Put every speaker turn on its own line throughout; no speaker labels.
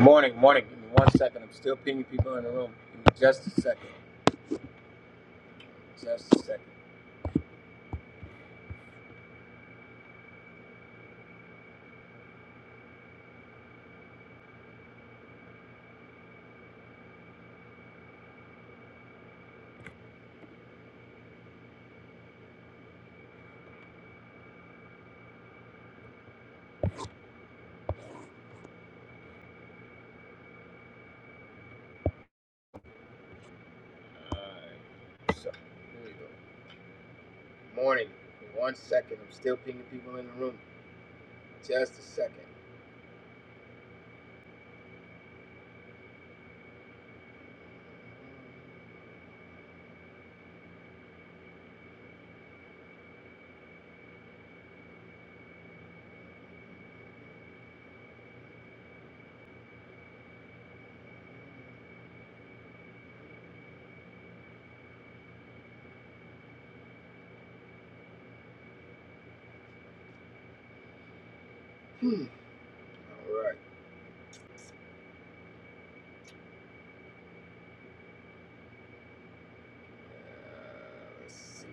Morning, morning. Give me one second. I'm still pinging people in the room. Give me just a second. Just a second. Alright. So, here we go. Morning. Give me one second. I'm still pinging people in the room. Just a second. Alright. Uh, let's see.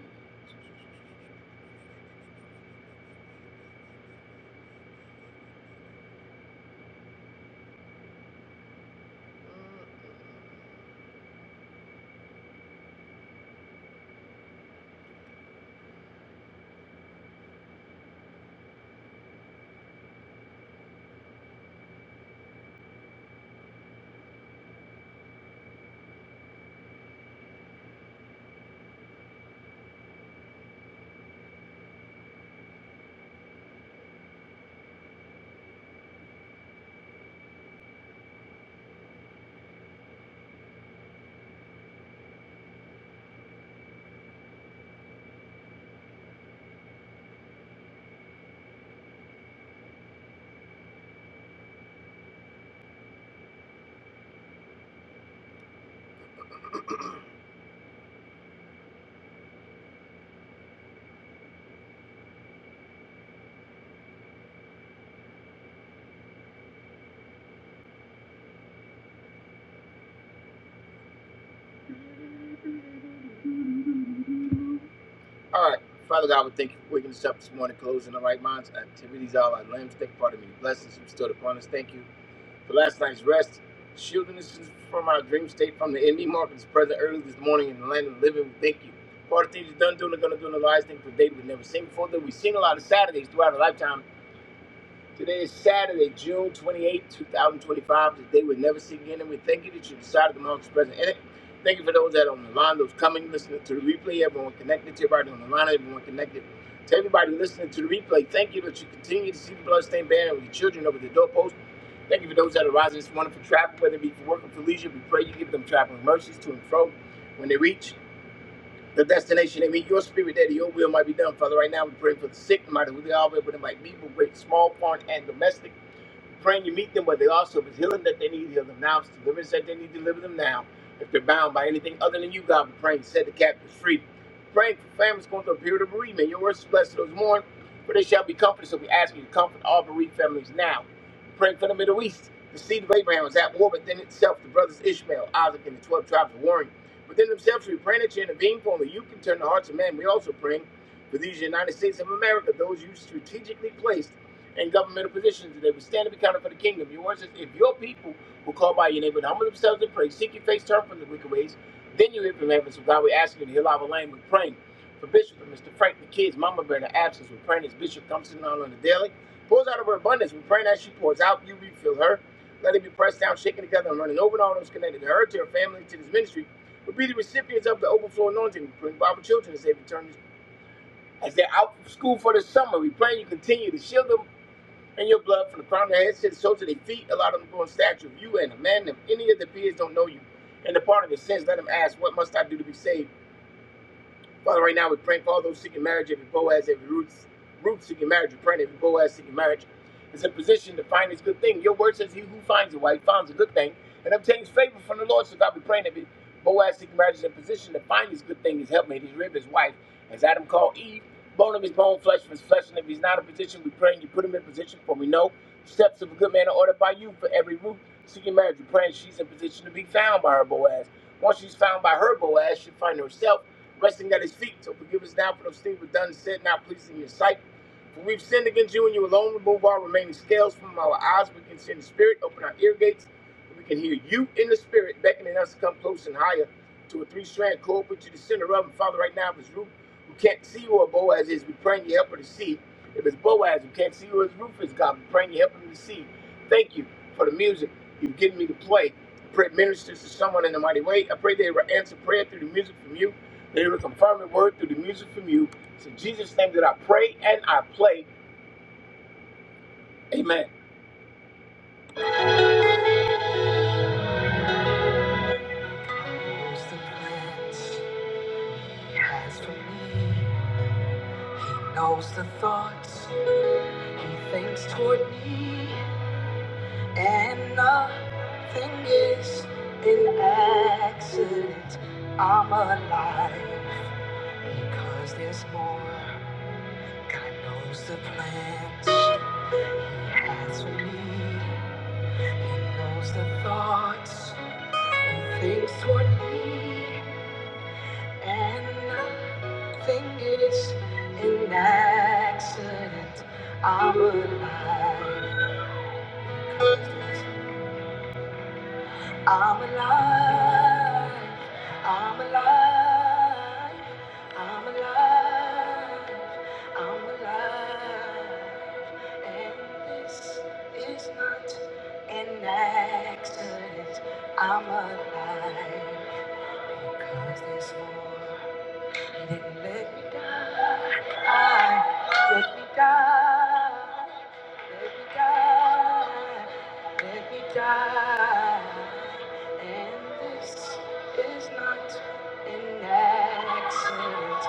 Alright. Father God, we thank you for waking us up this morning, closing the right minds, activities, all our limbs. Thank you for the many blessings you bestowed upon us. Thank you. For last night's rest, shielding us from our dream state from the ending market is present early this morning in the land of the living. We thank you. For all the things you've done, doing, and going to do in the lives, things for David we've never seen before, that we've seen a lot of Saturdays throughout our lifetime. Today is Saturday, June 28, 2025. Today we'll never see again, and we thank you that you decided to mark this present in it. Thank you for those that are on the line, those coming, listening to the replay, everyone connected to everybody on the line, everyone connected to everybody listening to the replay. Thank you that you continue to see the bloodstained banner of your children over the doorpost. Thank you for those that are rising this morning for travel, whether it be for work or for leisure. We pray you give them traveling mercies to and fro when they reach the destination. They meet your spirit there, that your will might be done. Father, right now we pray for the sick, no matter who they are, whether it might be, but great, small, foreign, and domestic praying you meet them, but they also, if it's healing that they need, heal them now. If it's deliverance that they need, deliver them now. If they're bound by anything other than you, God, we pray and set the captives free. Praying for families going through a period of bereavement. Your words is blessed to those who mourn, for they shall be comforted. So we ask you to comfort all bereaved families now. Praying for the Middle East. The seed of Abraham is at war within itself. The brothers Ishmael, Isaac, and the 12 tribes are warring. Within themselves, we pray that you intervene for only you can turn the hearts of men. We also pray for these United States of America, those you strategically placed in governmental positions, and they would stand and be counted for the kingdom. Your word says, if your people will call by your name and humble themselves and pray, seek your face, turn from the wicked ways, then you hear from heaven. So God, we ask you to heal our land. We're praying for Bishop for Mr. Frank, the kids, Mama Bear, in the absence. We're praying as Bishop comes in on the daily, pours out of her abundance. We're praying as she pours out, you refill her. Let it be pressed down, shaken together, and running over and all those connected to her, to her family, to this ministry. We'll be the recipients of the overflow anointing. We pray for our children as they return as they're out of school for the summer. We pray you continue to shield them and your blood from the crown of their heads to the soles of their feet. Allow them to grow in stature of you and a man. If any of the peers don't know you and the part of their sins, let them ask, What must I do to be saved? Father, right now we're praying for all those seeking marriage, every Boaz, every Ruth, Ruth seeking marriage. We're praying every Boaz seeking marriage is in position to find his good thing. Your word says, He who finds a wife finds a good thing and obtains favor from the Lord. So God, we're praying every Boaz seeking marriage is in position to find his good thing, his helpmate, his rib, his wife, as Adam called Eve, bone of his bone, flesh of his flesh. And if he's not in position, we pray and you put him in position, for we know steps of a good man are ordered by you for every Ruth seeking marriage. We're praying she's in position to be found by her Boaz. Once she's found by her Boaz, she'll find herself resting at his feet. So forgive us now for those things we've done, said, not pleasing in your sight. For we've sinned against you and you alone. Remove all remaining scales from our eyes. We can see in the spirit. Open our ear gates. We can hear you in the spirit beckoning us to come close and higher to a three-strand cord. Put you the center of them. Father, right now, if it's Ruth who can't see who Boaz is, we praying you help her to see. If it's Boaz who can't see who his Ruth is, God, we praying you help him to see. Thank you for the music you've given me to play. I pray it ministers to someone in a mighty way. I pray they will answer prayer through the music from you. They will confirm the word through the music from you. It's in Jesus' name that I pray and I play. Amen. Knows the plans he has for me, knows the thoughts he thinks toward me, and nothing is an accident. I'm alive because there's more. God knows the plans he has for me. He knows the thoughts. Things would be and nothing is an accident. I'm alive. I'm alive. I'm alive. I'm alive. I'm alive. And this is not an accident. I'm alive because there's more. Let me die. Let me die. Let me die. Let me die. And this is not an accident.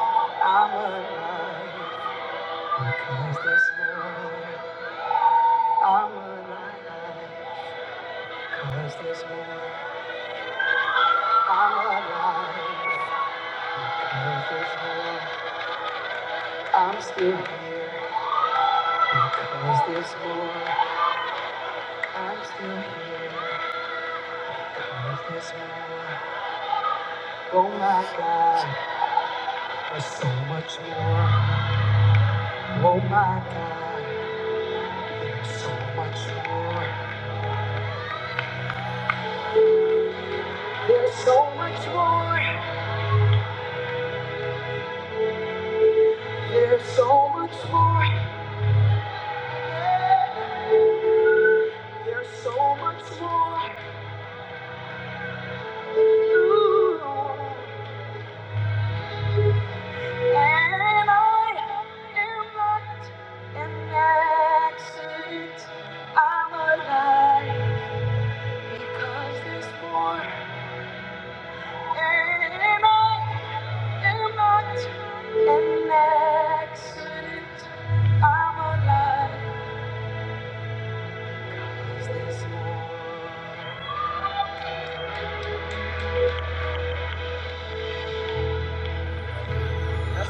I'm alive. Cause there's more. I'm alive. Cause there's more. I'm alive. Cause there's more. I'm still here. Cause there's more. I'm still here because there's more. Oh my God, there's so much more. Oh my God, there's so much more. There's so much more. There's so much more. There's so much more. Ooh. And I am not an accident. I'm alive because there's more. It's A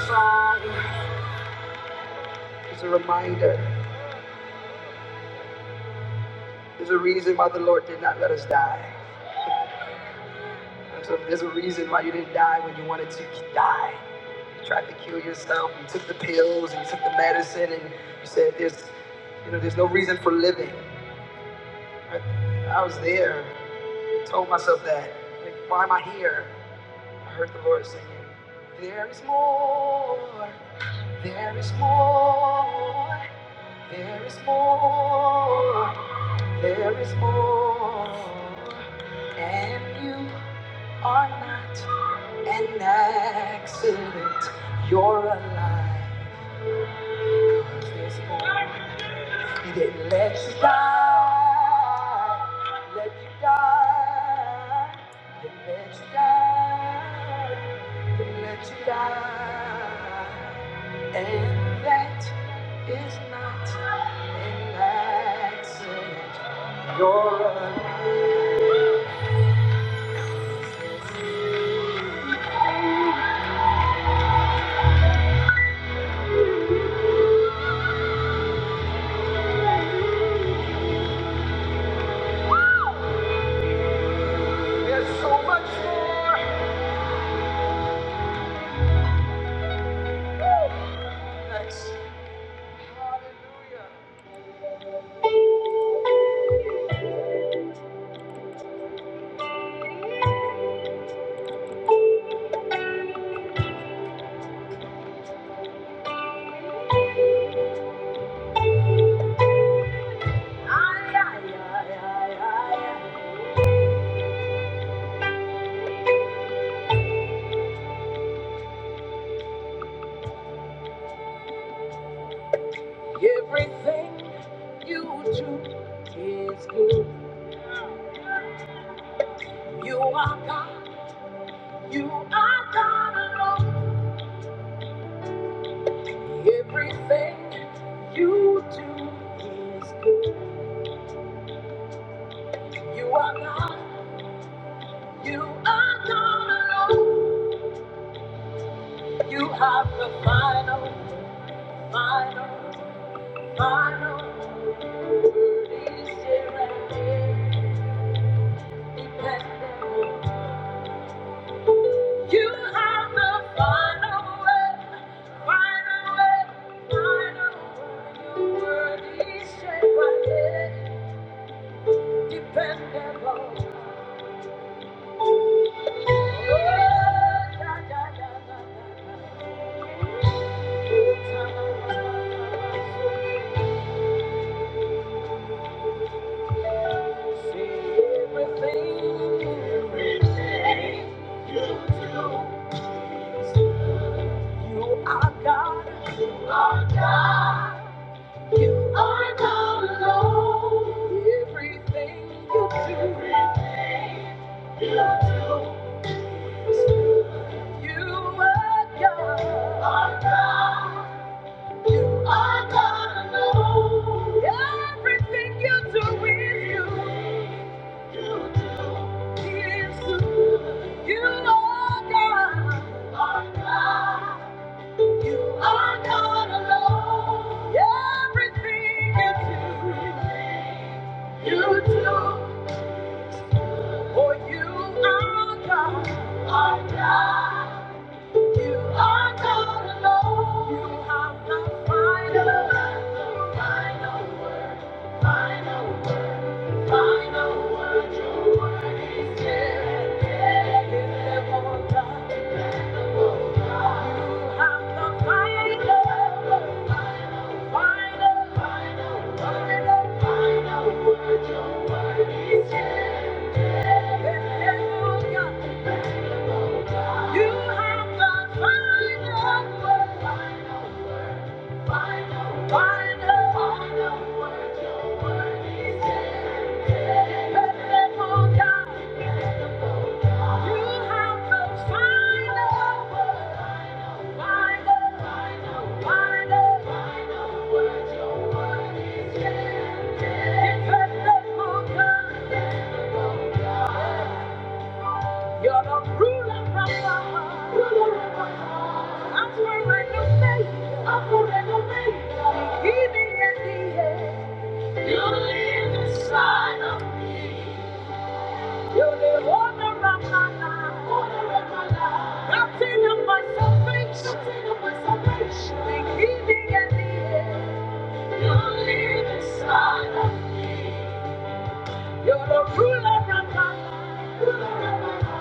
reminder. There's a reason why the Lord did not let us die. There's a, there's a reason why you didn't die when you wanted to die. You tried to kill yourself. You took the pills and you took the medicine and you said there's, you know, there's no reason for living. I, I was there. I told myself that. Like, why am I here? I heard the Lord singing, There is more, there is more, there is more, there is more. And you are not an accident, you're alive. 'Cause there's more. He didn't let you die, let you die, didn't let you die, didn't let you die. And that is not an accident. You're an Thanks. Hallelujah. Yeah, yeah, yeah, yeah, yeah. Everything you do is good. You are God. You are God alone. Everything you do is good. You are God. You are God alone. You have the final, final, final word. Is here and independent. You have the final word. Final word. Final word. Your word is here and Everything you do, everything you do. You are God. You are God alone. Everything you do is you. Is you. You are God. You are God alone. Everything you do, you do. For you are God. Are God. You are God alone. You have the final, final word. Final word. Final word. Your word is dead. You have the final, final, final word. Final word. Your word is dead. You have the final word. You're the ruler from my heart. Ruler of my heart. I'm forever faithful. I'm forever faithful. Keeping at the end. You live inside of me. You live all around my life. All around my life. Mountain of my salvation. Mountain of my salvation. The healing and the end. You live inside of You're the ruler of my life. Ruler of my life.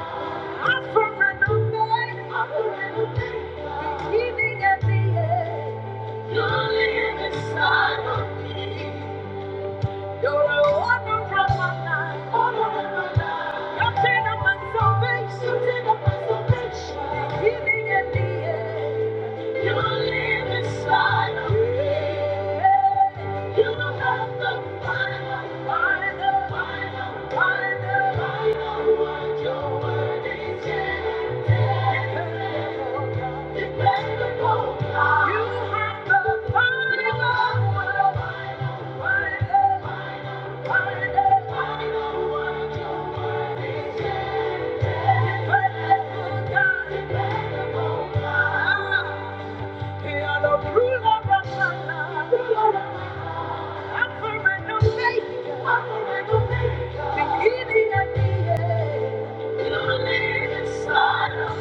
Alpha and Omega. Alpha and Omega. The healing and the end. You live inside of me. You're a wonder of my life. Wonder of my life. You're my salvation. You're my salvation. The beginning and the You live inside of me. You have the final, final, final, final, final word. Your word is yeah. Dependable You have the final word. Final, final, final. Beginning and the end, you live inside of me.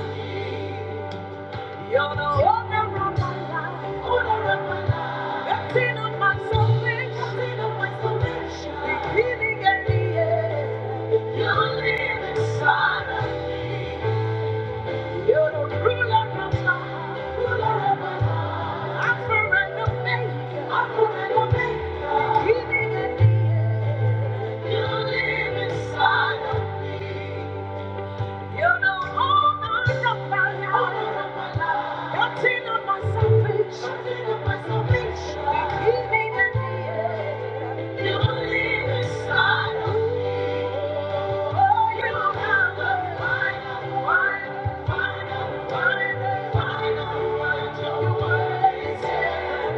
You're the owner of my life. Owner of my life. Nothing of my salvation. Nothing of my salvation. The beginning and the end. You're the inside. You're the ruler of my life. Ruler of my life. Alpha and Omega. Alpha and Omega. The beginning and the end. You live inside of me. You know all my desires. Nothing of my salvation. Nothing of my salvation. You keep me in the You leave me of me. Oh, you have the final word. Final word. Final word. Your word is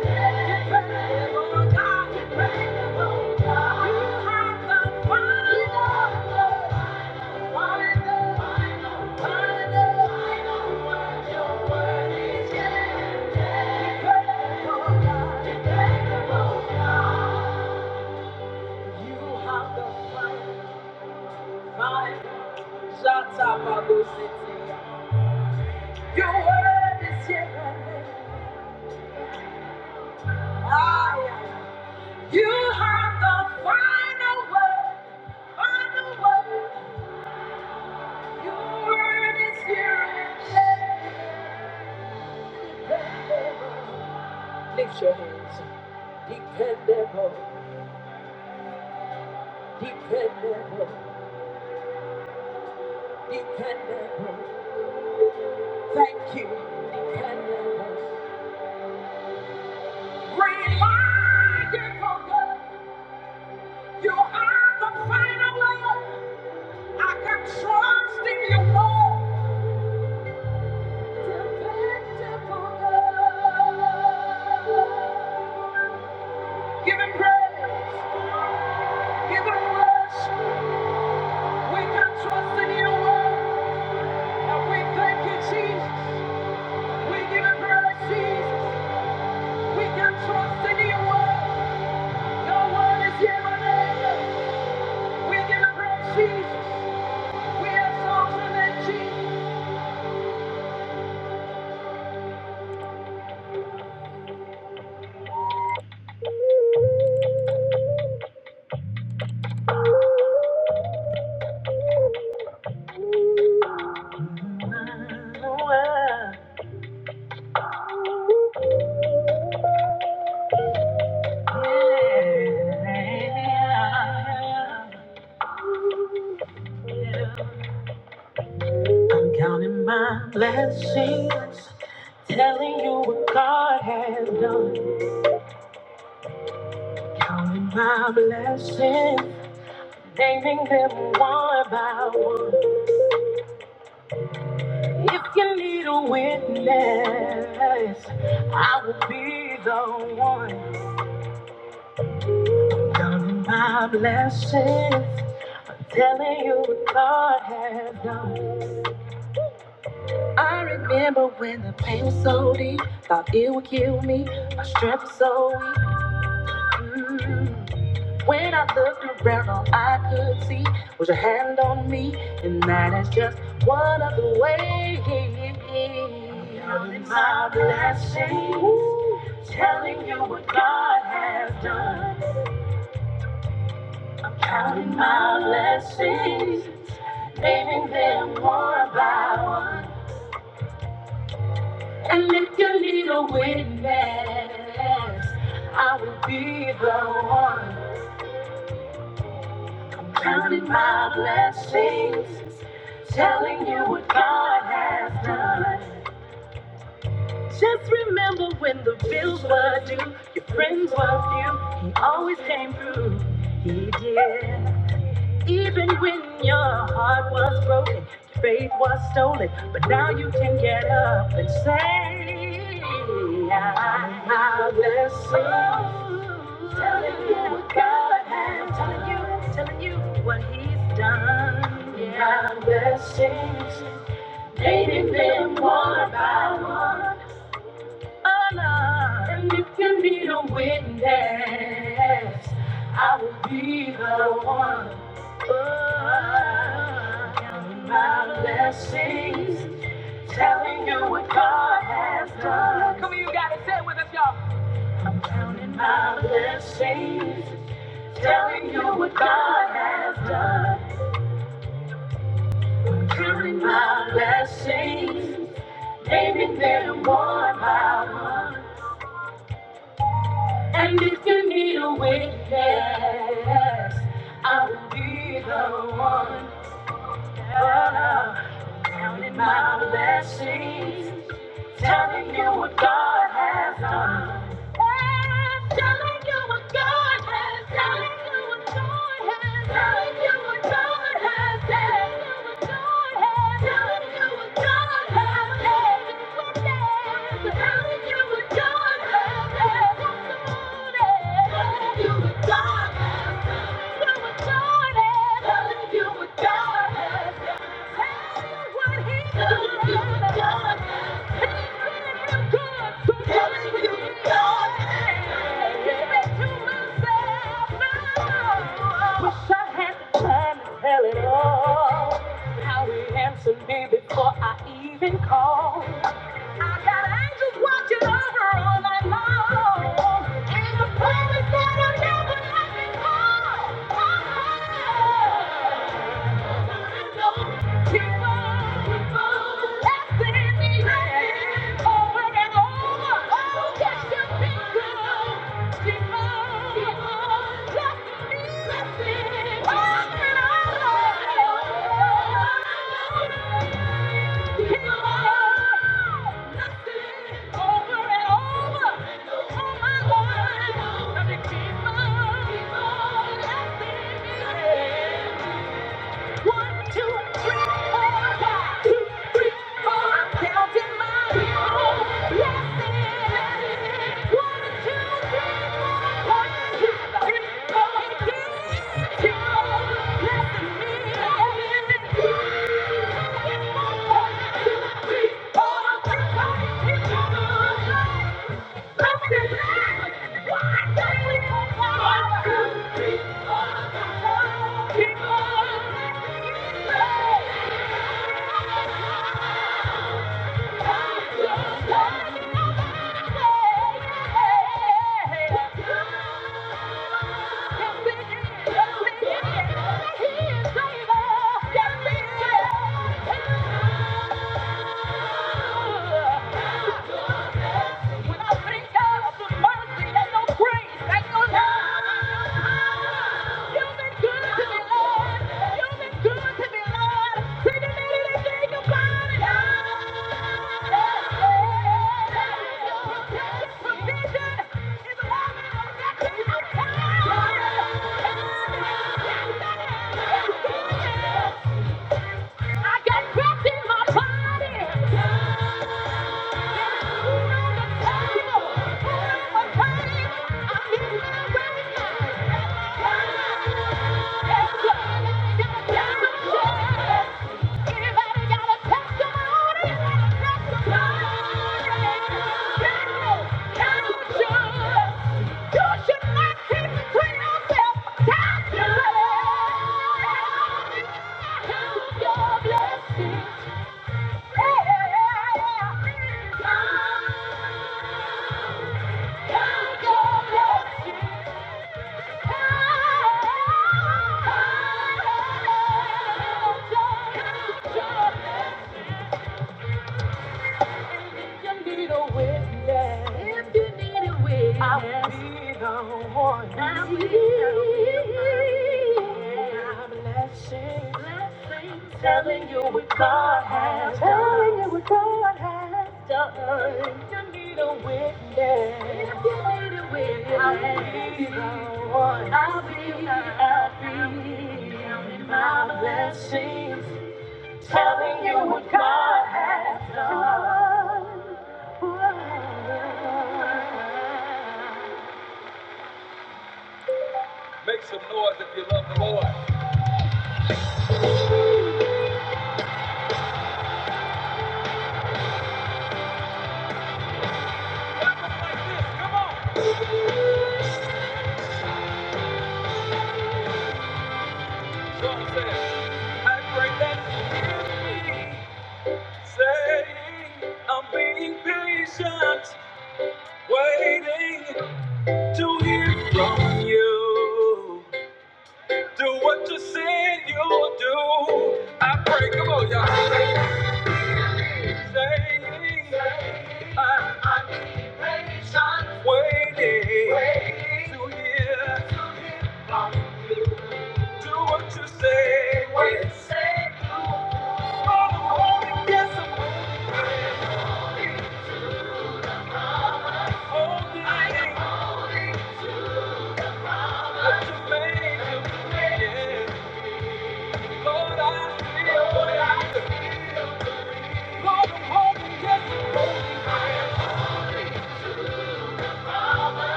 dependable, God. Dependable, God. You have the final word. Shots up about the city. You were this year. Ah, yeah. You have the final word. Final word. Your word is here. Lift your hands. Dependable, dependable, dependable. Thank you, dependable. Reliable God, you are the final word. I can trust in your word. Dependable God. Give him praise, give him worship. We can trust in your word. And we thank you, Jesus. We give it praise, Jesus. We can trust in your word. Your is here and amen. We give it praise, Jesus. We exalt your name, Jesus. I'm counting my blessings, telling you what God has done. Counting my blessings, naming them one by one. If you need a witness, I will be the one. Done my blessings, I'm telling you what God has done. I remember when the pain was so deep, thought it would kill me. My strength was so weak. Mm. When I looked around, all I could see was your hand on me, and that is just one of the ways. Counting my blessings, Ooh. telling you what God has done. I'm counting my blessings, naming them one by one. And if you need a witness, I will be the one. Counting my blessings, telling you what God has done. Just remember when the bills were due, your friends were few. He always came through. He did. Even when your heart was broken, your faith was stolen, but now you can get up and say, I bless you. Telling you what God has, telling you, telling you what He's done. Yeah, blessings, naming them one by one honor. And if you need a witness, I will be the one. Oh, counting my blessings, telling you what God has done. Come on, you guys, y'all. Counting My blessings, telling you what God has done. Counting My blessings, naming them one by one. Yes, I will be the one oh, counting my blessings, telling you what God has done. Yes, Telling you what God has done. Telling you what God has done. Telling you what God has done. Telling you what God has done. Telling you what God has done. Telling you what God has done. Telling you what God has done. Tell it all how he answered me before I even called. I got angels watching over all night long. And the promise that I'll never let me go. Oh, oh. Over and over. you Over and over. Yeah. One, two, three, four, five. Two, three, four. I'm counting my blessings. One, two, three, four. One, two, three, four. It keeps on blessing One, two, three, four. Everybody, it's yeah. I got breath in my body. Count your blessings. I'll I'll be be the one. I'll be the one. one. Telling you what God has done. done. You need a witness. You need a witness. I'll be the one. I'll be, I'll be. Counting my blessings. Telling you what God has done. Make some noise if you love the Lord. Clap up like this, come on. Someone says, I pray that you hear me. Say, I'm being patient. Waiting to hear from you. Do what you said you'll do. I pray, come on, y'all. Saying, waiting to hear. Do what you say. It's holding what you made to be. Yeah. Lord, I feel what I feel. Lord, I'm holding, yes, I'm holding.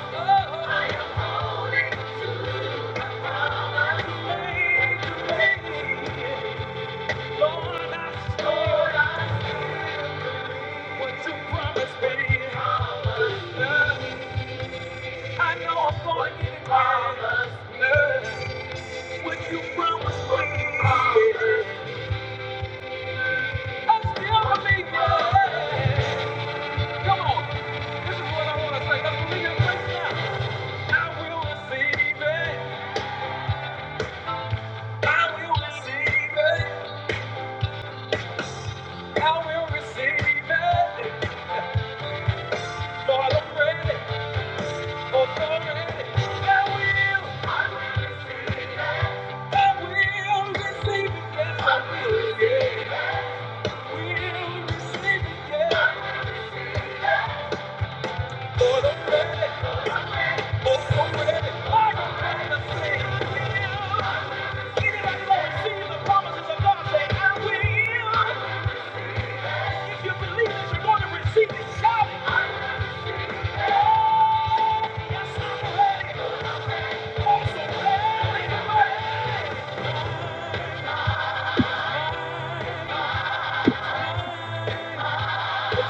Oh, I am what you Lord, I Lord, I what you promised me. I know I'm going to get it right. me, I still believe it. Come on, this is what I want to say. let believe it right I will receive it. I will receive it. I will receive it. Lord, I'm ready. I I Yes, I'm ready. I'm so ready. Thank you.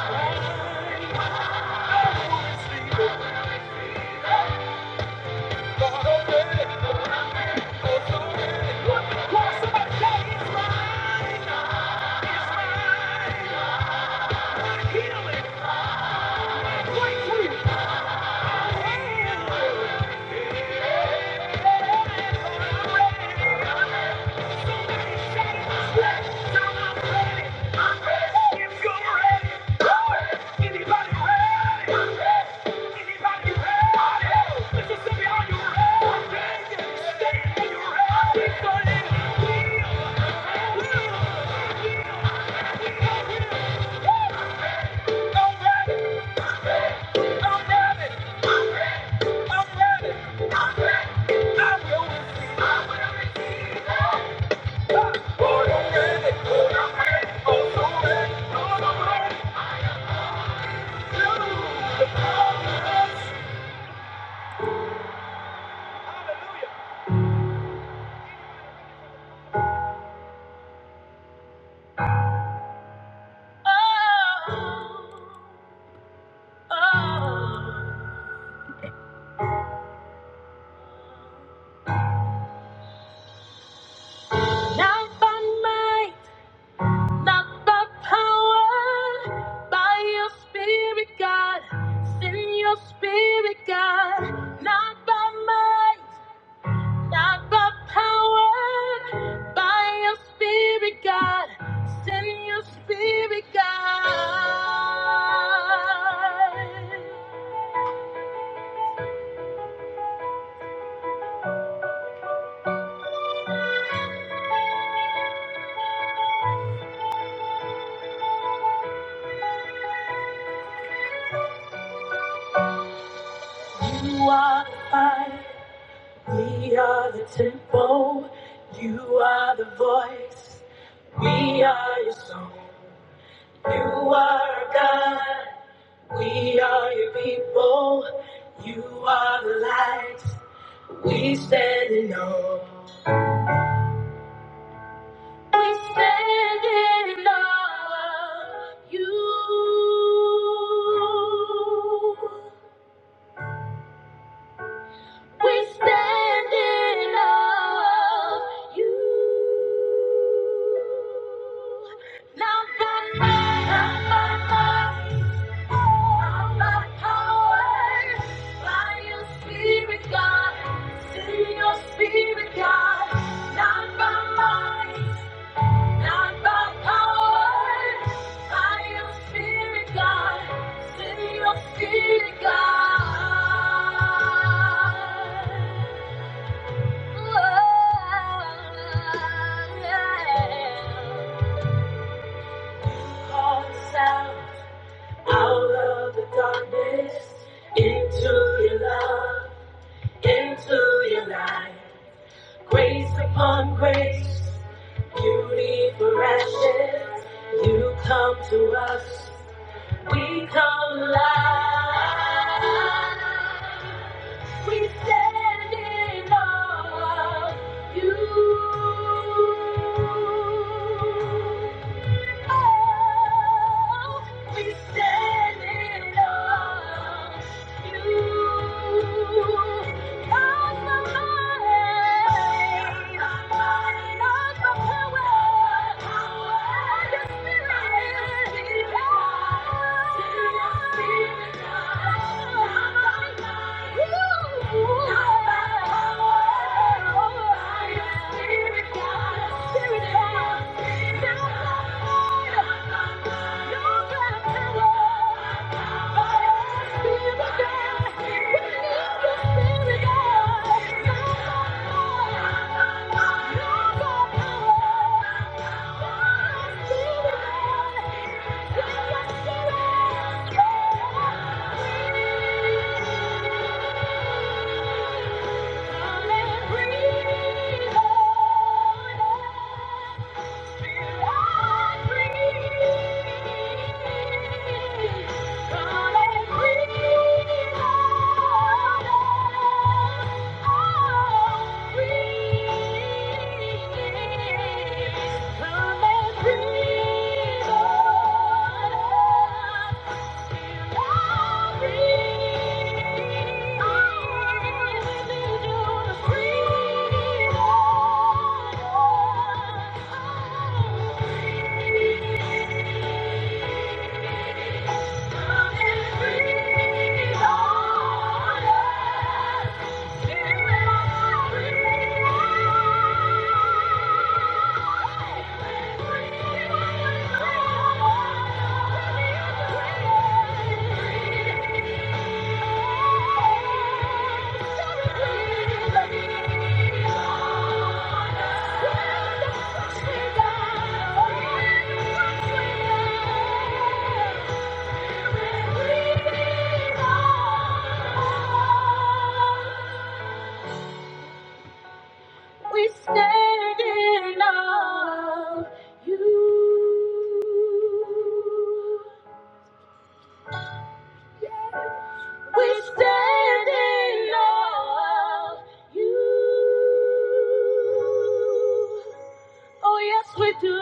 Yeah. Oh. Oh, not by might, not by power, by your spirit, God. Send your spirit, God. Not by might, not by power, by your spirit, God. Send your spirit, God. You are the fire. We are the temple, you are the voice. We are your song, you are our God. We are your people, you are the light. We stand in awe. We stand in awe of you. We stand in awe of you. Out of the darkness into your love. into your life. Grace upon grace, beauty for ashes. You come to us, we come alive. We stand in awe of you. Oh, we stand in awe. Thank you. Come and breathe on us. Thank you. Thank you. We stand in awe of you. We stand in awe of you. Oh, yes, we do.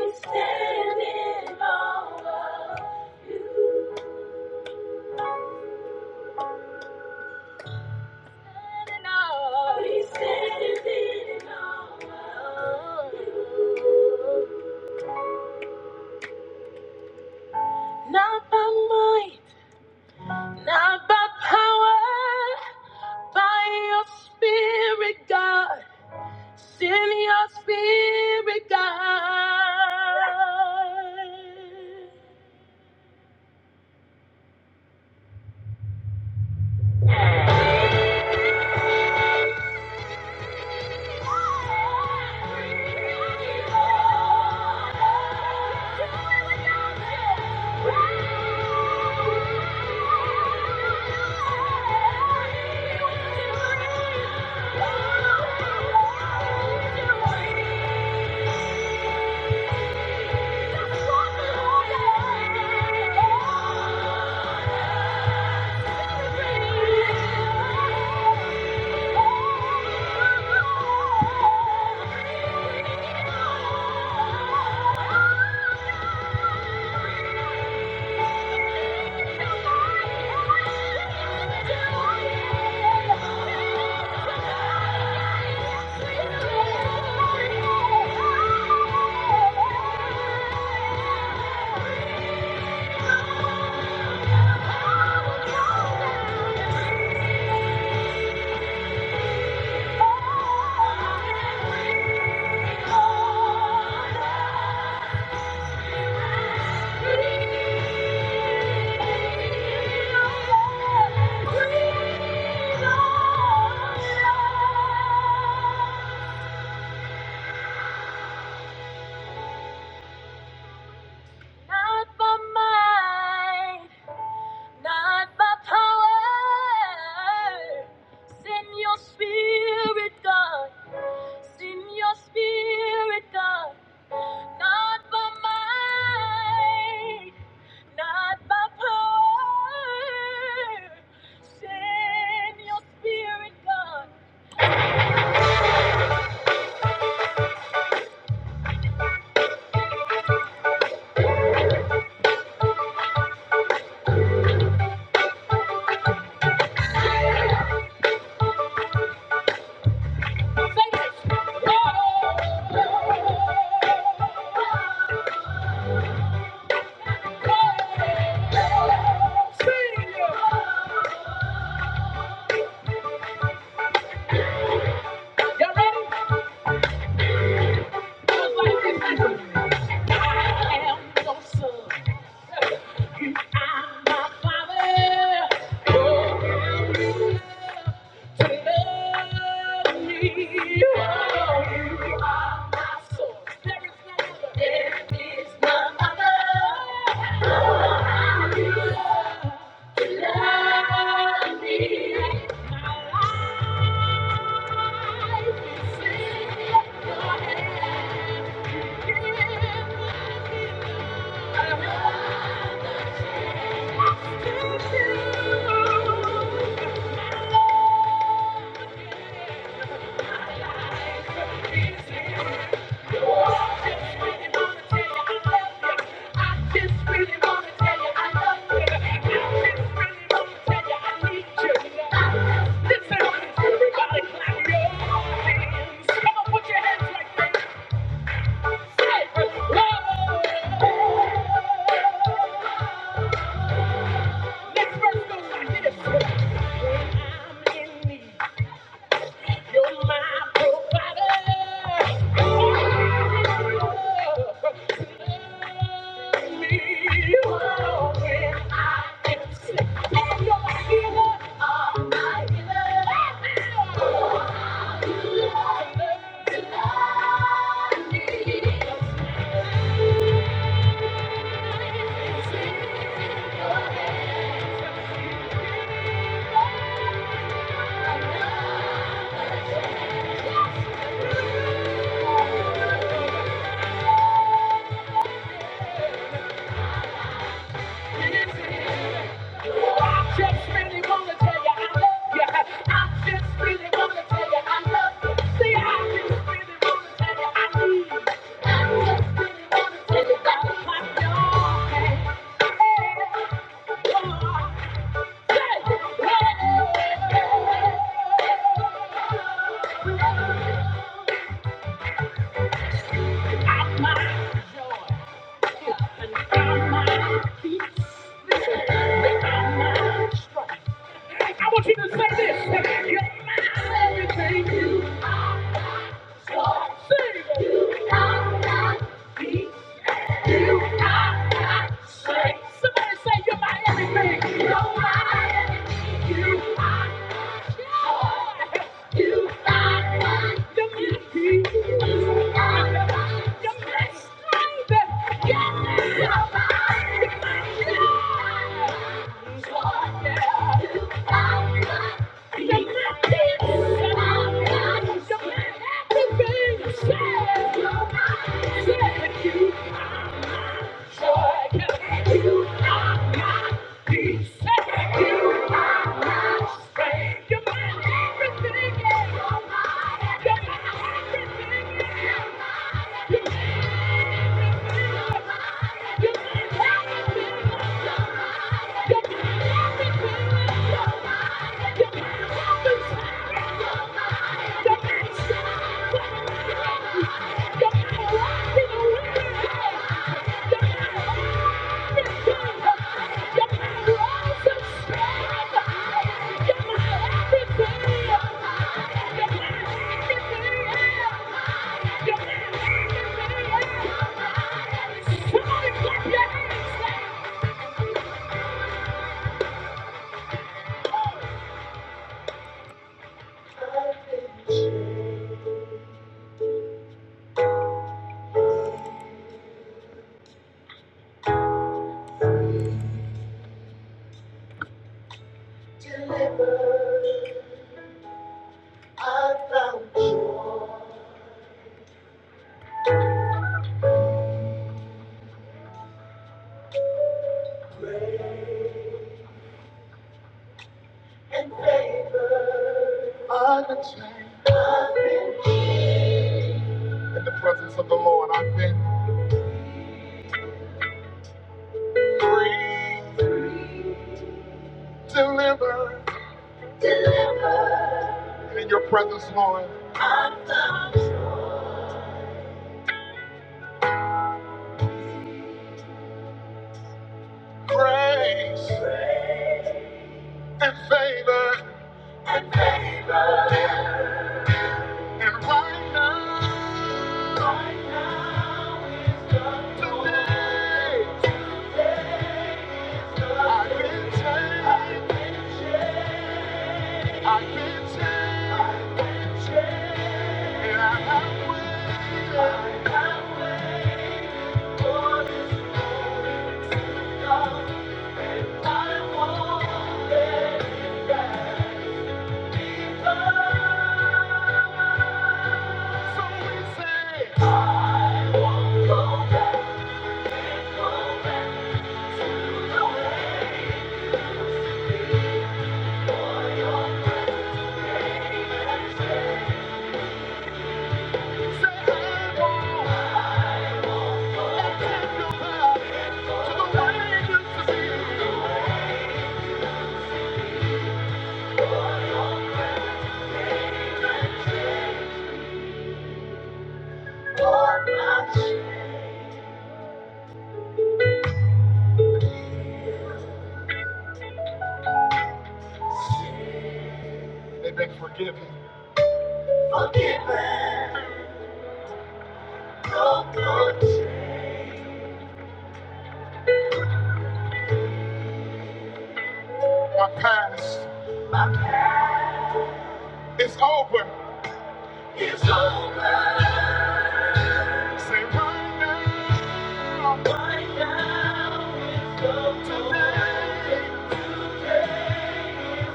We stand in awe of you. We stand In awe of you. Thank you. Oh Not by might, not by power. Send your spirit, God. Send your spirit, God. Not by might, not by power. Say this. Thank you. You're my provider. Thank you. I just really wanna tell you I love you. I just really wanna tell you I love you. See, I just really wanna tell you I need you. I just really wanna tell you that you my darling. Hey, darling. I'm mine and I'm mine. Peace. Listen, I'm mine. Like, I want you to say this. You're my everything. You are so saved. You are not peace. You are my strength. Somebody say you're my everything. You're my everything. You are my joy. You are my peace. You are my you're my strength. Yes, you're my you're my joy. Joy, yeah. You are my you're my peace. You are my you're my everything. Say it. You're my, say it. You Thank you. Somebody clap your hands! I've won't say, take you. back to to the way you used to be.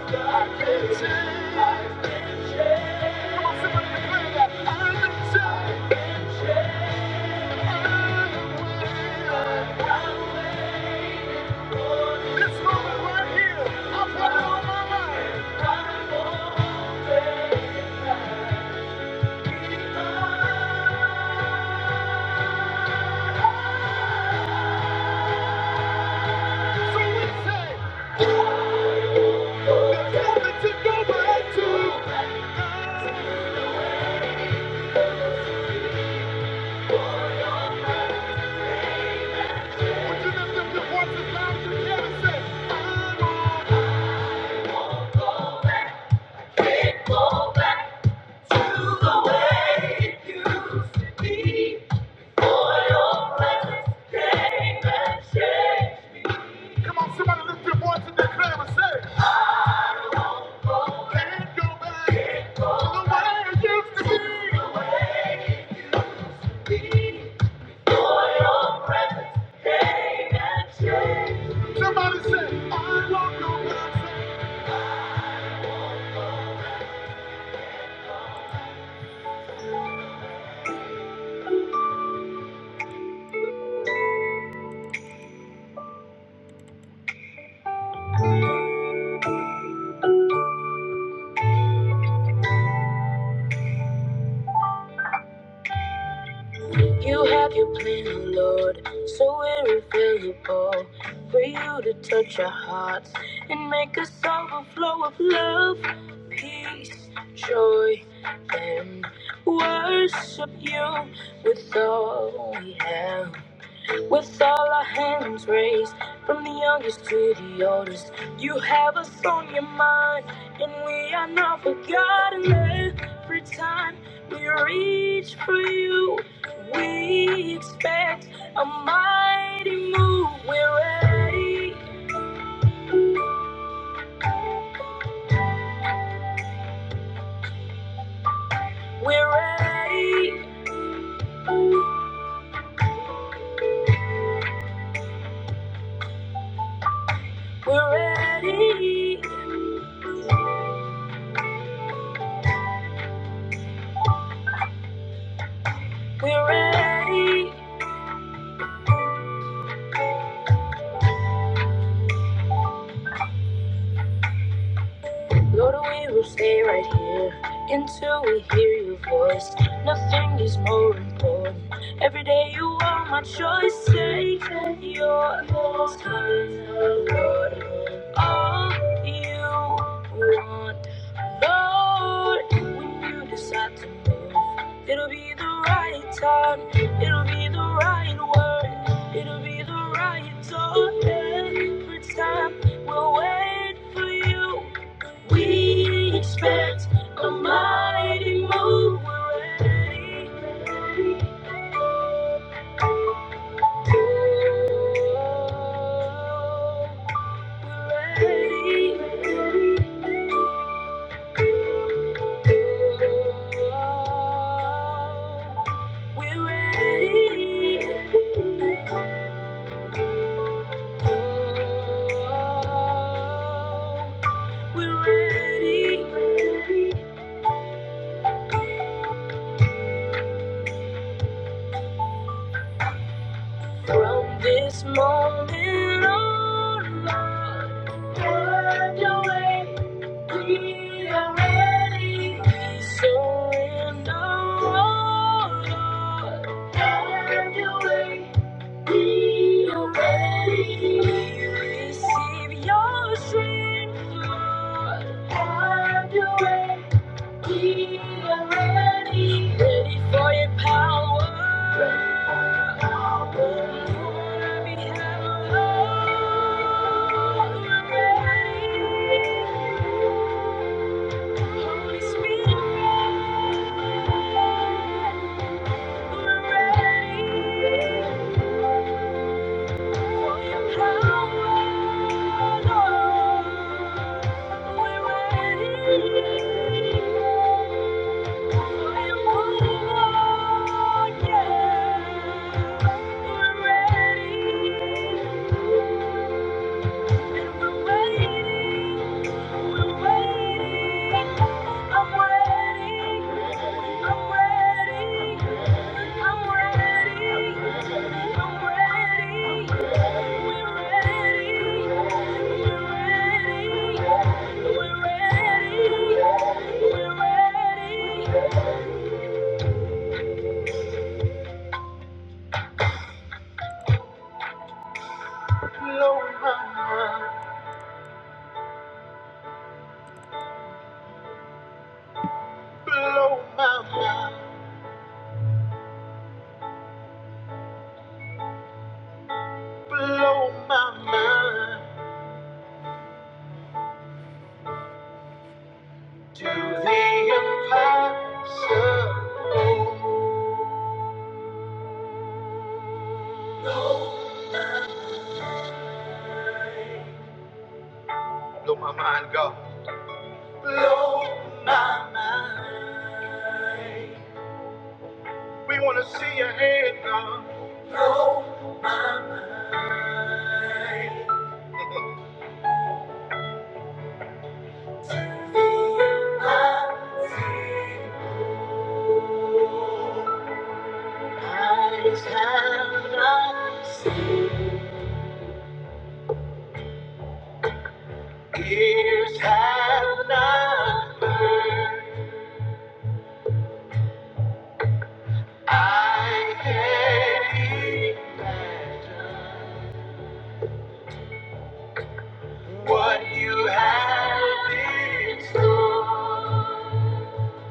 Would you lift up your voices loud together and say, I'm You have your plan, oh Lord, so irrevocable. for you to touch our hearts and make us overflow of love, peace, joy, and worship you with all we have. With all our hands raised, from the youngest to the oldest, you have us on your mind, and we are not forgotten. Every time we reach for you, we expect a mighty move. We're ready, we're ready, we're ready, we're ready. Lord, we will stay right here until we hear your voice. Nothing is more important. Every day you are my choice. Say that you're this kind of Lord. All you want, Lord, when you decide to move, it'll be the right time. It'll be the right word. It'll be the right door every time. We'll wait for you. We expect a mighty move already. ready. We're ready. We're ready. From this moment on, Lord, have your way. We are ready. We surrender, oh Lord. We are ready. to Receive your strength. Lord. Ready, ready for your power. Oh Lord, we have ready. Holy Spirit, we're ready. We're We're ready. you. Blow my mind, God. We want to see your hand, God.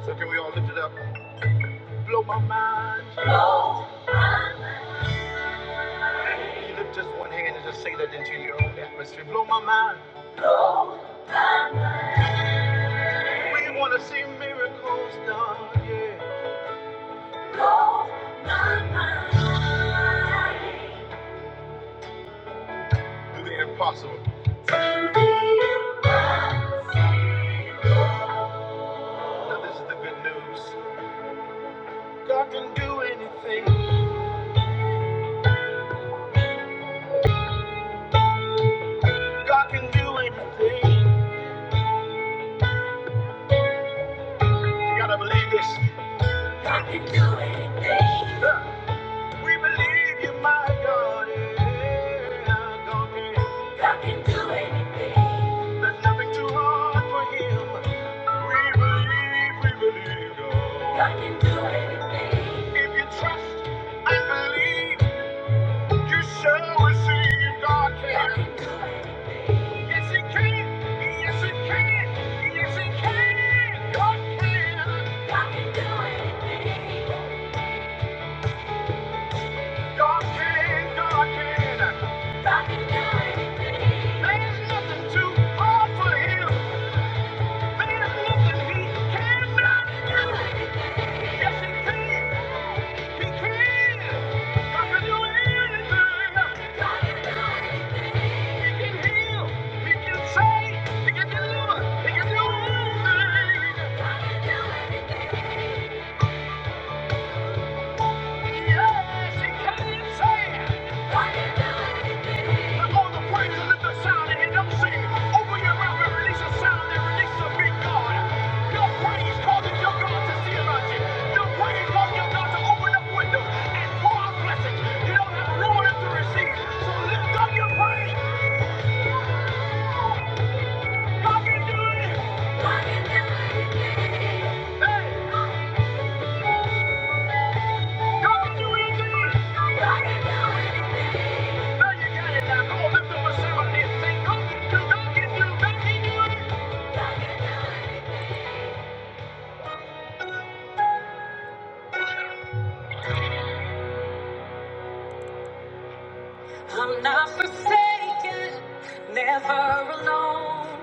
So God can do it. God can do it. I can do anything. I can do anything. I can do anything. I can do anything. I can do anything. There's nothing too hard for him. There's nothing he cannot do. Yes, he can. He can. I can do anything. He can heal. He can save. He can deliver. He can do anything. Yes, he can. save. Come on, the praise lift a sound in here. do sing. Open your mouth and release a sound and release a big God. Your praise causes your God to see about you. Your praise causes your God to open up windows and pour out blessings. You don't have room enough to receive. So lift up your praise. God can do it. God can do anything. Hey. Now you got it now. Come lift up a sound and sing. God can do, God can do, I'm not forsaken, never alone.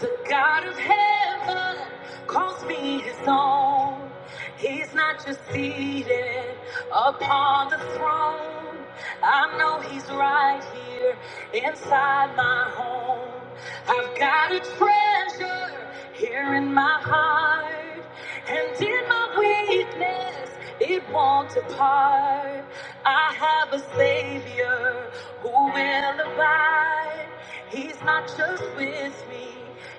The God of heaven calls me his own. He's not just seated upon the throne. I know he's right here inside my home. I've got a treasure here fire in my heart, and in my weakness, it won't depart. I have a Savior who will abide. He's not just with me,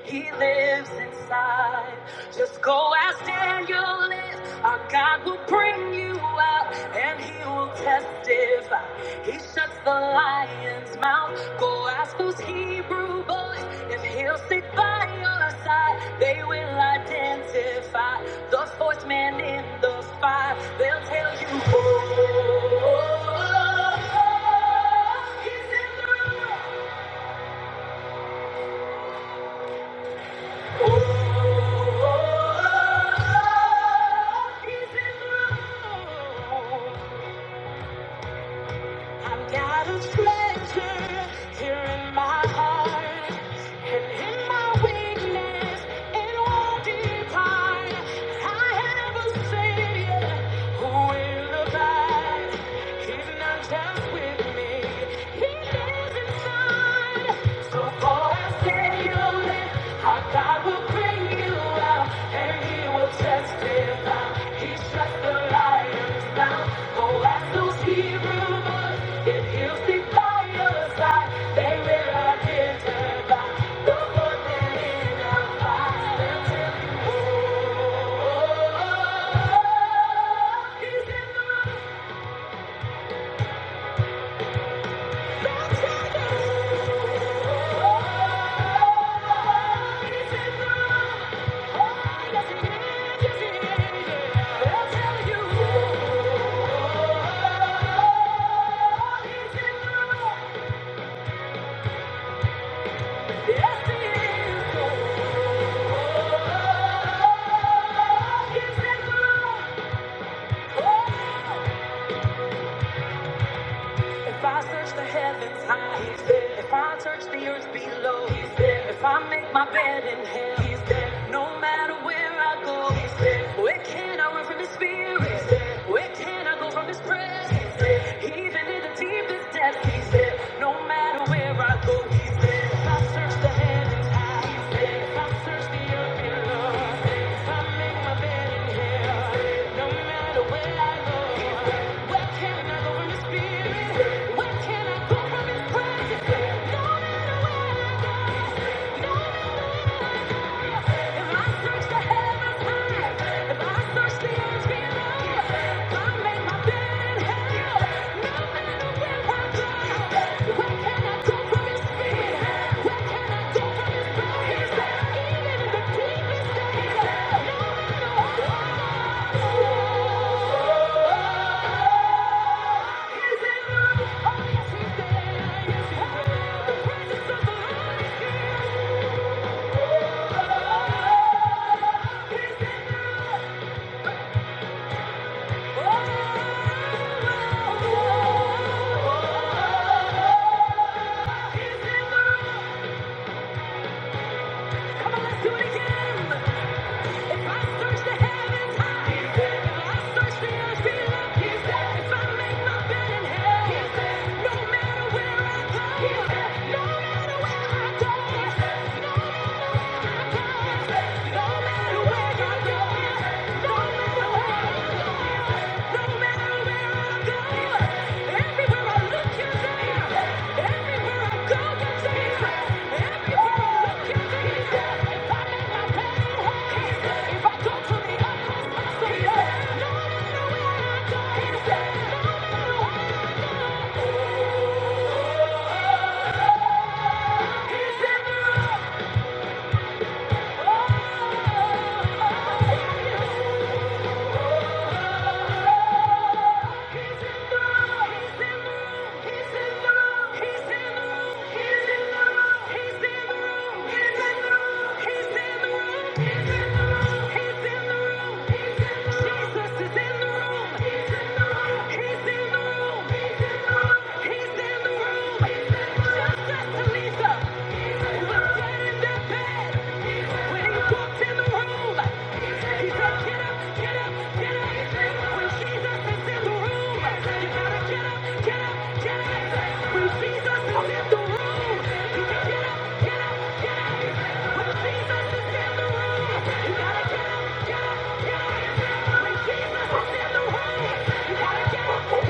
He lives inside. Just go as Daniel is. Our God will bring you out, and He will testify. He shuts the lion's mouth. Go ask those Hebrew boys if he'll stick by your side. They will identify the fourth man in the five. They'll tell you. Oh, oh, oh, he's in the room. Oh, oh, oh, oh, he's in the room. I've got a treasure here in my heart, and in my weakness, it won't depart. I have a Savior who will abide. He's not just with me, He lives inside. So for a second, our God will bring you out, and He will testify. He shuts the lions down. Go ask those Hebrew boys if He'll stick by your side. They will identify the one that identifies. They'll tell you, oh, oh, oh, oh, oh, he's in the room. Oh, yes, he is. Yes, he is. They'll tell you, oh. If I search the heavens high, he's there. If I search the earth below, he's there. If I make my bed in hell, he's there. No matter where I go, he's there. Where can I run from his spirit? He's there. Where can I go from his presence? He's there. Even in the deepest depths, he's there. No matter Where I go, he says, I search the heaven high. He says, I'm thirsty up in love. He says, I make my bed in hell. No matter where I go, where can I go from His spirit? Where can I go from His presence? No matter where I go, no matter If I search the heavens high, if I search the earth below, I make my bed in hell, no matter where I go, where can I go from His spirit? Come on, let's do it again. If I search the heavens high, He's there. if I search the earth below, He's there. if I make my bed in hell, He's there. no matter where I go, He's there. no matter where I go, He's there. No Thank you. He's in the room. "Get up, "You gotta Get up, get up. get up. When Jesus is in the room, you gotta get up.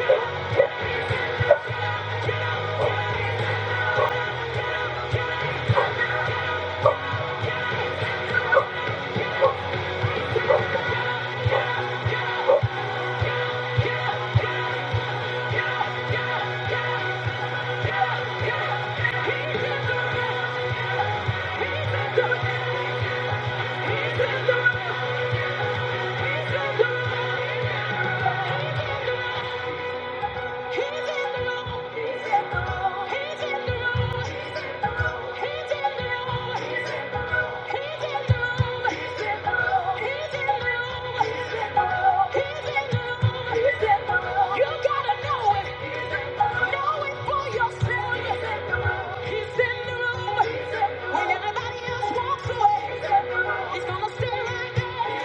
He's in the room. He's in the room. He's in the room. He's in the room. He's in the room. He's in the room. He's in the room. He's in the room. He's in the room. He's in the room. He's in the room. He's in the room. You gotta know it. He's in the room. Know it for yourself. He's in the room. He's in the room. He's in the room. When everybody else walks away, he's in the room. He's gonna stay right there.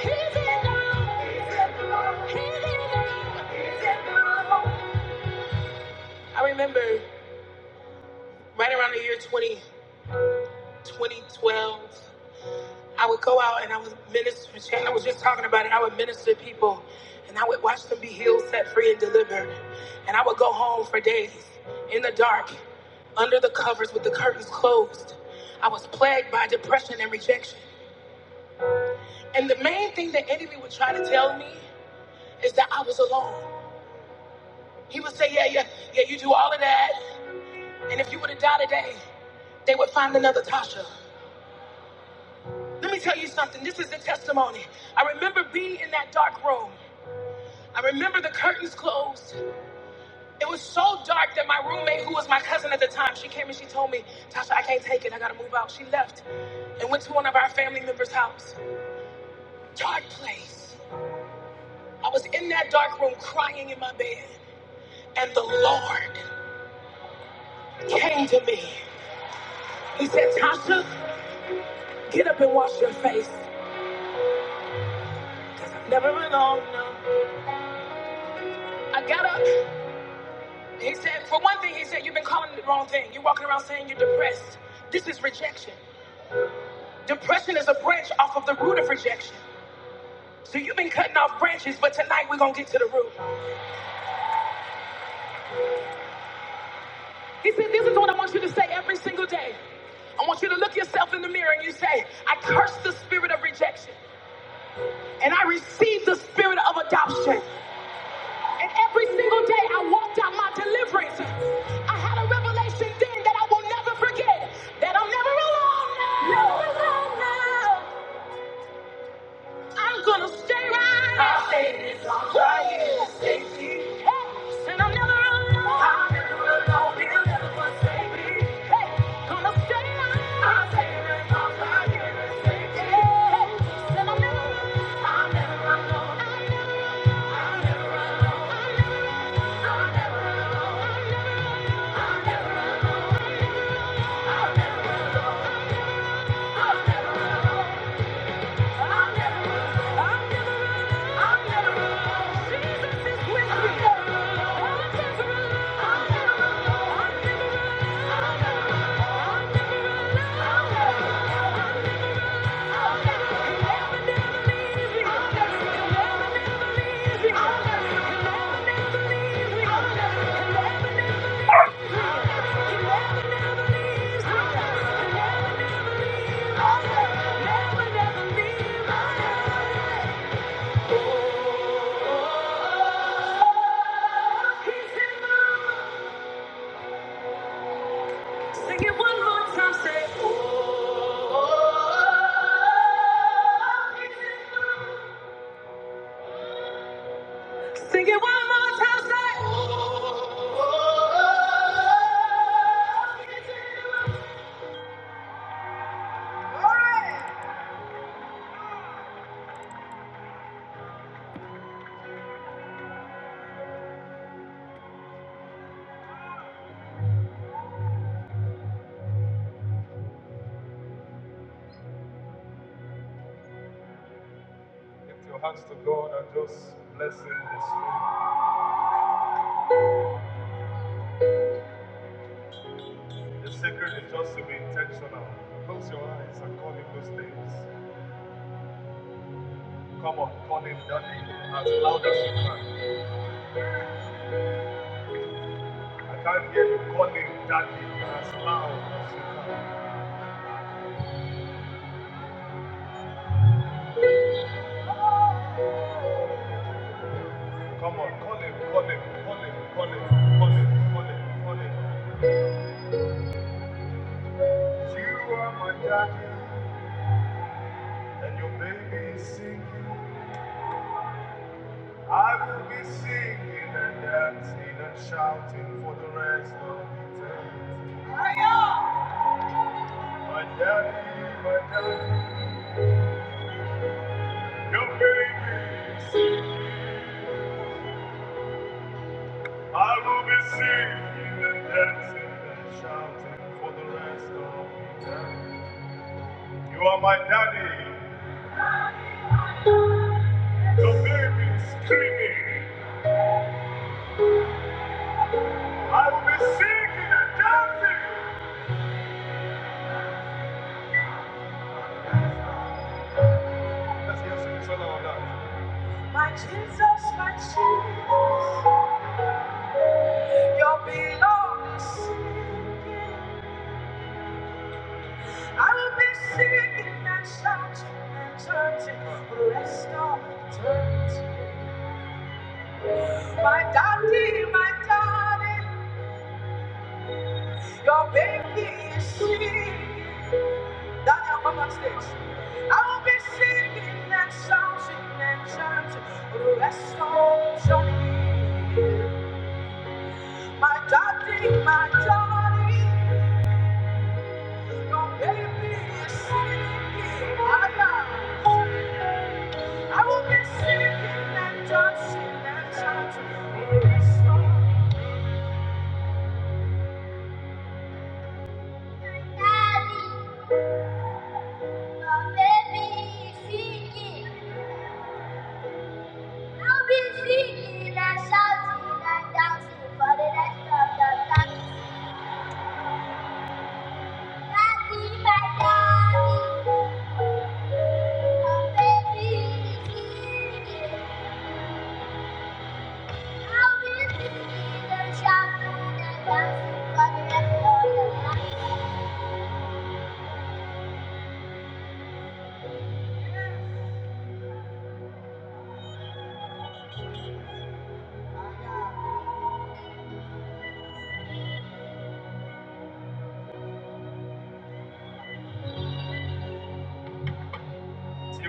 He's in the room. He's in the room. He's in the room. He's in the room. He's in the room. would go home for days in the dark, under the, the curtains closed. I would for me is that I was alone. He would say, Yeah, yeah, yeah, you do all of that. And if you would have died today, they would find another Tasha. Let me tell you something. This is the testimony. I remember being in that dark room. I remember the curtains closed. It was so dark that my roommate, who was my cousin at the time, she came and she told me, Tasha, I can't take it. I gotta move out. She left and went to one of our family members' house. Dark place. I was in that dark room crying in my bed, and the Lord came to me. He said, Tasha, get up and wash your face. I got up. He said, for one thing, he said, you've been calling it the wrong thing. You're walking around saying you're depressed. This is rejection. Depression is a branch off of the root of rejection. So you've been cutting off branches, but tonight we're going to get to the root. He said, this is what I want you to say every single day. I want you to look yourself in the mirror and you say, I curse the spirit of rejection and I receive the spirit of adoption. And every single day I walked out my deliverance. I had a revelation then that I will never forget. That I'm never alone now. Never alone now. I'm gonna stay right. I'll stay quiet. Hey, and I'm never alone. I'm hey, gonna stay right. I'm never, I'm never, I'm never, I'm never alone. Jesus is with me. I'm never alone. I'm never alone. I'm never alone. I'm never, I'm never alone. I'm never, I'm never. Sing it one more time, say. Lift your hands to God and just bless Him this way. The secret is just to be intentional. Close your eyes and call Him those names. Come on, call Him that name as loud as you can. I can't hear you. Call him daddy as loud as you can. Come on, call him, call him, call him, call him, call him, call him, call him. You are my daddy, and your baby is singing. I will be singing and dancing and shouting for the rest of the day. My daddy, my daddy, your baby is singing. I will be singing and dancing and shouting for the rest of the day. You are my daddy. The baby's screaming. I will be singing and dancing. Let's hear some solo on that. My Jesus, my Jesus, your beloved. I will be singing and shouting and chanting for the rest of eternity. My daddy, my daddy, your baby is singing. Daniel, come on stage. I will be singing and shouting and chanting. Restoration. My daddy, my daddy, your baby is singing. I am. I will be singing. Daddy, your baby is singing. I'll be singing and shouting and dancing for the rest of the time. Till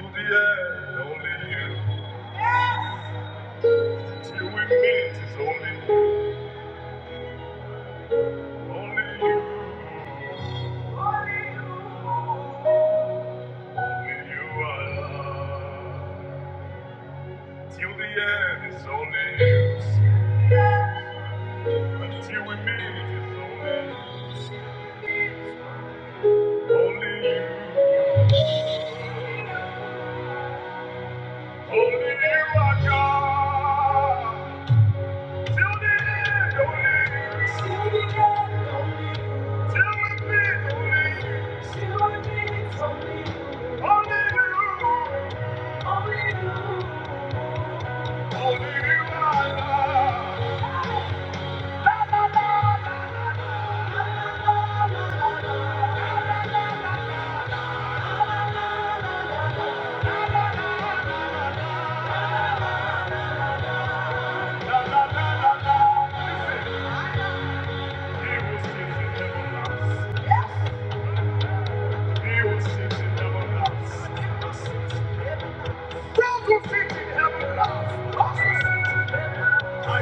the end, only you. Till we meet is only Only you, only you are love. Till the end is only you. Until we meet is only Only you. I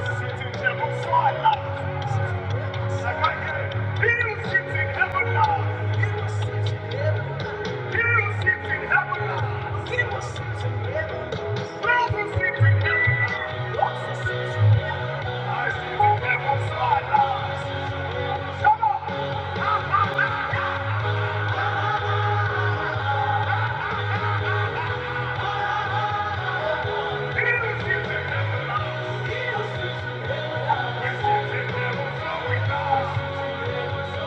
sit in heaven, so I laugh. Second, he who sits in heaven laughs. Thank you. I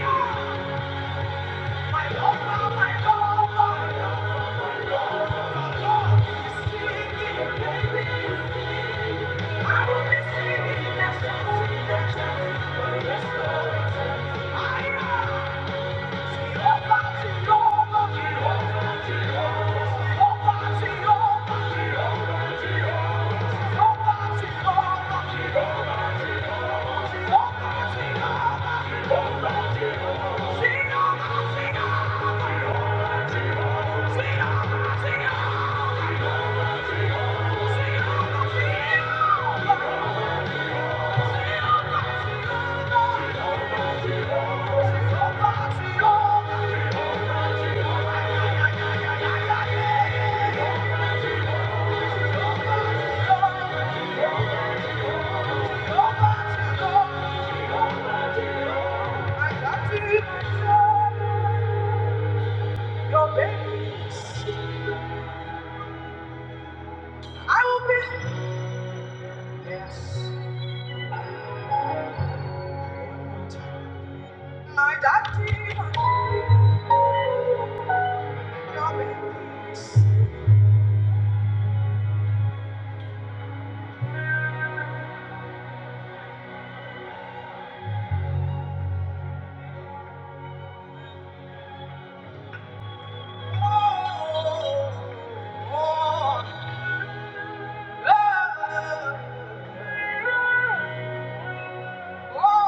am. Yeah. Wow.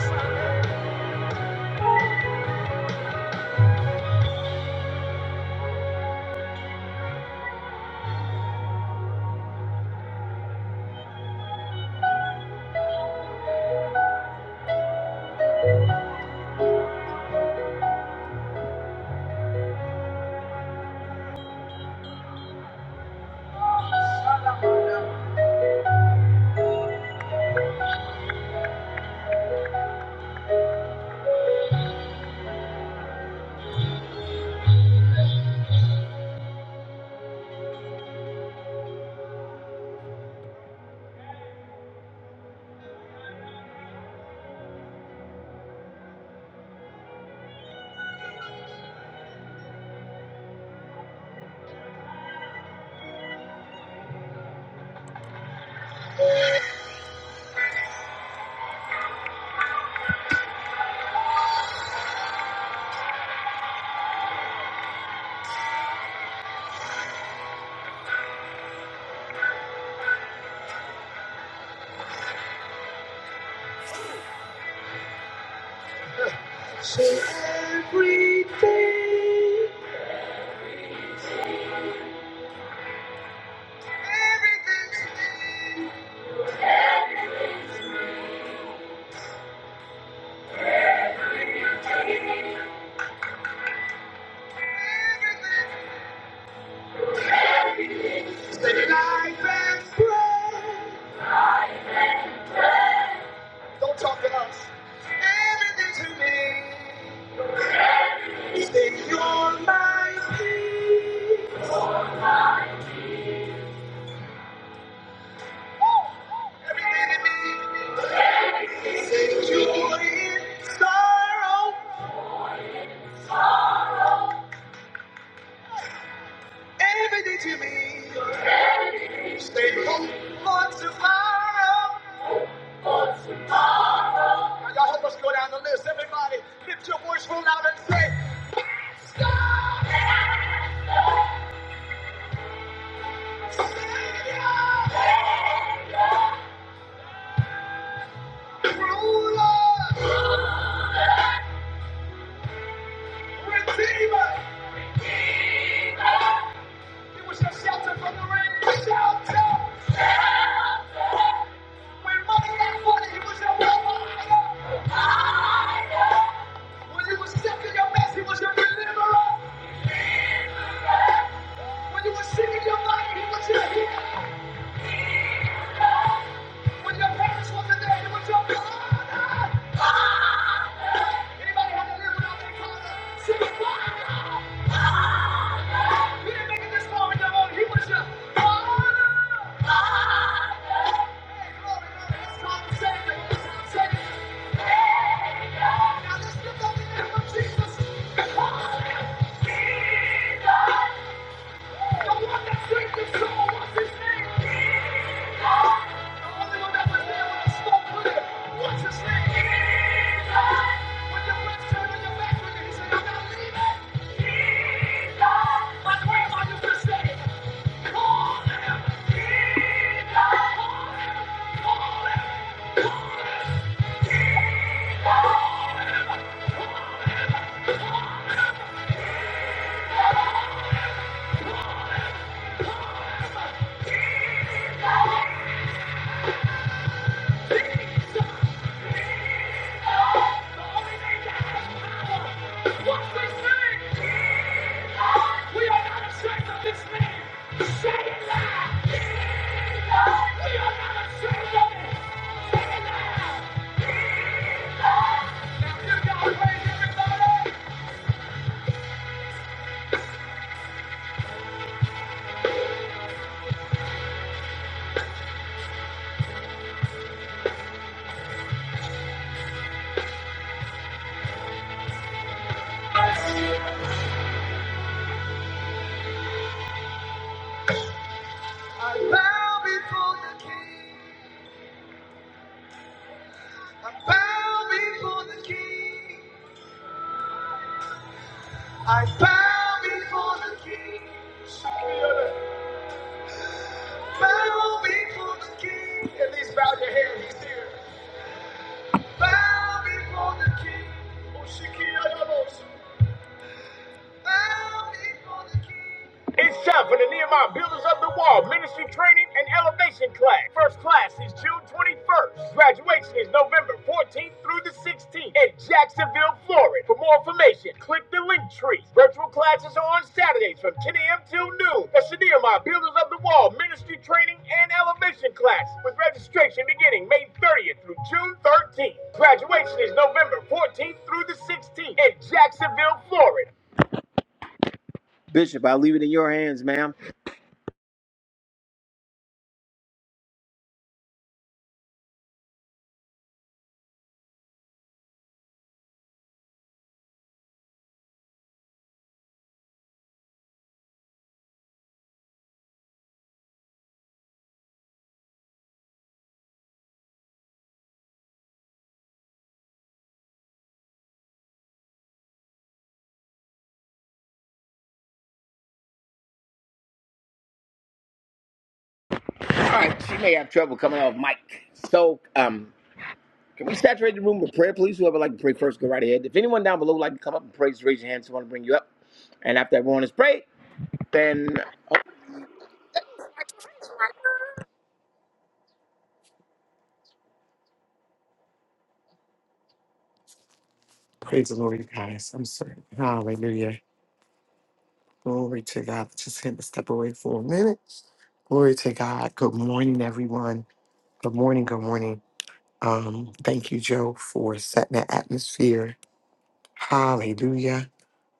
Thank you. Everything that life and brought. Talk to us. Everything to me is that you're my peace. Everything to me is joy in sorrow. Everything to me is hope for tomorrow. Now y'all help us go down the list. Everybody, lift your voice real loud and say, Ruler, Redeemer. was your shelter from the rain. shelter. When money got funny, he was your provider. When you were sick in your mess, he was your deliverer. When you were sick in your body, he was your healer. When your parents wasn't there, he was your father. Anybody had to live without their father? See, didn't make it this far on your He was your father. Hey, glory, glory. That's called the Savior. That's called the Savior. Now let's lift up the name Jesus. Say it loud! Now give God praise, everybody! Bow before the King. Bow before It's time for the Nehemiah Builders of the Wall Ministry Training and Elevation Class. First class is June 21st. Graduation is November 14th through the 16th in Jacksonville, Florida. For more information, click the link tree. Virtual classes are on Saturdays from 10 a.m. till noon. That's the Nehemiah Builders of the Wall Ministry Training and Elevation Class with registration beginning May 30th through June 13th. Graduation is November 14th through the 16th in Jacksonville, Florida. All right, she may have trouble coming off mic. So, um, can we saturate the room with prayer, please? Whoever would like to pray first, go right ahead. If anyone down below would like to come up and pray, just raise your hand. So I want to bring you up. And after everyone has prayed, then
Praise the Lord, you guys. I'm sorry. Hallelujah. Glory to God. Just had to step away for a minute. Glory to God. Good morning, everyone. Good morning. Good morning. Um, thank you, Joe, for setting the atmosphere. Hallelujah.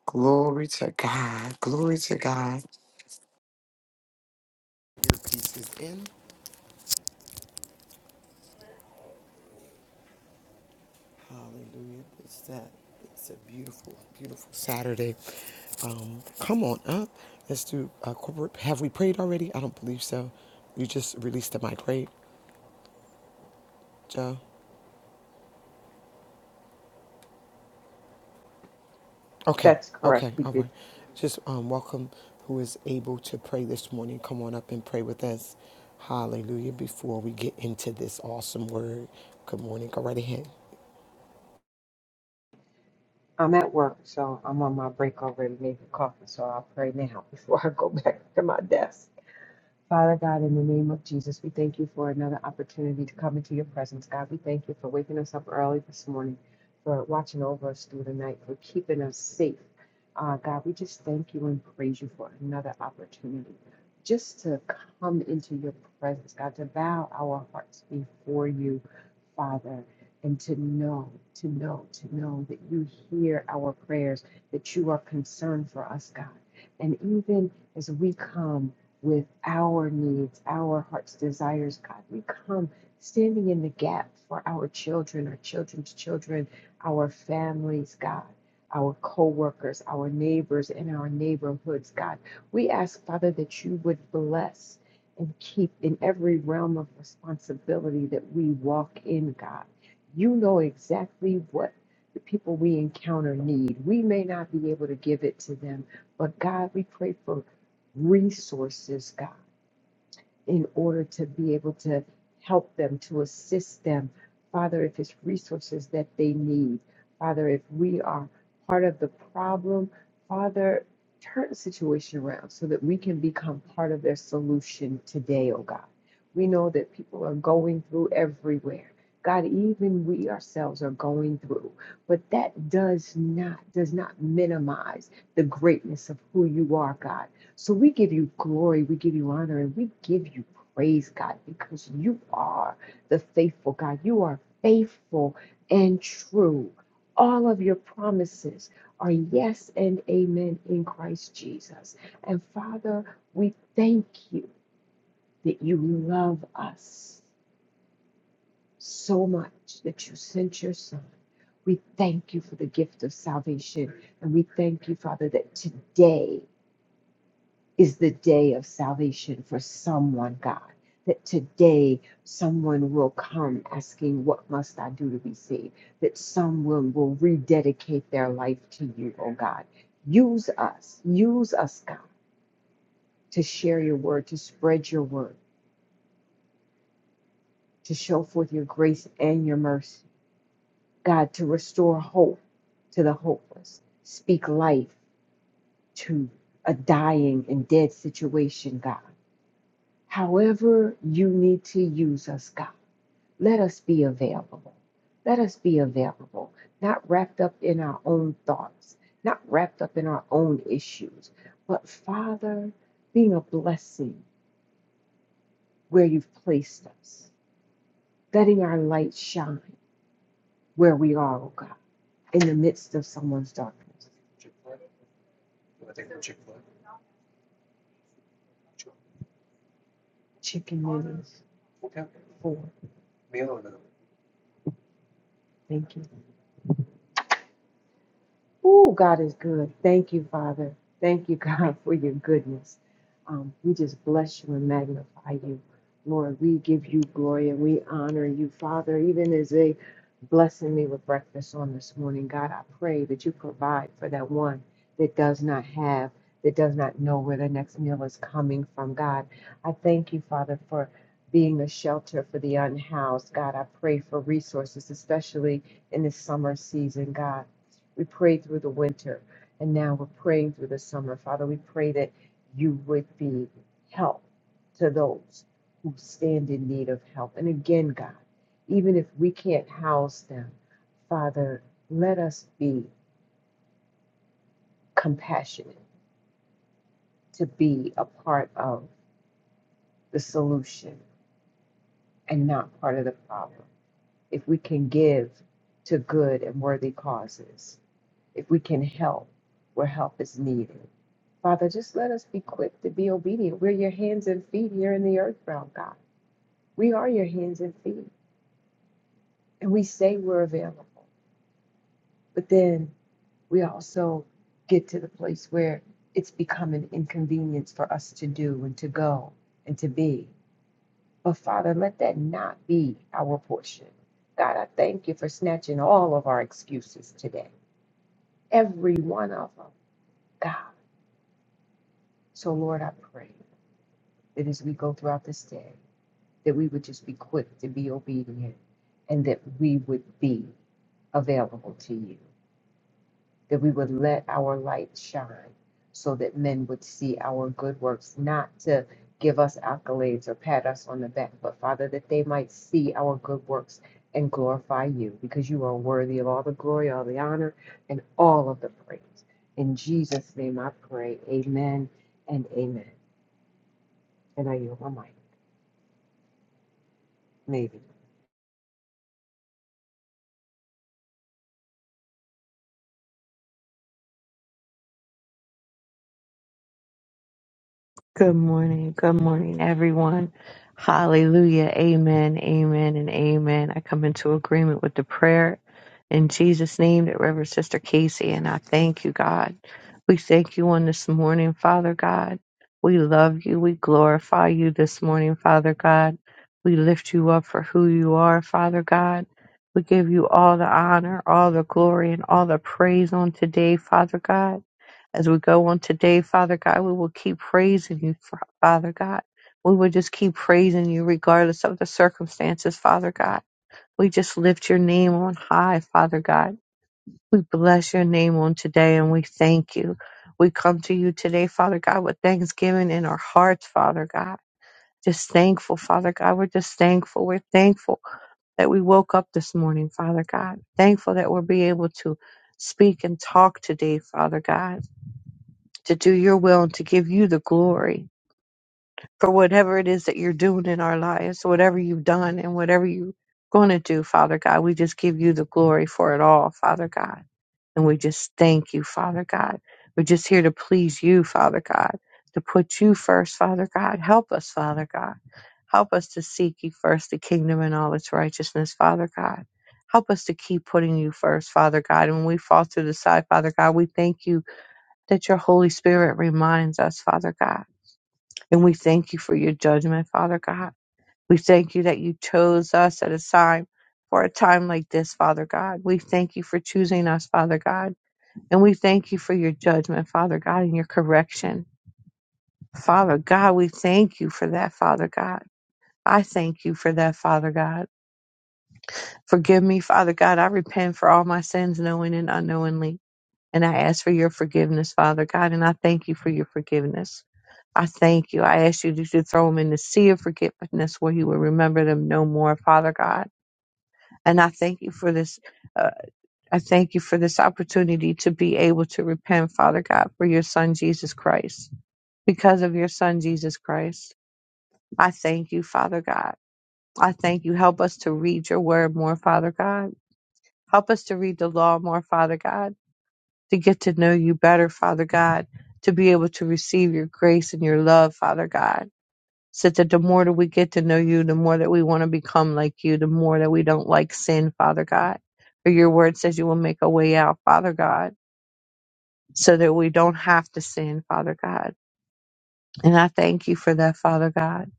Glory to God. Glory to God. Earpiece is in. Hallelujah. It's that. It's a beautiful, beautiful Saturday. Um, come on up. Let's do uh, corporate. Have we prayed already? I don't believe so. You just released the mic, right? Joe. Okay,
That's correct.
okay,
He
all
did.
right. Just um, welcome who is able to pray this morning. Come on up and pray with us. Hallelujah. Before we get into this awesome word, good morning. Go right ahead.
I'm at work, so I'm on my break already making coffee. So I'll pray now before I go back to my desk. Father God, in the name of Jesus, we thank you for another opportunity to come into your presence. God, we thank you for waking us up early this morning, for watching over us through the night, for keeping us safe. Uh, God, we just thank you and praise you for another opportunity just to come into your presence, God, to bow our hearts before you, Father, and to know, to know, to know that you hear our prayers, that you are concerned for us, God. And even as we come, with our needs, our heart's desires. God, we come standing in the gap for our children, our children's children, our families, God. Our co workers, our neighbors, and our neighborhoods, God. We ask, Father, that you would bless and keep in every realm of responsibility that we walk in, God. You know exactly what the people we encounter need. We may not be able to give it to them, but God, we pray for resources, God, in order to be able to help them, to assist them. Father, if it's resources that they need, Father, if we are part of the problem, Father, turn the situation around so that we can become part of their solution today, oh God. We know that people are going through everywhere. God, even we ourselves are going through, but that does not does not minimize the greatness of who you are, God so we give you glory, we give you honor, and we give you praise, God, because you are the faithful God. You are faithful and true. All of your promises are yes and amen in Christ Jesus. And Father, we thank you that you love us so much that you sent your Son. We thank you for the gift of salvation. And we thank you, Father, that today. is the day of salvation for someone, God. That today someone will come asking, What must I do to be saved? That someone will rededicate their life to you, oh God. Use us, use us, God, to share your word, to spread your word, to show forth your grace and your mercy, God, to restore hope to the hopeless, speak life to a dying and dead situation, God However, you need to use us, God. Let us be available. Let us be available, not wrapped up in our own thoughts, not wrapped up in our own issues, but Father, being a blessing where you've placed us, letting our light shine where we are, oh God, in the midst of someone's darkness. Chicken wings four. Thank you. Oh, God is good. Thank you, Father. Thank you, God, for your goodness. Um, we just bless you and magnify you. Lord, we give you glory and we honor you, Father, even as they blessing me with breakfast on this morning. God, I pray that you provide for that one that does not have, that does not know where their next meal is coming from. God, I thank you, Father, for being a shelter for the unhoused. God, I pray for resources, especially in this summer season, God. We prayed through the winter, and now we're praying through the summer. Father, we pray that you would be help to those who stand in need of help. And again, God, even if we can't house them, Father, let us be compassionate to be a part of the solution and not part of the problem. If we can give to good and worthy causes, if we can help where help is needed. Father, just let us be quick to be obedient. We're your hands and feet here in the earth realm, God. We are your hands and feet, and we say we're available. But then we also get to the place where it's become an inconvenience for us to do and to go and to be. But Father, let that not be our portion. God, I thank you for snatching all of our excuses today, every one of them, God. So, Lord, I pray. that as we go throughout this day, that we would just be quick to be obedient and that we would be available to you, that we would let our light shine so that men would see our good works, not to give us accolades or pat us on the back, but Father, that they might see our good works and glorify you because you are worthy of all the glory, all the honor, and all of the praise. In Jesus' name I pray, amen and amen. And I yield my mic. Maybe.
Good morning. Good morning, everyone. Hallelujah. Amen. Amen. And amen. I come into agreement with the prayer in Jesus' name that Reverend Sister Casey and I thank you, God. We thank you on this morning, Father God. We love you. We glorify you this morning, Father God. We lift you up for who you are, Father God. We give you all the honor, all the glory, and all the praise on today, Father God. As we go on today, Father God, we will keep praising you, Fa- Father God. We will just keep praising you regardless of the circumstances, Father God. We just lift your name on high, Father God. We bless your name on today and we thank you. We come to you today, Father God, with thanksgiving in our hearts, Father God. Just thankful, Father God. We're just thankful. We're thankful that we woke up this morning, Father God. Thankful that we'll be able to speak and talk today, Father God to do your will and to give you the glory for whatever it is that you're doing in our lives, whatever you've done and whatever you're going to do, Father God. We just give you the glory for it all, Father God. And we just thank you, Father God. We're just here to please you, Father God, to put you first, Father God. Help us, Father God. Help us to seek you first, the kingdom and all its righteousness, Father God. Help us to keep putting you first, Father God. And when we fall to the side, Father God, we thank you that your Holy Spirit reminds us, Father God. And we thank you for your judgment, Father God. We thank you that you chose us at a time for a time like this, Father God. We thank you for choosing us, Father God. And we thank you for your judgment, Father God, and your correction. Father God, we thank you for that, Father God. I thank you for that, Father God. Forgive me, Father God. I repent for all my sins, knowing and unknowingly. And I ask for your forgiveness, Father God. And I thank you for your forgiveness. I thank you. I ask you to throw them in the sea of forgetfulness where you will remember them no more, Father God. And I thank you for this. Uh, I thank you for this opportunity to be able to repent, Father God, for your son, Jesus Christ, because of your son, Jesus Christ. I thank you, Father God. I thank you. Help us to read your word more, Father God. Help us to read the law more, Father God, to get to know you better, Father God, to be able to receive your grace and your love, Father God. So that the more that we get to know you, the more that we want to become like you, the more that we don't like sin, Father God. For your word says you will make a way out, Father God, so that we don't have to sin, Father God. And I thank you for that, Father God.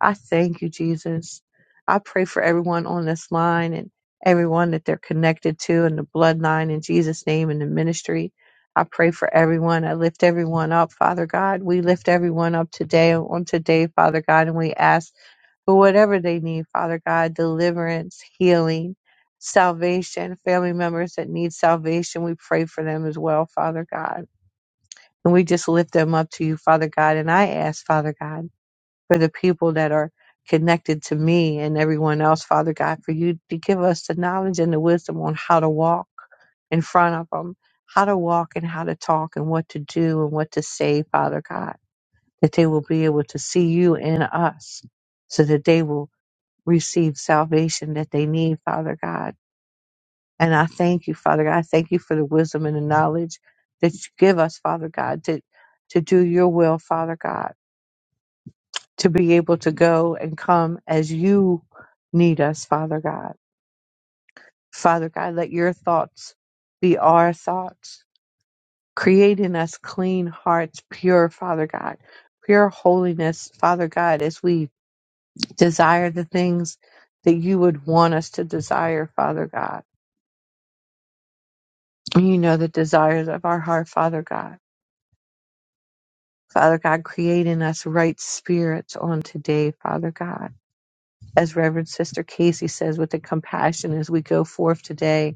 I thank you, Jesus. I pray for everyone on this line and everyone that they're connected to in the bloodline in Jesus' name and the ministry. I pray for everyone. I lift everyone up, Father God. We lift everyone up today on today, Father God, and we ask for whatever they need, Father God, deliverance, healing, salvation, family members that need salvation. We pray for them as well, Father God. And we just lift them up to you, Father God. And I ask, Father God, for the people that are connected to me and everyone else, Father God, for you to give us the knowledge and the wisdom on how to walk in front of them, how to walk and how to talk and what to do and what to say, Father God, that they will be able to see you in us so that they will receive salvation that they need, Father God. And I thank you, Father God. I thank you for the wisdom and the knowledge that you give us, Father God, to, to do your will, Father God, to be able to go and come as you need us, Father God. Father God, let your thoughts be our thoughts. Create in us clean hearts, pure, Father God, pure holiness, Father God, as we desire the things that you would want us to desire, Father God. You know the desires of our heart, Father God. Father God, create in us right spirits on today, Father God. As Reverend Sister Casey says, with the compassion as we go forth today,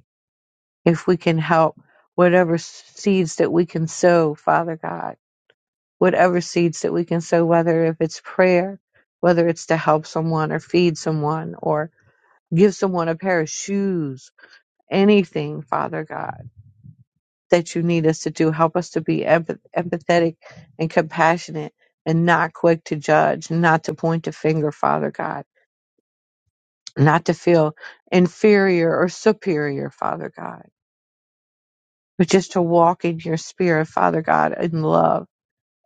if we can help whatever seeds that we can sow, Father God, whatever seeds that we can sow, whether if it's prayer, whether it's to help someone or feed someone or give someone a pair of shoes, anything, Father God that you need us to do. Help us to be empath- empathetic and compassionate and not quick to judge, not to point the finger, Father God, not to feel inferior or superior, Father God, but just to walk in your spirit, Father God, in love.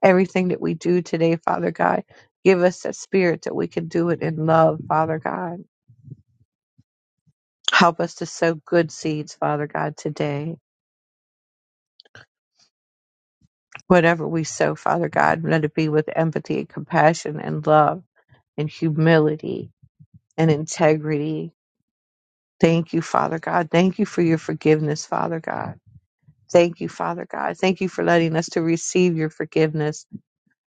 Everything that we do today, Father God, give us a spirit that we can do it in love, Father God. Help us to sow good seeds, Father God, today. Whatever we sow, Father God, let it be with empathy and compassion and love and humility and integrity. Thank you, Father God. Thank you for your forgiveness, Father God. Thank you, Father God. Thank you for letting us to receive your forgiveness.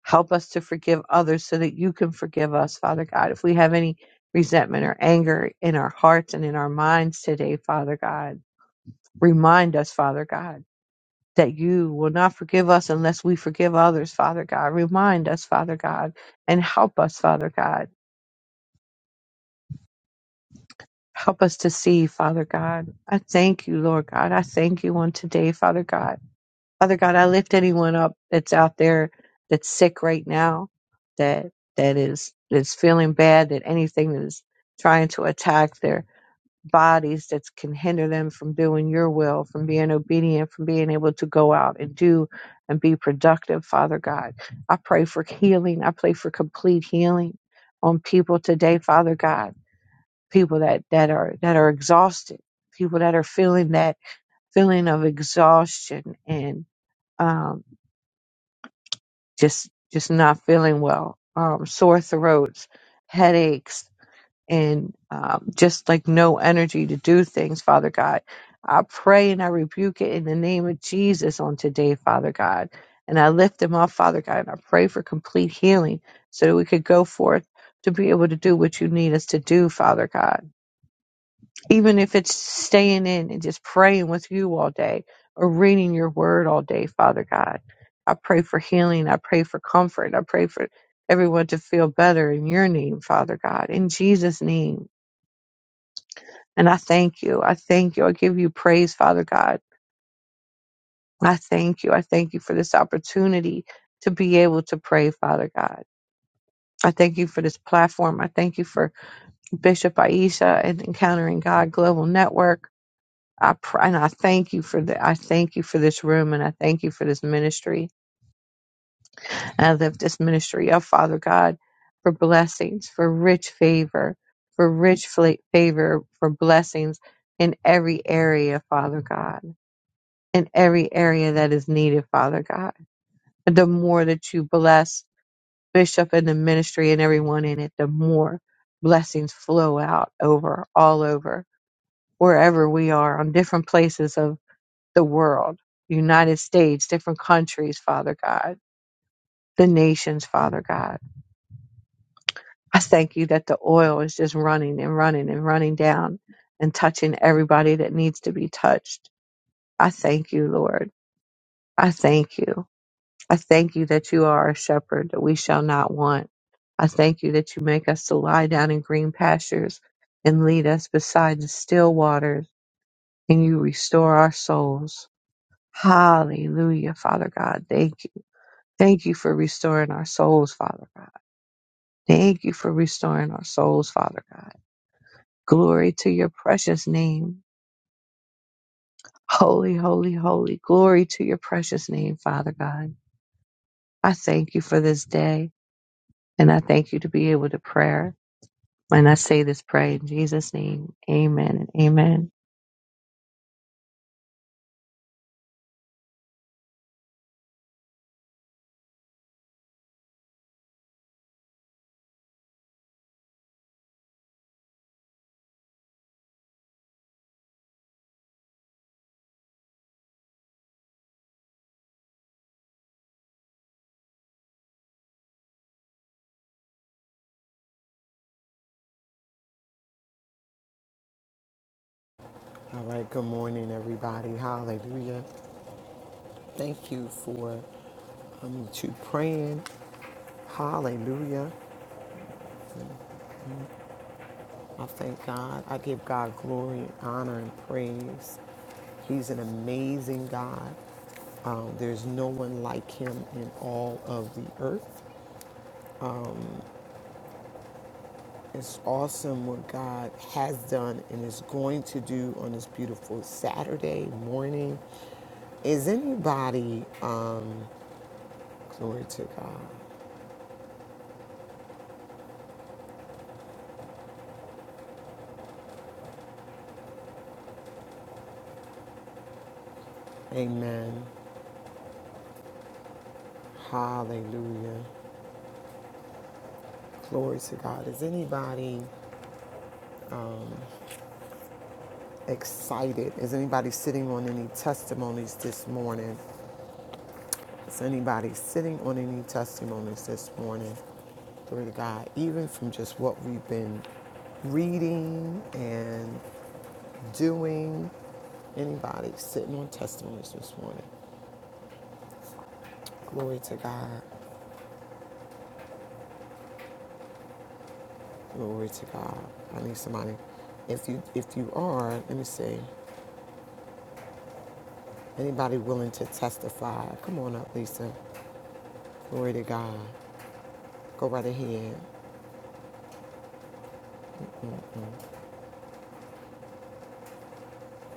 Help us to forgive others so that you can forgive us, Father God. If we have any resentment or anger in our hearts and in our minds today, Father God, remind us, Father God, that you will not forgive us unless we forgive others, Father God. Remind us, Father God, and help us, Father God Help us to see, Father God. I thank you, Lord God. I thank you on today, Father God. Father God, I lift anyone up that's out there that's sick right now, that that is that's feeling bad, that anything that is trying to attack their bodies that can hinder them from doing your will, from being obedient, from being able to go out and do and be productive, Father God. I pray for healing. I pray for complete healing on people today, Father God people that that are that are exhausted people that are feeling that feeling of exhaustion and um just just not feeling well um sore throats headaches and um, just like no energy to do things father god i pray and i rebuke it in the name of jesus on today father god and i lift them up father god and i pray for complete healing so that we could go forth to be able to do what you need us to do father god even if it's staying in and just praying with you all day or reading your word all day, Father God. I pray for healing. I pray for comfort. I pray for everyone to feel better in your name, Father God, in Jesus' name. And I thank you. I thank you. I give you praise, Father God. I thank you. I thank you for this opportunity to be able to pray, Father God. I thank you for this platform. I thank you for Bishop Aisha and Encountering God Global Network. I pr- and I thank you for the I thank you for this room and I thank you for this ministry. And I lift this ministry up, Father God, for blessings, for rich favor, for rich fla- favor, for blessings in every area, Father God, in every area that is needed, Father God. And the more that you bless Bishop and the ministry and everyone in it, the more blessings flow out over all over wherever we are on different places of. the world, United States, different countries, Father God, the nations, Father God. I thank you that the oil is just running and running and running down and touching everybody that needs to be touched. I thank you, Lord. I thank you. I thank you that you are a shepherd that we shall not want. I thank you that you make us to lie down in green pastures and lead us beside the still waters and you restore our souls. Hallelujah, Father God. Thank you. Thank you for restoring our souls, Father God. Thank you for restoring our souls, Father God. Glory to your precious name. Holy, holy, holy. Glory to your precious name, Father God. I thank you for this day and I thank you to be able to pray. And I say this pray in Jesus' name. Amen and amen.
All right, good morning, everybody. Hallelujah. Thank you for um, to praying. Hallelujah. I thank God. I give God glory, honor, and praise. He's an amazing God. Um, there's no one like him in all of the earth. It's awesome what God has done and is going to do on this beautiful Saturday morning. Is anybody, um, glory to God, amen, hallelujah, glory to God, is anybody excited. Is anybody sitting on any testimonies this morning? Is anybody sitting on any testimonies this morning? Glory to God. Even from just what we've been reading and doing. Anybody sitting on testimonies this morning? Glory to God. Glory to God. I need somebody. If you if you are, let me see. Anybody willing to testify? Come on up, Lisa. Glory to God. Go right ahead.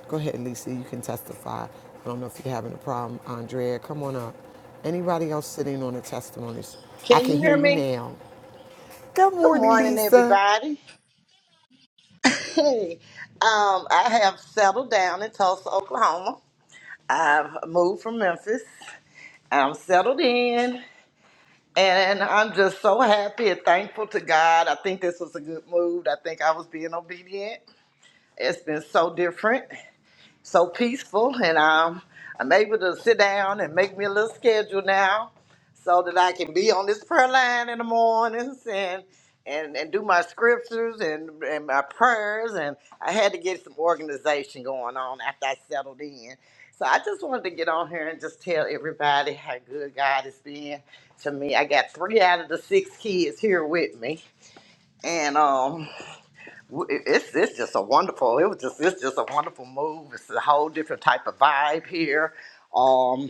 Go ahead, Lisa. You can testify. I don't know if you're having a problem. Andrea, come on up. Anybody else sitting on the testimonies? I
Can
can
you
hear
hear
you
me?
now. Good
Good
morning,
morning,
Lisa.
everybody. Hey, um, I have settled down in Tulsa, Oklahoma. I've moved from Memphis. I'm settled in, and I'm just so happy and thankful to God. I think this was a good move. I think I was being obedient. It's been so different. so peaceful and um, I'm able to sit down and make me a little schedule now so that I can be on this prayer line in the mornings and and, and do my scriptures and, and my prayers and I had to get some organization going on after I settled in. So I just wanted to get on here and just tell everybody how good God has been to me. I got three out of the six kids here with me. And um w- it- it's it's just a wonderful. It was just it's just a wonderful move. It's a whole different type of vibe here. Um,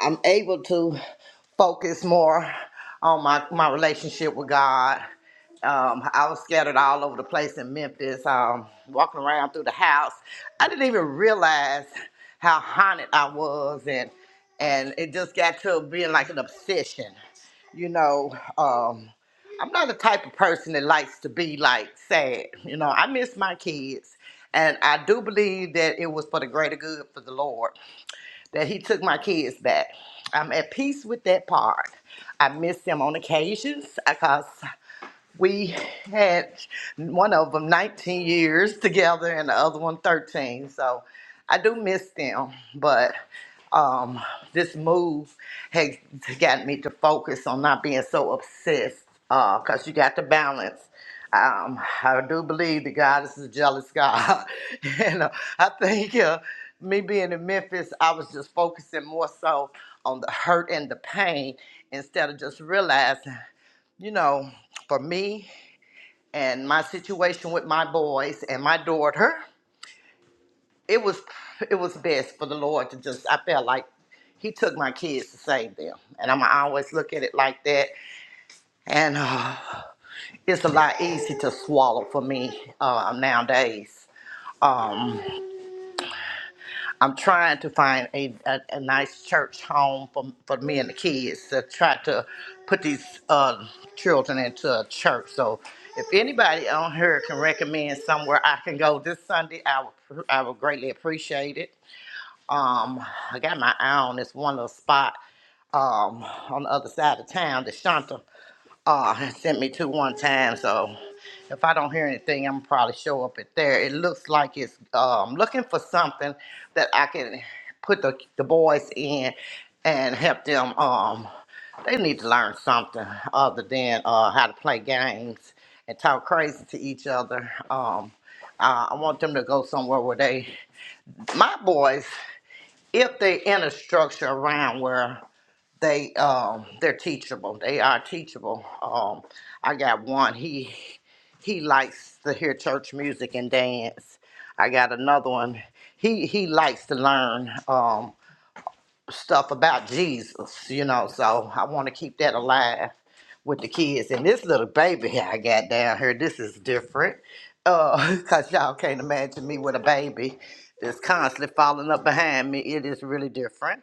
I'm able to focus more on my my relationship with God. Um, I was scattered all over the place in Memphis, um, walking around through the house. I didn't even realize how haunted I was, and and it just got to being like an obsession. You know, um, I'm not the type of person that likes to be like sad. You know, I miss my kids. And I do believe that it was for the greater good for the Lord that He took my kids back. I'm at peace with that part. I miss them on occasions because we had one of them 19 years together and the other one 13. So I do miss them, but um, this move has got me to focus on not being so obsessed because you got to balance. Um, I do believe that God is a jealous God. and uh, I think uh, me being in Memphis, I was just focusing more so on the hurt and the pain instead of just realizing, you know, for me and my situation with my boys and my daughter, it was it was best for the Lord to just I felt like he took my kids to save them. And I'm I always look at it like that. And uh, it's a lot easier to swallow for me uh, nowadays. Um, I'm trying to find a, a, a nice church home for, for me and the kids to try to put these uh, children into a church. So if anybody on here can recommend somewhere I can go this Sunday, I would, I would greatly appreciate it. Um, I got my eye on this one little spot um, on the other side of town, the Shanta uh, and sent me to one time. So if I don't hear anything, I'm probably show up at there. It looks like it's um, looking for something that I can put the, the boys in and help them. Um, they need to learn something other than uh, how to play games and talk crazy to each other. Um, uh, I want them to go somewhere where they, my boys, if they in a structure around where they um they're teachable they are teachable um i got one he he likes to hear church music and dance i got another one he he likes to learn Um, stuff about Jesus, you know, so I want to keep that alive with the kids. And this little baby here I got down here, this is different. Uh, cause y'all can't imagine me with a baby that's constantly falling up behind me. It is really different.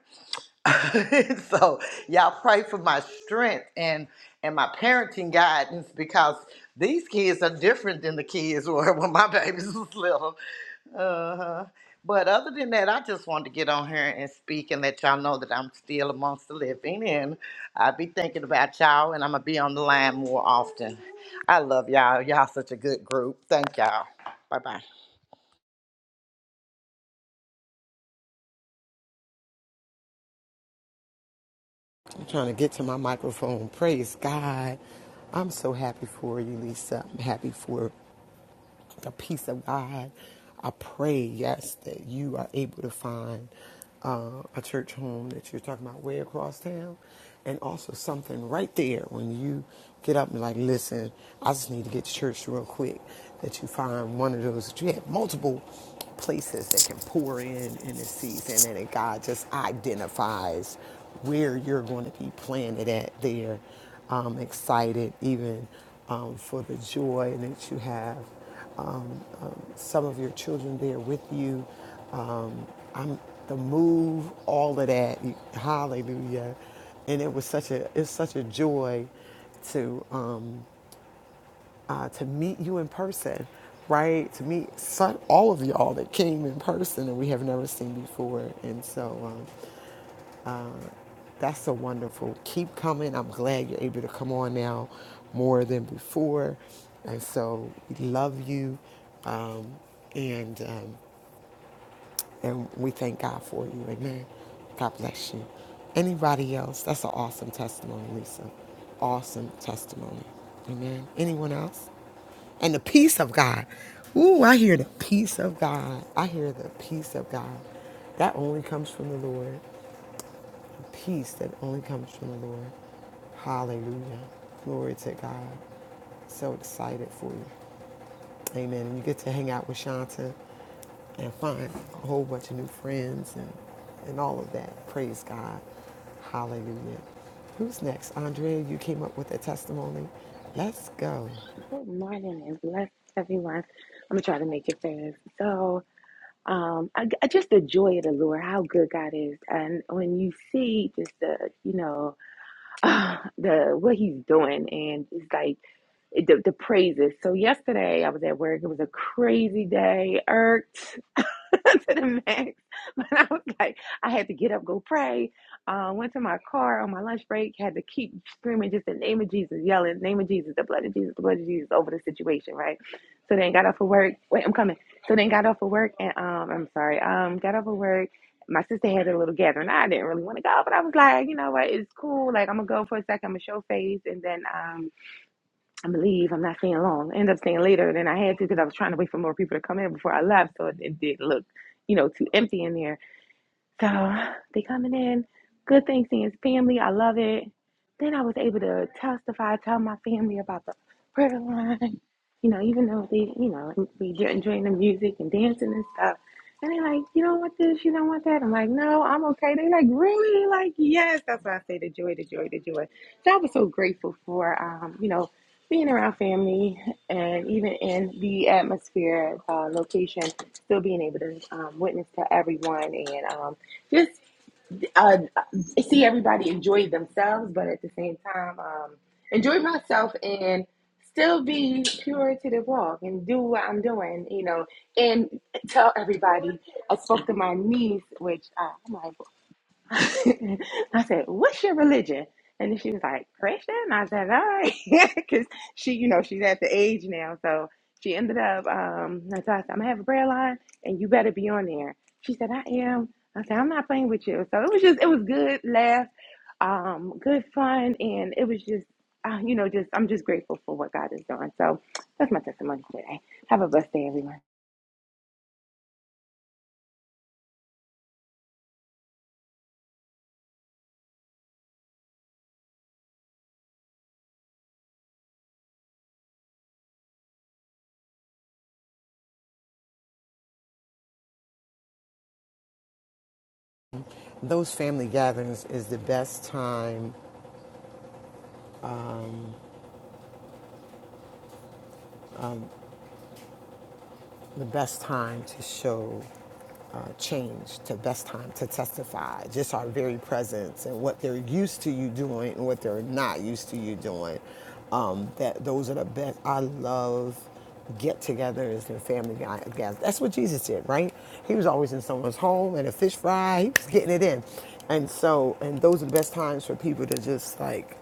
so y'all pray for my strength and and my parenting guidance because these kids are different than the kids were when my babies was little. Uh-huh. But other than that, I just wanted to get on here and speak and let y'all know that I'm still amongst the living and I be thinking about y'all and I'm gonna be on the line more often. I love y'all. Y'all such a good group. Thank y'all. Bye bye.
I'm trying to get to my microphone. Praise God. I'm so happy for you, Lisa. I'm happy for the peace of God. I pray, yes, that you are able to find uh, a church home that you're talking about way across town, and also something right there when you get up and like, listen, I just need to get to church real quick. That you find one of those. You have multiple places that can pour in in this season, and that God just identifies where you're going to be planted at there. I'm excited even um, for the joy that you have um, um, some of your children there with you. Um, I'm the move, all of that. Hallelujah! And it was such a it's such a joy to um, uh, to meet you in person, right? To meet so- all of y'all that came in person and we have never seen before, and so um, that's so wonderful. Keep coming. I'm glad you're able to come on now more than before, and so we love you. Um, and um, And we thank God for you. Amen. God bless you. Anybody else? That's an awesome testimony, Lisa. Awesome testimony. Amen. Anyone else? And the peace of God. Ooh, I hear the peace of God. I hear the peace of God. That only comes from the Lord. The peace that only comes from the Lord. Hallelujah. Glory to God. So excited for you. Amen. And you get to hang out with Shanta and find a whole bunch of new friends and, and all of that. Praise God. Hallelujah. Who's next? Andrea, you came up with a testimony. Let's go.
Good morning and bless everyone. I'm gonna try to make it fast. So, um, I, I just the joy of the Lord, how good God is, and when you see just the, you know, ah, the what He's doing, and it's like the, the praises. So yesterday I was at work. It was a crazy day. Irked. to the max. But I was like, I had to get up, go pray. Uh, went to my car on my lunch break, had to keep screaming just the name of Jesus, yelling, name of Jesus, the blood of Jesus, the blood of Jesus over the situation, right? So then got off of work. Wait, I'm coming. So then got off of work and um I'm sorry, um got off of work. My sister had a little gathering. I didn't really want to go, but I was like, you know what, it's cool. Like I'm gonna go for a second, I'm gonna show face and then um I'm gonna leave. I'm not staying long. I ended up staying later than I had to because I was trying to wait for more people to come in before I left, so it, it did look, you know, too empty in there. So they coming in. Good thing seeing his family. I love it. Then I was able to testify, tell my family about the prayer line. You know, even though they, you know, we enjoying the music and dancing and stuff. And they're like, you don't want this, you don't want that. I'm like, no, I'm okay. They like, really? Like, yes. That's why I say the joy, the joy, the joy. So I was so grateful for, um, you know, being around family and even in the atmosphere, uh, location, still being able to um, witness to everyone and um, just uh, see everybody enjoy themselves, but at the same time, um, enjoy myself and still be pure to the walk and do what I'm doing, you know, and tell everybody. I spoke to my niece, which uh, I'm like, I said, "What's your religion?" And then she was like, "Christian." I said, "All right," because she, you know, she's at the age now, so she ended up. Um, I said, "I'm gonna have a prayer line, and you better be on there." She said, "I am." I said, "I'm not playing with you." So it was just, it was good laugh, um, good fun, and it was just, uh, you know, just I'm just grateful for what God is doing. So that's my testimony today. Have a blessed day, everyone.
Those family gatherings is the best time the best time to show uh, change, to best time to testify, just our very presence and what they're used to you doing and what they're not used to you doing. Um, that those are the best. I love get-togethers and family gatherings. That's what Jesus did, right? He was always in someone's home and a fish fry. He was getting it in, and so and those are the best times for people to just like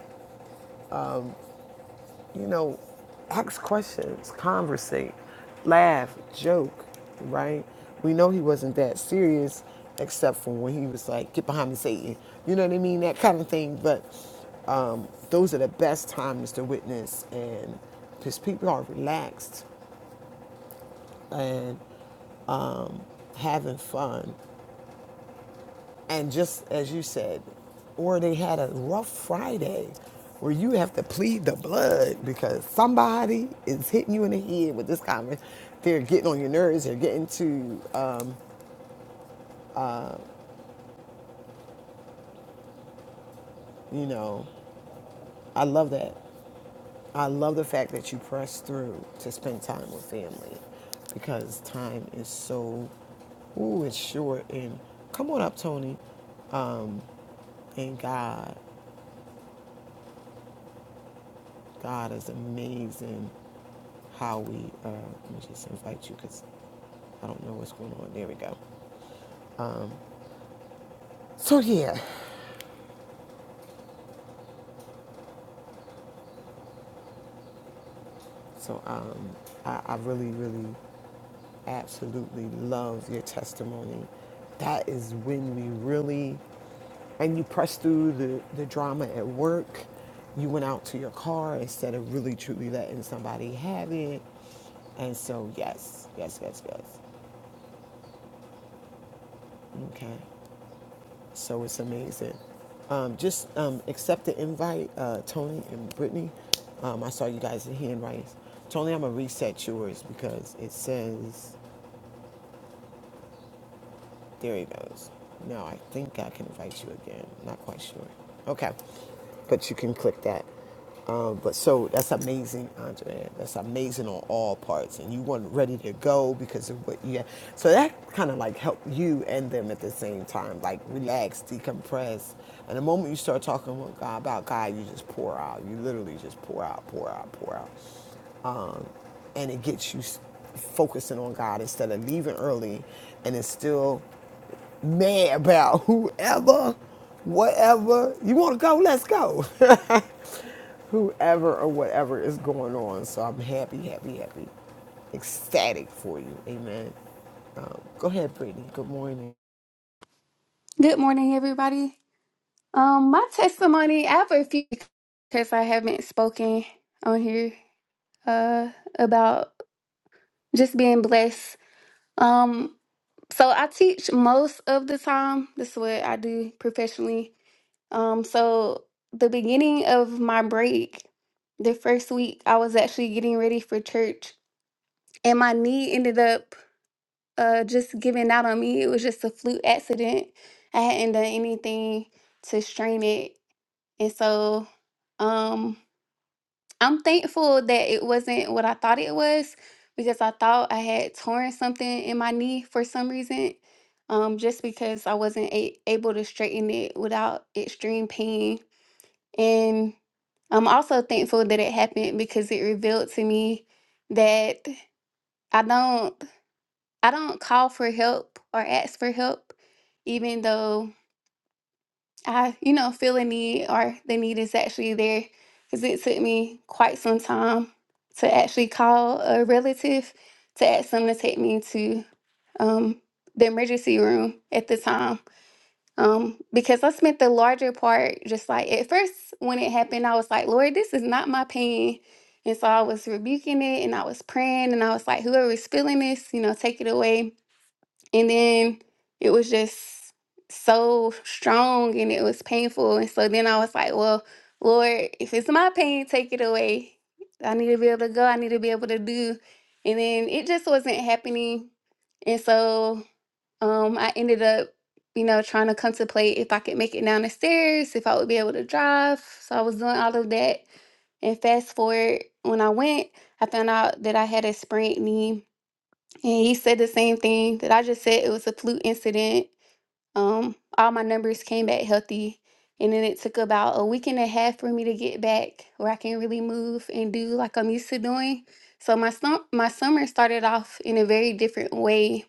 you know, ask questions, conversate, laugh, joke, right? We know he wasn't that serious, except for when he was like, get behind me, Satan. You know what I mean? That kind of thing. But um, those are the best times to witness, and because people are relaxed and having fun. And just as you said, or they had a rough Friday where you have to plead the blood because somebody is hitting you in the head with this comment. They're getting on your nerves. They're getting to, um, you know, I love that. I love the fact that you press through to spend time with family because time is so, ooh, it's short. And come on up, Tony. And God. God is amazing how we, uh, let me just invite you because I don't know what's going on. There we go. So, yeah. So, um, I, I really, really, absolutely love your testimony. That is when we really, and you pressed through the, the drama at work. You went out to your car instead of really, truly letting somebody have it. And so, yes, yes, yes, yes. Okay. So it's amazing. Um, just um, accept the invite, uh, Tony and Brittany. Um, I saw you guys in hand Tony, I'm gonna reset yours because it says there he goes. Now I think I can invite you again. Not quite sure. Okay. But you can click that. Um, but so that's amazing, Andrea. That's amazing on all parts. And you weren't ready to go because of what you had. So that kind of like helped you and them at the same time, like relax, decompress. And the moment you start talking with God about God, you just pour out. You literally just pour out, pour out, pour out. Um, and it gets you s- focusing on God instead of leaving early and it's still mad about whoever, whatever. You want to go? Let's go. whoever or whatever is going on. So I'm happy, happy, happy, ecstatic for you. Amen. Um, go ahead, Brittany. Good morning.
Good morning, everybody. Um, my testimony, I have a few because I haven't spoken on here uh, about just being blessed. Um, so I teach most of the time. This is what I do professionally. Um, so the beginning of my break, the first week, I was actually getting ready for church, and my knee ended up uh, just giving out on me. It was just a fluke accident. I hadn't done anything to strain it And so um I'm thankful that it wasn't what I thought it was because I thought I had torn something in my knee for some reason. Um, just because I wasn't a- able to straighten it without extreme pain. And I'm also thankful that it happened because it revealed to me that I don't I don't call for help or ask for help, even though I, you know, feel a need or the need is actually there because it took me quite some time to actually call a relative to ask them to take me to um, the emergency room at the time. Um, because I spent the larger part just like at first when it happened, I was like, Lord, this is not my pain. And so I was rebuking it and I was praying and I was like, whoever is feeling this, you know, take it away and then it was just so strong and it was painful and so then i was like well lord if it's my pain take it away i need to be able to go i need to be able to do and then it just wasn't happening and so um i ended up you know trying to contemplate if i could make it down the stairs if i would be able to drive so i was doing all of that and fast forward when i went i found out that i had a sprained knee and he said the same thing that I just said. It was a flu incident. Um, all my numbers came back healthy. And then it took about a week and a half for me to get back where I can really move and do like I'm used to doing. So my sum- my summer started off in a very different way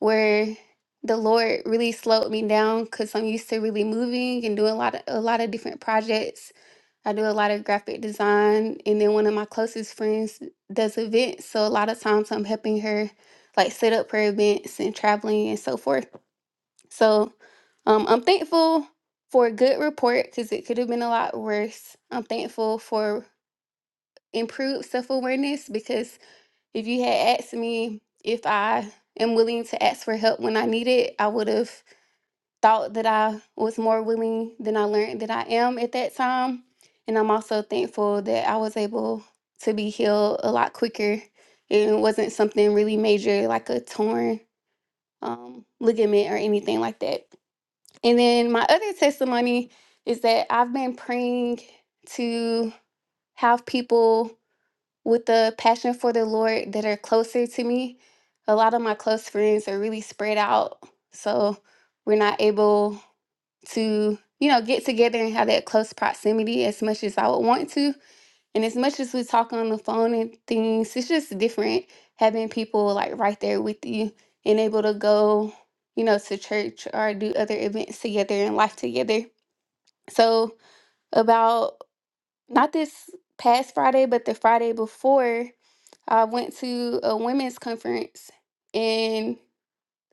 where the Lord really slowed me down because I'm used to really moving and doing a lot of a lot of different projects I do a lot of graphic design, and then one of my closest friends does events. So a lot of times I'm helping her like set up her events and traveling and so forth. So um, I'm thankful for a good report because it could have been a lot worse. I'm thankful for improved self awareness because if you had asked me if I am willing to ask for help when I need it, I would have thought that I was more willing than I learned that I am at that time. And I'm also thankful that I was able to be healed a lot quicker and it wasn't something really major like a torn um, ligament or anything like that. And then my other testimony is that I've been praying to have people with a passion for the Lord that are closer to me. A lot of my close friends are really spread out. So we're not able to you know get together and have that close proximity as much as I would want to. And as much as we talk on the phone and things, it's just different having people like right there with you and able to go, you know, to church or do other events together and life together. So about not this past Friday, but the Friday before, I went to a women's conference and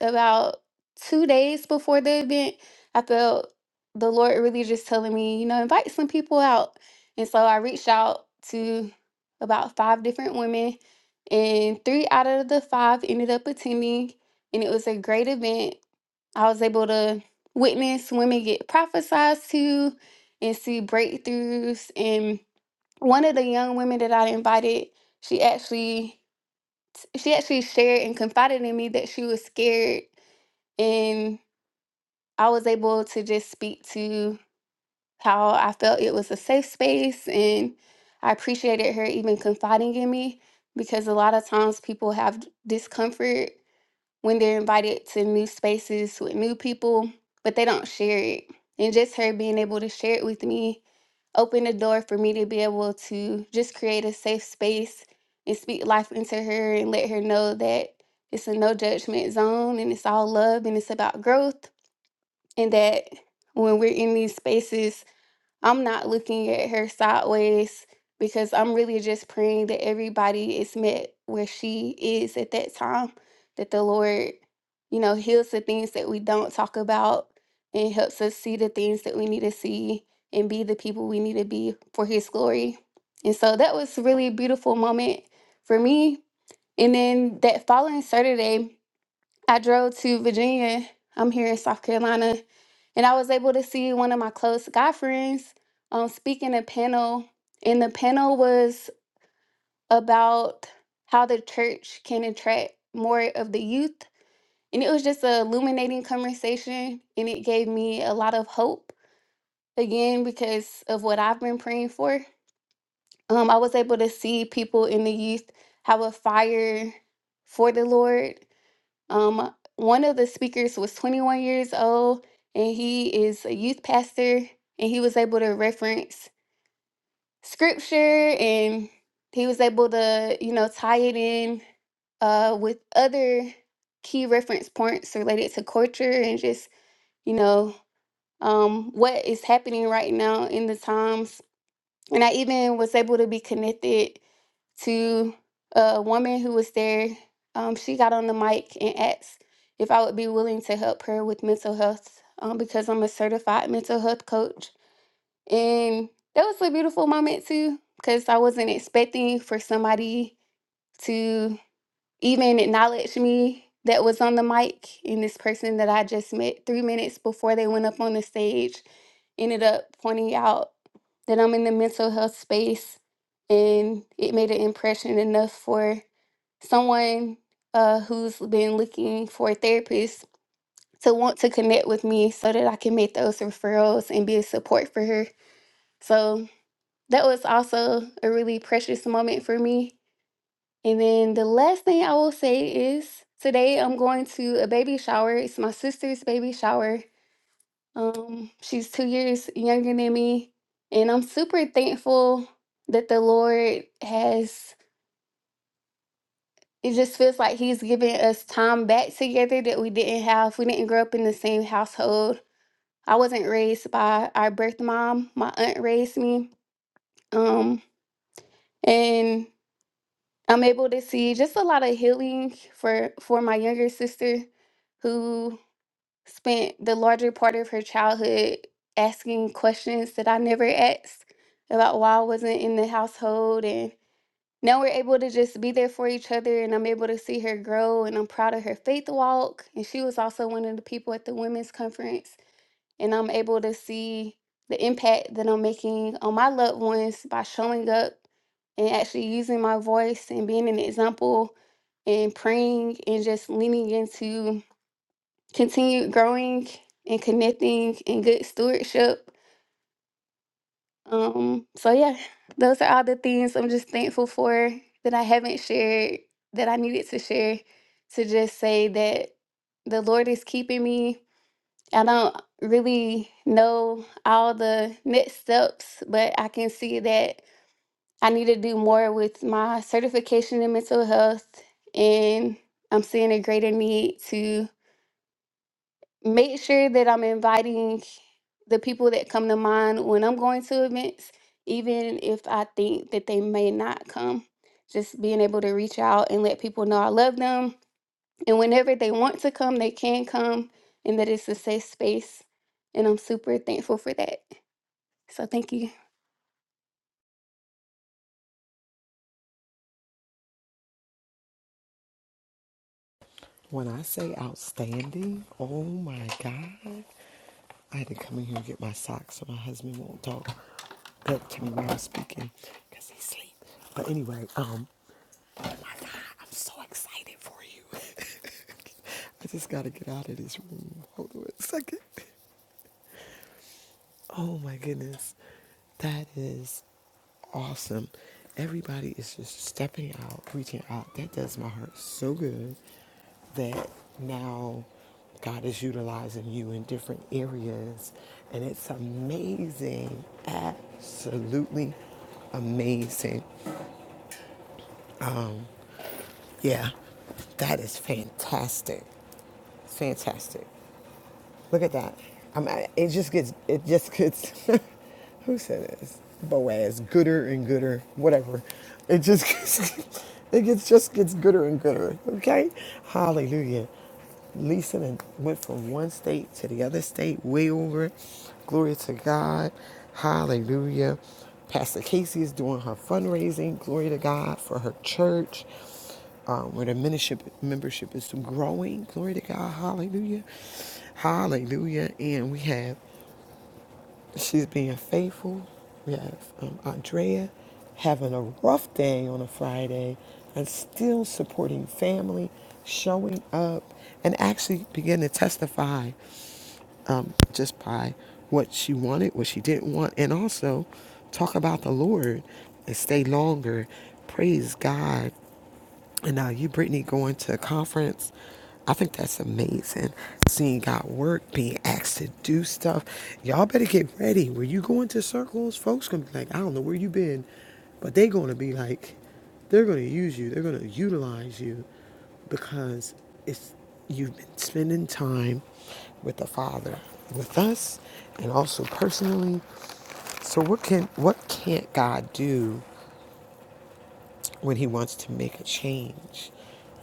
about two days before the event, I felt the Lord really just telling me, you know, invite some people out. And so I reached out to about five different women, and three out of the five ended up attending. And it was a great event. I was able to witness women get prophesied to and see breakthroughs. And one of the young women that I invited, she actually she actually shared and confided in me that she was scared and I was able to just speak to how I felt it was a safe space and I appreciated her even confiding in me because a lot of times people have d- discomfort when they're invited to new spaces with new people, but they don't share it. And just her being able to share it with me opened the door for me to be able to just create a safe space and speak life into her and let her know that it's a no judgment zone and it's all love and it's about growth and that when we're in these spaces, I'm not looking at her sideways because I'm really just praying that everybody is met where she is at that time, that the Lord, you know, heals the things that we don't talk about and helps us see the things that we need to see and be the people we need to be for his glory. And so that was really a beautiful moment for me. And then that following Saturday, I drove to Virginia. I'm here in South Carolina, and I was able to see one of my close guy friends um, speak in a panel. And the panel was about how the church can attract more of the youth. And it was just a illuminating conversation, and it gave me a lot of hope again because of what I've been praying for. Um, I was able to see people in the youth have a fire for the Lord um, one of the speakers was 21 years old, and he is a youth pastor, and he was able to reference scripture, and he was able to, you know, tie it in uh, with other key reference points related to culture and just, you know, um, what is happening right now in the times. And I even was able to be connected to a woman who was there. Um, she got on the mic and asked if I would be willing to help her with mental health um, because I'm a certified mental health coach. And that was a beautiful moment too, because I wasn't expecting for somebody to even acknowledged me that was on the mic and this person that I just met three minutes before they went up on the stage ended up pointing out that I'm in the mental health space and it made an impression enough for someone uh, who's been looking for a therapist to want to connect with me so that I can make those referrals and be a support for her. So that was also a really precious moment for me and then the last thing I will say is today I'm going to a baby shower. It's my sister's baby shower. Um, she's two years younger than me, and I'm super thankful that the Lord has. It just feels like He's giving us time back together that we didn't have. We didn't grow up in the same household. I wasn't raised by our birth mom. My aunt raised me. Um, and I'm able to see just a lot of healing for for my younger sister who spent the larger part of her childhood asking questions that I never asked about why I wasn't in the household and now we're able to just be there for each other and I'm able to see her grow and I'm proud of her faith walk and she was also one of the people at the women's conference and I'm able to see the impact that I'm making on my loved ones by showing up and actually using my voice and being an example and praying and just leaning into continued growing and connecting and good stewardship. Um, so yeah, those are all the things I'm just thankful for that I haven't shared that I needed to share to just say that the Lord is keeping me I don't really know all the next steps, but I can see that I need to do more with my certification in mental health. And I'm seeing a greater need to make sure that I'm inviting the people that come to mind when I'm going to events, even if I think that they may not come. Just being able to reach out and let people know I love them and whenever they want to come, they can come, and that it's a safe space. And I'm super thankful for that. So thank you.
When I say outstanding, oh my God, I had to come in here and get my socks so my husband won't talk back to me while I'm speaking because he's asleep. But anyway, um, I'm so excited for you. I just gotta get out of this room. Hold on a second. Oh my goodness. That is awesome. Everybody is just stepping out, reaching out. That does my heart so good that now God is utilizing you in different areas. And it's amazing. Absolutely amazing. Yeah, that is fantastic. Fantastic. Look at that. I'm, it just gets, it just gets, who said this? Boaz, gooder and gooder, whatever. It just gets, it gets, just gets gooder and gooder, okay? Hallelujah. Lisa done went from one state to the other state, way over. Glory to God. Hallelujah. Pastor Casey is doing her fundraising. Glory to God for her church um, where the membership membership is growing. Glory to God, Hallelujah, Hallelujah. And we have she's being faithful. We have um, Andrea having a rough day on a Friday and still supporting family, showing up, and actually begin to testify um, just by what she wanted, what she didn't want, and also talk about the Lord and stay longer. Praise God and now you, Brittany, going to a conference. I think that's amazing. Seeing God work, being asked to do stuff. Y'all better get ready. Where you going to circles, folks gonna be like, I don't know where you been, but they are gonna be like, they're gonna use you. They're gonna utilize you because it's you've been spending time with the Father, with us, and also personally. So what can what can't God do? when he wants to make a change.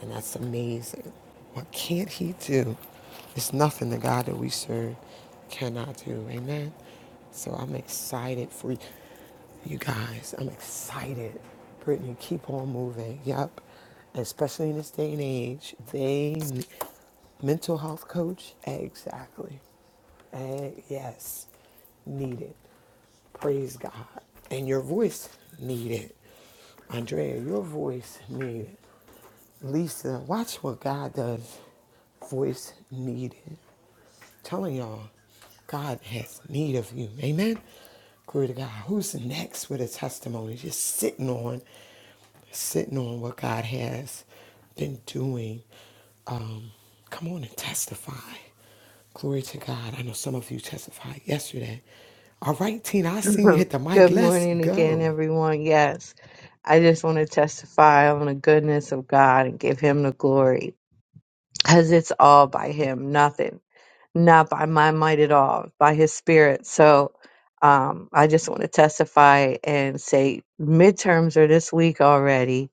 And that's amazing. What can't he do? It's nothing the God that we serve cannot do. Amen. So I'm excited for you guys. I'm excited. Brittany, keep on moving. Yep. Especially in this day and age, they mental health coach exactly. And yes, needed. Praise God. And your voice needed. Andrea, your voice needed. Lisa, watch what God does. Voice needed. I'm Telling y'all, God has need of you. Amen. Glory to God. Who's next with a testimony? Just sitting on, sitting on what God has been doing. Um, come on and testify. Glory to God. I know some of you testified yesterday. All right, Tina, I seen you hit the mic.
Good
Let's
morning again,
go.
everyone. Yes, I just want to testify on the goodness of God and give him the glory. because it's all by him nothing not by my might at all by his spirit so um, i just want to testify and say midterms are this week already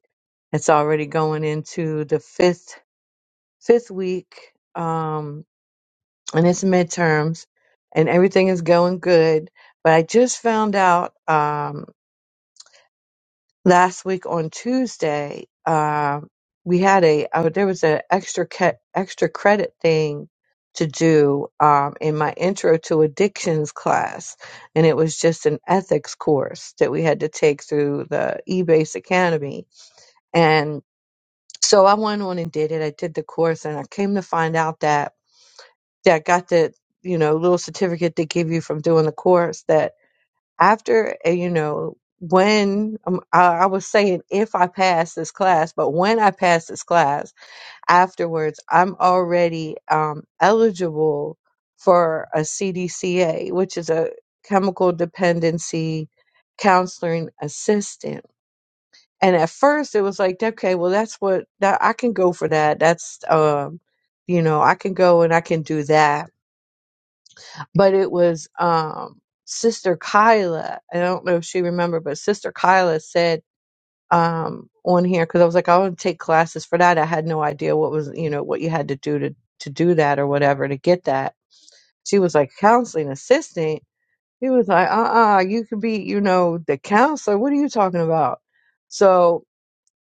it's already going into the fifth fifth week um, and it's midterms and everything is going good but i just found out Um, last week on Tuesday, um, we had a uh, there was an extra ca- extra credit thing to do um, in my intro to addictions class, and it was just an ethics course that we had to take through the eBase Academy. And so I went on and did it. I did the course, and I came to find out that that I got the you know little certificate they give you from doing the course that after uh, you know when um, I, I was saying if I pass this class, but when I pass this class afterwards, I'm already um, eligible for a CDCA, which is a chemical dependency counseling assistant. And at first, it was like, okay, well, that's what that I can go for that. That's um, you know, I can go and I can do that but it was um sister kyla i don't know if she remembered but sister kyla said um on here because i was like i want to take classes for that i had no idea what was you know what you had to do to to do that or whatever to get that she was like counseling assistant he was like uh-uh you could be you know the counselor what are you talking about so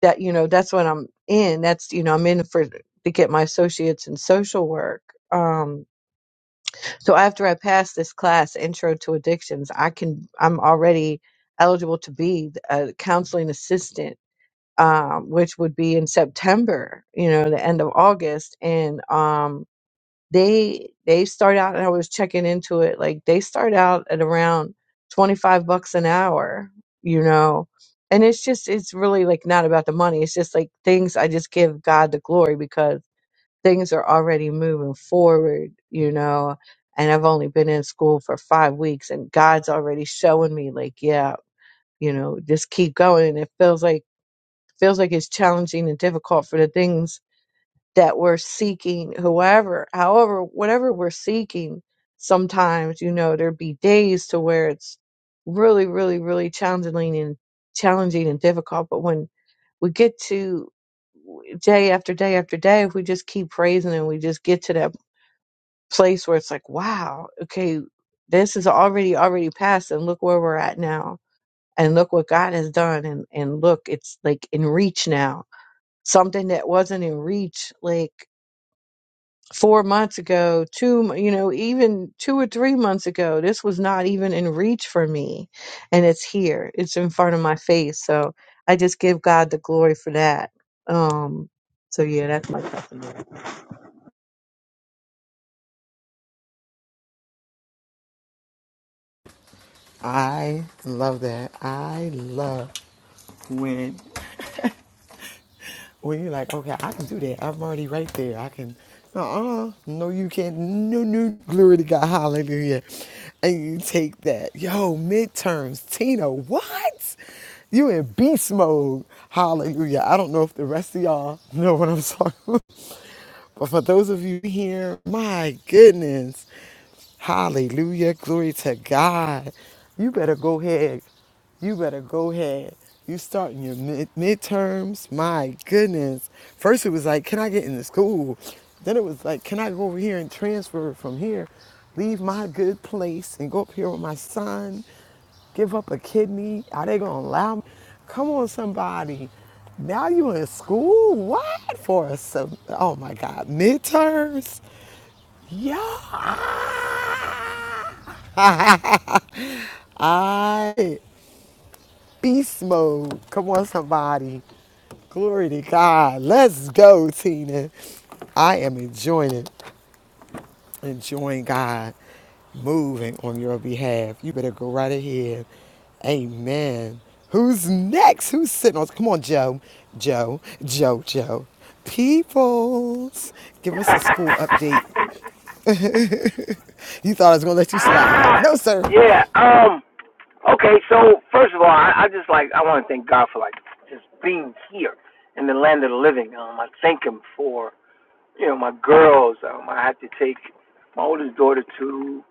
that you know that's what i'm in that's you know i'm in for to get my associates in social work um so after I pass this class, Intro to Addictions, I can I'm already eligible to be a counseling assistant, um, which would be in September, you know, the end of August, and um, they they start out, and I was checking into it, like they start out at around twenty five bucks an hour, you know. And it's just, it's really like not about the money. It's just like things I just give God the glory because things are already moving forward, you know. And I've only been in school for five weeks, and God's already showing me, like, yeah, you know, just keep going. And it feels like feels like it's challenging and difficult for the things that we're seeking, whoever, however, whatever we're seeking. Sometimes, you know, there'd be days to where it's really, really, really challenging and challenging and difficult. But when we get to day after day after day, if we just keep praising and we just get to that place where it's like, wow, okay, this is already already past, and look where we're at now, and look what God has done, and and look, it's like in reach now. Something that wasn't in reach, like four months ago, two, you know, even two or three months ago, this was not even in reach for me. And it's here, it's in front of my face. So I just give God the glory for that. Um, so yeah, that's my testimony.
I love that. I love when when you're like, okay, I can do that. I'm already right there. I can. Uh uh, no, you can't. No, no, glory to God, hallelujah. And you take that, yo, midterms, Tina, what? You in beast mode, hallelujah. I don't know if the rest of y'all know what I'm talking about. But for those of you here, my goodness, hallelujah, glory to God. You better go ahead. You better go ahead. You starting your mid- midterms. My goodness. First it was like, can I get into school? Then it was like, can I go over here and transfer from here? Leave my good place and go up here with my son give up a kidney? Are they gonna allow me? Come on, somebody. Now you in school? What for? A, sub- oh my God, midterms? Yeah. Ah. I beast mode. Come on, somebody. Glory to God. Let's go, Tina. I am enjoying it enjoying God moving on your behalf. You better go right ahead. Amen. Who's next? Who's sitting on? Come on, Joe. Joe. Joe. Joe. Peoples. Give us a school update. you thought I was going to let you slide.
Ah,
No, sir.
yeah. Um. Okay. So first of all, I, I just like I want to thank God for like just being here in the land of the living. Um. I thank Him for you know my girls. Um. I had to take my oldest daughter to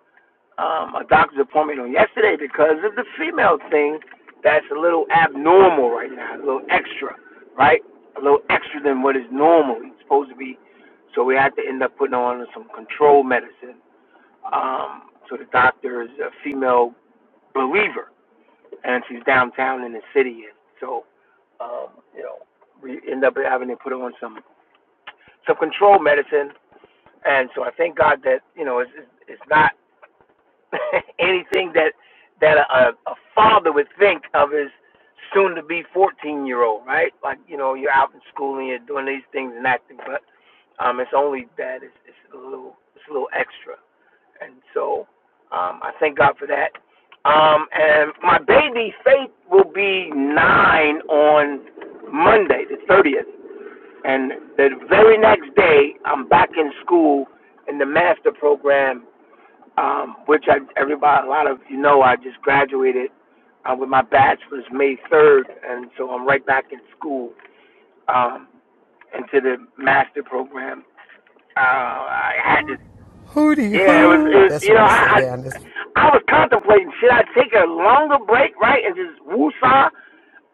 um a doctor's appointment on yesterday because of the female thing that's a little abnormal right now, a little extra, right? A little extra than what is normal. It's supposed to be. So we had to end up putting on some control medicine Um, so the doctor is a female believer, and she's downtown in the city, and so um, you know we end up having to put her on some some control medicine. And so I thank God that you know it's it's not anything that that a, a father would think of his soon to be 14 year old, right? Like you know you're out in school and you're doing these things and acting, but um, it's only that it's, it's a little it's a little extra. And so um, I thank God for that. Um, and my baby Faith will be nine on Monday, the 30th. And the very next day, I'm back in school in the master program, um, which I, everybody, a lot of you know, I just graduated uh, with my bachelor's May 3rd. And so I'm right back in school um, into the master program. Uh, I had to
Hootie
yeah, it was. It
hoo.
was.
That's
You
what
know,
we
I,
say
I
down this.
I was contemplating should I take a longer break, right, and just woosah.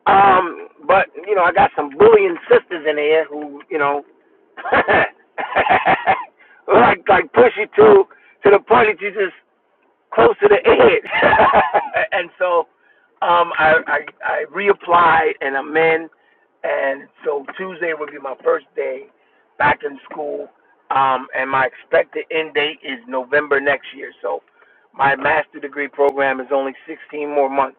Um, but you know, I got some bullying sisters in here who, you know, like like push you to to the point that you just close to the head. and so um, I, I I reapplied and I'm in, and so Tuesday will be my first day back in school. Um, and my expected end date is November next year. So my master degree program is only 16 more months.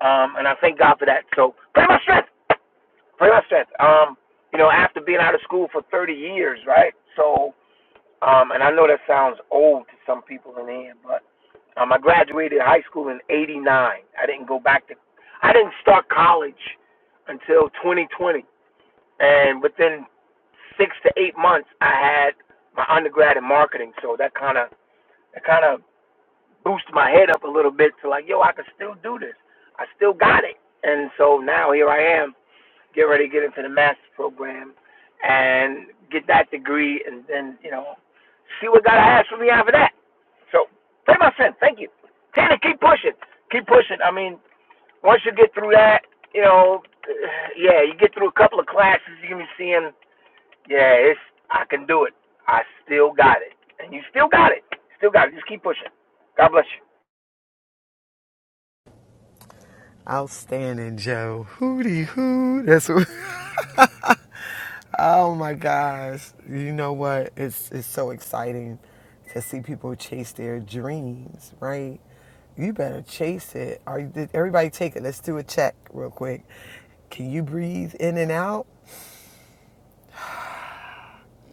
Um, and I thank God for that. So pray my strength. Pray my strength. Um, you know, after being out of school for 30 years, right? So um, and I know that sounds old to some people in here, but um, I graduated high school in '89. I didn't go back to, I didn't start college until 2020, and within six to eight months, I had my undergrad in marketing. So that kind of that kind of boosted my head up a little bit to like, yo, I can still do this. I still got it. And so now here I am get ready to get into the master's program and get that degree and then, you know, see what God has for me after that. So pray my sin. Thank you. Tanner, keep pushing. Keep pushing. I mean, once you get through that, you know, yeah, you get through a couple of classes, you're gonna be seeing, yeah, it's I can do it. I still got it. And you still got it. Still got it. Just keep pushing. God bless
Outstanding, Joe. Hootie hoo. That's what. Oh my gosh. You know what? It's it's so exciting to see people chase their dreams, right? You better chase it. Are you, did everybody take it? Let's do a check real quick. Can you breathe in and out?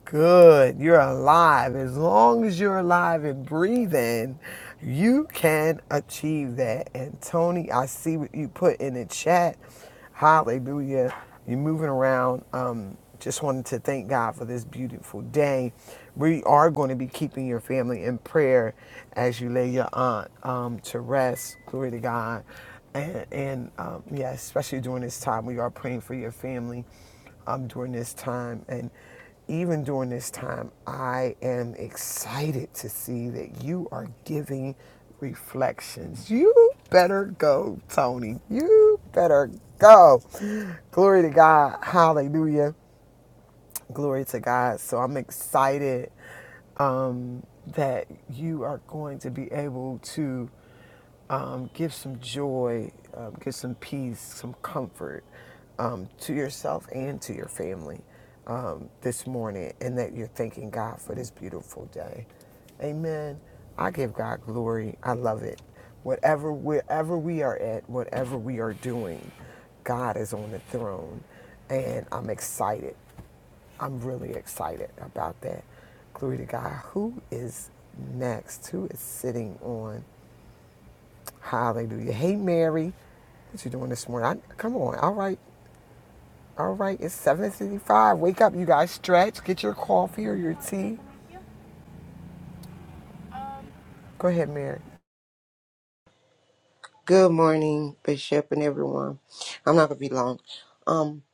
Good. You're alive. As long as you're alive and breathing, you can achieve that. And Tony, I see what you put in the chat. Hallelujah. You're moving around. Um, just wanted to thank God for this beautiful day. We are going to be keeping your family in prayer as you lay your aunt um, to rest. Glory to God. And, and um, yeah, especially during this time, we are praying for your family um, during this time. And even during this time, I am excited to see that you are giving reflections. You better go, Tony. You better go. Glory to God. Hallelujah. Glory to God. So I'm excited um, that you are going to be able to um, give some joy, um, give some peace, some comfort um, to yourself and to your family um, this morning, and that you're thanking God for this beautiful day. Amen. I give God glory. I love it. Whatever, wherever we are at, whatever we are doing, God is on the throne, and I'm excited I'm really excited about that. Glory to God. Who is next? Who is sitting on? Hallelujah. Hey, Mary. What you doing this morning? I, come on. All right. All right. It's 7.55. Wake up, you guys. Stretch. Get your coffee or your tea. Go ahead, Mary.
Good morning, Bishop, and everyone. I'm not gonna be long. Um,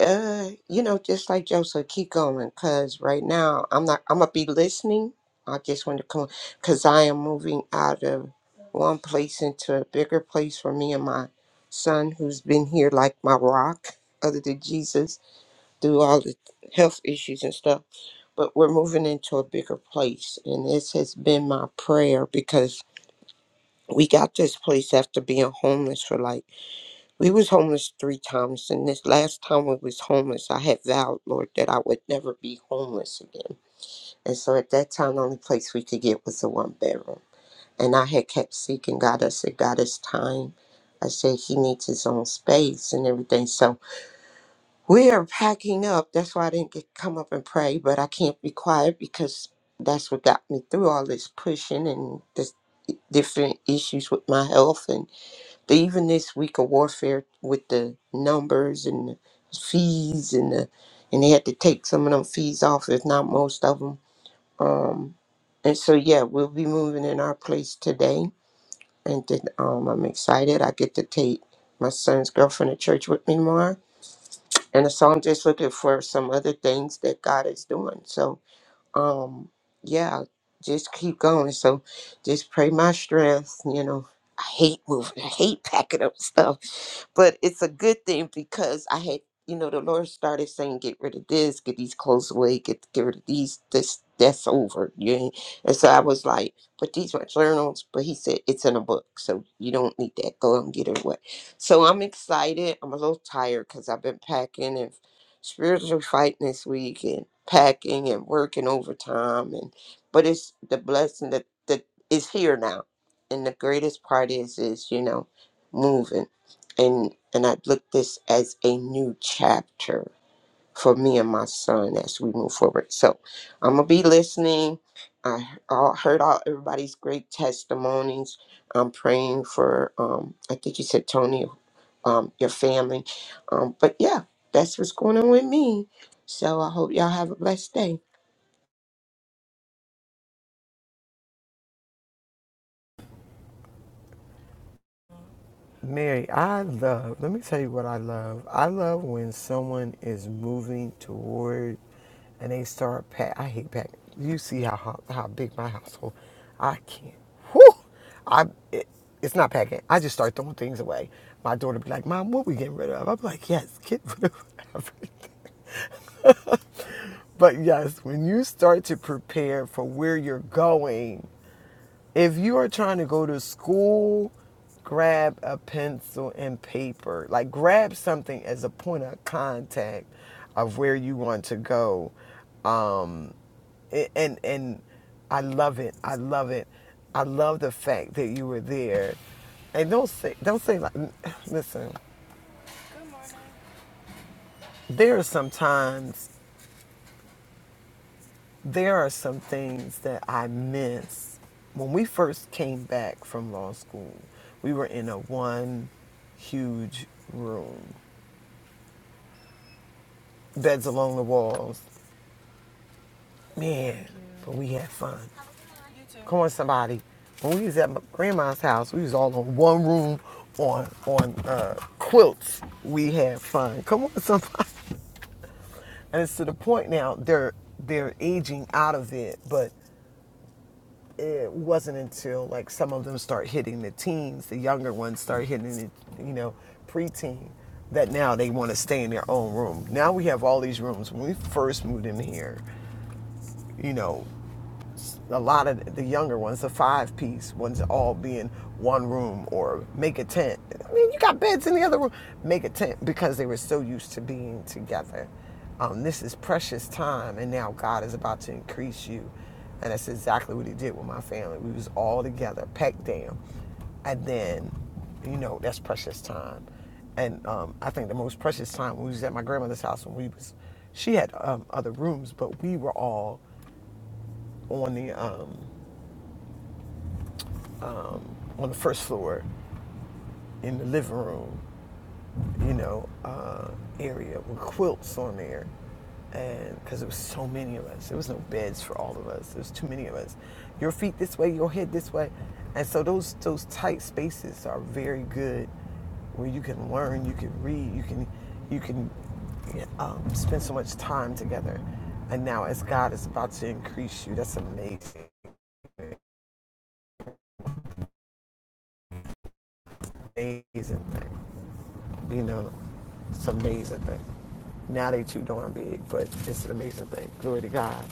uh, you know, just like Joseph, keep going, cause right now I'm not. I'm gonna be listening. I just want to come, cause I am moving out of one place into a bigger place for me and my son, who's been here like my rock, other than Jesus, through all the health issues and stuff. But we're moving into a bigger place, and this has been my prayer because we got this place after being homeless for like. We was homeless three times, and this last time we was homeless, I had vowed, Lord, that I would never be homeless again. And so at that time, the only place we could get was a one bedroom. And I had kept seeking God. I said, God, it's time. I said, He needs His own space and everything. So we are packing up. That's why I didn't get come up and pray, but I can't be quiet because that's what got me through all this pushing and this different issues with my health and even this week of warfare with the numbers and the fees and the and they had to take some of them fees off, if not most of them. Um, and so yeah, we'll be moving in our place today, and then, um, I'm excited. I get to take my son's girlfriend to church with me tomorrow, and so I'm just looking for some other things that God is doing. So um, yeah, just keep going. So just pray my strength. You know, I hate moving. I hate packing up stuff but it's a good thing because I had, you know, the Lord started saying, "Get rid of this, get these clothes away, get get rid of these. This that's over." You ain't-" and so I was like, "But these are journals." But He said, "It's in a book, so you don't need that. Go and get it away." So I'm excited. I'm a little tired because I've been packing and spiritually fighting this week and packing and working overtime and but it's the blessing that that is here now and the greatest part is is you know moving and and I look this as a new chapter for me and my son as we move forward. So I'm gonna be listening. I all, heard all everybody's great testimonies. I'm praying for um, I think you said Tony, um, your family, um, but yeah, that's what's going on with me. So I hope y'all have a blessed day.
Mary, I love, let me tell you what I love. I love when someone is moving toward and they start pack. I hate packing. You see how ho- how big my household. I can't. Whew, I it, it's not packing. I just start throwing things away. My daughter be like, "Mom, what we getting rid of?" I'm like, "Yes, get rid of everything." But yes, when you start to prepare for where you're going, if you are trying to go to school, grab a pencil and paper. Like grab something as a point of contact of where you want to go. Um, and and I love it. I love it. I love the fact that you were there. And don't say don't say like listen, there are sometimes There are some things that I miss. When we first came back from law school, we were in a one huge room, beds along the walls. Man, but we had fun. Come on, somebody. When we was at my grandma's house, we was all on one room on on uh, quilts. We had fun. Come on, somebody. And it's to the point now they're they're aging out of it, but it wasn't until like some of them start hitting the teens, the younger ones start hitting the, you know, preteen, that now they want to stay in their own room. Now we have all these rooms. When we first moved in here, you know, a lot of the younger ones, the five piece ones, all being one room or make a tent. I mean, you got beds in the other room, make a tent because they were so used to being together. Um, this is precious time, and now God is about to increase you. And that's exactly what He did with my family. We was all together, packed down, and then, you know, that's precious time. And um, I think the most precious time we was at my grandmother's house when we was, she had um, other rooms, but we were all on the um, um, on the first floor in the living room, you know, uh, area with quilts on there. And because there was so many of us, there was no beds for all of us. There was too many of us. Your feet this way, your head this way, and so those those tight spaces are very good, where you can learn, you can read, you can you can um, spend so much time together. And now, as God is about to increase you, that's amazing. amazing thing. You know, it's an amazing thing. Now they too darn big, but it's an amazing thing. Glory to God.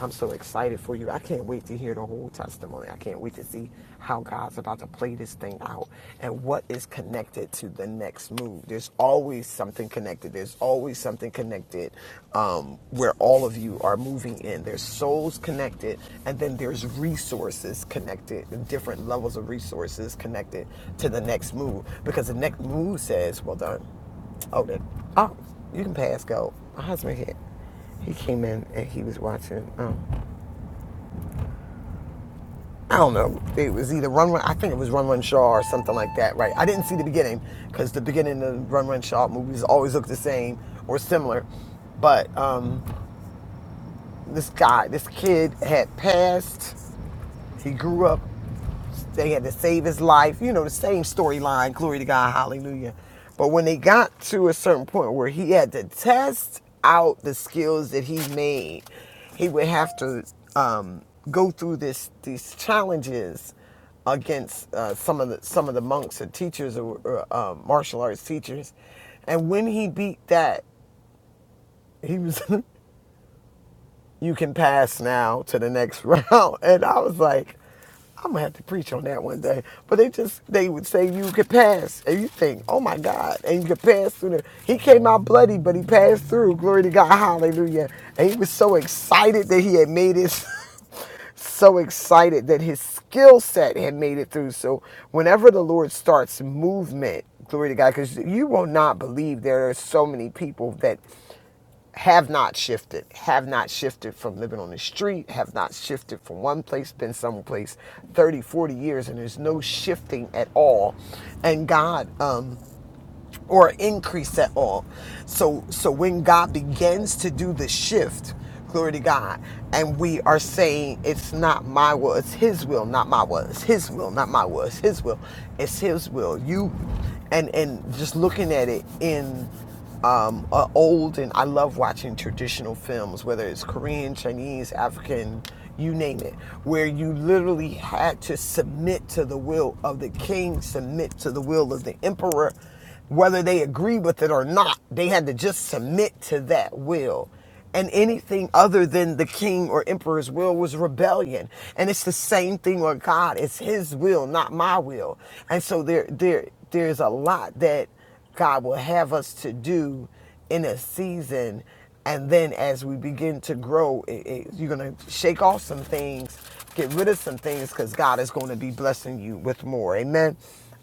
I'm so excited for you. I can't wait to hear the whole testimony. I can't wait to see how God's about to play this thing out and what is connected to the next move. There's always something connected. There's always something connected connected, um, where all of you are moving in. There's souls connected, and then there's resources connected, different levels of resources connected to the next move. Because the next move says, "Well done." Oh, then Oh, you can pass go. My husband here. He came in and he was watching. Um, I don't know. It was either Run Run. I think it was Run Run Shaw or something like that, right? I didn't see the beginning because the beginning of Run Run Shaw movies always look the same or similar, but. Um, this guy, this kid had passed. He grew up. They had to save his life. You know, the same storyline. Glory to God. Hallelujah. But when they got to a certain point where he had to test out the skills that he made, he would have to um, go through this these challenges against uh, some of the some of the monks or teachers or, or uh, martial arts teachers, and when he beat that, he was you can pass now to the next round. And I was like, I'm gonna have to preach on that one day. But they just they would say you could pass, and you think, oh my God, and you could pass through there. He came out bloody, but he passed through. Glory to God, Hallelujah! And he was so excited that he had made his. so excited that his skill set had made it through. So whenever the Lord starts movement, glory to God, because you will not believe there are so many people that have not shifted, have not shifted from living on the street, have not shifted from one place, been someplace 30, 40 years, and there's no shifting at all. And God, um, or increase at all. So so when God begins to do the shift, glory to God, and we are saying it's not my will, it's his will, not my will, it's his will, not my will, it's his will, it's his will. You and and just looking at it in um, uh, old and I love watching traditional films, whether it's Korean, Chinese, African, you name it, where you literally had to submit to the will of the king, submit to the will of the emperor, whether they agree with it or not, they had to just submit to that will. And anything other than the king or emperor's will was rebellion. And it's the same thing with God. It's his will, not my will. And so there, there, there's a lot that God will have us to do in a season. And then as we begin to grow, it, it- you're going to shake off some things, get rid of some things, because God is going to be blessing you with more. Amen.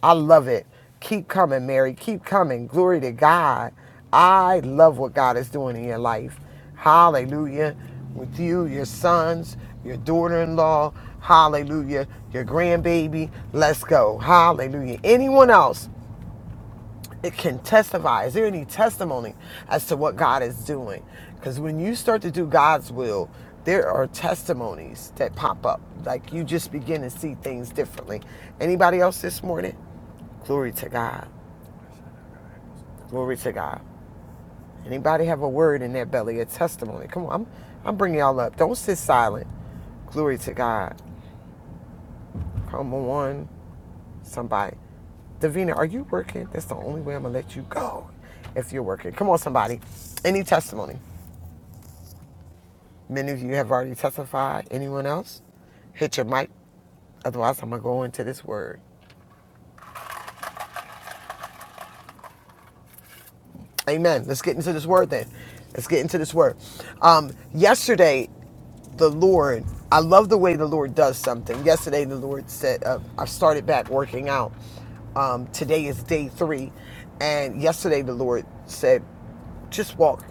I love it. Keep coming, Mary. Keep coming. Glory to God. I love what God is doing in your life. Hallelujah. With you, your sons, your daughter in law. Hallelujah. Your grandbaby. Let's go. Hallelujah. Anyone else? it can testify. Is there any testimony as to what God is doing? Because when you start to do God's will, there are testimonies that pop up. Like you just begin to see things differently. Anybody else this morning? Glory to God. Glory to God. Anybody have a word in their belly, a testimony? Come on, I'm, I'm bringing y'all up. Don't sit silent. Glory to God. Come on. somebody. Davina, are you working? That's the only way I'm gonna let you go if you're working. Come on, somebody. Any testimony? Many of you have already testified. Anyone else? Hit your mic. Otherwise, I'm gonna go into this word. Amen. Let's get into this word then. Let's get into this word. Um, yesterday, the Lord, I love the way the Lord does something. Yesterday, the Lord said, uh, I started back working out. Um, today is day three. And yesterday, the Lord said, just walk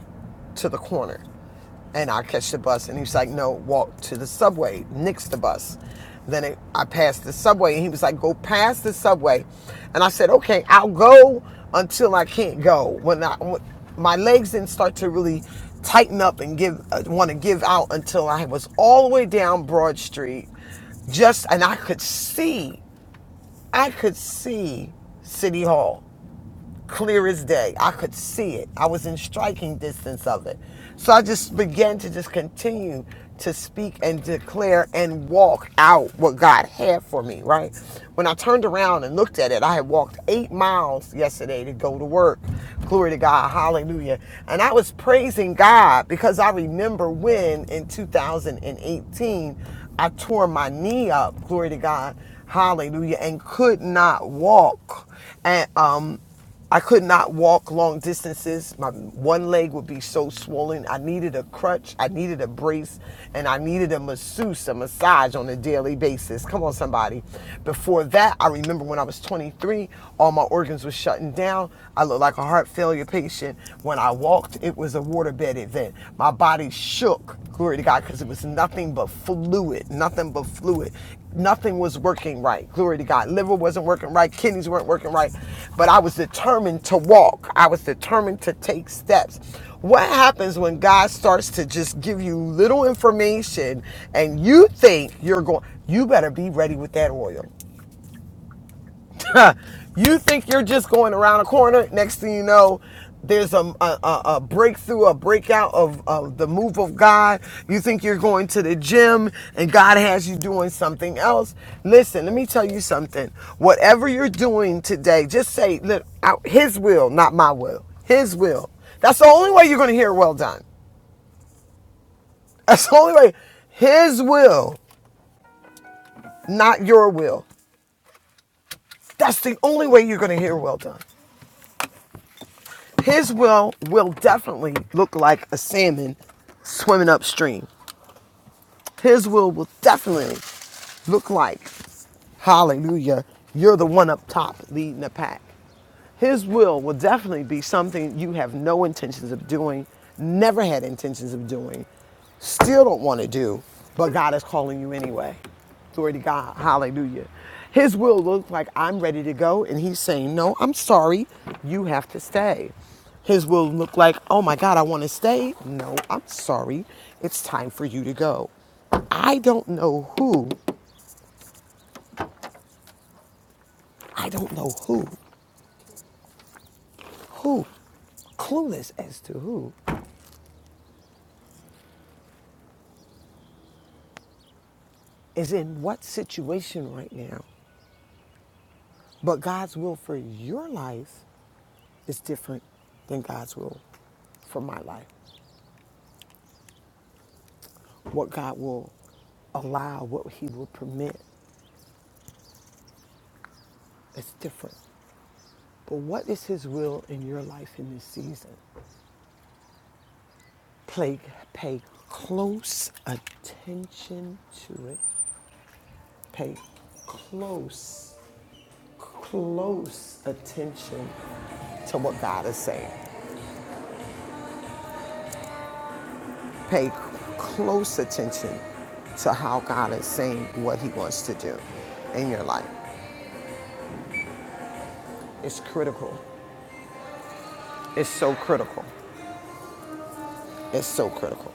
to the corner and I catch the bus. And he was like, no, walk to the subway, next the bus. Then it, I passed the subway, and he was like, go past the subway. And I said, okay, I'll go until I can't go. When I when my legs didn't start to really tighten up and give uh, want to give out until I was all the way down Broad Street, just and I could see, I could see City Hall clear as day. I could see it. I was in striking distance of it. So I just began to just continue to speak and declare and walk out what God had for me, right? When I turned around and looked at it, I had walked eight miles yesterday to go to work. Glory to God. Hallelujah. And I was praising God because I remember when in 2018 I tore my knee up. Glory to God. Hallelujah. And could not walk and um, I could not walk long distances. My one leg would be so swollen. I needed a crutch, I needed a brace, and I needed a masseuse, a massage on a daily basis. Come on, somebody. Before that, I remember when I was 23, all my organs were shutting down. I looked like a heart failure patient. When I walked, it was a waterbed event. My body shook, glory to God, because it was nothing but fluid, nothing but fluid nothing was working right. Glory to God. Liver wasn't working right, kidneys weren't working right, but I was determined to walk. I was determined to take steps. What happens when God starts to just give you little information and you think you're going you better be ready with that oil. you think you're just going around a corner. Next thing you know, there's a, a, a- breakthrough, a breakout of, of the move of God. You think you're going to the gym and God has you doing something else. Listen, let me tell you something. Whatever you're doing today, just say, look, out His will, not my will. His will. That's the only way you're going to hear well done. That's the only way. His will, not your will. That's the only way you're going to hear well done. His will will definitely look like a salmon swimming upstream. His will will definitely look like, hallelujah, you're the one up top leading the pack. His will will definitely be something you have no intentions of doing, never had intentions of doing, still don't want to do, but God is calling you anyway. Glory to God. Hallelujah. His will looks like I'm ready to go, and he's saying, No, I'm sorry, you have to stay. His will look like, Oh my God, I want to stay. No, I'm sorry, it's time for you to go. I don't know who, I don't know who, who, clueless as to who is in what situation right now. But God's will for your life is different than God's will for my life. What God will allow, what He will permit is different. But what is His will in your life in this season? Play, pay close attention to it. Pay close, close attention to what God is saying. Pay close attention to how God is saying what He wants to do in your life. It's critical. It's so critical. It's so critical.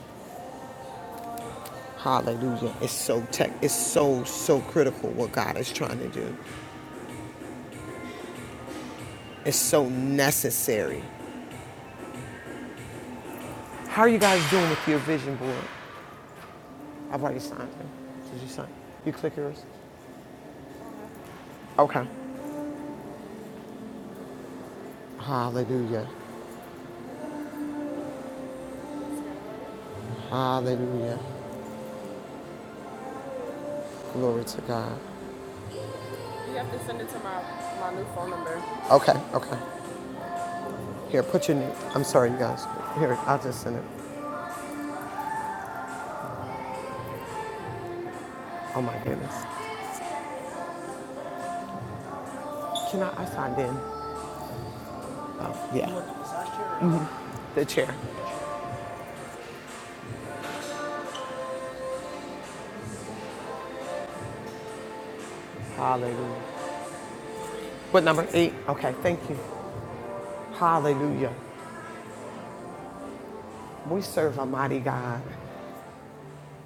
Hallelujah. It's so tech. It's so so critical what God is trying to do. It's so necessary. How are you guys doing with your vision board? I've already signed it. Did you sign? You click yours? Okay. Hallelujah. Hallelujah. Glory to God. Okay. Okay. Here, put your, I'm sorry, you guys. Here, I'll just send it. Oh my goodness. Can I, I signed in. Oh, yeah. The chair. Hallelujah. What number? Eight. Okay, thank you. Hallelujah. We serve a mighty God.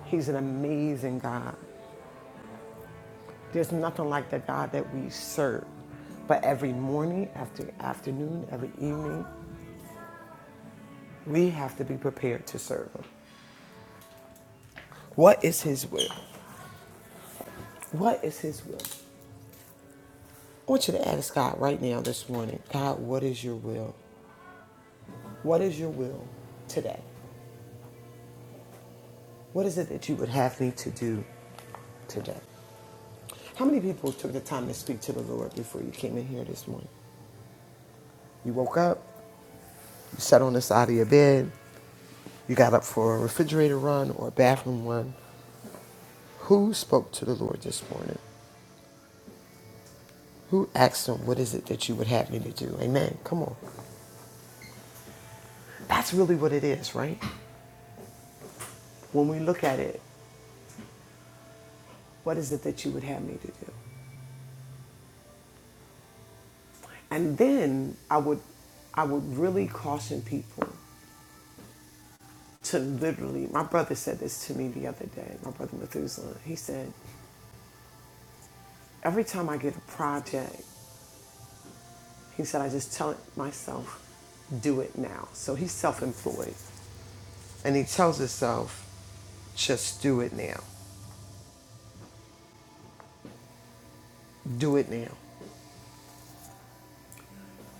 He's an amazing God. There's nothing like the God that we serve. But every morning, after afternoon, every evening, we have to be prepared to serve Him. What is His will? What is His will? I want you to ask God right now this morning, God, what is your will? What is your will today? What is it that you would have me to do today? How many people took the time to speak to the Lord before you came in here this morning? You woke up, you sat on the side of your bed, you got up for a refrigerator run or a bathroom run. Who spoke to the Lord this morning? Who asked him, What is it that you would have me to do? Amen. Come on. That's really what it is, right? When we look at it, what is it that you would have me to do? And then I would I would really caution people to literally, my brother said this to me the other day, my brother Methuselah. He said, every time I get a project, he said, I just tell it myself, do it now. So he's self employed. And he tells himself, just do it now. Do it now.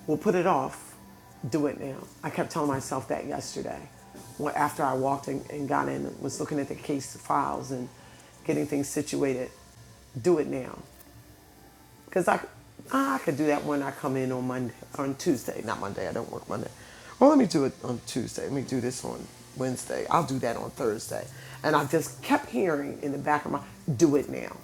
We'll put it off. Do it now. I kept telling myself that yesterday. When- After I walked in and got in and was looking at the case files and getting things situated, do it now. Because I, I could do that when I come in on Monday, on Tuesday, not Monday. I don't work Monday. Well, let me do it on Tuesday. Let me do this on Wednesday. I'll do that on Thursday. And I just kept hearing in the back of my, do it now.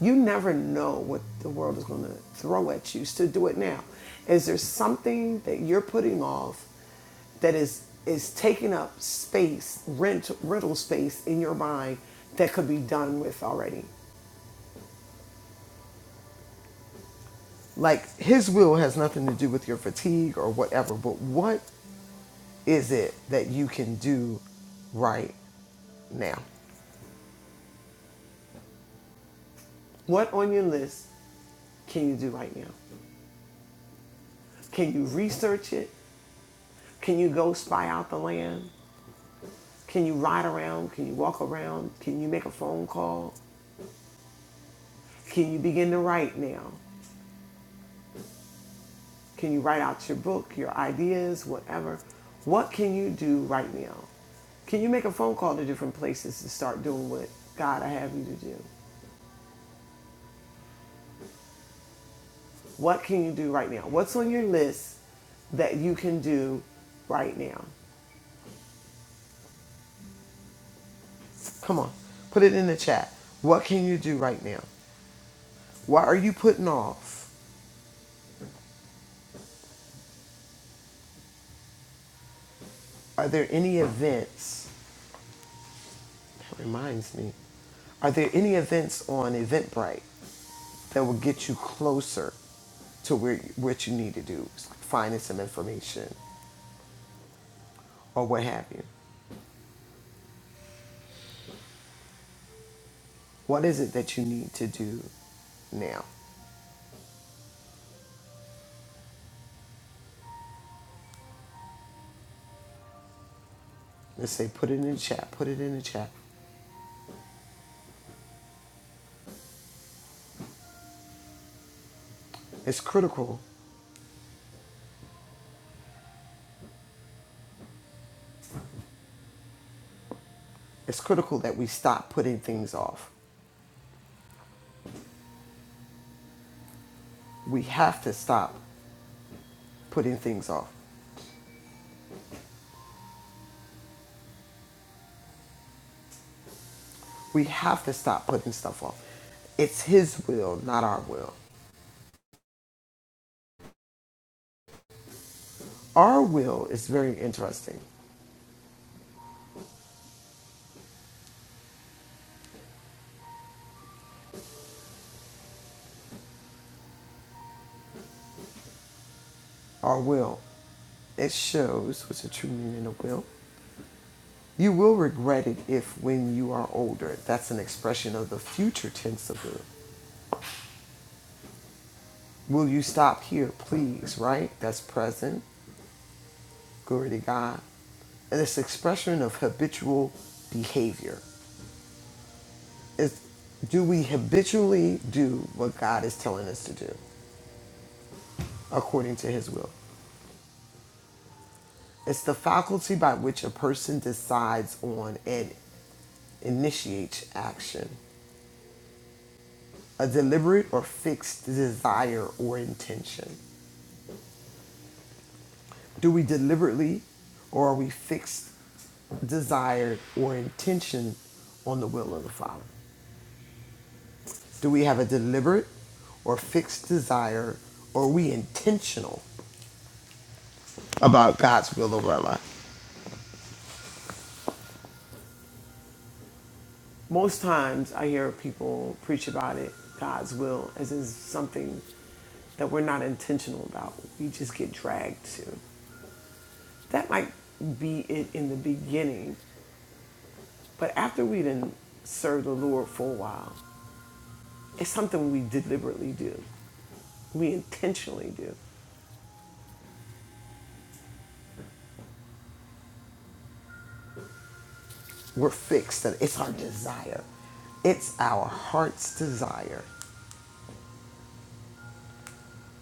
You never know what the world is going to throw at you. So do it now. Is there something that you're putting off that is is taking up space, rent rental space in your mind that could be done with already? like his will has nothing to do with your fatigue or whatever but what is it that you can do right now what on your list can you do right now can you research it can you go spy out the land can you ride around can you walk around can you make a phone call can you begin to write now can you write out your book your ideas whatever what can you do right now can you make a phone call to different places to start doing what god i have you to do What can you do right now? What's on your list that you can do right now? Come on, put it in the chat. What can you do right now? What are you putting off? Are there any events? That reminds me. Are there any events on Eventbrite that will get you closer to where what you need to do, finding some information or what have you? What is it that you need to do now? Let's say put it in the chat. Put it in the chat. It's critical it's critical that we stop putting things off. We have to stop putting things off. We have to stop putting stuff off. It's His will, not our will. Our will is very interesting. Our will, it shows what's the true meaning of will. You will regret it if, when you are older, that's an expression of the future tense of will. Will you stop here, please? Right? That's present. Glory to God. And it's expression of habitual behavior is do we habitually do what God is telling us to do according to his will? It's the faculty by which a person decides on and initiates action, a deliberate or fixed desire or intention. Do we deliberately or are we fixed, desired, or intention on the will of the Father? Do we have a deliberate or fixed desire or are we intentional about God's will over our life? Most times I hear people preach about it, God's will, as is something that we're not intentional about. We just get dragged to. That might be it in the beginning, but after we didn't serve the Lord for a while, it's something we deliberately do. We intentionally do. We're fixed, that it's our desire. It's our heart's desire.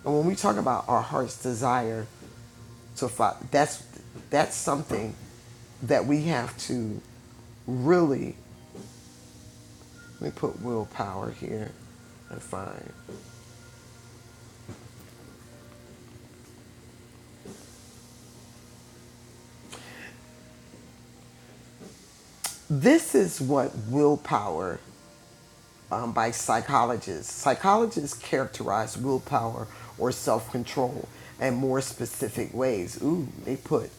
And when we talk about our heart's desire, So fa- that's that's something that we have to really let me put willpower here and find. This is what willpower um, by psychologists. Psychologists characterize willpower or self-control in more specific ways. Ooh, they put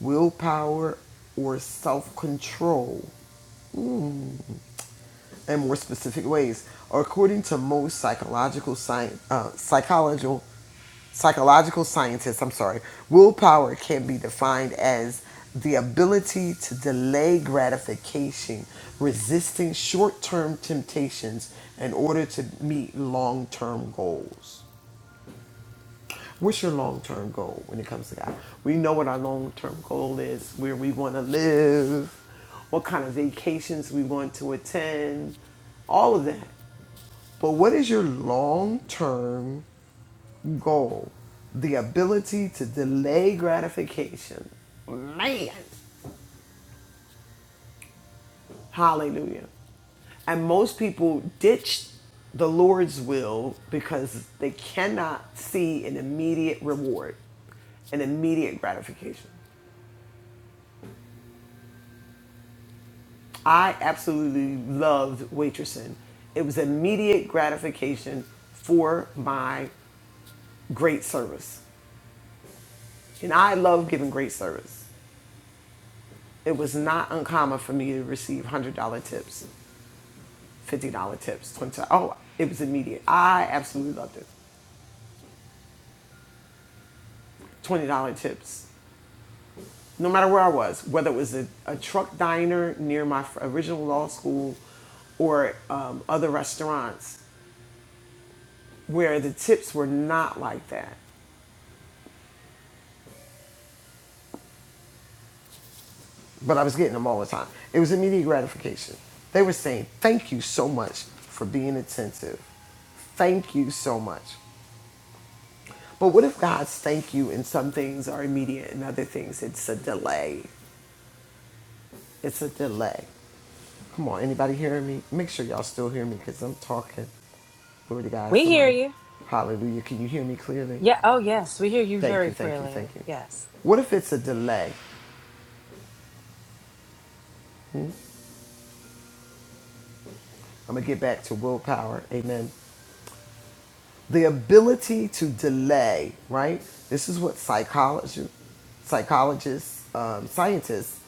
willpower or self control in more specific ways. According to most psychological science, uh, psychological Psychological scientists, I'm sorry, willpower can be defined as the ability to delay gratification, resisting short term temptations in order to meet long term goals. What's your long term goal when it comes to God? We know what our long term goal is, where we want to live, what kind of vacations we want to attend, all of that. But what is your long term goal, the ability to delay gratification. Man, hallelujah. And most people ditch the Lord's will because they cannot see an immediate reward, an immediate gratification. I absolutely loved waitressing. It was immediate gratification for my great service. And I love giving great service. It was not uncommon for me to receive $100 tips. fifty dollar tips, twenty. dollars. Oh, it was immediate. I absolutely loved it. Twenty dollar tips, no matter where I was, whether it was a, a truck diner near my original law school, or um, other restaurants where the tips were not like that, but I was getting them all the time. It was immediate gratification. They were saying thank you so much for being attentive. Thank you so much. But what if God's thank you in some things are immediate and other things it's a delay? It's a delay. Come on, anybody hearing me? Make sure y'all still hear me because I'm talking. Glory to God.
We hear
Somebody,
you.
hallelujah. Can you hear me clearly?
Yeah. Oh, yes. We hear you
Thank
very
you, thank you, thank
clearly.
you.
Yes.
What if it's a delay? I'm going to get back to willpower. Amen. the ability to delay right this is what psychology psychologists um, scientists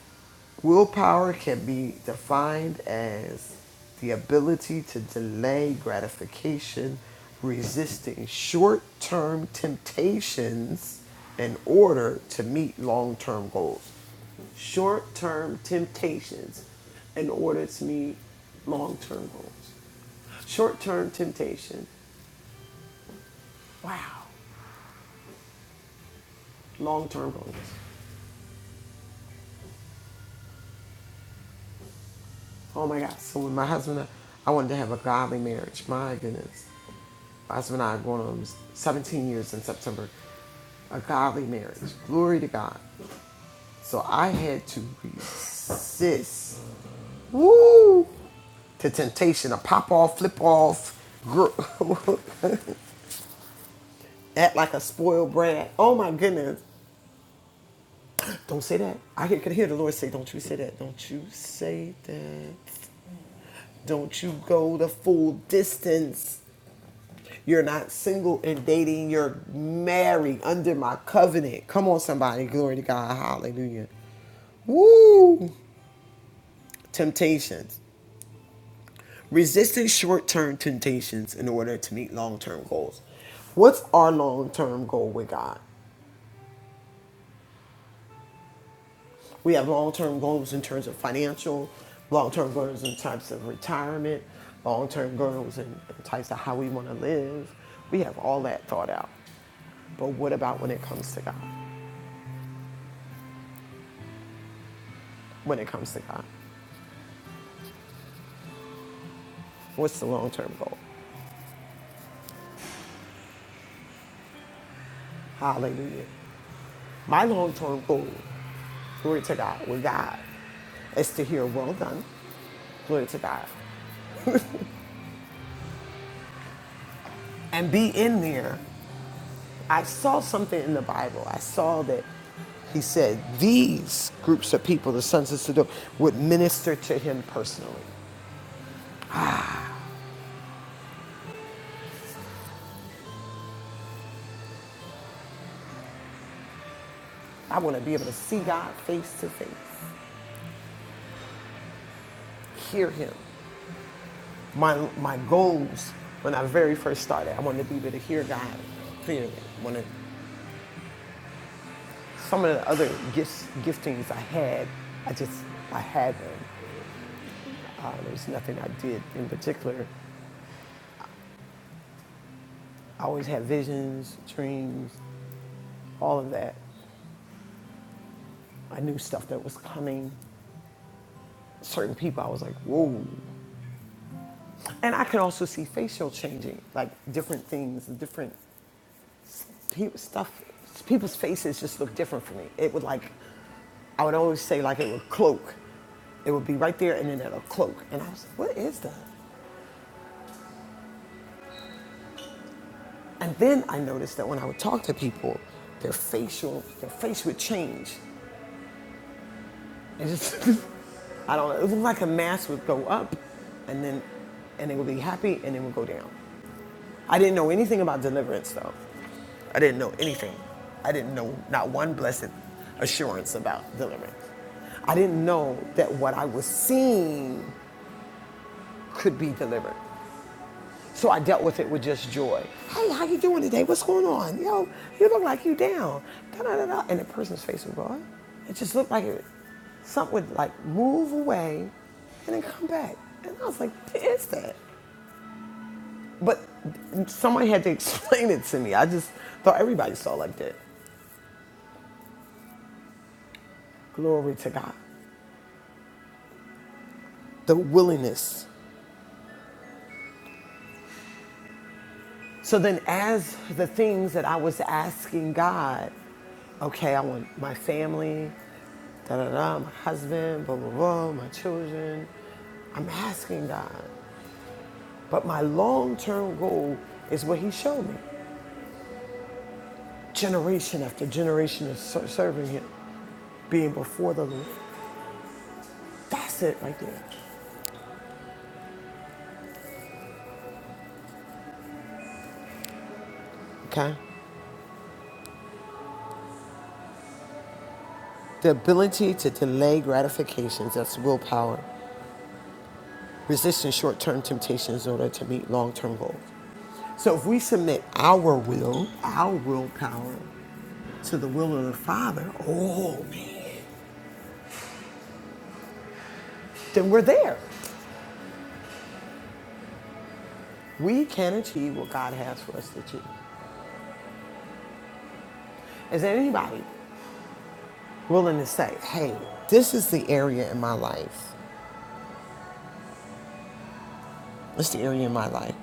willpower can be defined as the ability to delay gratification resisting short-term temptations in order to meet long-term goals short-term temptations in order to meet long-term goals short-term temptation wow long term goals. Oh my God. So when my husband, and I I wanted to have a godly marriage. My goodness. My husband and I are going on 17 years in September. A godly marriage. Glory to God. So I had to resist. Woo! To temptation to pop off, flip off, act like a spoiled brat. Oh my goodness. Don't say that. I could hear the Lord say, Don't you say that. Don't you say that. Don't you go the full distance. You're not single and dating. You're married under my covenant. Come on, somebody. Glory to God. Hallelujah. Woo! Temptations. Resisting short term temptations in order to meet long term goals. What's our long term goal with God? We have long term goals in terms of financial, long term goals in types of retirement, long term goals in types of how we want to live. We have all that thought out. But what about when it comes to God? When it comes to God. What's the long term goal? Hallelujah. My long term goal, glory to God, with God, is to hear, well done, glory to God, and be in there. I saw something in the Bible. I saw that he said these groups of people, the sons of Sodom, would minister to him personally. I want to be able to see God face to face, hear him. My, my goals when I very first started, I wanted to be able to hear God clearly. I wanted Some of the other gifts, giftings I had, I just, I had them. Uh, there was nothing I did in particular. I always had visions, dreams, all of that. I knew stuff that was coming. Certain people, I was like, whoa. And I could also see facial changing, like different things, different people, stuff. People's faces just looked different for me. It would like, I would always say like it would cloak. It would be right there and then it'll cloak. And I was like, what is that? And then I noticed that when I would talk to people, their facial, their face would change. It just, I don't know. It looked like a mask would go up, and then, and it would be happy, and then would go down. I didn't know anything about deliverance though. I didn't know anything. I didn't know not one blessed assurance about deliverance. I didn't know that what I was seeing could be delivered. So I dealt with it with just joy. Hey, how you doing today? What's going on? Yo, you look like you down. Da-da-da-da. And the person's face would gone. It just looked like it, something would like move away and then come back. And I was like, what is that? But someone had to explain it to me. I just thought everybody saw it like that. Glory to God. The willingness So then, as the things that I was asking God, okay, I want my family, da da da, my husband, blah blah blah, my children. I'm asking God, but my long-term goal is what He showed me: generation after generation of serving Him, being before the Lord. That's it right there. Okay, the ability to delay gratifications—that's willpower. resisting short term temptations in order to meet long term goals. So if we submit our will, our willpower to the will of the Father, oh man, then we're there. We can achieve what God has for us to achieve. Is there anybody willing to say, hey, this is the area in my life, this is the area in my life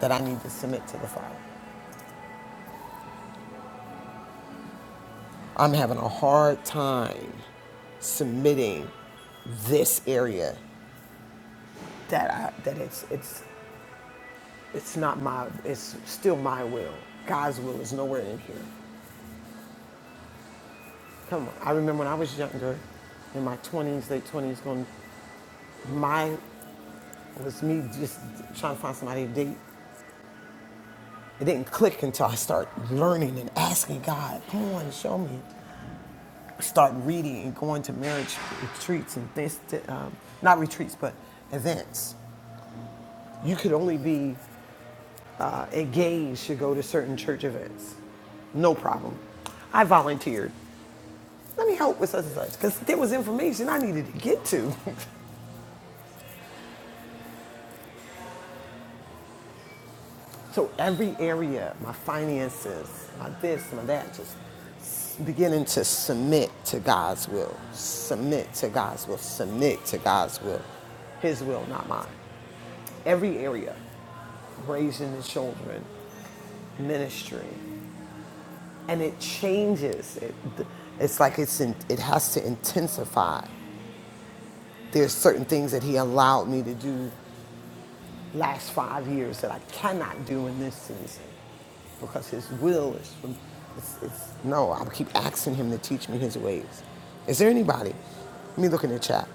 that I need to submit to the Father? I'm having a hard time submitting this area that I, that it's it's It's not my, it's still my will. God's will is nowhere in here. Come on. I remember when I was younger, in my 20s, late 20s, going, my, was me just trying to find somebody to date. It didn't click until I started learning and asking God, come on, show me. Start reading and going to marriage retreats and things, to, um, not retreats, but events. You could only be uh, engaged to go to certain church events. No problem. I volunteered. Let me help with such and such because there was information I needed to get to. so every area, my finances, my this, my that, just beginning to submit to God's will, submit to God's will, submit to God's will, His will, not mine. Every area, raising the children, ministry, and it changes. It, it's like it's in, it has to intensify there's certain things that he allowed me to do last five years that I cannot do in this season because His will is from. It's, it's, no, I keep asking Him to teach me His ways. Is there anybody? Let me look in the chat.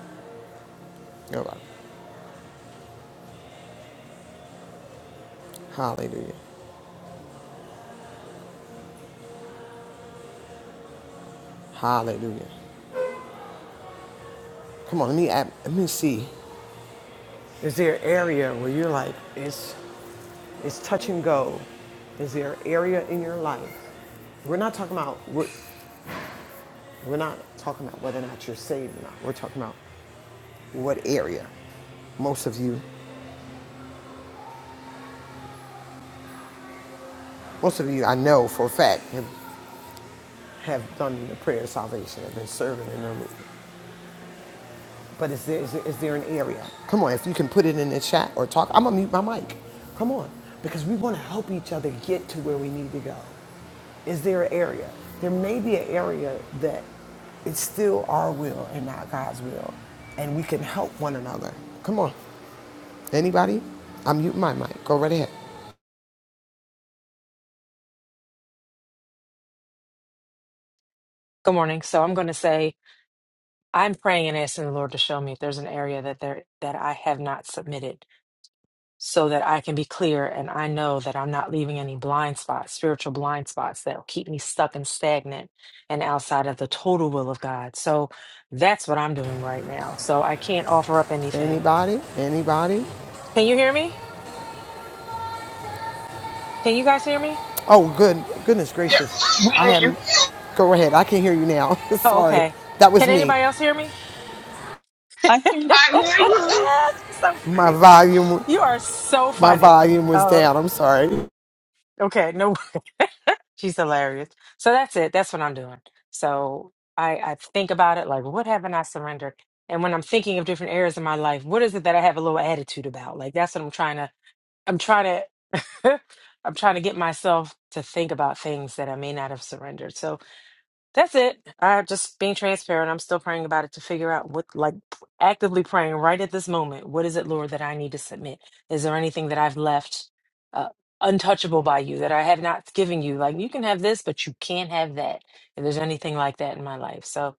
Nobody. Hallelujah. Hallelujah. Come on, let me add, let me see. Is there an area where you're like it's it's touch and go? Is there an area in your life we're not talking about we're, we're not talking about whether or not you're saved or not. We're talking about what area. Most of you. Most of you I know for a fact have, have done the prayer of salvation, have been serving in them. But is there, is, there, is there an area? Come on, if you can put it in the chat or talk, I'm gonna mute my mic. Come on, because we wanna help each other get to where we need to go. Is there an area? There may be an area that it's still our will and not God's will, and we can help one another. Come on, anybody? I'm muting my mic. Go right ahead.
Good morning. So I'm going to say I'm praying and asking the Lord to show me if there's an area that there that I have not submitted, so that I can be clear and I know that I'm not leaving any blind spots, spiritual blind spots that'll keep me stuck and stagnant and outside of the total will of God. So that's what I'm doing right now. So I can't offer up anything.
Anybody? Anybody?
Can you hear me? Can you guys hear me?
Oh, good goodness gracious! I am. Go ahead. I can hear you now.
Oh,
sorry,
okay.
that
Can
was me.
anybody else hear me?
I can.
you.
so
My
funny.
volume,
You are so
my
funny.
volume was
Oh,
down. I'm sorry.
okay. No, she's hilarious. So that's it. That's what I'm doing. So I, I think about it like, what haven't I surrendered? And when I'm thinking of different areas of my life, what is it that I have a little attitude about? Like that's what I'm trying to. I'm trying to. I'm trying to get myself to think about things that I may not have surrendered. So That's it. I am just being transparent. I'm still praying about it to figure out what, like, actively praying right at this moment. What is it, Lord, that I need to submit? Is there anything that I've left uh, untouchable by you that I have not given you? Like, you can have this, but you can't have that. If there's anything like that in my life, so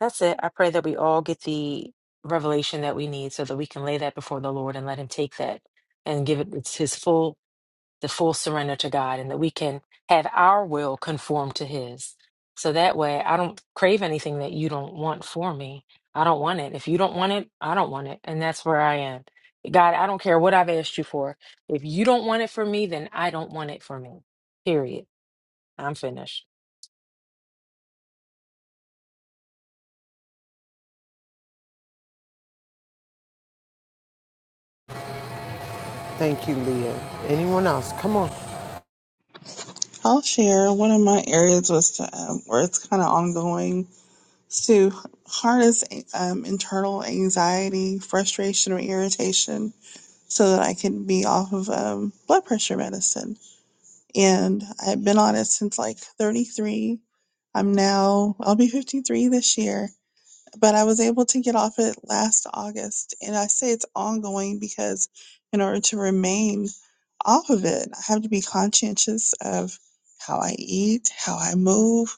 that's it. I pray that we all get the revelation that we need so that we can lay that before the Lord and let Him take that and give it its His full the full surrender to God and that we can have our will conform to His. So that way, I don't crave anything that you don't want for me. I don't want it. If you don't want it, I don't want it. And that's where I am. God, I don't care what I've asked you for. If you don't want it for me, then I don't want it for me. Period. I'm finished.
Thank you, Leah. Anyone else? Come on.
I'll share. One of my areas was to, um, where it's kind of ongoing is to harness um, internal anxiety, frustration, or irritation so that I can be off of um, blood pressure medicine. And I've been on it since like 33. I'm now, I'll be 53 this year. but I was able to get off it last August. And I say it's ongoing because in order to remain off of it, I have to be conscientious of how I eat, how I move,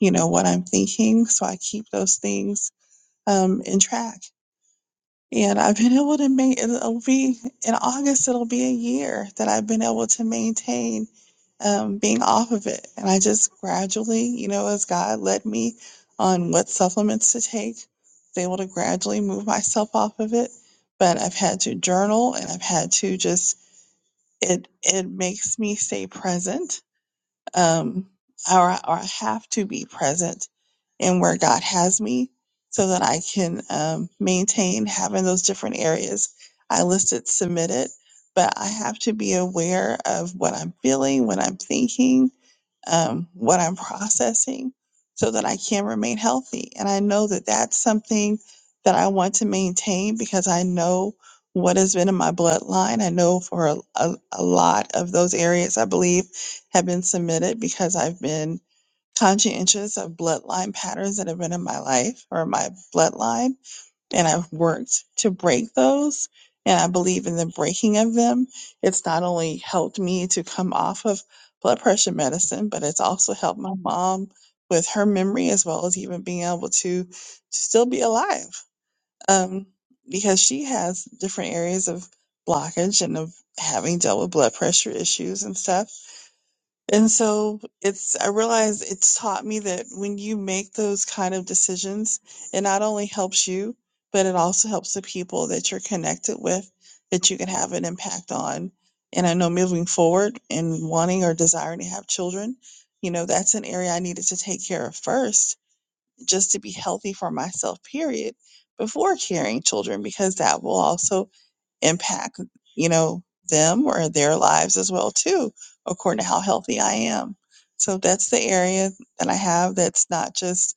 you know, what I'm thinking. So I keep those things um, in track. And I've been able to make it'll be in August, it'll be a year that I've been able to maintain um, being off of it. And I just gradually, you know, as God led me on what supplements to take, was able to gradually move myself off of it. But I've had to journal and I've had to just it it makes me stay present um, or, or I have to be present in where God has me so that I can um, maintain having those different areas. I listed submitted, but I have to be aware of what I'm feeling, what I'm thinking, um, what I'm processing so that I can remain healthy. And I know that that's something that I want to maintain because I know what has been in my bloodline. I know for a, a, a lot of those areas, I believe, have been submitted because I've been conscientious of bloodline patterns that have been in my life or my bloodline and I've worked to break those. And I believe in the breaking of them. It's not only helped me to come off of blood pressure medicine, but it's also helped my mom with her memory as well as even being able to, to still be alive. Um, because she has different areas of blockage and of having dealt with blood pressure issues and stuff. And so it's, I realize it's taught me that when you make those kind of decisions, it not only helps you, but it also helps the people that you're connected with that you can have an impact on. And I know moving forward and wanting or desiring to have children, you know, that's an area I needed to take care of first, just to be healthy for myself, period, before carrying children, because that will also impact, you know, them or their lives as well too, according to how healthy I am. So that's the area that I have that's not just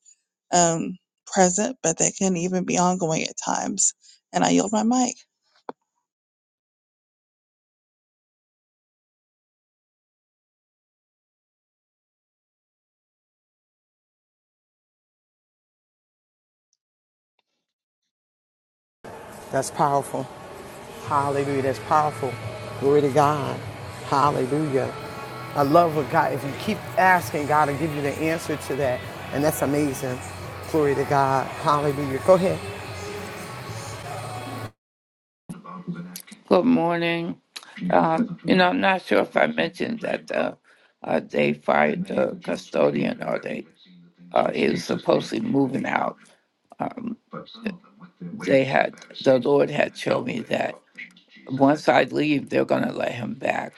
um, present, but that can even be ongoing at times. And I yield my mic.
That's powerful. Hallelujah. That's powerful. Glory to God. Hallelujah. I love what God. If you keep asking, God will give you the answer to that, and that's amazing. Glory to God. Hallelujah. Go ahead.
Good morning. Um, you know, I'm not sure if I mentioned that uh, uh, they fired the custodian or they uh, he was supposedly moving out. Um, they had the Lord had shown me that once I leave, they're going to let him back.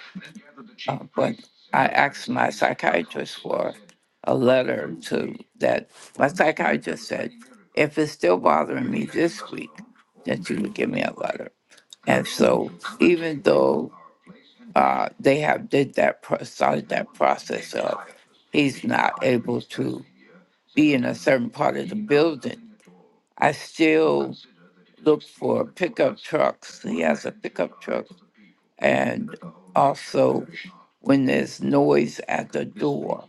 Uh, but I asked my psychiatrist for a letter to that. My psychiatrist said, if it's still bothering me this week, that you would give me a letter. And so, even though uh, they have did that pro- started that process of he's not able to be in a certain part of the building. I still look for pickup trucks. He has a pickup truck, and also when there's noise at the door,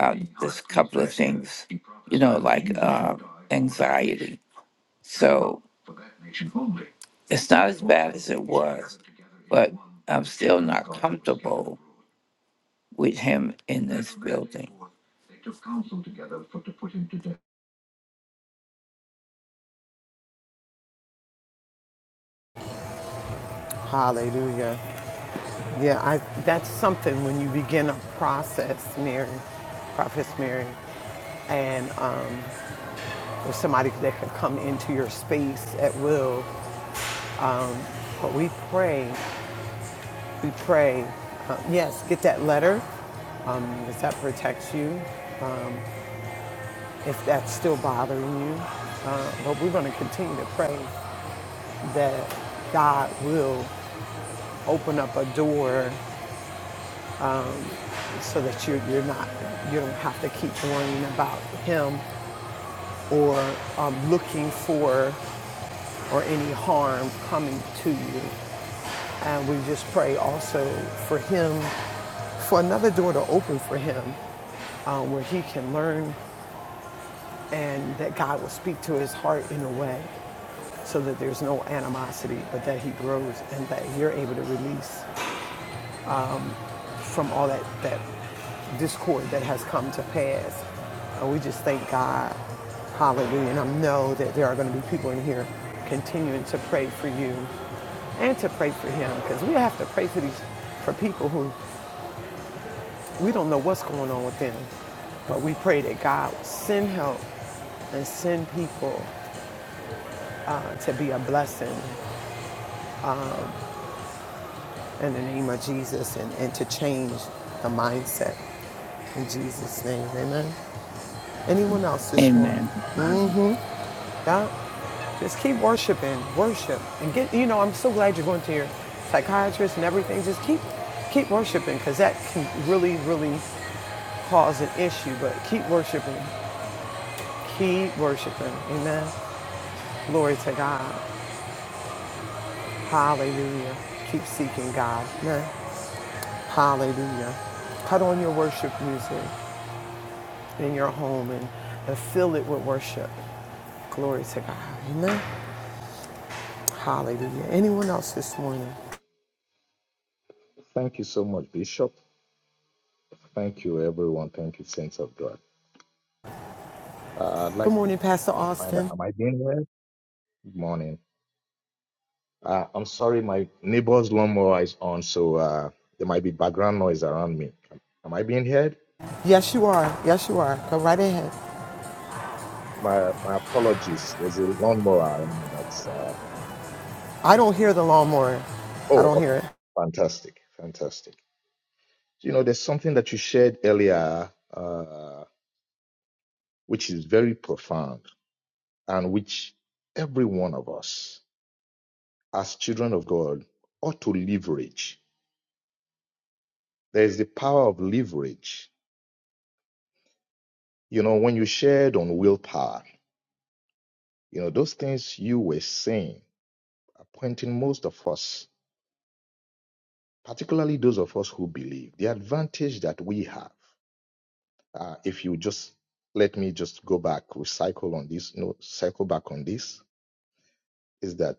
uh, there's a couple of things, you know, like uh, anxiety. So it's not as bad as it was, but I'm still not comfortable with him in this building. took counsel together for to put him to death.
Hallelujah. Yeah, I, that's something when you begin a process, Mary, Prophetess Mary, and um, or somebody that can come into your space at will. But we pray, we pray. Uh, yes, get that letter. um, If that protects you, if that's still bothering you, uh, but we're going to continue to pray that God will open up a door so that you, you're not you don't have to keep worrying about him or um, looking for or any harm coming to you. And we just pray also for him, for another door to open for him um, where he can learn and that God will speak to his heart in a way so that there's no animosity, but that he grows and that you're able to release from all that, that discord that has come to pass. And we just thank God. Hallelujah. And I know that there are going to be people in here continuing to pray for you and to pray for him because we have to pray for these for people who we don't know what's going on with them. But we pray that God will send help and send people uh, to be a blessing in the name of Jesus and, and to change the mindset. In Jesus' name, amen. Anyone else this morning?
Amen.
God, just keep worshiping, worship, and get. You know, I'm so glad you're going to your psychiatrist and everything. Just keep, keep worshiping, because that can really, really cause an issue. But keep worshiping, keep worshiping. Amen. Glory to God. Hallelujah. Keep seeking God. Amen. Hallelujah. Put on your worship music in your home and, and fill it with worship. Glory to God. Amen. Hallelujah. Anyone else this morning?
Thank you so much, Bishop. Thank you, everyone. Thank you, Saints of God. Uh, I'd
Good
like to
morning, Pastor
find out,
Austin.
am I being heard? Good morning. Uh, I'm sorry, my neighbor's lawnmower is on, so uh, there might be background noise around me. Am I being heard?
Yes, you are. Yes, you are. Go right ahead.
My my apologies. There's a lawnmower around that's. Uh,
I don't hear the lawnmower. I
oh,
don't hear
okay.
it.
Fantastic. Fantastic. You know, there's something that you shared earlier, uh, which is very profound and which every one of us as children of God ought to leverage. There is the power of leverage. You know, when you shared on willpower, you know, those things you were saying are pointing most of us, particularly those of us who believe, the advantage that we have. Uh, if you just let me just go back, recycle on this, no, cycle back on this, is that,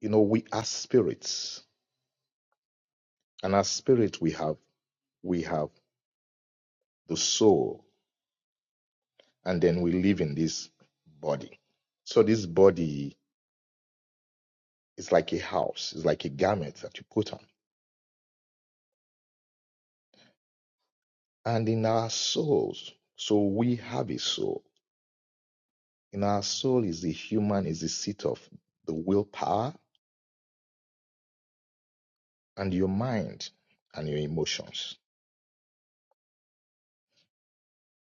you know, we are spirits and as spirits, we have, we have the soul and then we live in this body. So this body is like a house, it's like a garment that you put on. And in our souls, so we have a soul. In our soul is the human, is the seat of the willpower and your mind and your emotions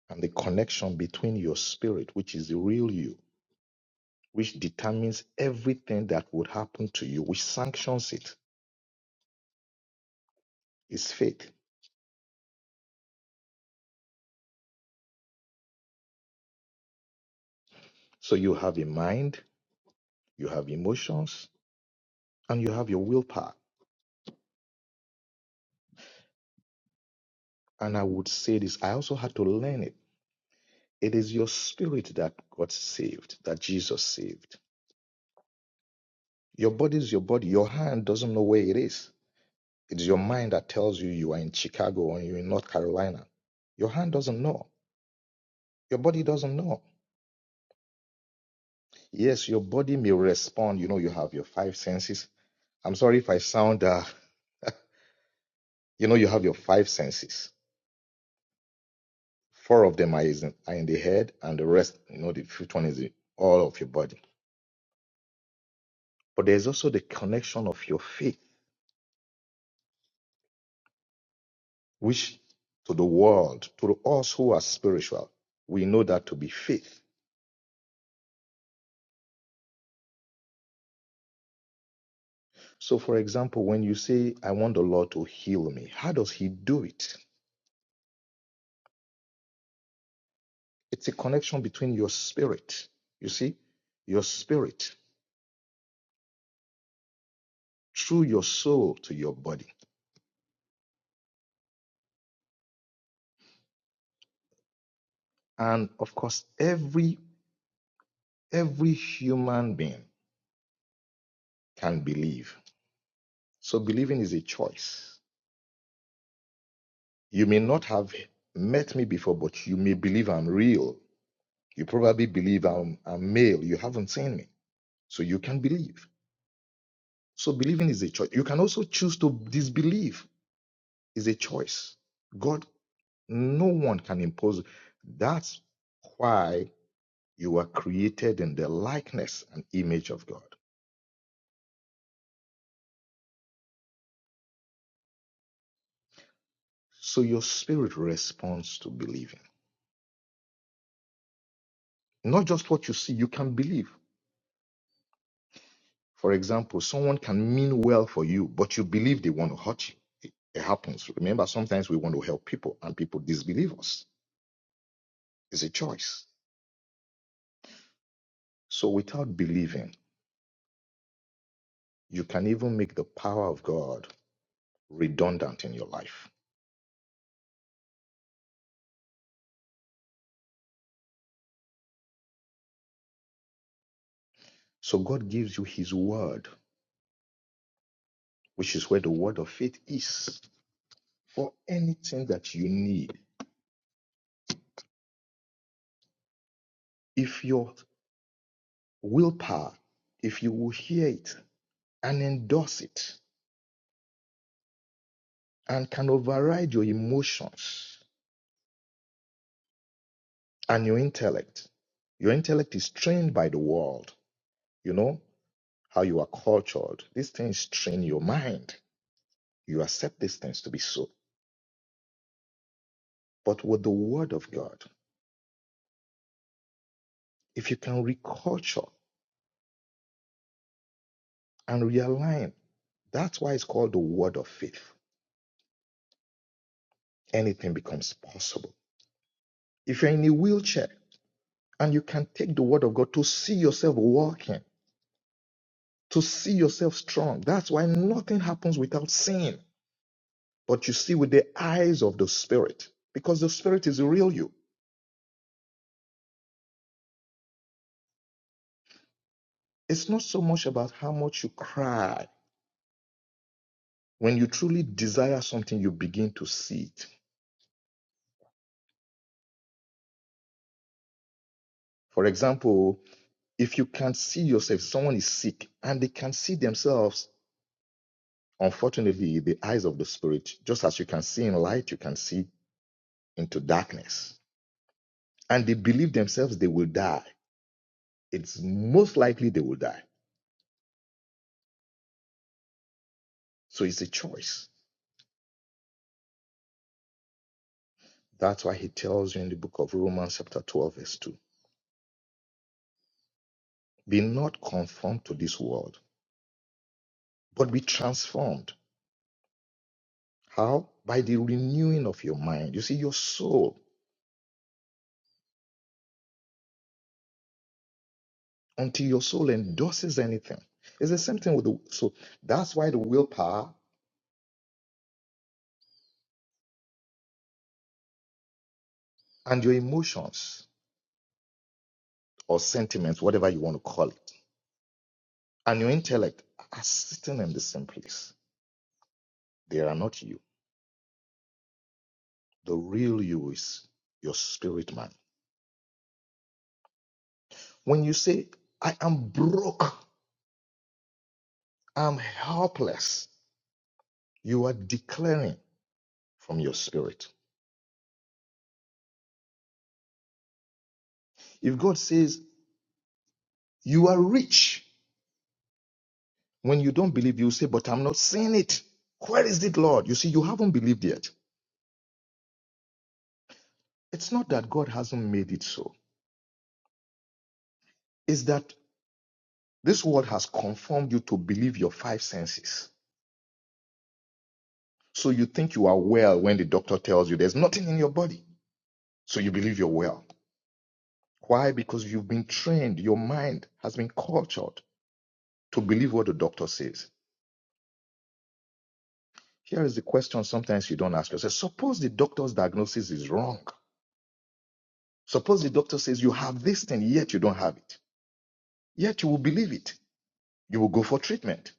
and the connection between your spirit, which is the real you, which determines everything that would happen to you, which sanctions it, is faith. So you have a mind, you have emotions, and you have your willpower And I would say this I also had to learn it. It is your spirit that got saved, that Jesus saved. Your body is your body. Your hand doesn't know where it is. It's your mind that tells you you are in Chicago or you're in North Carolina. Your hand doesn't know. Your body doesn't know. Yes, your body may respond. You know, you have your five senses. I'm sorry if I sound, uh, you know, you have your five senses. Four of them are is in, are in the head, and the rest, you know, the fifth one is in all of your body But there's also the connection of your faith, which to the world, to us who are spiritual, we know that to be faith. So, for example, when you say, I want the Lord to heal me, how does He do it? It's a connection between your spirit, you see, your spirit through your soul to your body. And of course, every every human being can believe. So believing is a choice. You may not have met me before, but you may believe I'm real You probably believe I'm, I'm male. You haven't seen me. So you can believe. So believing is a choice. You can also choose to disbelieve is a choice. God, no one can impose. That's why you are created in the likeness and image of God. So your spirit responds to believing. Not just what you see, you can believe. For example, someone can mean well for you, but you believe they want to hurt you. It happens. Remember, sometimes we want to help people and people disbelieve us It's a choice. So without believing, you can even make the power of God redundant in your life. So God gives you his word, which is where the word of faith is for anything that you need. If your willpower, if you will hear it and endorse it and can override your emotions and your intellect, your intellect is trained by the world. You know how you are cultured. These things train your mind. You accept these things to be so. But with the word of God, if you can reculture and realign, that's why it's called the word of faith. Anything becomes possible. If you're in a wheelchair and you can take the word of God to see yourself walking, to see yourself strong, that's why nothing happens without seeing. But you see with the eyes of the spirit, because the spirit is the real you. It's not so much about how much you cry. When you truly desire something, you begin to see it. For example, if you can't see yourself, someone is sick and they can see themselves, unfortunately, the eyes of the spirit, just as you can see in light, you can see into darkness. And they believe themselves they will die. It's most likely they will die. So it's a choice. That's why he tells you in the book of Romans, chapter 12, verse 2 Be not conformed to this world, but be transformed. How? By the renewing of your mind. You see, your soul until your soul endorses anything. It's the same thing with the so that's why the willpower and your emotions or sentiments, whatever you want to call it, and your intellect are sitting in the same place. They are not you. The real you is your spirit man. When you say, I am broke, I'm helpless, you are declaring from your spirit. If God says, You are rich, when you don't believe, you say, But I'm not seeing it. Where is it, Lord? You see, you haven't believed yet. It's not that God hasn't made it so. It's that this world has conformed you to believe your five senses. So you think you are well when the doctor tells you there's nothing in your body. So you believe you're well. Why? Because you've been trained, your mind has been cultured to believe what the doctor says. Here is the question sometimes you don't ask yourself. Suppose the doctor's diagnosis is wrong. Suppose the doctor says you have this thing, yet you don't have it. Yet you will believe it. You will go for treatment.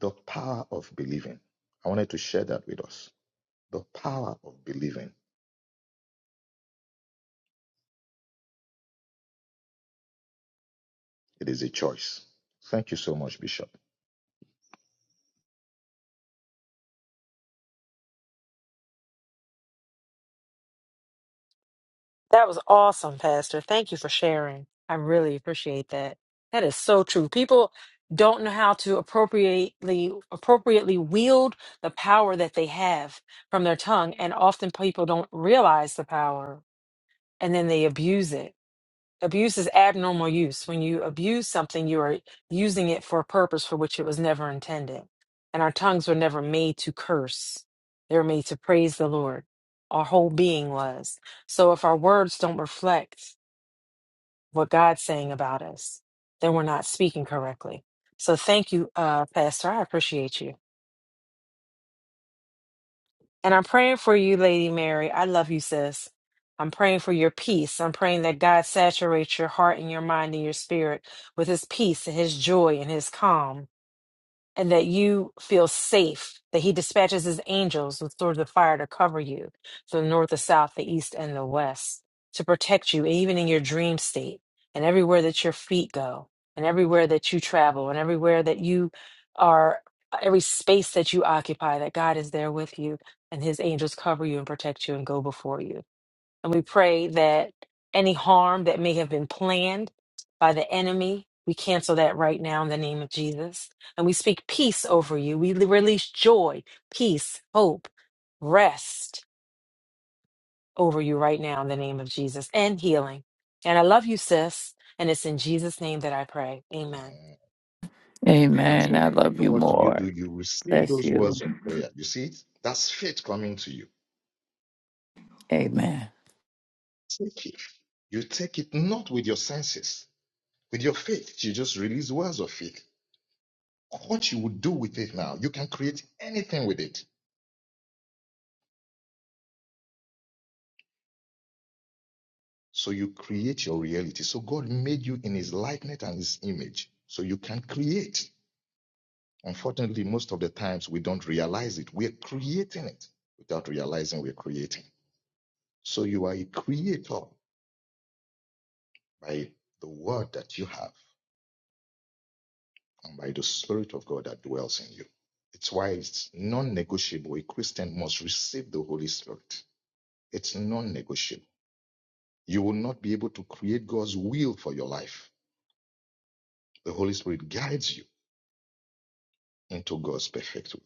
The power of believing. I wanted to share that with us. The power of believing. It is a choice. Thank you so much, Bishop.
That was awesome, Pastor. Thank you for sharing. I really appreciate that. That is so true. People don't know how to appropriately appropriately wield the power that they have from their tongue, and often people don't realize the power and then they abuse it. Abuse is abnormal use. When you abuse something, you are using it for a purpose for which it was never intended. And our tongues were never made to curse, they were made to praise the Lord. Our whole being was. So if our words don't reflect what God's saying about us, then we're not speaking correctly. So thank you, uh, Pastor. I appreciate you. And I'm praying for you, Lady Mary. I love you, sis. I'm praying for your peace. I'm praying that God saturates your heart and your mind and your spirit with his peace and his joy and his calm and that you feel safe, that he dispatches his angels with swords of fire to cover you from the north, the south, the east, and the west, to protect you even in your dream state, and everywhere that your feet go, and everywhere that you travel, and everywhere that you are, every space that you occupy, that God is there with you, and his angels cover you and protect you and go before you. And we pray that any harm that may have been planned by the enemy, we cancel that right now in the name of Jesus. And we speak peace over you. We release joy, peace, hope, rest over you right now in the name of Jesus and healing. And I love you, sis. And it's in Jesus' name that I pray. Amen.
Amen. And
Amen.
so,
I love
so
you
what do you do?
more.
You receive
Bless
those
you.
words of prayer. You see, it? that's faith coming to you.
Amen.
Take it. You take it not with your senses, with your faith. You just release words of faith. What you would do with it now, you can create anything with it. So you create your reality. So God made you in his likeness and his image. So you can create. Unfortunately, most of the times we don't realize it. We're creating it without realizing we're creating. So you are a creator by the word that you have and by the Spirit of God that dwells in you. It's why it's non negotiable. A Christian must receive the Holy Spirit. It's non negotiable. You will not be able to create God's will for your life. The Holy Spirit guides you into God's perfect will.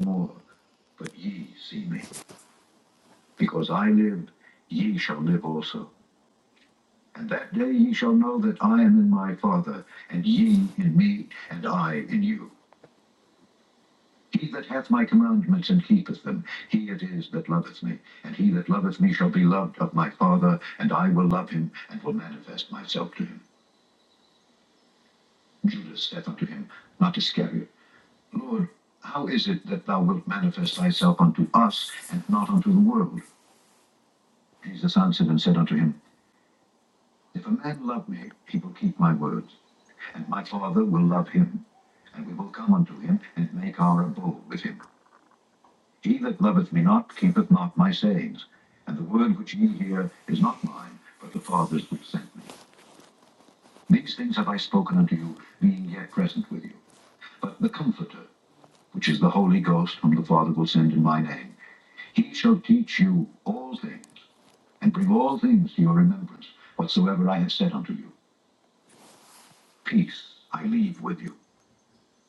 More, but ye see me, because I live, ye shall live also. And that day ye shall know that I am in my Father, and ye in me, and I in you. He that hath my commandments and keepeth them, he it is that loveth me. And he that loveth me shall be loved of my Father, and I will love him, and will manifest myself to him. Judas saith unto him, Not Iscariot. Lord, how is it that thou wilt manifest thyself unto us and not unto the world? Jesus answered and said unto him, If a man love me, he will keep my words, and my Father will love him, and we will come unto him and make our abode with him. He that loveth me not keepeth not my sayings, and the word which ye hear is not mine, but the Father's which sent me. These things have I spoken unto you, being yet present with you. But the Comforter, which is the Holy Ghost, whom the Father will send in my name, He shall teach you all things, and bring all things to your remembrance, whatsoever I have said unto you. Peace I leave with you,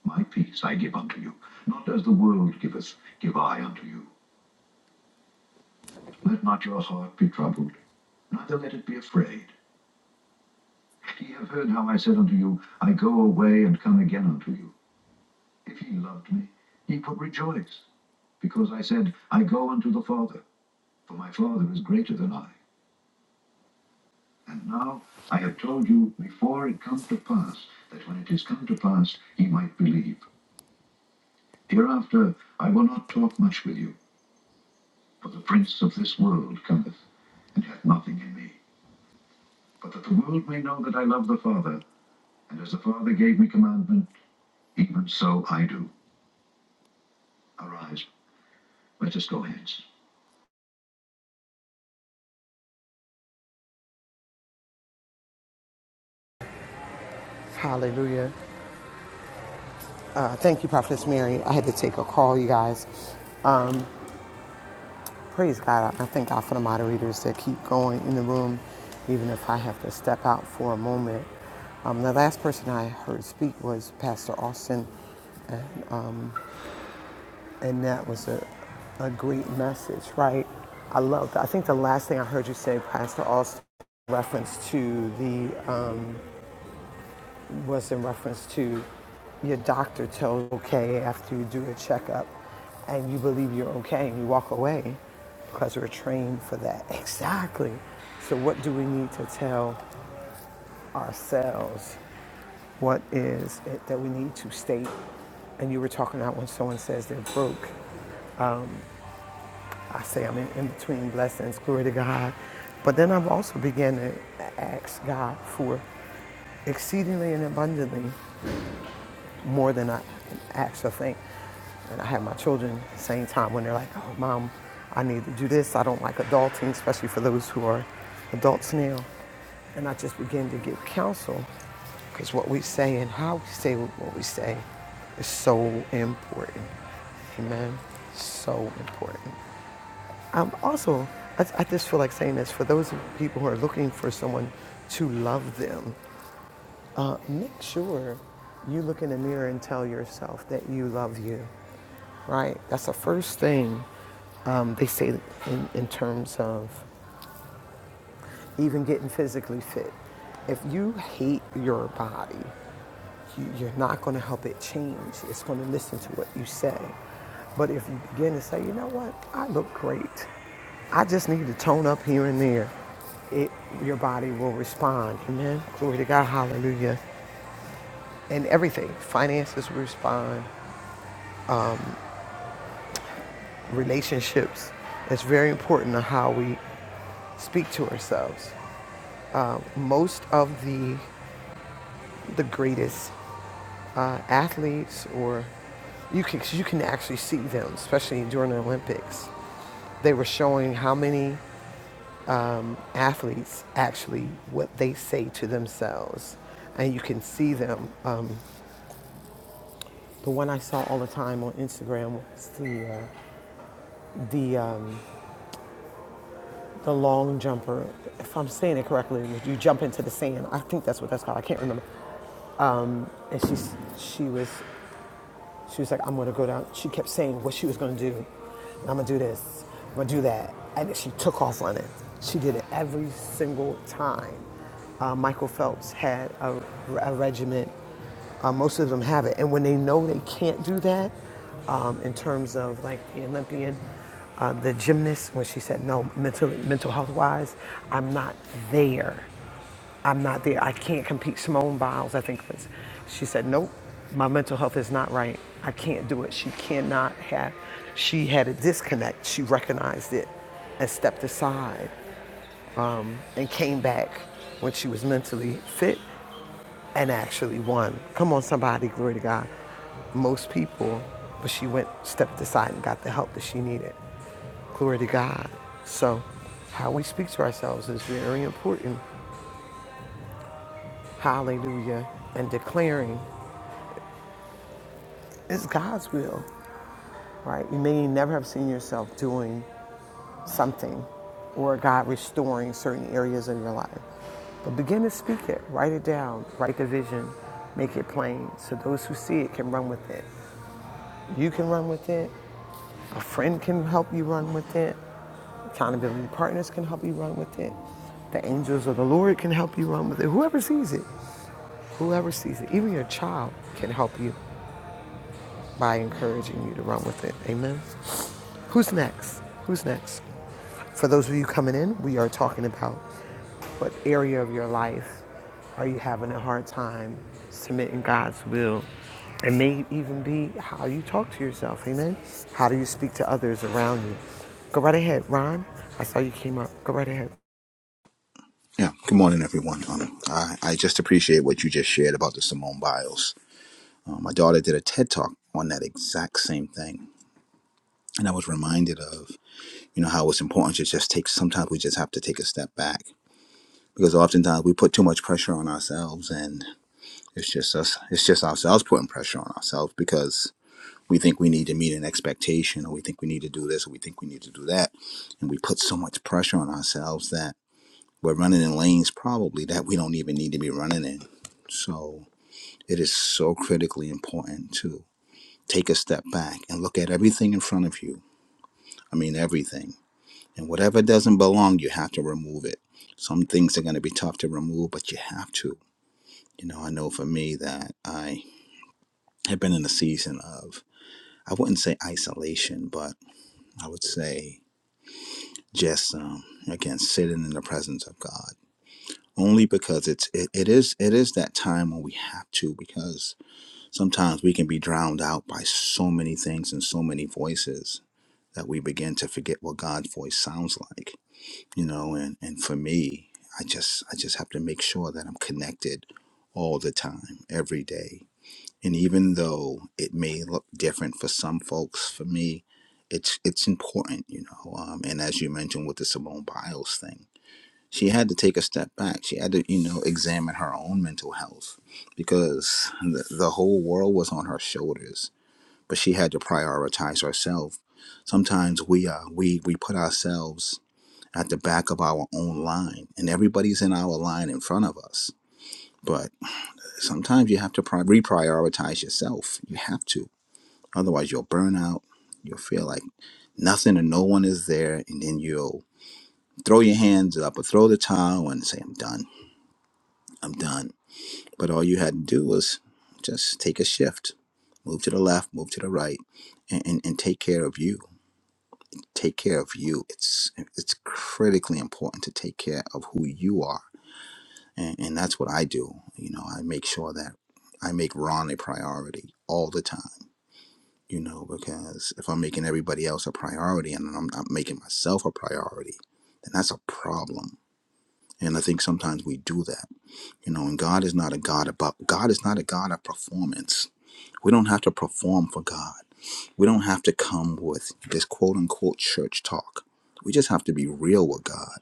my peace I give unto you. Not as the world giveth, give I unto you. Let not your heart be troubled, neither let it be afraid. Ye have heard how I said unto you, I go away and come again unto you. If ye loved me, ye would rejoice, because I said, I go unto the Father, for my Father is greater than I. And now I have told you before it come to pass, that when it is come to pass, ye might believe. Hereafter I will not talk much with you, for the prince of this world cometh, and hath nothing in me. But that the world may know that I love the Father, and as the Father gave me commandment, even so I do. Arise, let us go hence.
Hallelujah. Uh, thank you, Prophetess Mary. I had to take a call, you guys. Praise God. I thank God for the moderators that keep going in the room, even if I have to step out for a moment. Um, the last person I heard speak was Pastor Austin, and that was a, a great message, right? I love that. I think the last thing I heard you say, Pastor Austin, reference to the Um, was in reference to your doctor tells okay after you do a checkup and you believe you're okay and you walk away because we're trained for that. Exactly. So, what do we need to tell ourselves? What is it that we need to state? And you were talking about when someone says they're broke. I say I'm in, in between blessings, glory to God. But then I've also began to ask God for exceedingly and abundantly. more than I can actually think. And I have my children at the same time when they're like, oh, mom, I need to do this. I don't like adulting, especially for those who are adults now. And I just begin to give counsel because what we say and how we say what we say is so important. Amen. So important. I'm also, I, I just feel like saying this for those people who are looking for someone to love them uh, make sure you look in the mirror and tell yourself that you love you, right? That's the first thing um, they say in, in terms of even getting physically fit. If you hate your body, you- you're not going to help it change. It's going to listen to what you say. But if you begin to say, you know what, I look great. I just need to tone up here and there. It, your body will respond. Amen. Glory to God. Hallelujah. And everything. Finances respond, relationships. It's very important on how we speak to ourselves. Uh, most of the the greatest uh, athletes, or you can you can actually see them, especially during the Olympics. They were showing how many um, athletes actually what they say to themselves, and you can see them. Um, the one I saw all the time on Instagram was the uh, the um, the long jumper. If I'm saying it correctly, you jump into the sand. I think that's what that's called. I can't remember. And she, she was she was like, I'm gonna go down. She kept saying what she was gonna do. I'm gonna do this. I'm gonna do that. And then she took off on it. She did it every single time. Uh, Michael Phelps had a, a regiment. Uh, most of them have it. And when they know they can't do that, um, in terms of like the Olympian, uh, the gymnast, when she said no, mental, mental health wise, I'm not there. I'm not there. I can't compete. Simone Biles, I think it was. She said, Nope, my mental health is not right. I can't do it. She cannot have, she had a disconnect. She recognized it and stepped aside and came back when she was mentally fit and actually won. Come on, somebody, glory to God. Most people, but she went, stepped aside and got the help that she needed. Glory to God. So, how we speak to ourselves is very important. hallelujah, and declaring it's God's will, right? You may never have seen yourself doing something or God restoring certain areas of your life. But begin to speak it, write it down, write the vision, make it plain so those who see it can run with it. You can run with it, a friend can help you run with it, accountability partners can help you run with it, the angels of the Lord can help you run with it, whoever sees it, whoever sees it, even your child can help you by encouraging you to run with it. Amen. Who's next? Who's next? For those of you coming in, we are talking about what area of your life are you having a hard time submitting God's will? It may even be how you talk to yourself. Amen. How do you speak to others around you? Go right ahead, Ron. I saw you came up. Go right ahead.
Yeah. Good morning, everyone. Um, I, I just appreciate what you just shared about the Simone Biles. Um, my daughter did a TED talk on that exact same thing, and I was reminded of you know how it's important to just take. Sometimes we just have to take a step back because oftentimes we put too much pressure on ourselves, and it's just us. It's just ourselves putting pressure on ourselves because we think we need to meet an expectation, or we think we need to do this, or we think we need to do that, and we put so much pressure on ourselves that We're running in lanes probably that we don't even need to be running in. So it is so critically important to take a step back and look at everything in front of you. I mean, everything. And whatever doesn't belong, you have to remove it. Some things are going to be tough to remove, but you have to. You know, I know for me that I have been in a season of, I wouldn't say isolation, but I would say just, um, again, sitting in the presence of God only because it's it, it is it is that time when we have to because sometimes we can be drowned out by so many things and so many voices that we begin to forget what God's voice sounds like you know and and for me I just I just have to make sure that I'm connected all the time every day and even though it may look different for some folks for me it's it's important you know um, and as you mentioned with the Simone Biles thing she had to take a step back. She had to, you know, examine her own mental health because the, the whole world was on her shoulders. But she had to prioritize herself. Sometimes we uh, we we put ourselves at the back of our own line, and everybody's in our line in front of us. But sometimes you have to pri- reprioritize yourself. You have to, otherwise you'll burn out. You'll feel like nothing and no one is there, and then you'll throw your hands up or throw the towel and say, "I'm done. I'm done." But all you had to do was just take a shift, move to the left, move to the right, and, and, and take care of you. Take care of you. It's it's critically important to take care of who you are, and, and that's what I do. You know, I make sure that I make Ron a priority all the time. You know, because if I'm making everybody else a priority and I'm not making myself a priority, then that's a problem. And I think sometimes we do that. You know, and God is not a God about God is not a God of performance. We don't have to perform for God. We don't have to come with this quote unquote church talk. We just have to be real with God.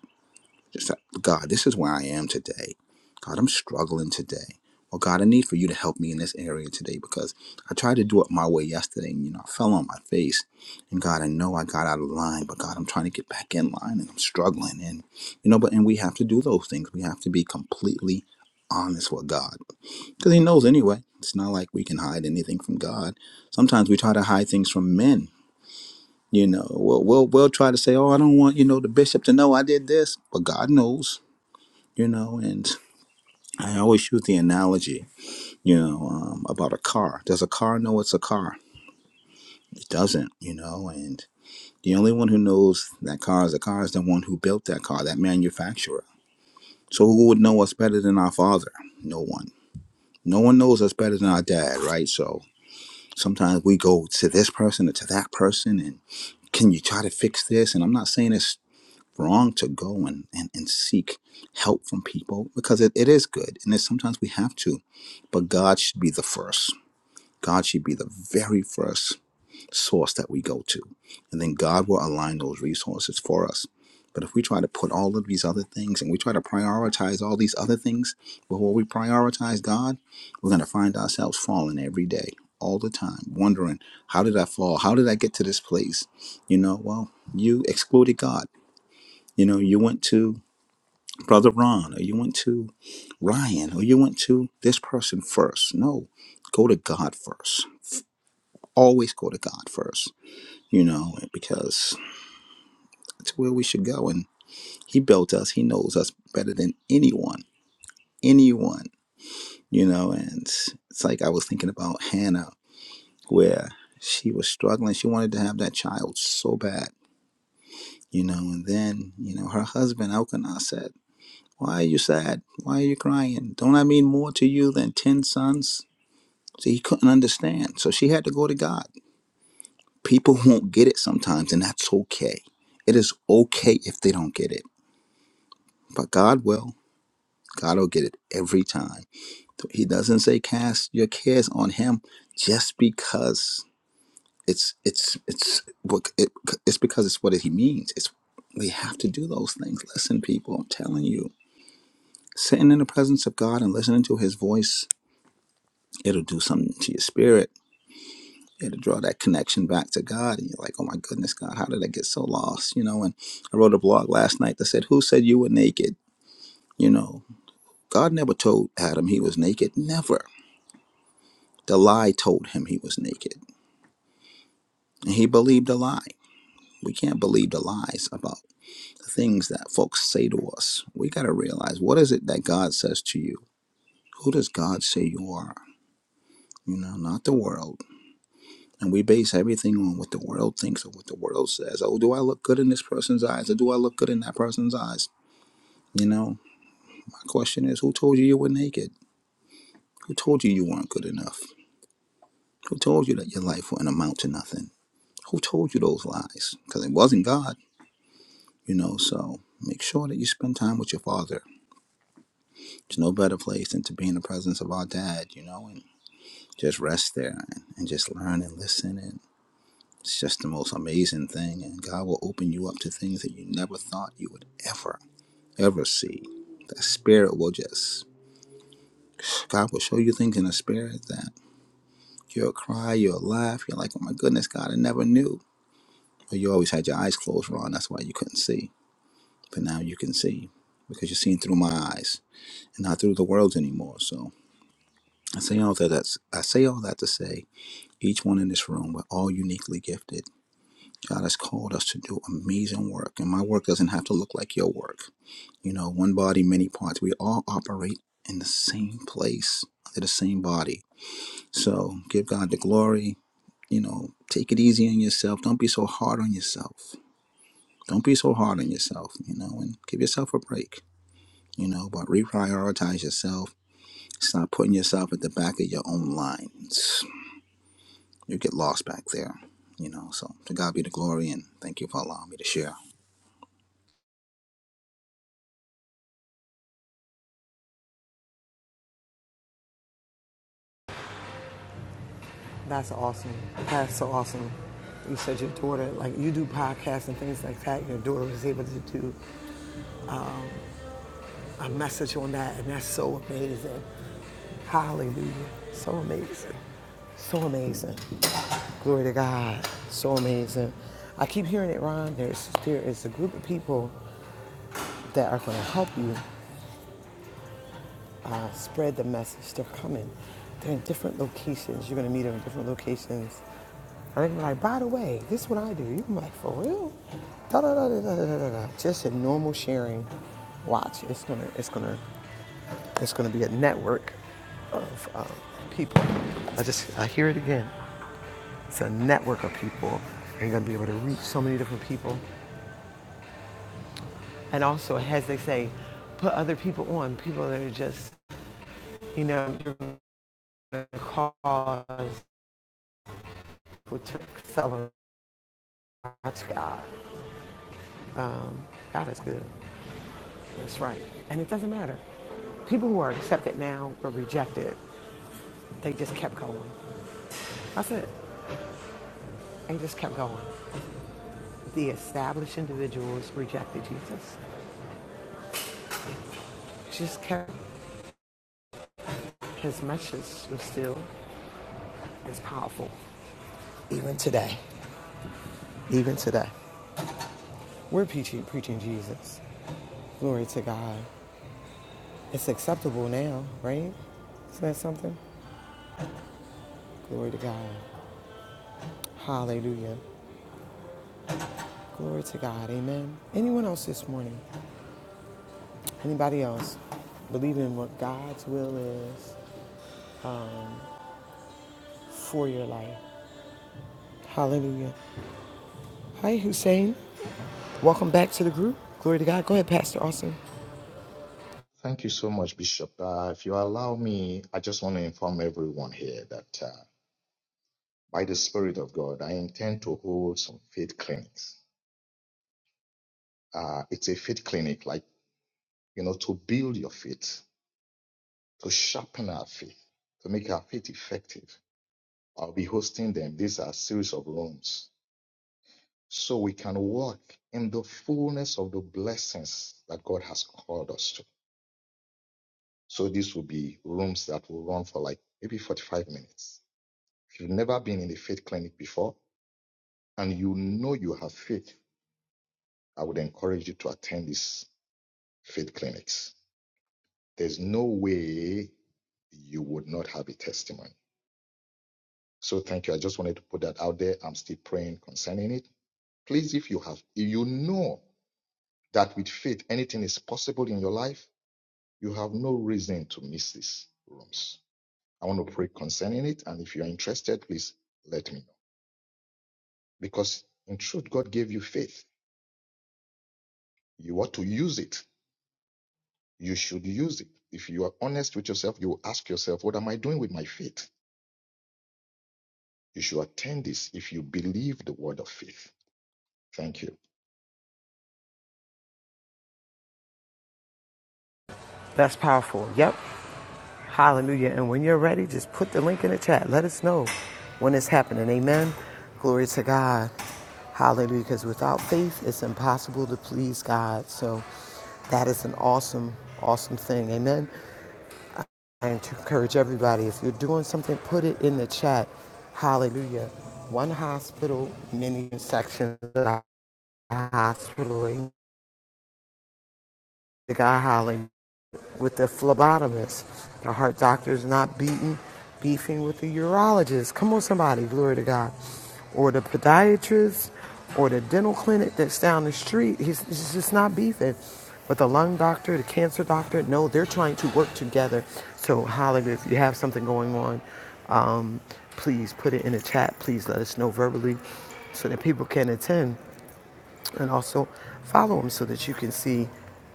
Just like, God, this is where I am today. God, I'm struggling today. Well, God, I need for you to help me in this area today because I tried to do it my way yesterday and, you know, I fell on my face. And God, I know I got out of line, but God, I'm trying to get back in line and I'm struggling. And, you know, but, and we have to do those things. We have to be completely honest with God because he knows anyway. It's not like we can hide anything from God. Sometimes we try to hide things from men. You know, we'll we'll, we'll try to say, "Oh, I don't want you know the bishop to know I did this," but God knows. You know, and I always use the analogy, you know, um, about a car. Does a car know it's a car? It doesn't. You know, and the only one who knows that car is a car is the one who built that car, that manufacturer. So who would know us better than our father? No one. No one knows us better than our dad, right? So Sometimes we go to this person or to that person and can you try to fix this? And I'm not saying it's wrong to go and, and, and seek help from people because it, it is good and it's sometimes we have to. But God should be the first. God should be the very first source that we go to. And then God will align those resources for us. But if we try to put all of these other things and we try to prioritize all these other things before we prioritize God, we're going to find ourselves falling every day, all the time, wondering, how did I fall? How did I get to this place? You know, well, you excluded God. You know, you went to Brother Ron or you went to Ryan or you went to this person first. No, go to God first. Always go to God first, you know, because That's where we should go. And He built us. He knows us better than anyone, anyone, you know. And it's like I was thinking about Hannah, where she was struggling. She wanted to have that child so bad, you know. And then, you know, her husband Elkanah said, "Why are you sad? Why are you crying? Don't I mean more to you than ten sons?" So he couldn't understand. So she had to go to God. People won't get it sometimes, and that's okay. It is okay if they don't get it, but God will. God will get it every time He doesn't say cast your cares on him just because it's it's it's what it, it's because it's what he means. It's we have to do those things. Listen, people, I'm telling you, sitting in the presence of God and listening to His voice, it'll do something to your spirit. It'll draw that connection back to God, and you're like, oh my goodness, God, how did I get so lost? You know. And I wrote a blog last night that said, "Who said you were naked?" You know, God never told Adam he was naked. Never. The lie told him he was naked And he believed a lie. We can't believe the lies about the things that folks say to us. We got to realize what is it that God says to you? Who does God say you are? You know, not the world. And we base everything on what the world thinks or what the world says. Oh, do I look good in this person's eyes or do I look good in that person's eyes? You know, my question is who told you you were naked? Who told you you weren't good enough? Who told you that your life wouldn't amount to nothing? Who told you those lies? Because it wasn't God, you know, so make sure that you spend time with your father There's no better place than to be in the presence of our dad, you know, and just rest there and, and just learn and listen. And it's just the most amazing thing. And God will open you up to things that you never thought you would ever, ever see. The spirit will just, God will show you things in the spirit that you'll cry, you'll laugh. You're like, oh my goodness, God, I never knew. But you always had your eyes closed, Ron. That's why you couldn't see. But now you can see because you're seeing through my eyes and not through the world's anymore. So I say all that. That's, I say all that to say each one in this room, we're all uniquely gifted. God has called us to do amazing work, and my work doesn't have to look like your work. You know, one body, many parts. We all operate in the same place, under the same body. So give God the glory. You know, take it easy on yourself. Don't be so hard on yourself. Don't be so hard on yourself, you know, and give yourself a break, you know, but reprioritize yourself. Stop putting yourself at the back of your own lines. you get lost back there, you know. So to God be the glory, and thank you for allowing me to share.
That's awesome. That's so awesome. You said your daughter, like you do podcasts and things like that. Your daughter was able to do a message on that, and that's so amazing. Hallelujah. So amazing. So amazing. Glory to God. So amazing. I keep hearing it, Ron. There's, there is a group of people that are going to help you uh, spread the message. They're coming. They're in different locations. You're going to meet them in different locations. And they're like, by the way, this is what I do. You're like, for real? da, da, da, da, da, da, da. Just a normal sharing. Watch, it's gonna, it's gonna It's going to be a network of uh, people. I just, I hear it again. It's a network of people. And you're going to be able to reach so many different people. And also, as they say, put other people on, people that are just, you know, you're going to cause people to accelerate God. Um, God is good. That's right. And it doesn't matter. People who are accepted now were rejected. They just kept going. That's it. They just kept going. The established individuals rejected Jesus. Jesus kept his message was still as powerful. Even today, even today, we're preaching, preaching Jesus. Glory to God. It's acceptable now, right? Isn't that something? Glory to God. Hallelujah. Glory to God. Amen. Anyone else this morning? Anybody else? Believe in what God's will is for your life. Hallelujah. Hi, Hussein. Welcome back to the group. Glory to God. Go ahead, Pastor Austin.
Thank you so much, Bishop. Uh, if you allow me, I just want to inform everyone here that. uh, by the Spirit of God, I intend to hold some faith clinics. Uh, it's a faith clinic, like, you know, to build your faith, to sharpen our faith, to make our faith effective. I'll be hosting them. These are a series of rooms. So we can walk in the fullness of the blessings that God has called us to. So these will be rooms that will run for like maybe 45 minutes. If you've never been in a faith clinic before and you know you have faith, I would encourage you to attend this faith clinics. There's no way you would not have a testimony. So thank you. I just wanted to put that out there. I'm still praying concerning it. Please, if you have, if you know that with faith anything is possible in your life, you have no reason to miss these rooms. I want to pray concerning it. And if you're interested, please let me know. Because in truth, God gave you faith. You ought to use it. You should use it. If you are honest with yourself, you will ask yourself, what am I doing with my faith? You should attend this if you believe the word of faith. Thank you.
That's powerful. Yep. Hallelujah. And when you're ready, just put the link in the chat. Let us know when it's happening. Amen. Glory to God. Hallelujah. Because without faith, it's impossible to please God. So that is an awesome, awesome thing. Amen. And to encourage everybody, if you're doing something, put it in the chat. Hallelujah. One hospital, many sections of the hospital. Amen. God, hallelujah. with the phlebotomist. The heart doctor is not beating, beefing with the urologist. Come on, somebody, glory to God. Or the podiatrist or the dental clinic that's down the street. He's, he's just not beefing. But the lung doctor, the cancer doctor, no, they're trying to work together. So, hallelujah, if you have something going on, um, please put it in the chat. Please let us know verbally so that people can attend and also follow him so that you can see,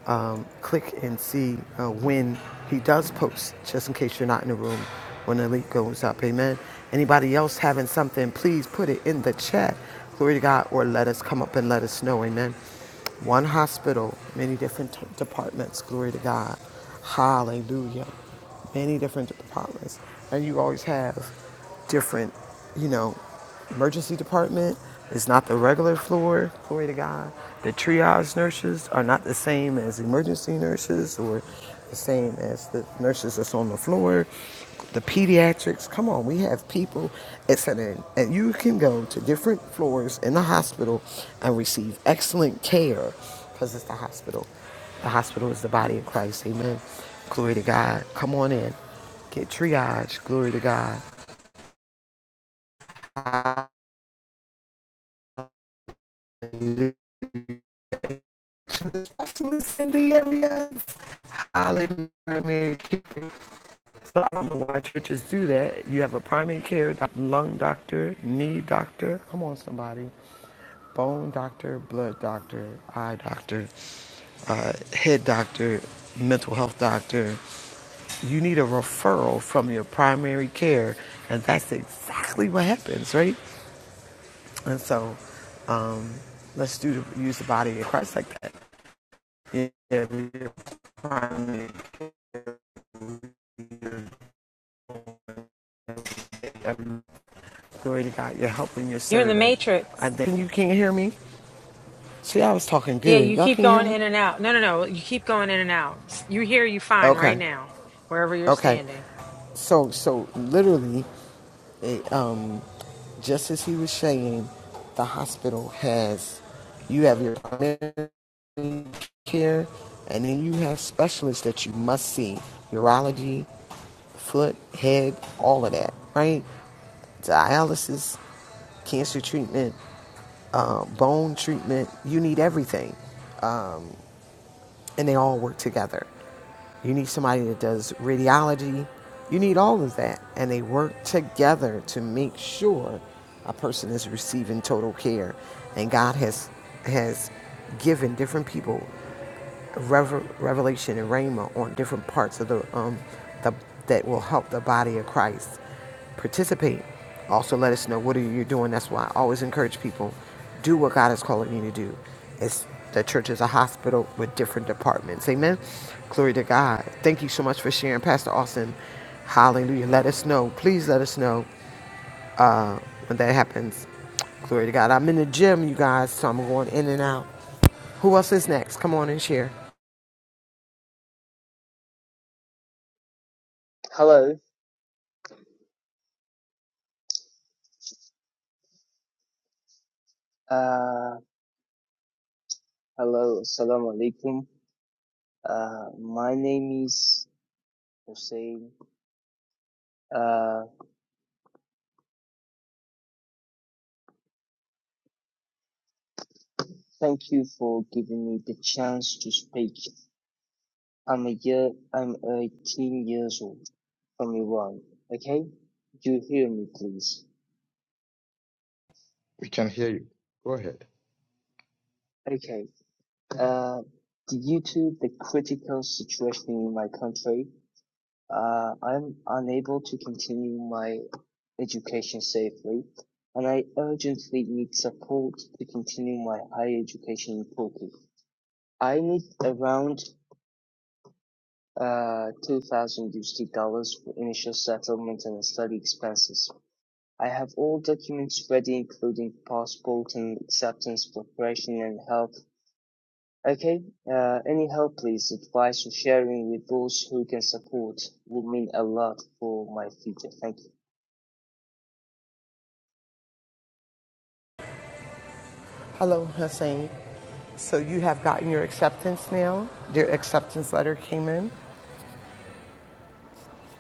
um, click and see uh, when he does post, just in case you're not in the room when the link goes up. Amen. Anybody else having something, please put it in the chat. Glory to God, or let us come up and let us know. Amen. One hospital, many different t- departments. Glory to God. Hallelujah. Many different departments. And you always have different, you know, emergency department. It's not the regular floor, glory to God. The triage nurses are not the same as emergency nurses or the same as the nurses that's on the floor. The pediatrics, come on, we have people, Et cetera. And you can go to different floors in the hospital and receive excellent care because it's the hospital. The hospital is the body of Christ. Amen. Glory to God. Come on in. Get triage. Glory to God. specialists in the area. Hallelujah. primary care. So I don't know why churches do that. You have a primary care doc- lung doctor, knee doctor. Come on, somebody. Bone doctor, blood doctor, eye doctor, uh, head doctor, mental health doctor. You need a referral from your primary care, and that's exactly what happens, right? And so, um, let's do the, use the body of Christ like that. You Glory to God. You're helping your
You're in the
servant. And
matrix.
then you can't hear me. See, I was talking
Yeah,
good.
you
Y'all
keep
can't hear
going
me.
in and out. No, no, no. You keep going in and out. You hear you fine right
Okay.
now, wherever you're
Okay.
standing.
So, so literally, it, um, just as he was saying, the hospital has you have your primary care, and then you have specialists that you must see: urology, foot, head, all of that, right? Dialysis, cancer treatment, uh, bone treatment. You need everything. and they all work together. You need somebody that does radiology. You need all of that. And they work together to make sure a person is receiving total care. And God has has given different people revelation and rhema on different parts of the, um, the that will help the body of Christ participate. Also, let us know what are you doing. That's why I always encourage people do what God is calling you to do. It's the church is a hospital with different departments. Amen. Glory to God. Thank you so much for sharing, Pastor Austin. Hallelujah. Let us know. Please let us know uh, when that happens. Glory to God. I'm in the gym, you guys, so I'm going in and out. Who else is next? Come on and share.
Hello. Uh, hello. Assalamu alaikum. Uh, my name is Hussein. Uh, thank you for giving me the chance to speak. I'm a year, I'm 18 years old from Iran. Okay? You hear me, please?
We can hear you. Go ahead.
Okay. Uh, due to the critical situation in my country, Uh, I'm unable to continue my education safely, and I urgently need support to continue my higher education in Turkey. I need around uh, 2,000 USD dollars for initial settlement and study expenses. I have all documents ready, including passport and acceptance preparation and help. Okay, uh, any help, please, advice or sharing with those who can support will mean a lot for my future. Thank you.
Hello, Hussein. So you have gotten your acceptance now? Your acceptance letter came in?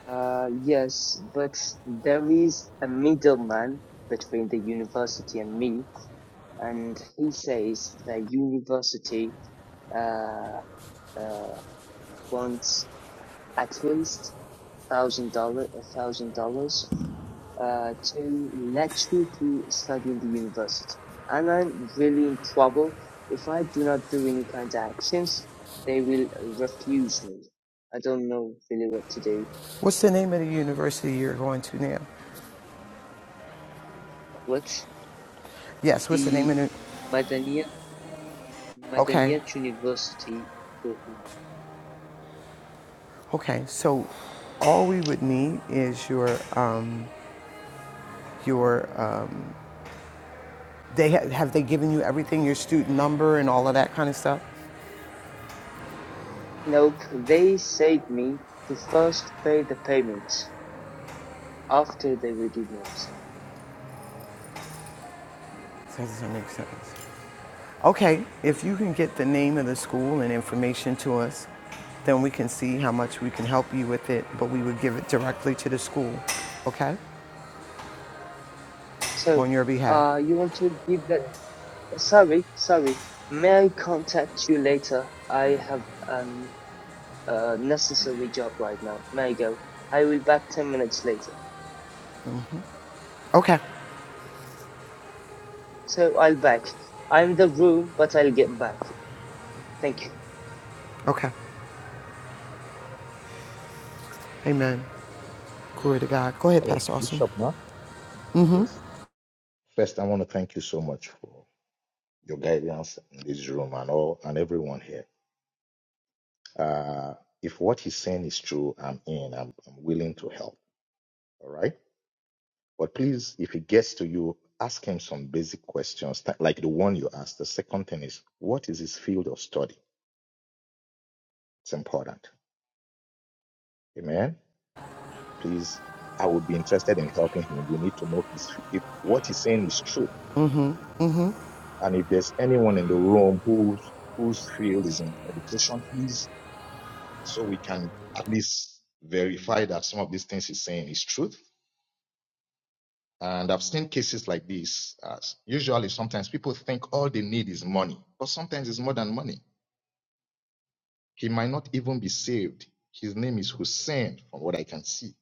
Uh, yes, but there is a middleman between the university and me, and he says the university uh, uh, wants at least thousand dollar a thousand dollars uh to let you to study in the university, and I'm really in trouble. If I do not do any kind of actions, they will refuse me. I don't know really what to do.
What's the name of the university you're going to now?
What?
Yes, what's the name
the
of the...
Madaniyat
Okay,
Madaniyat University, Turkey.
okay. So all we would need is your, um, your, um, they ha- have they given you everything, your student number and all of that kind of stuff?
Nope, they said me to first pay the payment after they will give me. the-
That doesn't make sense. Okay, if you can get the name of the school and information to us, then we can see how much we can help you with it, but we would give it directly to the school, okay?
So,
On your behalf.
uh, you want to give that? Sorry, sorry. May I contact you later? I have an uh, necessary job right now. May I go? I will back ten minutes later.
Okay,
So I'll back. I'm in the room, but I'll get back. Thank you.
okay. Amen. Glory to God. Go ahead,
Hello,
Pastor Austin.
Bishop, ma? Yes. First, I want to thank you so much for your guidance in this room and all and everyone here. Uh, if what he's saying is true, I'm in. I'm, I'm willing to help. All right. But please, if it gets to you, ask him some basic questions th- like the one you asked. The second thing is, what is his field of study? It's important. Amen. please, I would be interested in helping him. We need to know his, if what he's saying is true. And if there's anyone in the room whose, whose field is in education, please, so we can at least verify that some of these things he's saying is truth. And I've seen cases like this. As usually, sometimes people think all they need is money, but sometimes it's more than money. He might not even be saved. His name is Hussein, from what I can see.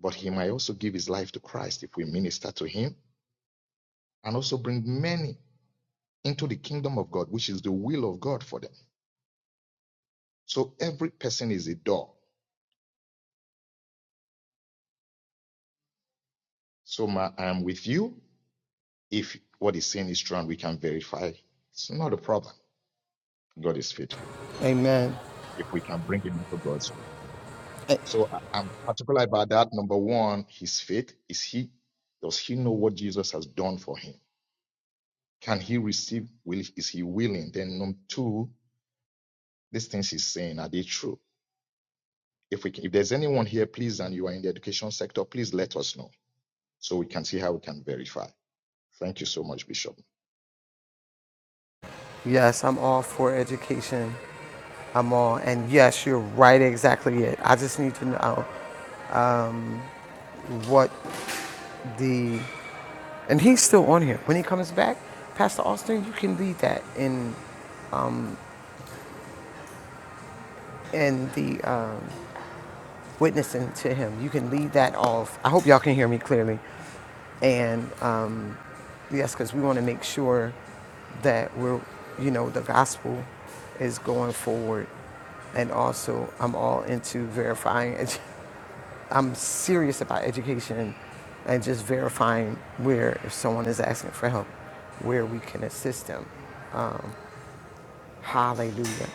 But he might also give his life to Christ if we minister to him and also bring many into the kingdom of God, which is the will of God for them. So every person is a door. So Ma, I am with you. If what is saying is true and we can verify, it's not a problem. God is faithful
Amen.
if we can bring him into God's will.
Eh,
So I- I'm particular about that. Number one, his faith. Is he does he know what Jesus has done for him? Can he receive? Will is he willing? Then number two, these things he's saying, are they true? If we can, if there's anyone here, please, and you are in the education sector, please let us know so we can see how we can verify. Thank you so much, Bishop.
Yes, I'm all for education. I'm all, and yes, you're right exactly it. I just need to know um, what the and he's still on here. When he comes back, Pastor Austin, you can lead that in in the um, witnessing to him. You can leave that off. I hope y'all can hear me clearly. And um, yes, because we want to make sure that we're, you know, the gospel is going forward. And also, I'm all into verifying. edu- I'm serious about education and just verifying where, if someone is asking for help, where we can assist them. Um, hallelujah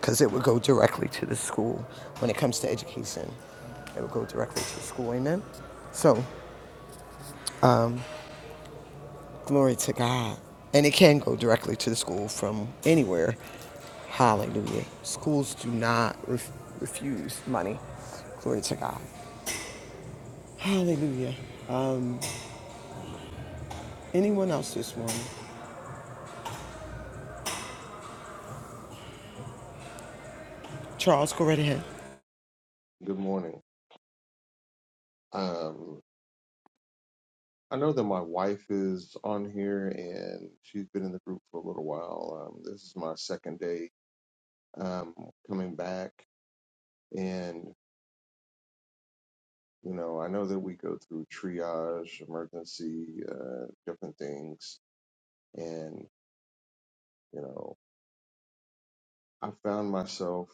because it would go directly to the school when it comes to education. It would go directly to the school, amen? So, glory to God. And it can go directly to the school from anywhere. Hallelujah. Schools do not ref- refuse money. Glory to God. Hallelujah. Anyone else this morning? Charles, go right ahead.
Good morning. Um, I know that my wife is on here and she's been in the group for a little while. Um, this is my second day um, coming back. And, you know, I know that we go through triage, emergency, uh, different things. And, you know, I found myself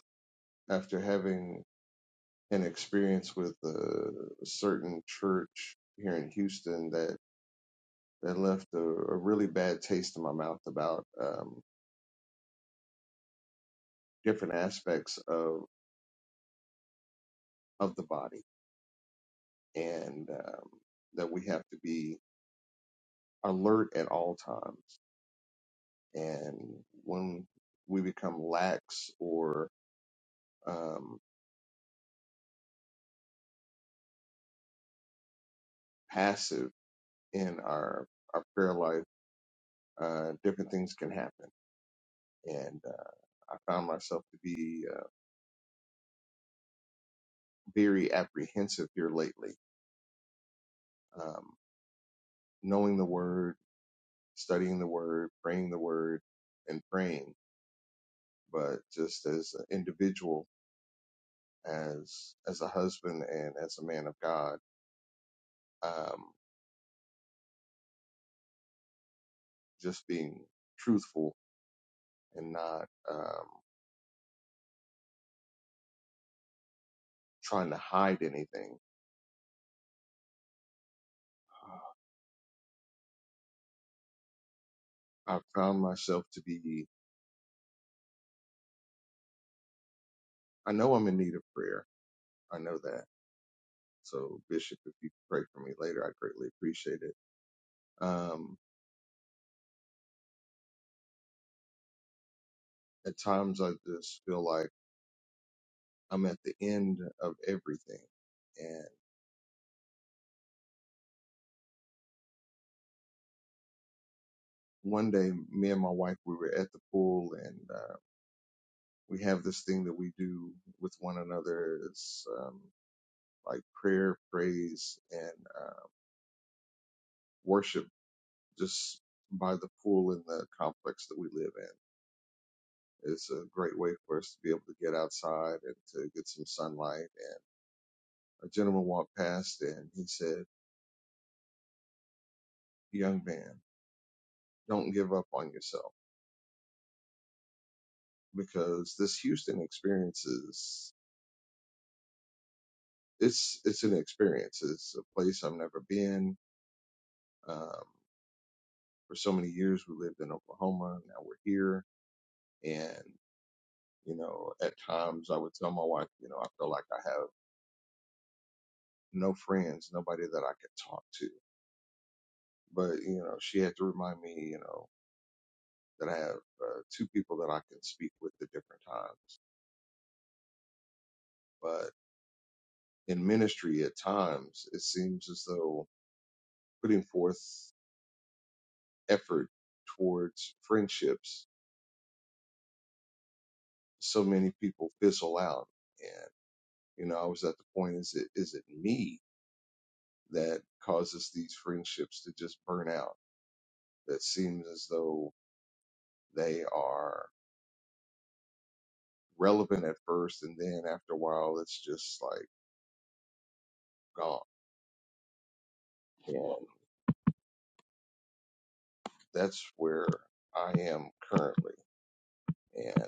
after having an experience with a certain church here in Houston that, that left a, a really bad taste in my mouth about. Um, different aspects of of the body, and um, that we have to be alert at all times. And when we become lax or um, passive in our our prayer life, uh, different things can happen. And uh, I found myself to be uh, very apprehensive here lately, um, knowing the word, studying the word, praying the word, and praying. But just as an individual as as a husband and as a man of God, um, just being truthful and not um, trying to hide anything. I've found myself to be. I know I'm in need of prayer. I know that. So Bishop, if you could pray for me later, I greatly appreciate it. Um, at times, I just feel like I'm at the end of everything. And one day, me and my wife, we were at the pool, and uh, we have this thing that we do with one another. It's um, like prayer, praise, and uh, worship just by the pool in the complex that we live in. It's a great way for us to be able to get outside and to get some sunlight. And a gentleman walked past and he said, Young man, don't give up on yourself because this Houston experience is, it's, it's an experience. It's a place I've never been. Um, for so many years, we lived in Oklahoma. Now we're here and." You know, at times I would tell my wife, you know, I feel like I have no friends, nobody that I could talk to. But, you know, she had to remind me, you know, that I have uh, two people that I can speak with at different times. But in ministry, at times, it seems as though putting forth effort towards friendships, so many people fizzle out. And, you know, I was at the point, is it, is it me that causes these friendships to just burn out? That seems as though They are relevant at first, and then after a while, it's just like gone. And that's where I am currently. And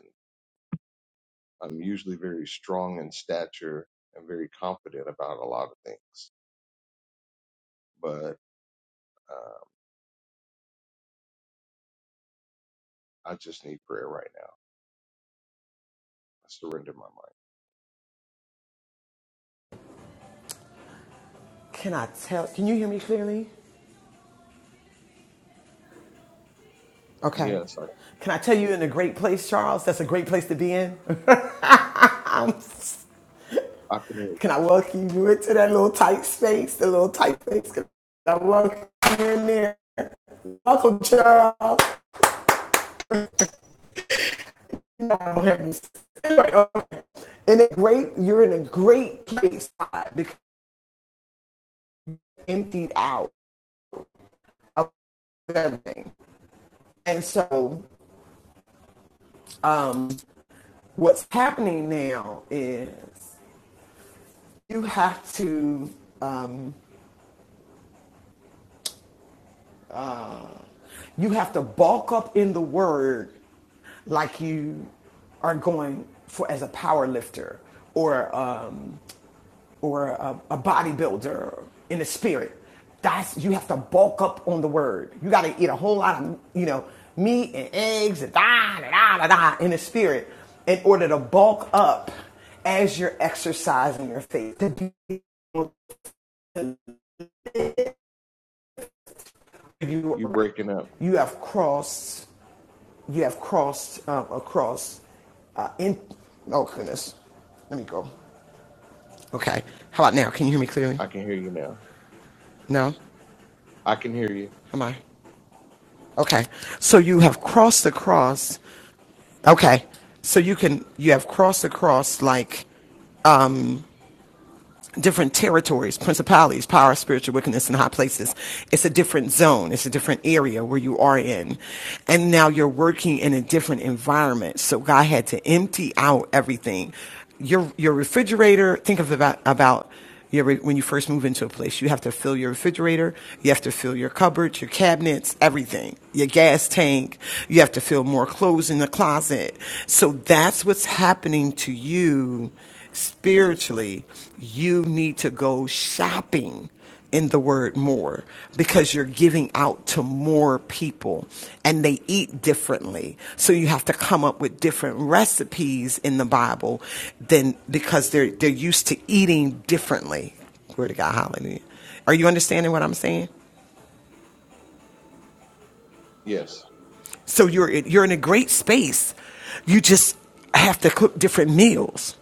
I'm usually very strong in stature and very confident about a lot of things, but uh, I just need prayer right now. I surrender my mind.
Can I tell? Can you hear me clearly? Okay.
Yes, I,
Can I tell you in a great place, Charles? That's a great place to be in. I'm
I can hear you.
Can I welcome you into that little tight space, the little tight space? Can I welcome you in there? Welcome, Charles. You know I don't have this- Anyway, okay. In a great, you're in a great place because emptied out of everything. And so, what's happening now is you have to um, you have to bulk up in the word like you are going for as a power lifter or um, or a, a bodybuilder in the spirit. That's you have to bulk up on the word. You got to eat a whole lot of you know meat and eggs and da da da da da in the spirit in order to bulk up as you're exercising your faith. To be you
You
are right.
breaking up.
You have crossed. You have crossed um, across. Uh, in oh goodness, let me go. Okay, how about now? Can you hear me clearly?
I can hear you now.
No,
I can hear you.
am I? Okay, so you have crossed across Okay. So you can you have crossed across like different territories, principalities, power, spiritual wickedness in high places. It's a different zone. It's a different area where you are in. And now you're working in a different environment. So God had to empty out everything. Your your refrigerator, think of about about you ever, when you first move into a place, you have to fill your refrigerator, you have to fill your cupboards, your cabinets, everything, your gas tank. You have to fill more clothes in the closet. So that's what's happening to you spiritually. You need to go shopping in the word more because you're giving out to more people and they eat differently. So you have to come up with different recipes in the Bible than because they're they're used to eating differently. Glory to God, hallelujah. Are you understanding what I'm saying?
Yes.
So you're you're in a great space. You just have to cook different meals.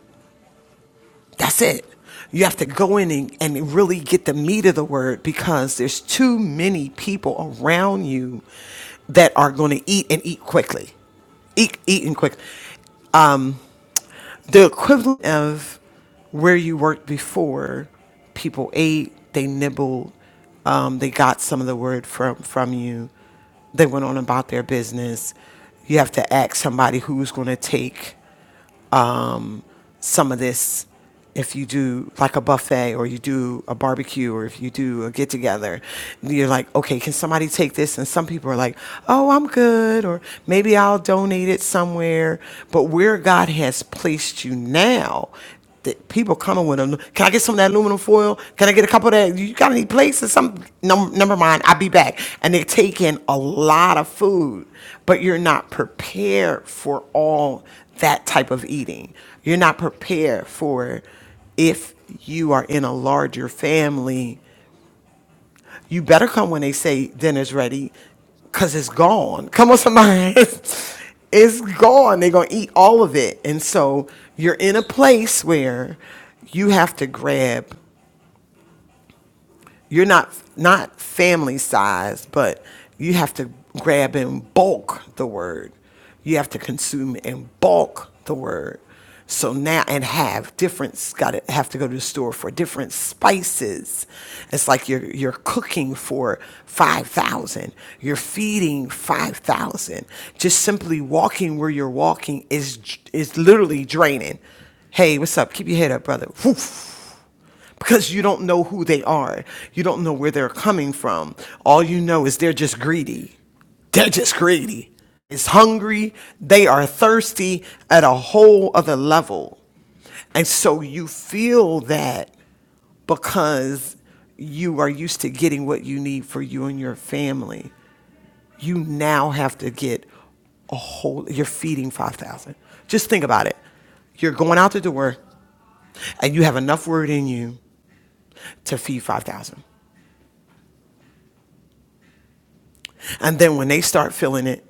That's it. You have to go in and, and really get the meat of the word because there's too many people around you that are going to eat and eat quickly. Eat, eat and quick. The equivalent of where you worked before, people ate, they nibbled, um, they got some of the word from, from you, they went on about their business. You have to ask somebody who's going to take some of this if you do like a buffet or you do a barbecue or if you do a get together you're like okay can somebody take this and some people are like oh i'm good or maybe i'll donate it somewhere but where god has placed you now the people coming with them. Can I get some of that aluminum foil? Can I get a couple of that? You got any plates or something? No, never mind. I'll be back. And they're taking a lot of food, but you're not prepared for all that type of eating. You're not prepared for if you are in a larger family you better come when they say dinner's ready, cause it's gone. Come on, somebody. it's gone. They're gonna eat all of it. And so you're in a place where you have to grab you're not not family size, but you have to grab and bulk the word. You have to consume and bulk the word. So now and have different got to have to go to the store for different spices. It's like you're you're cooking for 5,000. You're feeding 5,000. Just simply walking where you're walking is is literally draining. Hey, what's up? Keep your head up, brother. Woof because you don't know who they are. You don't know where they're coming from. All you know is they're just greedy. They're just greedy. It's hungry. They are thirsty at a whole other level. And so you feel that because you are used to getting what you need for you and your family. You now have to get a whole, you're feeding 5,000. Just think about it. You're going out the door and you have enough word in you to feed 5,000. And then when they start feeling it,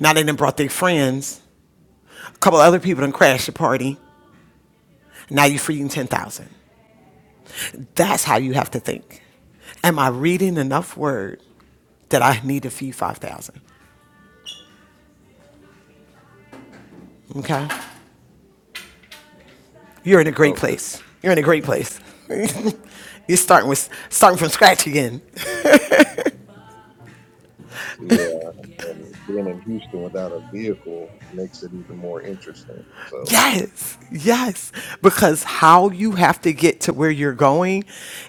now they done brought their friends, a couple other people done crashed the party, now you're feeding 10,000. That's how you have to think. Am I reading enough word that I need to feed 5,000? Okay? You're in a great
Oh,
place. You're in a great place. you're starting, with, starting from scratch again.
yeah. And being in Houston without a vehicle makes it even more interesting. So.
Yes, yes. Because how you have to get to where you're going,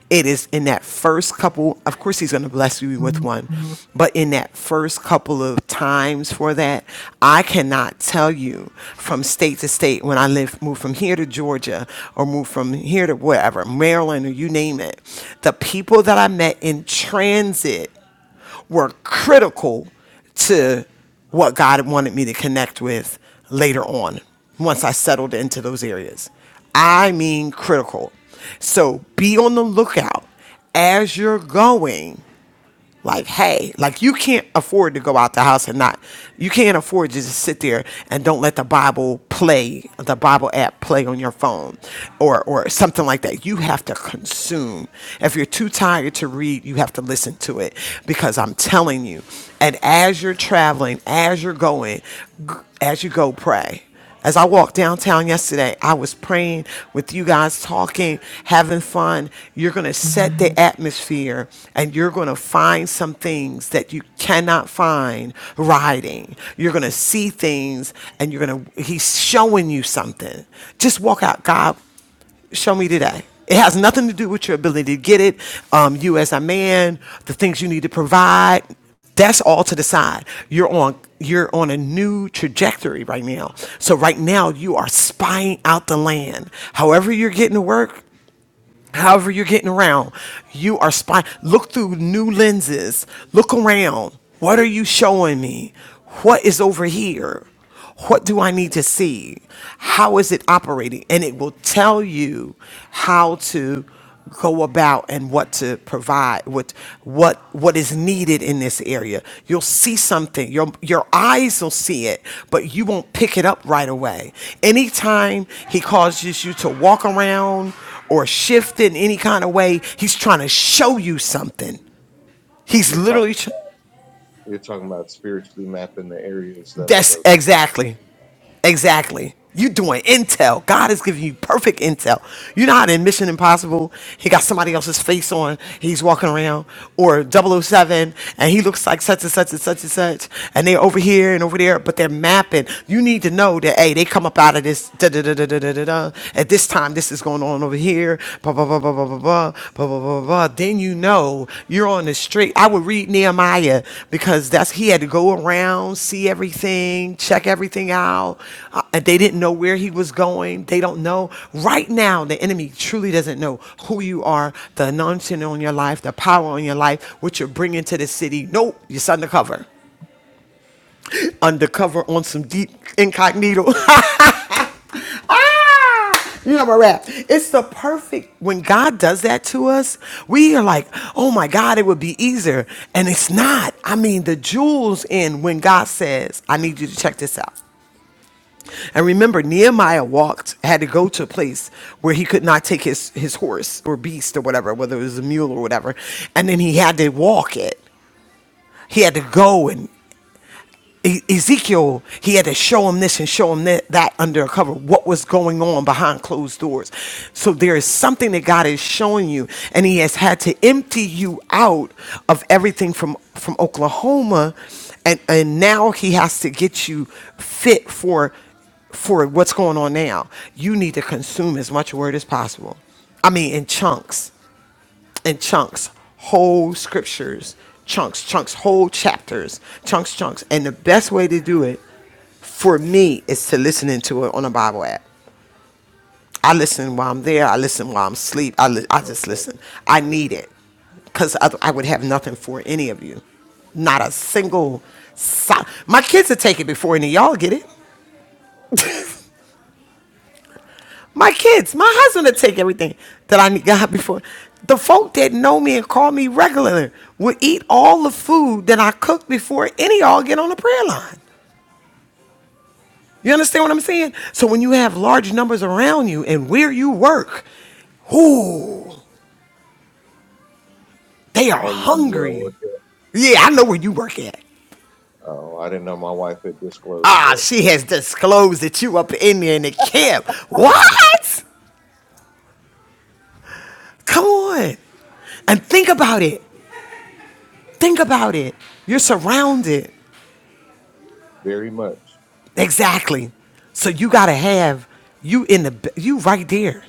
it is in that first couple. Of course, he's going to bless you with one, but in that first couple of times for that, I cannot tell you from state to state when I live, moved from here to Georgia or moved from here to wherever, Maryland or you name it, the people that I met in transit were critical to what God wanted me to connect with later on once I settled into those areas. I mean, critical. So be on the lookout as you're going like hey like you can't afford to go out the house and not you can't afford to just sit there and don't let the bible play the bible app play on your phone or or something like that you have to consume if you're too tired to read you have to listen to it because i'm telling you and as you're traveling as you're going g- as you go pray as I walked downtown yesterday, I was praying with you guys, talking, having fun. You're going to set the
Mhm.
atmosphere and you're going to find some things that you cannot find riding. You're going to see things and you're going to, he's showing you something. Just walk out. God, show me today. It has nothing to do with your ability to get it, um, you as a man, the things you need to provide. That's all to the side. You're on you're on a new trajectory right now. So right now you are spying out the land. However you're getting to work, however you're getting around you are spy look through new lenses look around what are you showing me what is over here what do i need to see how is it operating and it will tell you how to go about and what to provide what what what is needed in this area you'll see something your your eyes will see it but you won't pick it up right away anytime he causes you to walk around or shift in any kind of way he's trying to show you something he's
You're talking
literally tr-
you're talking about spiritually mapping the areas that I
that's
go
exactly Exactly. you doing intel. God is giving you perfect intel. You know how in Mission Impossible, he got somebody else's face on, he's walking around, or double oh 007, and he looks like such and such and such and such, and they're over here and over there, but they're mapping. You need to know that, hey, they come up out of this, da da da da da da da, da. at this time, this is going on over here, blah, blah, blah, blah, blah, then you know you're on the straight. I would read Nehemiah because that's he had to go around, see everything, check everything out. Uh, and they didn't know where he was going. They don't know. Right now, the enemy truly doesn't know who you are, the anointing on your life, the power on your life, what you're bringing to the city. Nope, you're undercover. Undercover on some deep incognito. ah, you know my rap. It's the perfect when God does that to us. We are like, oh my God, it would be easier, and it's not. I mean, the jewels in when God says, "I need you to check this out." And remember, Nehemiah walked, had to go to a place where he could not take his his horse or beast or whatever, whether it was a mule or whatever, and then he had to walk it. He had to go and E- Ezekiel, he had to show him this and show him that, that under cover, what was going on behind closed doors. So there is something that God is showing you, and He has had to empty you out of everything from, from Oklahoma, and, and now He has to get you fit for for what's going on now. You need to consume as much word as possible. I mean, in chunks in chunks, whole scriptures, chunks, chunks, whole chapters, chunks, chunks. And the best way to do it for me is to listen into it on a Bible app. I listen while I'm there. I listen while I'm asleep. I, li- I just
through.
listen. I need it because I, I would have nothing for any of you. Not a single. Si- My kids will take it before any of y'all get it. My kids, my husband would take everything that I need God before. The folk that know me and call me regularly would eat all the food that I cook before any of y'all get on the prayer line. You understand what I'm saying? So when you have large numbers around you and where you work, ooh, they are
Oh, you know where I
hungry.
work at?
Yeah, I know where you work at.
Oh, I didn't know my wife had disclosed
Ah,
that
she has disclosed that you up in there in the camp. What? Come on. And think about it. Think about it. You're surrounded.
very much.
Exactly. So you gotta have you in the you right there,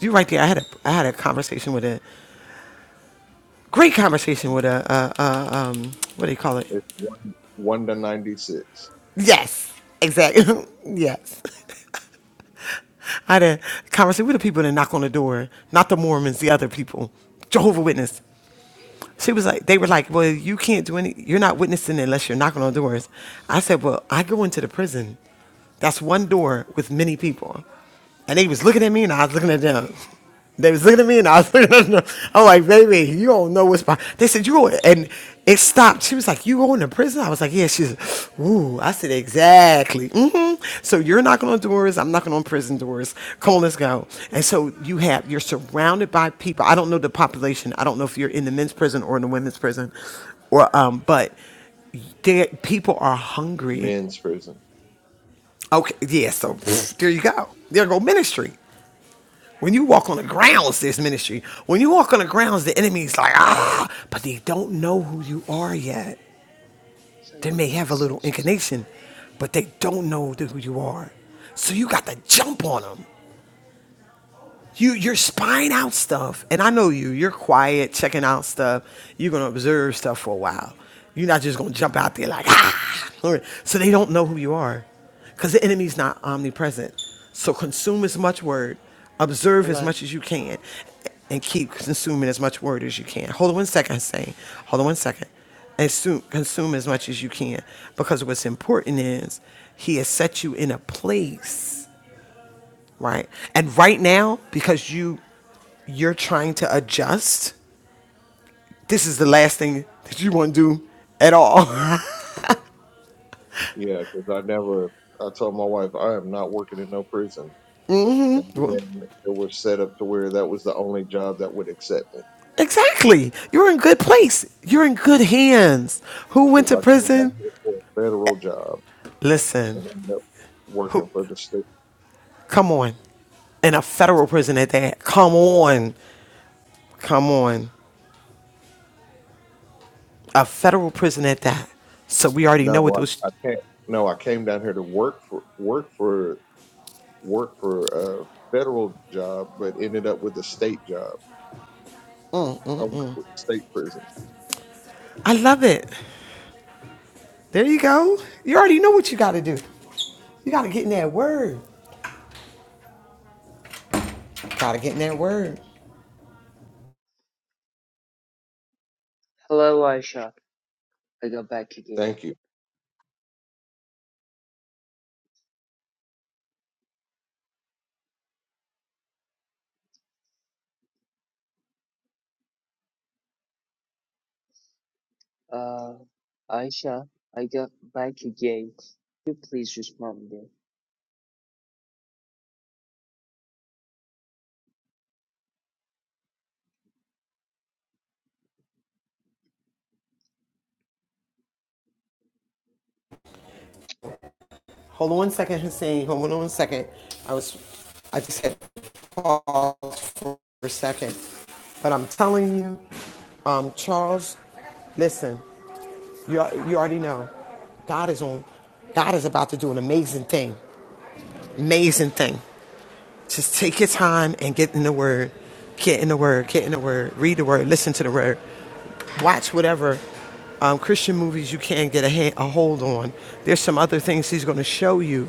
you right there. I had a I had a conversation with a great conversation with a, a, a um what do you call it?
It's one one to ninety six
Yes, exactly. yes, I had a conversation with the people that knock on the door, not the Mormons, the other people, Jehovah Witness. She was like, they were like, well, you can't do any. You're not witnessing unless you're knocking on doors. I said, well, I go into the prison. That's one door with many people, and they was looking at me, and I was looking at them. They was looking at me and I was looking at them. I'm like, baby, you don't know what's behind. They said, you going, and it stopped. She was like, you going to prison? I was like, yeah. She's, like, ooh. I said, exactly. hmm So you're knocking on doors. I'm knocking on prison doors. Come on, let's go. And so you have, you're surrounded by people. I don't know the population. I don't know if you're in the men's prison or in the women's prison or, um, but there, people are hungry.
men's prison.
Okay. Yeah. So pff, there you go. There go ministry. When you walk on the grounds, there's ministry. When you walk on the grounds, the enemy's like, ah, but they don't know who you are yet.
So
They
you're
may
the
have a little
exceptions.
inclination, but they don't know who you are. So you got to jump on them you you're spying out stuff and i know you you're quiet checking out stuff you're going to observe stuff for a while you're not just going to jump out there like ah so they don't know who you are because the enemy's not omnipresent so consume as much word observe as
Hello,
much as you can and keep consuming as much word as you can hold on one second saying hold on one second and su- consume as much as you can because what's important is he has set you in a place right? And right now, because you you're trying to adjust, this is the last thing that you want to do at all.
Yeah, because I never I told my wife I am not working in no prison, and
Well,
then it was set up to where that was the only job that would accept me
exactly. You're in good place. You're in good hands. Who went
because
to
I came down
prison?
here for a federal job
Listen.
and ended up
Who
working for the state.
come on. In a federal prison at that. Come on. Come on. A federal prison at that. So we already know what
No,
those
I, I can't. No, I came down here to work for work for work for a federal job, but ended up with a state job. I work with state prison.
I love it. There you go. You already know what you gotta do. You gotta get in that word. Gotta get in that word.
hello, Aisha. I got back again.
Thank you.
Uh, Aisha, I got back again. Could you please respond me?
Hold on one second, Hussein. Hold on one second. I was, I just had pause for a second, but I'm telling you, um, Charles, listen, you you already know, God is on, God is about to do an amazing thing, amazing thing. Just take your time and get in the Word, get in the Word, get in the Word, read the Word, listen to the Word. Watch whatever um, Christian movies you can get a, ha- a hold on. There's some other things he's going to show you,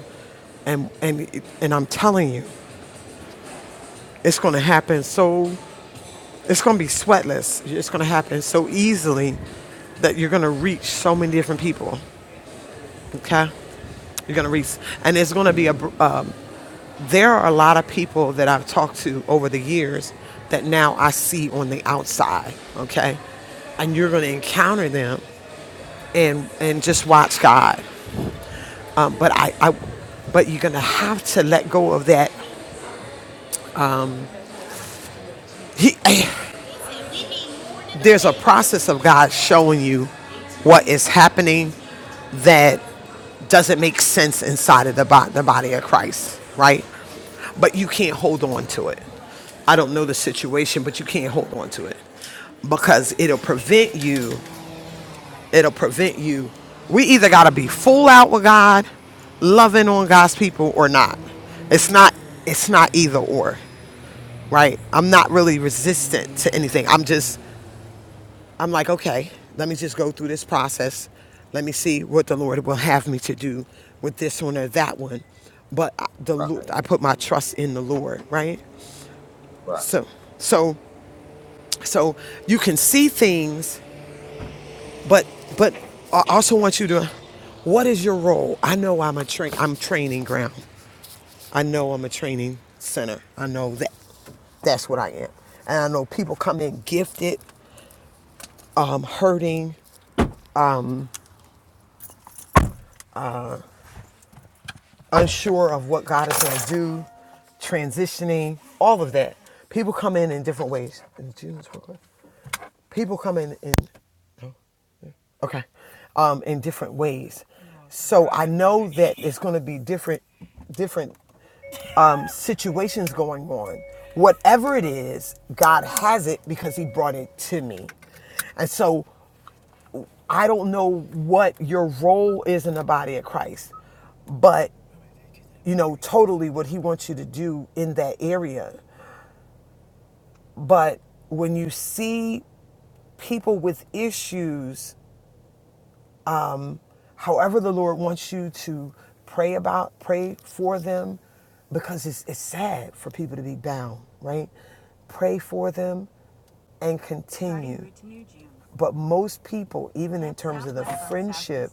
and and and I'm telling you, it's going to happen. So it's going to be sweatless. It's going to happen so easily that you're going to reach so many different people. Okay, you're going to reach, and it's going to be a. Um, there are a lot of people that I've talked to over the years that now I see on the outside. Okay, and you're going to encounter them and and just watch God Um, but I, I, but you're gonna have to let go of that. He, there's a process of God showing you what is happening that doesn't make sense inside of the, bo- the body of Christ, right? But you can't hold on to it. I don't know the situation, but you can't hold on to it because it'll prevent you. It'll prevent you. We either gotta be full out with God, loving on God's people, or not. It's not. It's not either or. right? I'm not really resistant to anything. I'm just, I'm like, okay, let me just go through this process. Let me see what the Lord will have me to do with this one or that one. But the
Right,
I put my trust in the Lord, right?
right.
So, so, so you can see things, but but I also want you to, what is your role? I know I'm a train, I'm training ground. I know I'm a training center. I know that. That's what I am. And I know people come in gifted. um, hurting, unsure of what God is going to do, transitioning, all of that. People come in in different ways. People come in in okay, um, in different ways. So I know that it's going to be different, different um, situations going on. Whatever it is, God has it because He brought it to me. And so I don't know what your role is in the body of Christ, but you know, totally what he wants you to do in that area. But when you see people with issues however the Lord wants you to pray about, pray for them, because it's, it's sad for people to be bound, right? Pray for them and continue. But most people, even in terms of the friendship,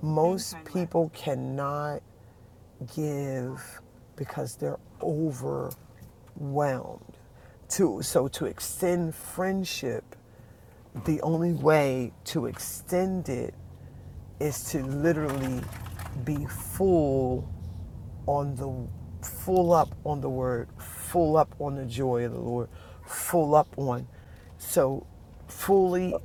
most people cannot give because they're overwhelmed. To, so to extend friendship, the only way to extend it is to literally be full on the full up on the word, full up on the joy of the Lord, full up on. So fully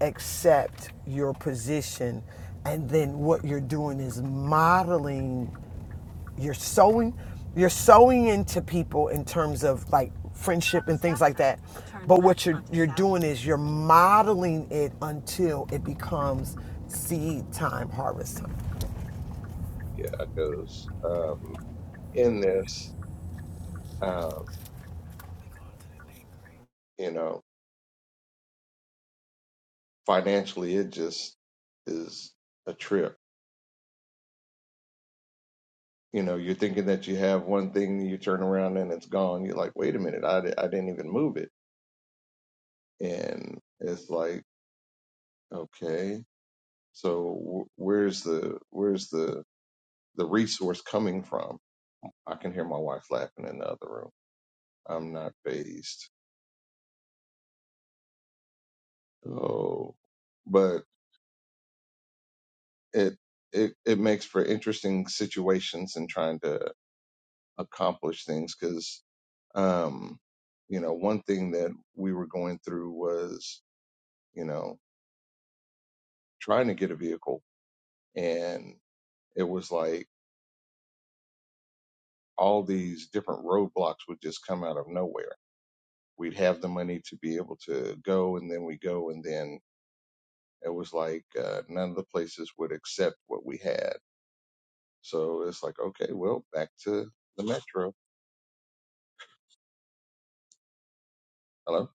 accept your position and then what you're doing is modeling you're sowing you're sowing into people in terms of like friendship and things like that but what you're you're doing is you're modeling it until it becomes seed time harvest time
Yeah, because um, in this, um, you know, financially, it just is a trip. You know, you're thinking that you have one thing, you turn around and it's gone. You're like, wait a minute, I, di- I didn't even move it, and it's like, okay. So wh- where's the where's the the resource coming from? I can hear my wife laughing in the other room. I'm not phased. Oh, but it it it makes for interesting situations in trying to accomplish things because um you know one thing that we were going through was you know trying to get a vehicle and it was like all these different roadblocks would just come out of nowhere we'd have the money to be able to go and then we go and then it was like uh, none of the places would accept what we had so it's like okay well back to the metro hello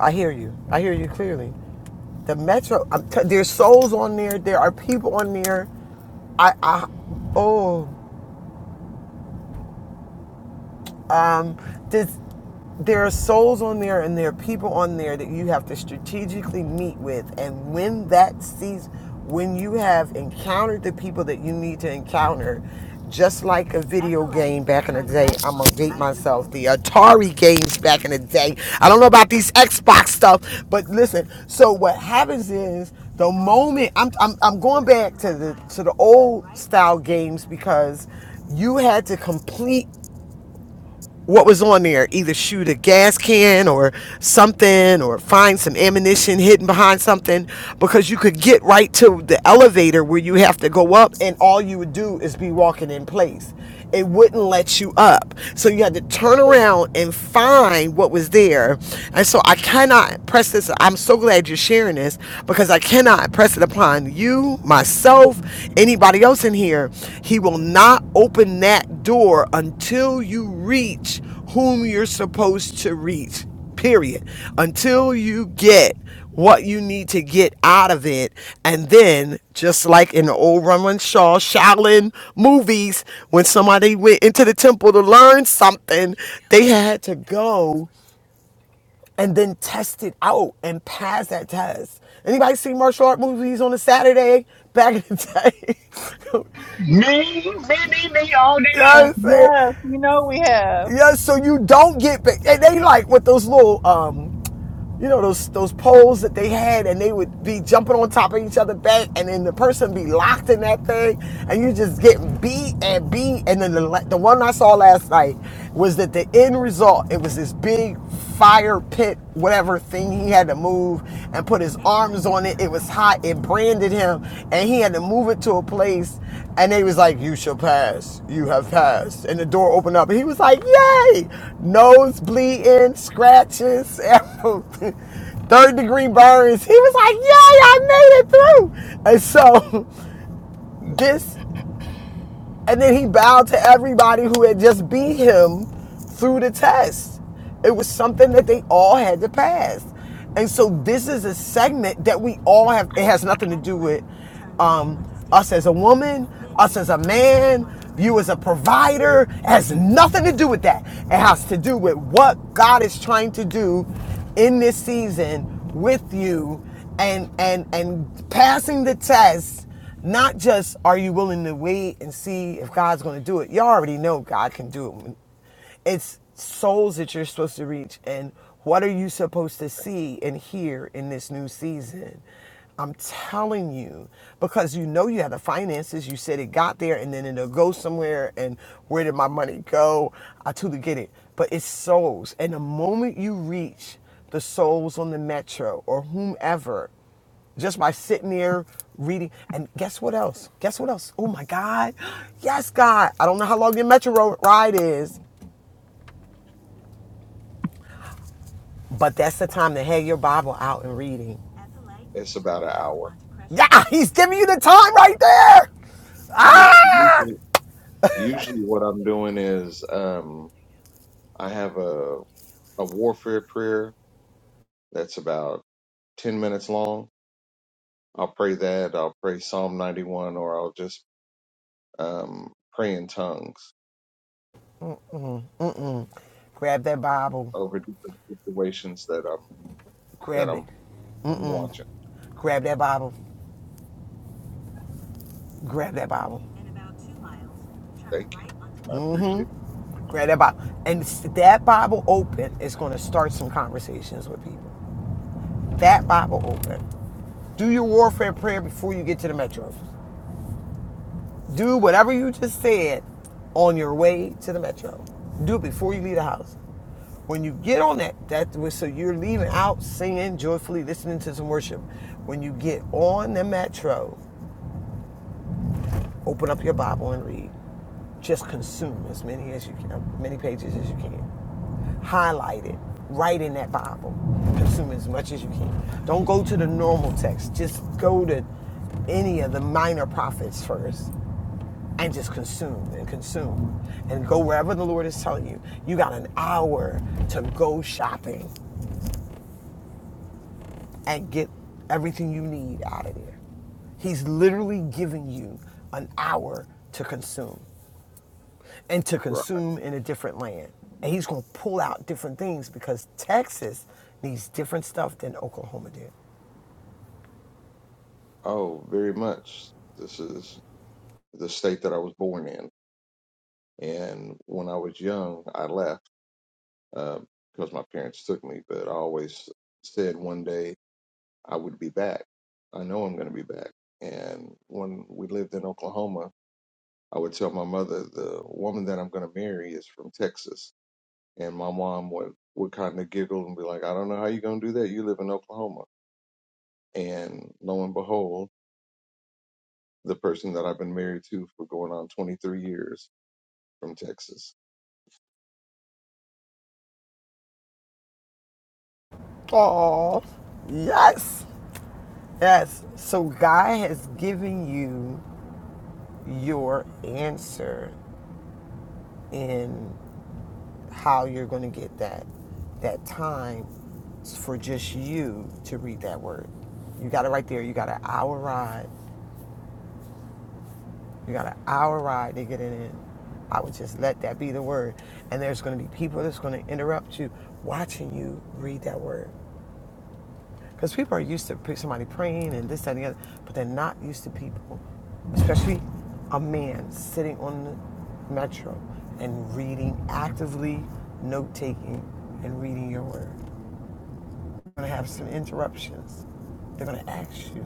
i hear you i hear you clearly the metro I'm t- there's souls on there there are people on there i i oh Um, does, there are souls on there and there are people on there that you have to strategically meet with. And when that sees, when you have encountered the people that you need to encounter, just like a video game back in the day, I'm gonna date myself. The Atari games back in the day. I don't know about these Xbox stuff, but listen. So what happens is the moment I'm I'm, I'm going back to the to the old style games because you had to complete what was on there either shoot a gas can or something or find some ammunition hidden behind something because you could get right to the elevator where you have to go up and all you would do is be walking in place it wouldn't let you up so you had to turn around and find what was there and so i cannot press this i'm so glad you're sharing this because i cannot press it upon you you, myself, anybody else in here, he will not open that door until you reach whom you're supposed to reach. Period. Until you get what you need to get out of it. And then, just like in the old Roman Shaw Shaolin movies, when somebody went into the temple to learn something, they had to go and then test it out and pass that test. Anybody see martial art movies on a Saturday back in the day?
Me, me, me, me all day
you know what I'm
long.
saying?
Yes, you know we have.
Yeah, so you don't get ba- and they like with those little um you know those those poles that they had and they would be jumping on top of each other back and then the person be locked in that thing and you just getting beat and beat and then the, the one I saw last night was that the end result it was this big fire pit whatever thing he had to move and put his arms on it, was hot. It branded him, and he had to move it to a place. And they was like, "You shall pass. You have passed." And the door opened up, and he was like, "Yay!" Nose bleeding, scratches, third degree burns. He was like, "Yay! I made it through." And so this and then he bowed to everybody who had just beat him through the test. It was something that they all had to pass. And so this is a segment that we all have, it has nothing to do with um, us as a woman, us as a man, you as a provider. It has nothing to do with that. It has to do with what God is trying to do in this season with you and and and passing the test not just are you willing to wait and see if God's going to do it. You already know God can do it. It's souls that you're supposed to reach. And what are you supposed to see and hear in this new season? I'm telling you, because you know you have the finances. You said it got there and then it'll go somewhere. And where did my money go? I totally get it. But it's souls. And the moment you reach the souls on the metro or whomever, just by sitting there reading. And guess what else? Guess what else? Oh my God. Yes, God. I don't know how long your metro ride is, but that's the time to have your Bible out and reading. At the light,
it's
turn
about an
left
hour
onto Crescent. Yeah, he's giving you the time right there.
yeah
Ah!
usually, usually what i'm doing is um i have a a warfare prayer that's about 10 minutes long i'll pray that i'll pray psalm 91 or i'll just um pray in tongues
Grab that Bible.
over different situations that i'm that
Grab it.
i'm i'm watching
Grab that Bible. Grab that Bible.
Thank you. I appreciate
Grab that Bible. And that Bible open is going to start some conversations with people. That Bible open. Do your warfare prayer before you get to the metro. Do whatever you just said on your way to the metro. Do it before you leave the house. When you get on that, that was so you're leaving out singing joyfully, listening to some worship. When you get on the metro, open up your Bible and read. Just consume as many as you can, many pages as you can. Highlight it. Write in that Bible. Consume as much as you can. Don't go to the normal text. Just go to any of the minor prophets first and just consume and consume and go wherever the Lord is telling you. You got an hour to go shopping and get everything you need out of there. He's literally giving you an hour to consume and to
you. Right.
consume in a different land. And he's going to pull out different things because Texas needs different stuff than Oklahoma did.
Oh, very much. This is the state that I was born in. And when I was young, I left um, because my parents took me, but I always said one day I would be back. I know I'm going to be back. And when we lived in Oklahoma, I would tell my mother, the woman that I'm going to marry is from Texas. And my mom would, would kind of giggle and be like, I don't know how you're going to do that. You live in Oklahoma. And lo and behold, the person that I've been married to for going on 23 years from Texas.
Oh, Yes. Yes. So God has given you your answer in how you're going to get that that time for just you to read that word. You got it right there. You got an hour ride. You got an hour ride to get it in. I would just let that be the word. And there's going to be people that's going to interrupt you watching you read that word. Because people are used to somebody praying and this, that, and the other, but they're not used to people, especially a man sitting on the metro and reading, actively note taking and reading your word. going to have some interruptions. They're going to ask you.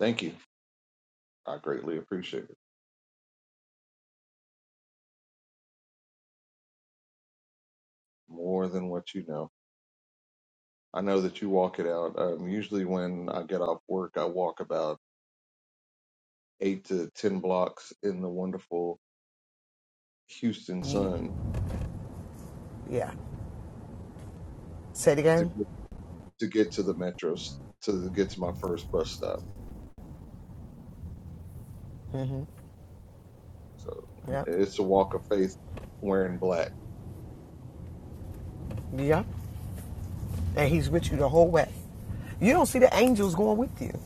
Thank you. I greatly appreciate it. More than what you know. I know that you walk it out. Um, usually, when I get off work, I walk about eight to 10 blocks in the wonderful Houston
Need,
sun
yeah. Say it
to
again.
get, to get to the metro, s- to get to my first bus stop. So
Yep.
it's a walk of faith wearing black.
Yep. And he's with you the whole way. You don't see the angels going with you.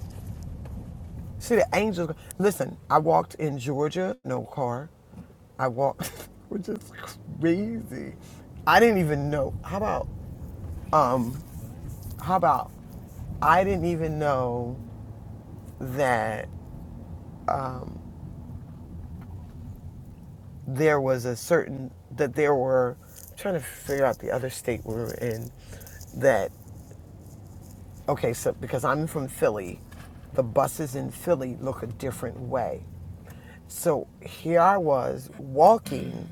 See the angels. Listen, I walked in Georgia, no car. I walked, which is crazy. I didn't even know. How about, um, how about, I didn't even know that um, there was a certain that there were I'm trying to figure out the other state we were in that okay so because I'm from Philly the buses in Philly look a different way so here I was walking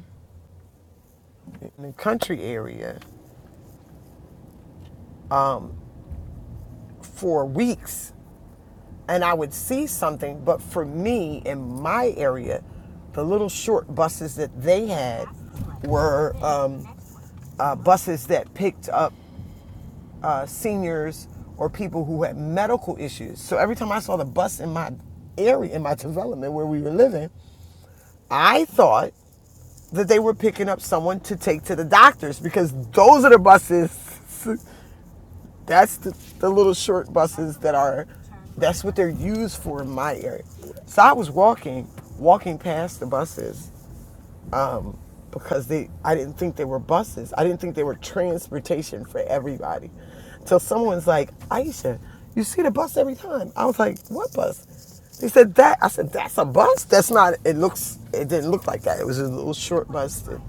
in the country area for weeks and I would see something but for me in my area the little short buses that they had were um, uh, buses that picked up uh, seniors or people who had medical issues. So every time I saw the bus in my area, in my development where we were living, I thought that they were picking up someone to take to the doctors because those are the buses. that's the, the little short buses that are, that's what they're used for in my area. So I was walking, walking past the buses, because they I didn't think they were buses. I didn't think they were transportation for everybody. Till someone's like, Aisha, you see the bus every time. I was like, what bus? They said that. I said, that's a bus? That's not it looks it didn't look like that. It was a little short bus. that-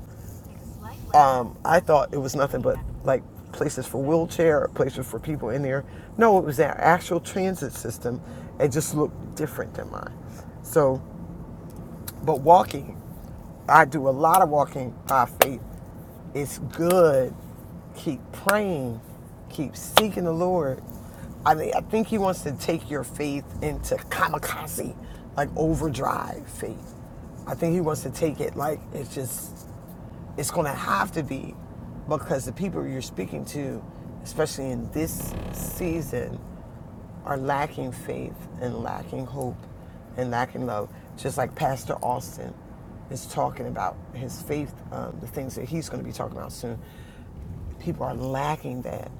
um, I thought it was nothing but like places for wheelchair, or places for people in there. No, it was their actual transit system. It just looked different than mine. So, but walking I do a lot of walking by faith. It's good. Keep praying. Keep seeking the Lord. I mean, I think He wants to take your faith into kamikaze, like overdrive faith. I think He wants to take it like it's just, it's going to have to be because the people you're speaking to, especially in this season, are lacking faith and lacking hope and lacking love, just like Pastor Austin is talking about his faith, um, the things that he's going to be talking about soon. People are lacking that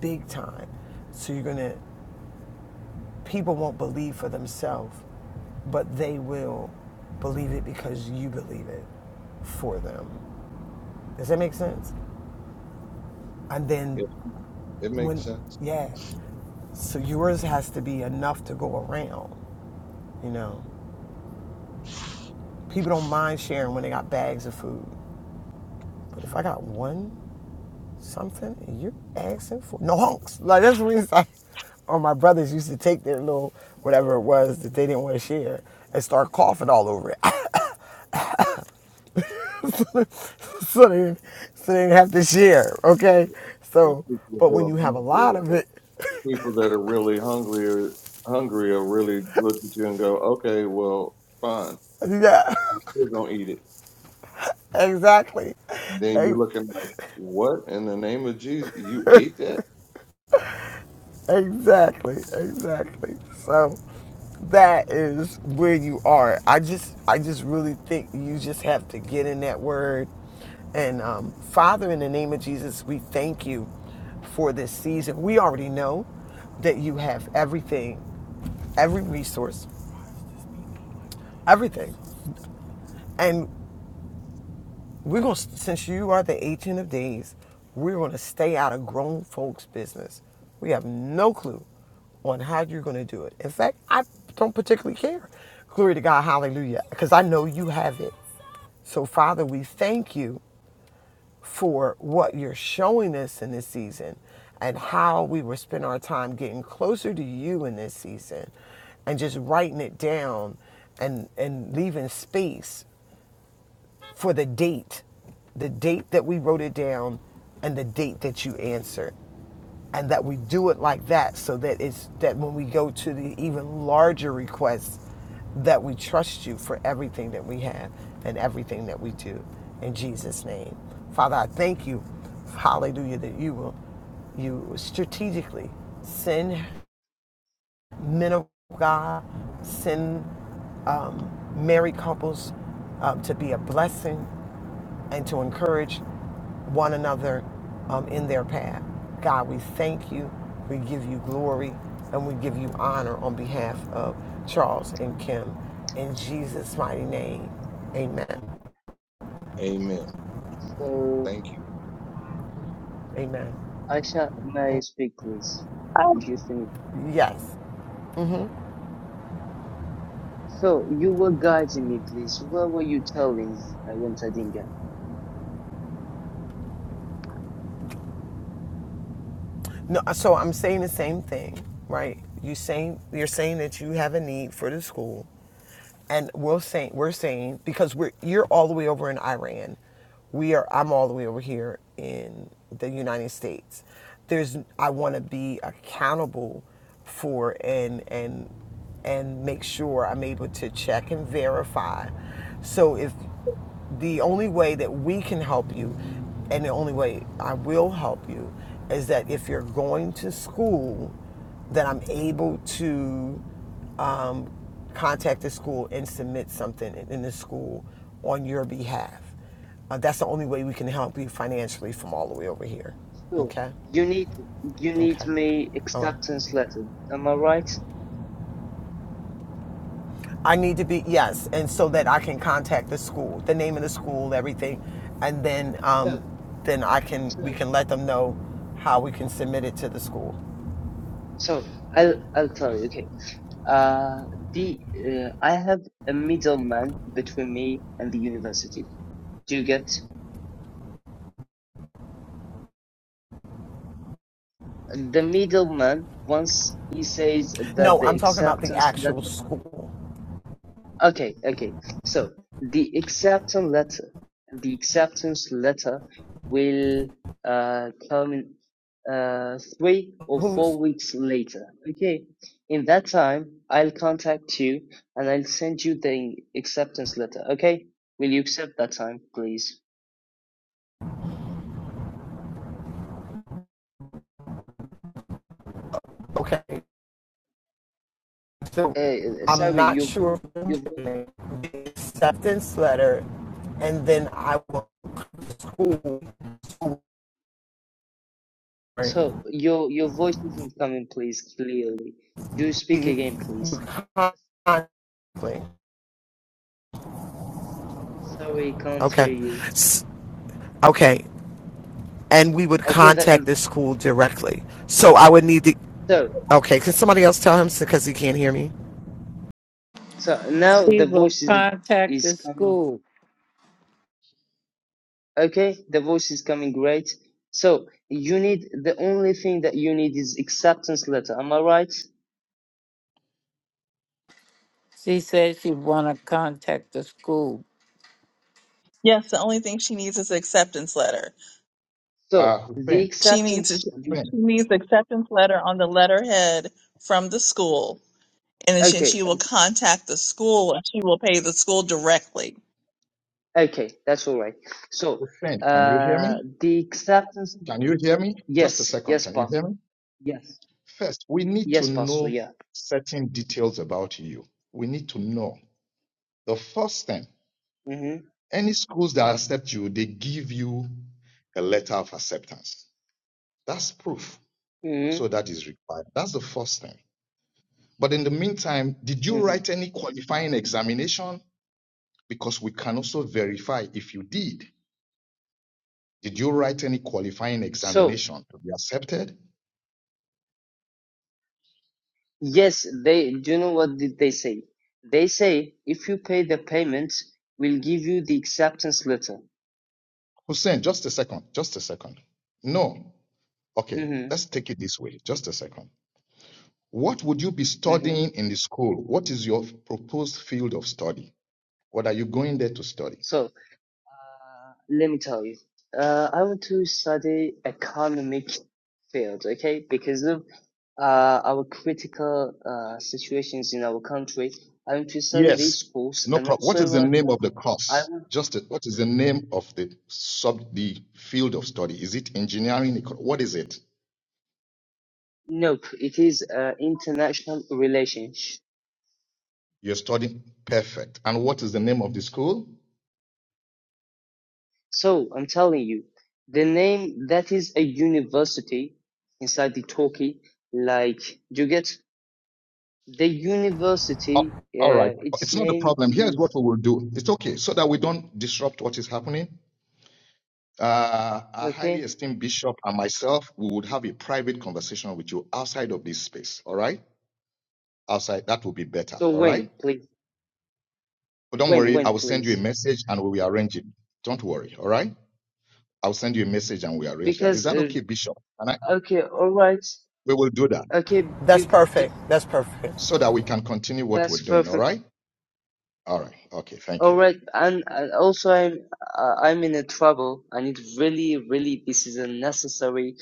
big time. So you're going to, people won't believe for themselves, but they will believe it because you believe it for them. Does that make sense? And then
It, it
when,
makes sense.
yeah, so yours has to be enough to go around, you know? People don't mind sharing when they got bags of food. But if I got one something and you're asking for no hunks. Like that's what it's like. Or my brothers used to take their little whatever it was that they didn't want to share and start coughing all over it. so they didn't, so they didn't have to share, okay?
The
So
people
but
who
when
are
you have a
hungry
lot of it,
people that are really hungry or hungry are really look at you and go, okay, well, fine,
yeah.
I'm still gonna eat it.
Exactly.
Then you're looking like, what in the name of Jesus? You ate that?
Exactly, exactly. So that is where you are. I just I just really think you just have to get in that word. And um, Father, in the name of Jesus, we thank you for this season. We already know that you have everything, every resource, everything. And We're going to, since you are the agent of days, we're going to stay out of grown folks' business. We have no clue on how you're going to do it. In fact, I don't particularly care. Glory to God, hallelujah, because I know you have it. So, Father, we thank you for what you're showing us in this season and how we will spend our time getting closer to you in this season and just writing it down and, and leaving space for the date, the date that we wrote it down and the date that you answered. And that we do it like that so that it's that when we go to the even larger requests, that we trust you for everything that we have and everything that we do. In Jesus' name. Father, I thank you, hallelujah, that you will you strategically send men of God, send um, married couples um, to be a blessing and to encourage one another um, in their path. God, we thank you, we give you glory, and we give you honor on behalf of Charles and Kim. In Jesus' mighty name, amen.
Amen.
So,
Thank you.
Amen.
Aisha, may I speak, please? Did you finish?
Yes.
So, you were guiding me, please. What were you telling me? I went, I didn't get. it.
No, so I'm saying the same thing, right? You saying you're saying that you have a need for the school, and we're saying we're saying because we're you're all the way over in Iran, we are I'm all the way over here in the United States. There's I want to be accountable for and and and make sure I'm able to check and verify. So if the only way that we can help you and the only way I will help you is that if you're going to school, that I'm able to um, contact the school and submit something in the school on your behalf. Uh, that's the only way we can help you financially from all the way over here.
So,
Okay?
you need, you need
Okay.
me
All right.
acceptance letter. Am I right?
I need to be yes, and so that I can contact the school, the name of the school, everything, and then
Sure,
um, then I can we
So,
can let them know how we can submit it to the school.
So, I'll, I'll tell you, okay. Uh, the, uh, I have a middleman between me and the university. Do you get? The middleman once he says that
No,
the
I'm talking about the
acceptance
actual
letter.
school.
Okay, okay. So the acceptance letter, the acceptance letter will uh, come in uh, three or
Who's
four weeks later. Okay. In that time, I'll contact you and I'll send you the acceptance letter. Okay. Will you accept that time, please?
okay? So
Uh,
I'm
sorry,
not
your have
sure
you
acceptance letter, and then I will school.
So your your voice isn't coming, please, clearly. Do speak again, please. Sorry, can't hear
Okay.
you.
Okay. and we would
Okay, that uh,
contact the school directly. So I would need to.
so
Okay, can somebody else tell him because he can't hear me?
so now
She
the
will
voice is
contact
is
the
coming.
school.
Okay, the voice is coming great. So you need the only thing that you need is acceptance letter. Am I right?
She said she want to contact the school.
Yes, the only thing she needs is an acceptance letter.
So
Uh,
the
Hussein,
She needs a,
acceptance.
she
The,
Hussein,
needs acceptance letter on the letterhead from the school, and then she,
okay,
she will contact the school and she will pay the school directly.
okay, that's all right. So
Hussein, can you hear
uh,
me?
the acceptance.
Can you hear me? Just a
Yes,
second.
yes,
Can you
pastor.
hear me?
Yes,
First, we need to
yes, pastor.
know
Yeah.
certain details about you. We need to know. The first thing,
Mhm.
any schools that accept you, they give you a letter of acceptance. That's proof.
Mhm.
So that is required. That's the first thing. But in the meantime, did you
Mhm.
write any qualifying examination? Because we can also verify if you did. Did you write any qualifying
So,
examination to be accepted?
yes, they do you know what did they say? They say if you pay the payment, we'll give you the acceptance letter.
Hussein, just a second, just a second. No. Okay,
Mm-hmm.
let's take it this way. Just a second. What would you be
Mm-hmm.
studying in the school? What is your proposed field of study? What are you going there to study?
So, uh, let me tell you. Uh, I want to study economic field, okay? Because of uh, our critical uh, situations in our country. I want to study
Yes.
these schools
No
and
problem. What
also
is the
uh,
name of the
I
course?
want,
Just a, what is the name of the sub the field of study? Is it engineering? What is it?
nope, it is uh, international relations.
You're studying perfect. And what is the name of the school?
So I'm telling you, the name that is a university inside the Turkey, like you get the
A-
university?
All right.
Uh, its
It's not a
name
problem. Here's what
is
we will do. It's okay so that we don't disrupt what is happening. Uh, our highly
okay.
esteemed bishop and myself, we would have a private conversation with you outside of this space. All right. Outside, that will be better.
So
All
when,
right.
please?
But don't
When,
worry.
when,
I will send you a
please?
message and we will arrange it. Don't worry. All right. I'll send you a message and we arrange that. Is
Because
that
uh,
okay, Bishop? And I,
okay, all right,
we will do that
okay,
That's
big,
perfect.
just,
That's perfect.
so that we can continue what we're
that's
doing. All
perfect.
right. All right. Okay. Thank
All
you.
right, and, and also I'm uh, I'm in a trouble. I need really, really. This is a necessary,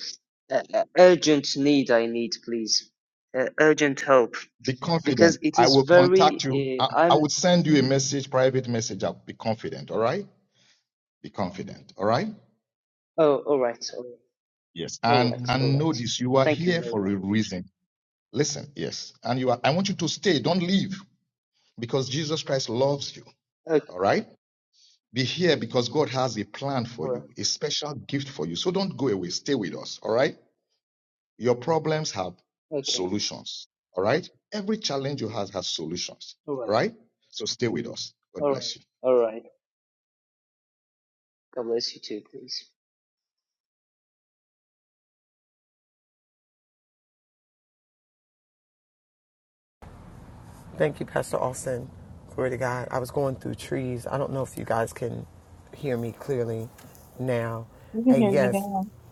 uh, uh, urgent need. I need, please, uh, urgent help.
Be confident.
because it
I
is
will contact you.
very
I,
uh,
I
un.
would send you a message, private message. I'll be confident. All right. Be confident. All right.
Oh, all right, all right,
Yes.
all right,
And
all
and know
right.
this. You are
Thank you
here
very
for
much.
a reason. Listen. Yes. And you are. I want you to stay. Don't leave because Jesus Christ loves you.
Okay,
All right. Be here because God has a plan for
all right,
you, a special gift for you. So don't go away. Stay with us. All right. Your problems have
okay,
solutions. All right. Every challenge you have has solutions.
all
All
right,
right. So stay with us. God
all right,
bless you.
all right. God bless you too, please.
Thank you, Pastor Austin. Glory to God. I was going through trees. I don't know if you guys can hear me clearly now.
We can
And
hear you
yes,
now.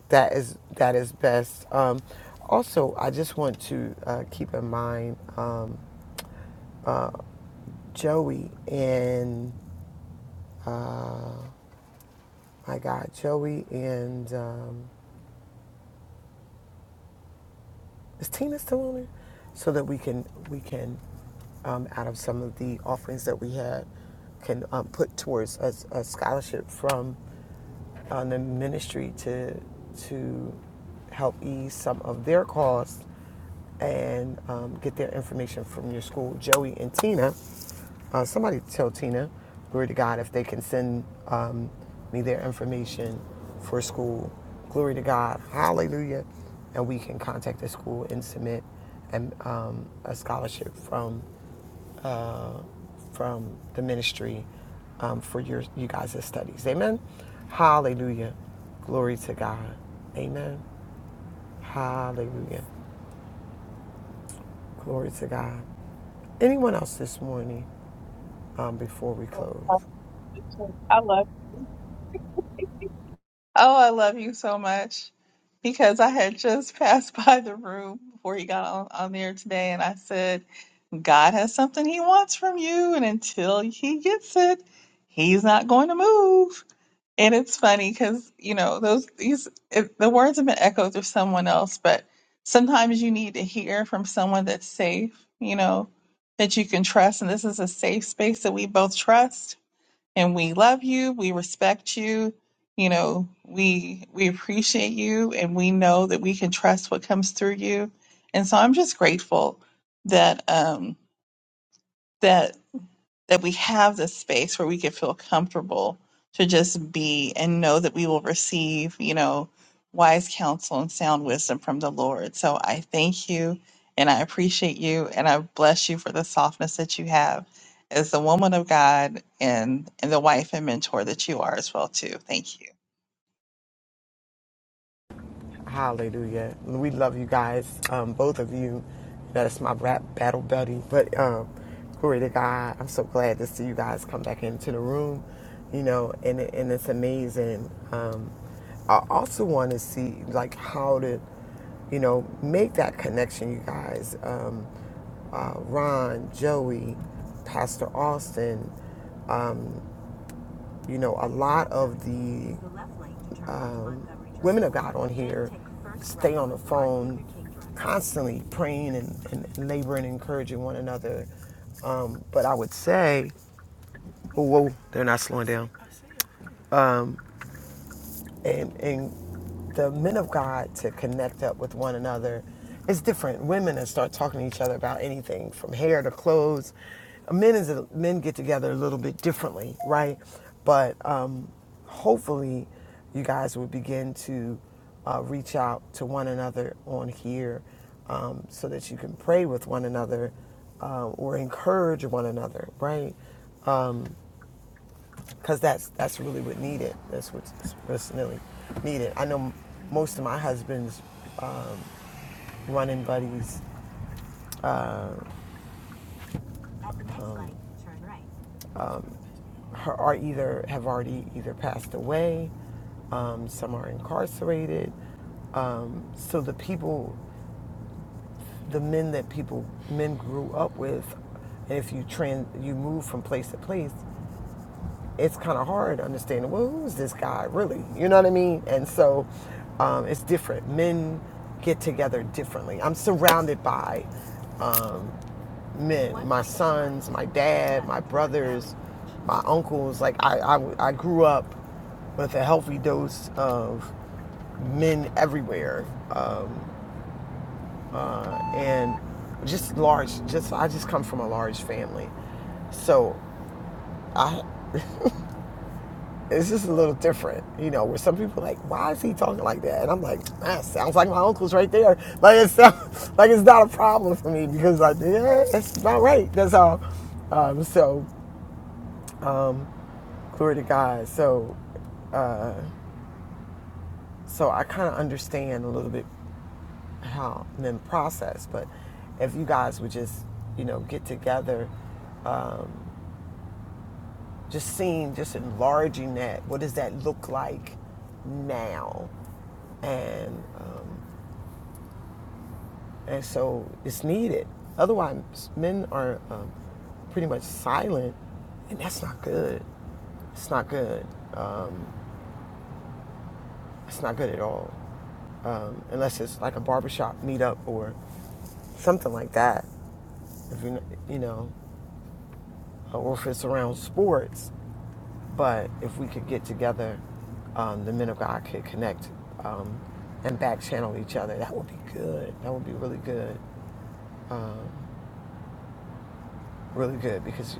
that is that is best. Um, also, I just want to uh, keep in mind um, Joey and uh, my God, Joey and um, Is Tina still on there? So that we can we can um, out of some of the offerings that we had can um, put towards a, a scholarship from on the ministry to to help ease some of their costs and um, get their information from your school. Joey and Tina, uh, somebody tell Tina, glory to God, if they can send um, me their information for school. Glory to God, hallelujah. And we can contact the school and submit and, um, a scholarship from uh, from the ministry um, for your you guys' studies. Amen. Hallelujah. Glory to God. Amen. Hallelujah. Glory to God. Anyone else this morning um, before we close?
Tasha. I love. Oh, I love you so much because I had just passed by the room before he got on, on there today, and I said, "God has something He wants from you, and until He gets it, He's not going to move." And it's funny because, you know, those these if the words have been echoed through someone else, but sometimes you need to hear from someone that's safe, you know, that you can trust. And this is a safe space that we both trust and we love you, we respect you, you know, we we appreciate you and we know that we can trust what comes through you. And so I'm just grateful that um that that we have this space where we can feel comfortable to just be and know that we will receive, you know, wise counsel and sound wisdom from the Lord. So I thank you and I appreciate you and I bless you for the softness that you have as the woman of God and and the wife and mentor that you are as well too. Thank you.
Hallelujah. We love you guys, um, both of you. That's my rap battle buddy. But um, glory to God. I'm so glad to see you guys come back into the room. You know, and and it's amazing. Um, I also want to see like how to, you know, make that connection, you guys. Um, uh, Ron, Joey, Pastor Austin. um, you know, a lot of the um, women of God on here stay on the phone constantly praying and, and laboring and encouraging one another. Um, but I would say, oh, whoa, they're not slowing down. and and the men of God to connect up with one another is different. Women that start talking to each other about anything from hair to clothes. Men is men get together a little bit differently, right? But um, hopefully, you guys will begin to uh, reach out to one another on here um, so that you can pray with one another um, or encourage one another, right? because that's that's really what needed. That's what's, what's really needed. I know most of my husband's um, running buddies are either have already either passed away, um, some are incarcerated. Um, so the people, the men that people men grew up with, and if you trans, you move from place to place, it's kind of hard understanding, well, who's this guy really? You know what I mean? And so um, it's different. Men get together differently. I'm surrounded by um, men, my sons, my dad, my brothers, my uncles. Like, I, I, I grew up with a healthy dose of men everywhere. Um, uh, and just large, just I just come from a large family. So I it's just a little different, you know, where some people are like, why is he talking like that? And I'm like, that sounds like my uncle's right there. Like it's not, like it's not a problem for me because like, yeah, that's about right. That's all. Um, so glory to God. So, so I kind of understand a little bit how men process, but if you guys would just, you know, get together, um, just seeing, just enlarging that, what does that look like now? And, um, And so it's needed. Otherwise, men are um, pretty much silent, and that's not good. It's not good. Um, it's not good at all. Um, unless it's like a barbershop meetup or something like that. If you you know, uh, or if it's around sports. But if we could get together, um, the men of God could connect um, and back channel each other. That would be good. That would be really good. Um, really good because,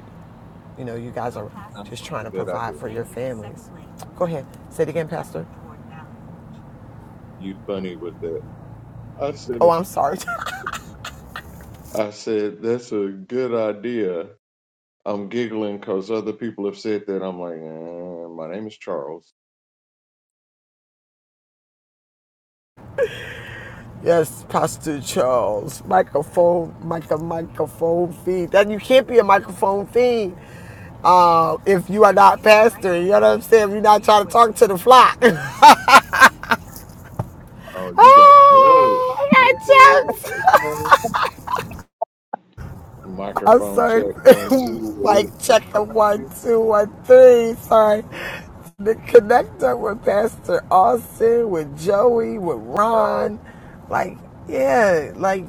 you know, you guys are
Sounds
just
like
trying to
a good
provide
idea.
for your families. Go ahead. Say it again, Pastor.
You funny with that? I said,
Oh, I'm sorry.
I said that's a good idea. I'm giggling because other people have said that. I'm like, eh, my name is Charles.
yes, Pastor Charles. Microphone, micro, microphone feed. That you can't be a microphone feed uh, if you are not pastor. You know what I'm saying? If you're not trying to talk to the flock.
Oh, you got Charles.
oh, I got jokes.
Okay, okay.
I'm
Microphone
sorry.
check one two. It
like
is.
check
I
the
got
one,
you.
two, one, three. Sorry. The connector with Pastor Austin, with Joey, with Ron. Like, yeah, like,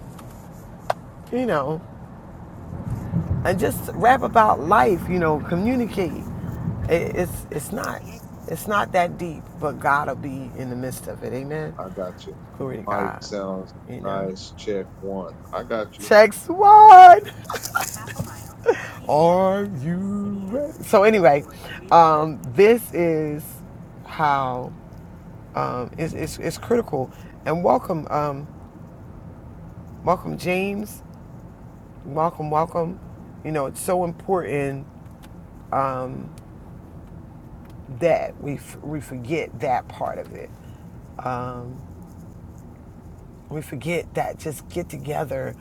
you know, and just rap about life, you know, communicate. It, it's it's not it's not that deep, but God'll be in the midst of it. Amen.
I got you.
Glory to
Mike
God.
sounds
You know.
nice. Check one. I got you.
Text one. Are you ready? So anyway, um, this is how um, it's, it's, it's critical. And welcome, um, welcome James, welcome, welcome. You know, it's so important um, that we f- we forget that part of it. Um, we forget that just get together,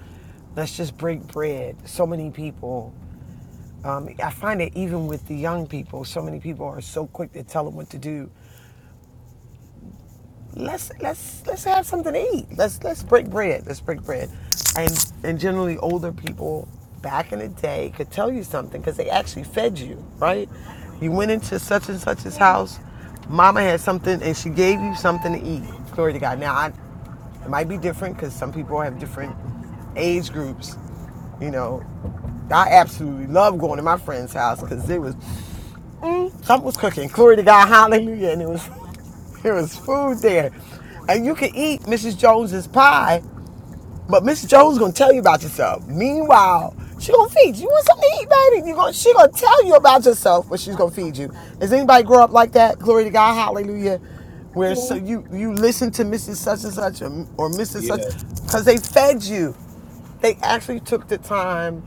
let's just break bread. So many people. Um, I find that even with the young people, so many people are so quick to tell them what to do let's let's let's have something to eat. Let's let's break bread. Let's break bread. And and generally older people back in the day could tell you something because they actually fed you, right? You went into such and such's house, mama had something and she gave you something to eat. Glory to God. Now I it might be different because some people have different age groups. You know, I absolutely love going to my friend's house because it was Something was cooking. Glory to God. Hallelujah. And it was there was food there. And you can eat Mrs. Jones's pie, but Mrs. Jones gonna tell you about yourself. Meanwhile, she gonna feed you. You want something to eat, baby? You gonna she gonna tell you about yourself, but she's gonna feed you. Does anybody grow up like that? Glory to God, hallelujah. Where so you you listen to Mrs. Such and Such or, or Mrs. Such
Yeah,
because they fed you. They actually took the time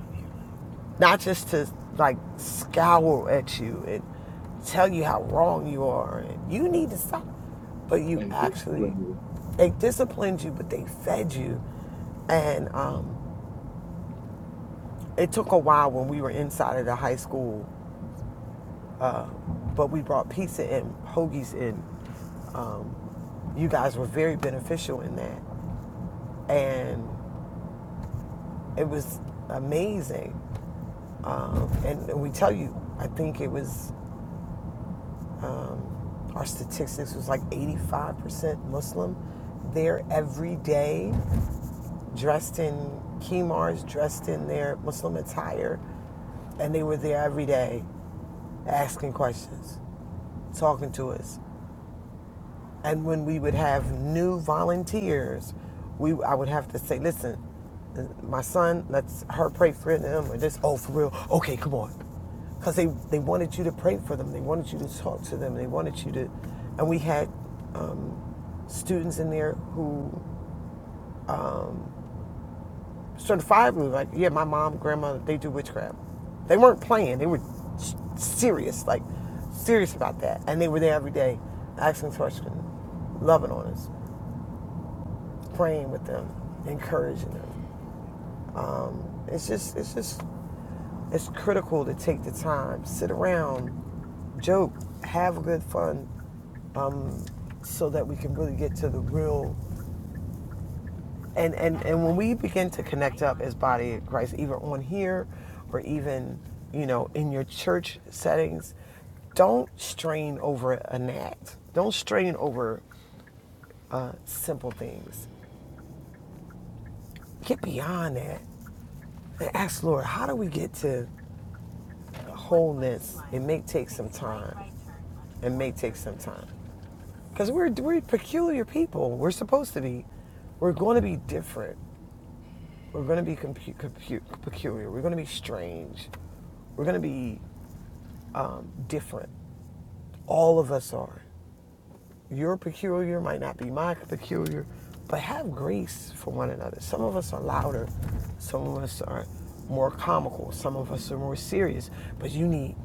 not just to like scowl at you and tell you how wrong you are and you need to stop. But you
and
actually,
discipline
they disciplined you, but they fed you. And um, it took a while when we were inside of the high school, uh, but we brought pizza and hoagies in. Um, you guys were very beneficial in that. And it was amazing. Um, and we tell you, I think it was um, our statistics was like 85% Muslim. They're every day dressed in kimars, dressed in their Muslim attire, and they were there every day asking questions, talking to us. And when we would have new volunteers, we I would have to say, listen, my son, let's her pray for them or this. Oh, for real? Okay, come on. Because they, they wanted you to pray for them. They wanted you to talk to them. They wanted you to, and we had um, students in there who certifiably, like, yeah, my mom, grandma, they do witchcraft. They weren't playing. They were s- serious, like serious about that. And they were there every day asking questions, loving on us. praying with them, encouraging them. Um, it's just, it's just, it's critical to take the time, sit around, joke, have a good fun, um, so that we can really get to the real. And, and and when we begin to connect up as body of Christ, either on here or even you know in your church settings, don't strain over a gnat. Don't strain over uh, simple things. Get beyond that and ask Lord, how do we get to wholeness, it may take some time. It may take some time because we're we're peculiar people. We're supposed to be. We're going to be different. We're going to be compu- compu- peculiar. We're going to be strange. We're going to be um, different. All of us are. Your peculiar might not be my peculiar, but have grace for one another. Some of us are louder. Some of us are more comical. Some of us are more serious. But you need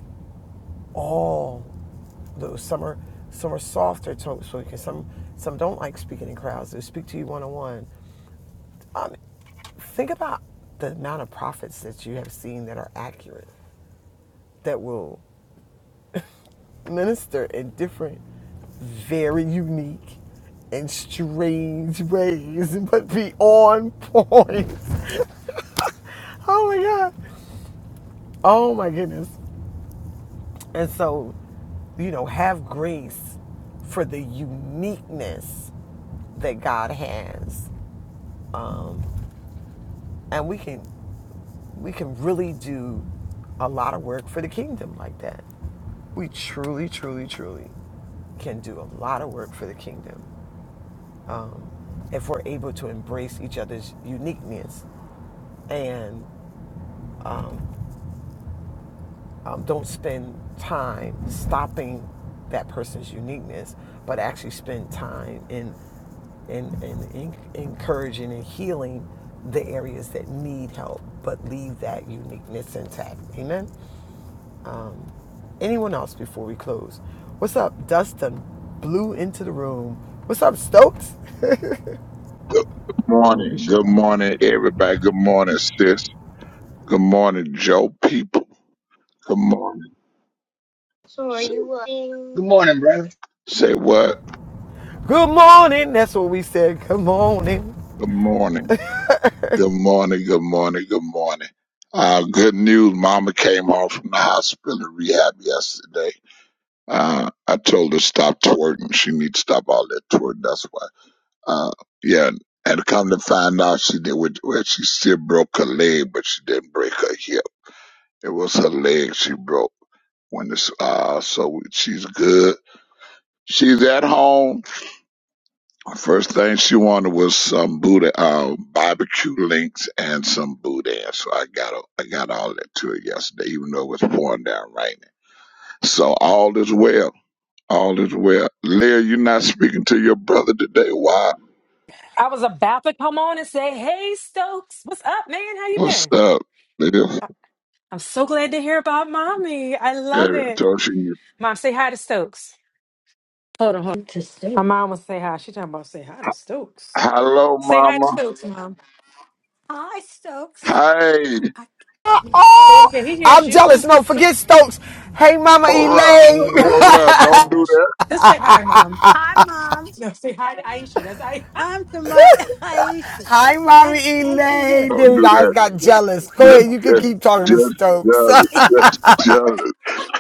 all those. Some are some are softer to speaking. Some some don't like speaking in crowds. They speak to you one on one. Um, think about the amount of prophets that you have seen that are accurate, that will minister in different, very unique, and strange ways, but be on point. Oh my God. Oh my goodness. And so, you know, have grace for the uniqueness that God has Um, and we can we can really do a lot of work for the kingdom like that we truly truly truly can do a lot of work for the kingdom um, if we're able to embrace each other's uniqueness and um, don't spend time stopping that person's uniqueness but actually spend time in in and en- encouraging and healing the areas that need help, but leave that uniqueness intact. Amen. um, anyone else before we close. What's up, Dustin? Blew into the room. What's up, Stokes?
Good
Hello,
morning.
Bishop.
Good
Huh?
morning, everybody. Good morning, sis. Good morning, Joe people. Good morning.
So are
Say
you uh, Good morning, brother.
say what?
Good morning. That's what we said. Good morning.
Good morning. Good morning. Good morning. Good morning. Uh, good news. Mama came home from the hospital and rehab yesterday. Uh, I told her stop twerking. She needs to stop all that twerking. That's why. Uh, yeah. And come to find out, she did. Well, she still broke her leg, but she didn't break her hip. It was her leg she broke. when this uh so she's good she's at home first thing she wanted was some booty uh barbecue links and some boudin so i got a- i got all that to her yesterday even though it was pouring down raining so all is well all is well leah you're not speaking to your brother today why
I was about to come on and say, "Hey, Stokes, what's up, man? How you
what's
been?"
up leah
I- I'm so glad to hear about mommy. I love
Yeah, i
it.
told you
Mom, say hi to Stokes. Hold on, hold on. Just do. My mom was say hi. She talking about say hi to Stokes.
hello
Say hi to
mama
Stokes, mom. Hi, Stokes. I,
hey
I, Say it
Oh,
again. He hears
I'm
you.
jealous. No, forget Stokes. Hey, Mama
hold up
Elaine.
Lord,
hold
oh
up don't do
gosh.
that
Just say hi, mom. hi, Mom. No, say hi to Aisha. That's I. I'm to my Aisha
Hi, Mama
and and to
Elaine.
you.
There
don't
you go.
do
I
that
got
Yeah.
jealous. Go
Just,
ahead. You
That's
can
just,
crazy.
keep talking to
just
Stokes.
jealous. Just jealous.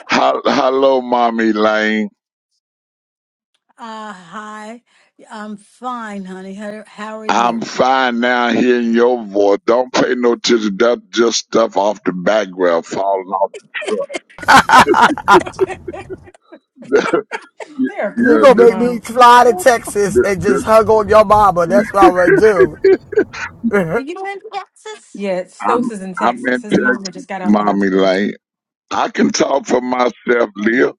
Hel- Hello, mommy Lane.
Uh, hi. I'm fine, honey. How, how are
I'm
you?
fine now hearing your voice. Don't pay no attention. That's just stuff off the background falling off the truck.
They're
you
yeah,
going to
crazy.
this,
make me fly to Texas
this,
and
this,
just hug on your mama. That's what I'm going to do.
Were you in Texas? Yeah,
I'm,
Stokes is in
I'm
Texas.
in
His mama
Texas,
just got out of the
mommy
hospital.
Lane. I can talk for myself, Leah.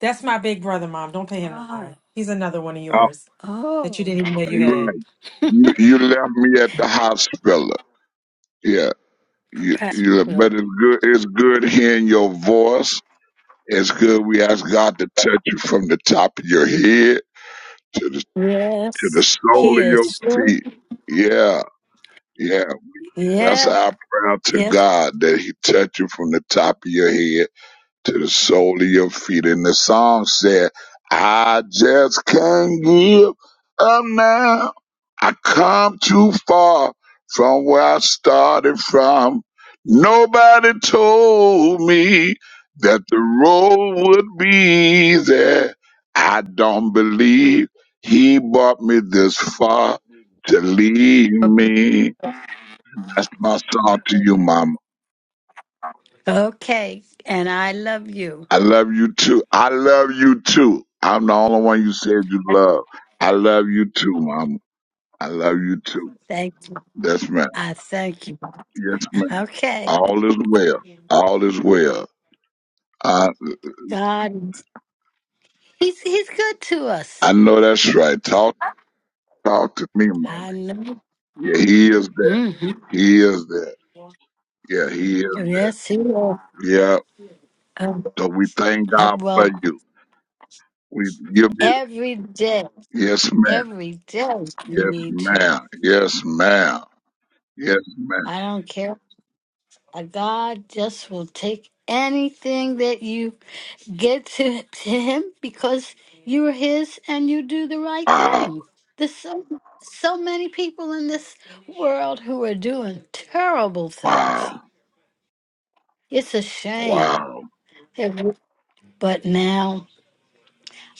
That's my big brother, mom. Don't pay him no mind. Oh, He's another one of
Uh,
yours that you oh, didn't even know you
you're right.
had.
You, you left me at the hospital. Yeah. You,
crap.
you, but
Well,
it's good. It's good hearing your voice It's good we ask God to touch you from the top of your head to the to the
Yes,
sole
he
of your
is.
feet. Yeah, yeah. That's
Yeah,
our prayer to
yes.
God that He touch you from the top of your head to the sole of your feet. And the song said, I just can't give up now. I come too far from where I started from. Nobody told me that the road would be there. I don't believe he brought me this far to leave me. That's my song to you, Mama.
Okay, and I love you.
I love you too. I love you too. I'm the only one you said you love. I love you too, Mama. I love you too.
Thank you.
Yes, ma'am.
I thank you.
Yes, ma'am.
Okay,
All is well. All is well. I
God, he's he's good to us.
I know that's right. Talk talk to me, Mama.
I know.
Yeah, he is there.
hmm
He is there. Yeah, he is
Yes, he will.
there. Yeah.
Um,
So we thank
uh,
God for
well,
you. We you be
every day,
yes, ma'am.
every day you
Yes,
need to.
ma'am. Yes, ma'am. Yes, ma'am.
I don't care. Uh, God just will take anything that you get to, to Him because you're His and you do the right
Wow.
thing. There's so, so many people in this world who are doing terrible things.
Wow.
It's a shame.
Wow.
It- But now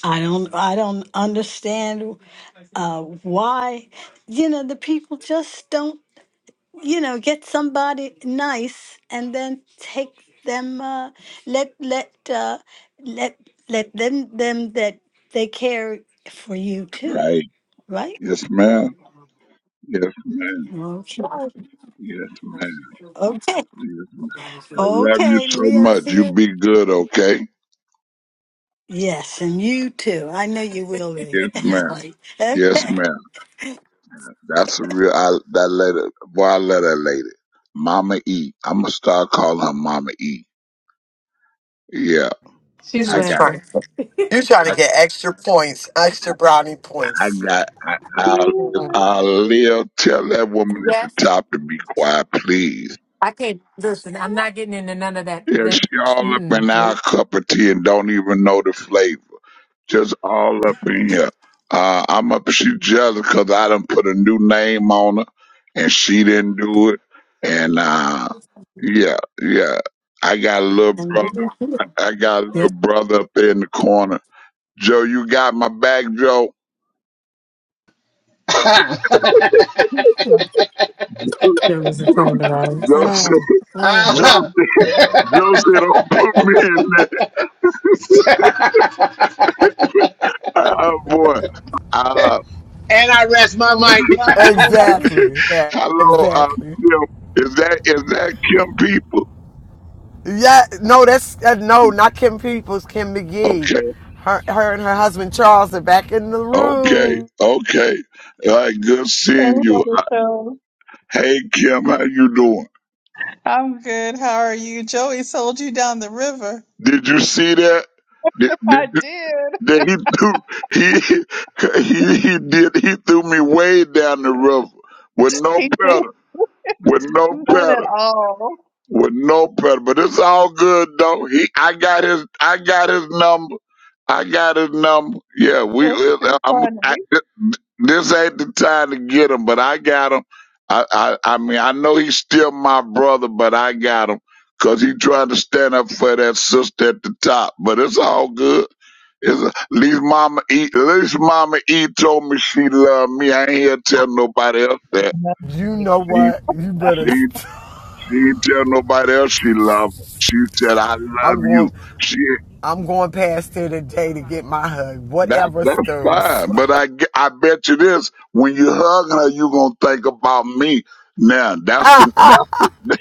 I don't I don't understand. uh, why you know the people just don't you know get somebody nice and then take them uh, let let uh, let let them them that they care for you too
Right.
right
Yes, ma'am. Yes, ma'am.
okay
Yes, ma'am.
okay
Yes, ma'am. I love you
okay
so
leah's
much. You
here
be good, okay?
yes and you too i know you will be
Yes,
Yeah,
ma'am.
right.
Yes,
okay
ma'am. That's a real. I that lady. Boy, I love that lady. Mama E. I'm gonna start calling her Mama E. Yeah.
You are
She's
I
just
got.
laughing.
trying. You are trying to
I,
get extra points, extra brownie
I
points.
got. I, I'll. I'll live. Tell that woman at
Yes,
the top to be quiet, please.
I can't listen. I'm not into that.
Yeah, she
That.
all up
Mm-mm.
in our
Nope.
cup of tea and don't even know the flavor. just all up in here. Uh, I'm up. She jealous because I done put a new name on her, and she didn't do it. And uh, yeah, yeah. I got a little brother. I got a little brother up there in the corner. Joe, you got my back, Joe.
There was a
Joe,
friend of ours.
Joe, said-
Oh, mm.
Joe,
Uh-huh.
said- Joe said, "Don't put me in there." Oh boy. Uh,
and I rest my mic.
Exactly. Yeah,
hello, uh,
exactly.
Kim. Is that is that Kim people?
Yeah, no, that's uh, no, not Kim Peoples, Kim McGee.
Okay.
Her, her and her husband Charles are back in the
Okay,
room.
okay. All right, good seeing you. Hey Kim, how you doing?
I'm good. How are you? Joey sold you down the river.
Did you see that? Did, did,
I did.
did he threw he, he he did he threw me way down the river with no
He did.
paddle. with no
Not at
paddle.
all.
with no pressure. But it's all good though. He, I got his, I got his number. I got his number. Yeah, we.
That's
it-
too
I'm. I,
funny.
this ain't the time to get him, but I got him. I, I, I mean, I know he's still my brother, but I got him because he trying to stand up for that sister at the top. But it's all good. It's, at least Mama E, at least Mama E told me she loved me. I ain't here to tell nobody else that.
You know what? You better. St-
She didn't tell nobody else she loved 'em. She said, "I love
I'm
you."
going.
She
I'm going past here today to get my hug.
that
Whatever,
that's
Stokes.
fine, but I ge- I bet you this: when you hug her, you gonna think about me. Now that's the that's the.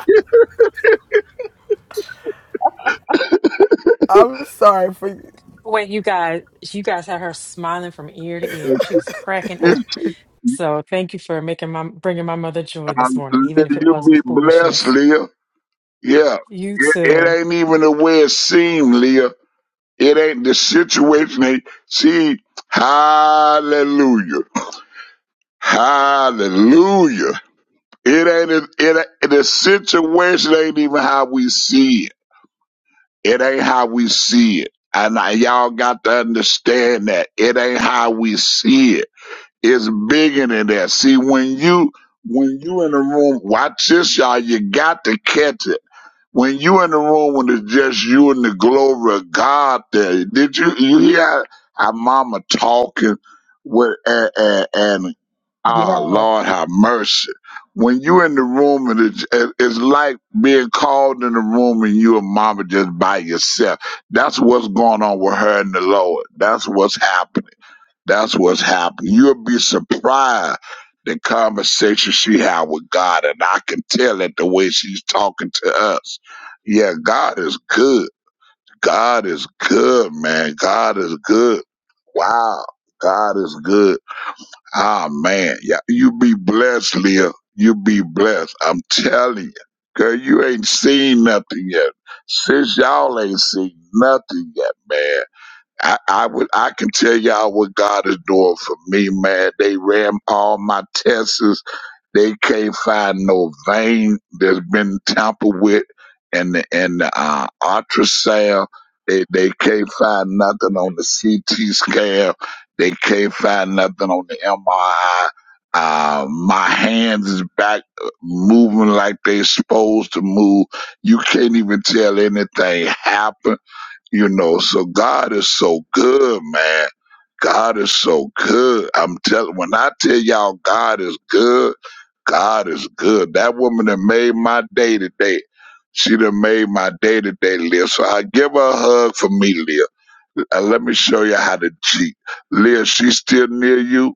I'm sorry for you.
Wait, you guys, you guys had her smiling from ear to ear. She was cracking up.
It's-
So thank you for making my bringing my mother joy
I,
this morning,
Leah,
even if it
you
was
be
with
blessed,
foolishness.
Leah. Yeah,
You
it, it
too.
ain't even the way it seemed, Leah. It ain't the situation. They see, hallelujah, hallelujah. It ain't it, it the situation ain't even how we see it. It ain't how we see it. And I, y'all got to understand that it ain't how we see it. It's bigger than that. See, when you when you in the room, watch this, y'all. You got to catch it. When you in the room when it's just you and the glory of God there, did you you hear our mama talking with and, and, and ah Lord have mercy. When you in the room and it's, it- it's like being called in the room and you and mama just by yourself. That's what's going on with her and the Lord. That's what's happening. That's what's happening. You'll be surprised the conversation she had with God, and I can tell it the way she's talking to us. Yeah, God is good. God is good, man. God is good. Wow, God is good. Ah, man, yeah, you be blessed, Leah. You be blessed. I'm telling you, girl, you ain't seen nothing yet. Since y'all ain't seen nothing yet, man. I, I would I can tell y'all what God is doing for me, man. They ran all my tests. They can't find no vein that's been tampered with and the and the uh, ultrasound. They they can't find nothing on the CT scan. They can't find nothing on the MRI. Uh, my hands is back uh, moving like they supposed to move. You can't even tell anything happened you know, so God is so good, man. God is so good. I'm telling when I tell y'all God is good, God is good. That woman that made my day today. She done made my day today, Leah. So I give her a hug for me, Leah. And let me show you how to cheat. Leah, she still near you?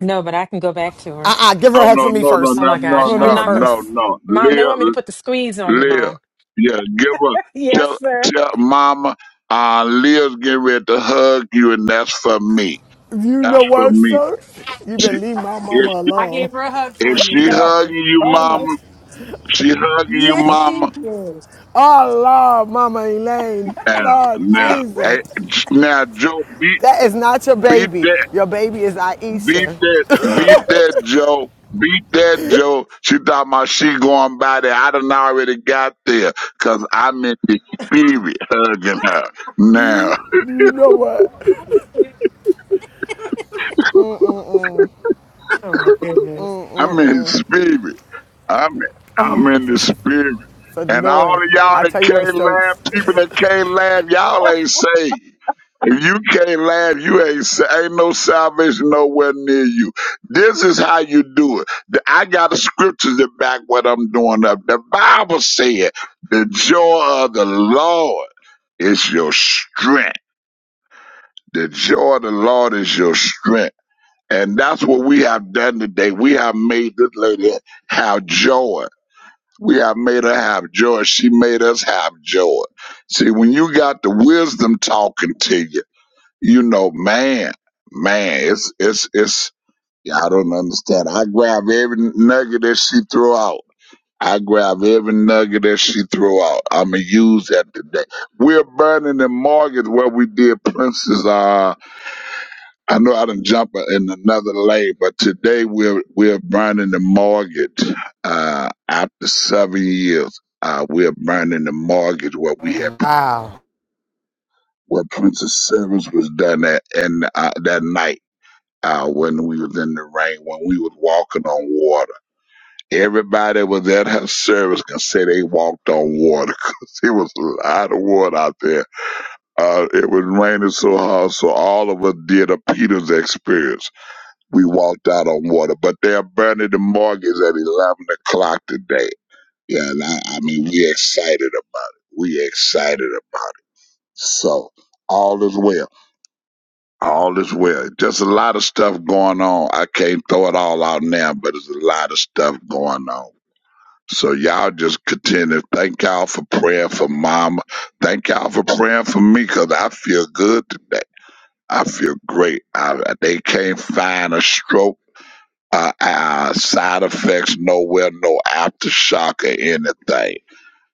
No, but I can go back to her.
Uh-uh, give her
No,
a hug for
no,
me
no, no,
first.
Oh
no,
my gosh,
For
I'm
me
no, no,
not. go-
no,
first.
no.
Mom, they want me
Leah,
to put the squeeze on you,
Leah.
Mom.
Yeah, give her tell
Yes, sir.
tell mama uh Leah's getting ready to hug you and that's for me.
You
That's
know
for
what,
me.
Stokes? You
She,
better leave my mama
if
I
alone.
gave her a hug
if
for you.
she
That is
hugging you
funny.
mama, she hugging you
Yes, she
mama
did.
Oh Lord, Mama Elaine,
and
Lord
now eh,
Jesus.
now Joe beat
That is not your
beat
baby.
that
Your baby is
beat
Aisha.
that beat that Joe Beat that, Joe. She thought my she going by there. I done already got there 'cause I'm in the spirit hugging her now.
You you know what?
Oh my goodness.
I'm in the spirit. I'm I'm in the
This is
spirit.
so
And all
annoying.
of y'all
I
that
tell you what,
can't laugh,
Stokes.
people that can't laugh, y'all ain't saved. If you can't laugh, you ain't sa- ain't no salvation nowhere near you. This is how you do it. The- I got the scriptures that back what I'm doing up. The Bible said, "The joy of the Lord is your strength. The joy of the Lord is your strength." And that's what we have done today. We have made this lady have joy. We have made her have joy. She made us have joy. See, when you got the wisdom talking to you, you know, man, man, it's it's it's. yeah, I don't understand. I grab every nugget that she throw out. I grab every nugget that she throw out. I'ma use that today. We're burning the mortgage where we did Princess. uh, I know I done jump in another lane, but today we're we're burning the mortgage. Uh, after seven years, uh, we're burning the mortgage where we had
Wow.
where Princess Service was done at and uh, that night. Uh, when we was in the rain, when we was walking on water, everybody was at her service can say they walked on water because it was a lot of water out there. Uh, it was raining so hard, so all of us did a Peter's experience We walked out on water, but they're burning the mortgage at 11 o'clock today. Yeah, and I, I mean, we excited about it. We excited about it. So all is well. All is well. Just a lot of stuff going on. I can't throw it all out now, but there's a lot of stuff going on. So y'all just continue. Thank y'all for praying for mama. Thank y'all for praying for me because I feel good today. I feel great. I, they can't find a stroke. uh, uh, side effects nowhere, no aftershock or anything.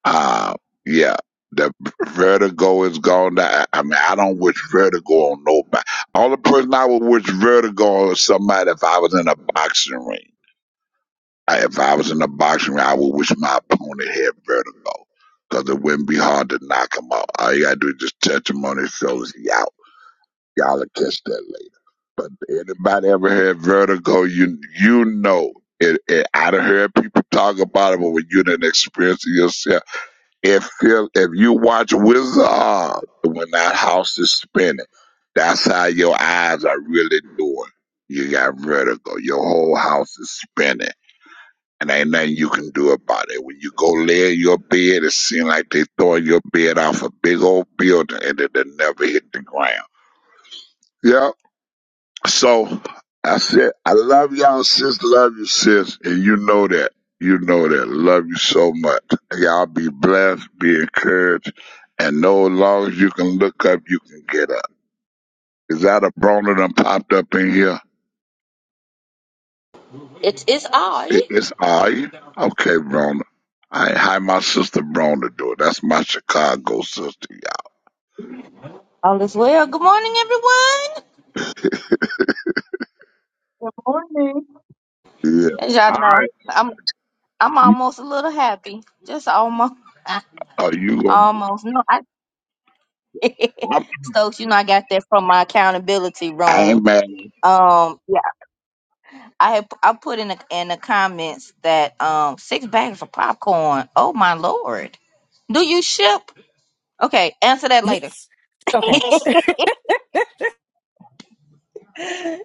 Uh, yeah, the vertigo is gone. I, I mean, I don't wish vertigo on nobody. All the person I would wish vertigo on is somebody if I was in a boxing ring. I, if I was in a boxing ring, I would wish my opponent had vertigo. Because it wouldn't be hard to knock him out. All you gotta do is just touch him on his shoulders. Yeah, Y'all will catch that later. But anybody ever heard vertigo? You you know it. it I done heard people talk about it, but when you didn't experience it yourself, it feel. If you watch Wizard of Oz, when that house is spinning, that's how your eyes are really doing. You got vertigo. Your whole house is spinning. And ain't nothing you can do about it. When you go lay in your bed, it seems like they throwing your bed off a big old building and it'll never hit the ground. Yep. So I said, I love y'all, sis. Love you, sis. And you know that. You know that. Love you so much. Y'all be blessed, be encouraged, and know as long as you can look up, you can get up. Is that a Brona done popped up in here?
It is
It-
I.
It's I. Okay, Brona. I, hi, my sister Brona do it. That's my Chicago sister, y'all.
All is well. Good morning, everyone.
Good morning.
Yeah.
As y'all
All
know, I'm I'm
right.
almost a little happy. Just almost,
Are you going
almost. No, I
to?
Stokes. You know, I got that from my accountability
I ain't
room.
mad.
Um, yeah, I had, I put in the in the comments that um six bags of popcorn. Oh my lord. Do you ship? Okay, answer that later.
Yes. Okay.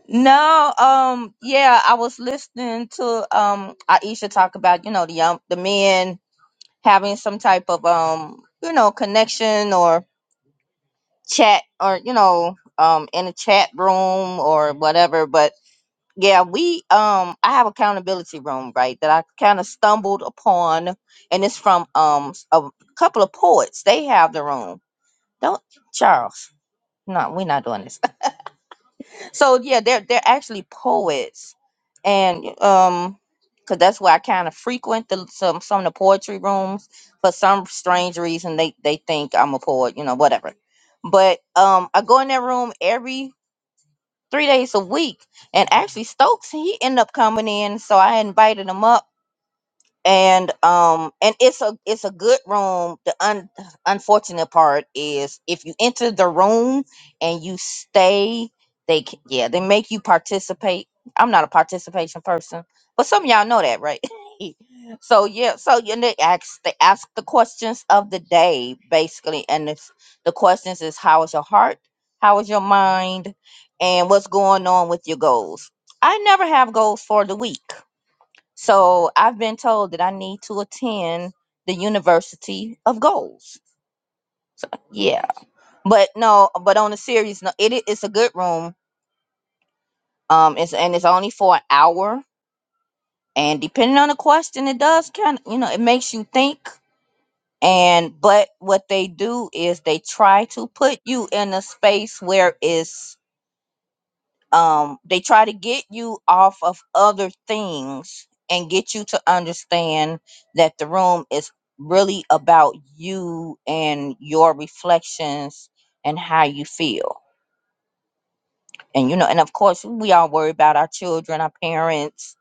No, um, yeah, I was listening to um Aisha talk about, you know, the young the men having some type of um you know connection or chat or you know um in a chat room or whatever but yeah we um i have accountability room right that i kind of stumbled upon and it's from um s- a couple of poets they have the room don't charles no we're not doing this So yeah, they're they're actually poets, and um, cause that's why I kind of frequent the some some of the poetry rooms. For some strange reason, they they think I'm a poet, you know, whatever. But um, I go in that room every three days a week, and actually Stokes he ended up coming in, so I invited him up and um and it's a it's a good room the un, unfortunate part is if you enter the room and you stay they c- yeah they make you participate i'm not a participation person but some of y'all know that right so yeah so you they ask they ask the questions of the day basically and it's the questions is how is your heart how is your mind and what's going on with your goals i never have goals for the week so I've been told that I need to attend the University of Goals. Yeah, but no, but on a serious note, it it's a good room. Um, it's and it's only for an hour, and depending on the question, it does kind of you know it makes you think. And but what they do is they try to put you in a space where it's um they try to get you off of other things and get you to understand that the room is really about you and your reflections and how you feel and you know and of course we all worry about our children our parents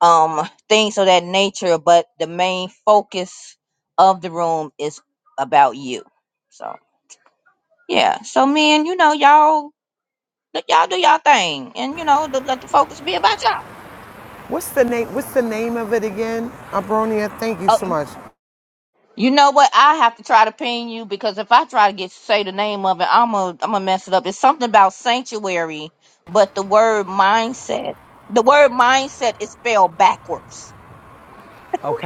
um things of that nature but the main focus of the room is about you so yeah so man you know y'all let y'all do y'all thing and you know let let the focus be about y'all
What's the name? What's the name of it again, Abronia? Thank you so much.
You know what? I have to try to ping you because if I try to get say the name of it, I'm a I'm gonna mess it up. It's something about sanctuary, but the word mindset, the word mindset is spelled backwards.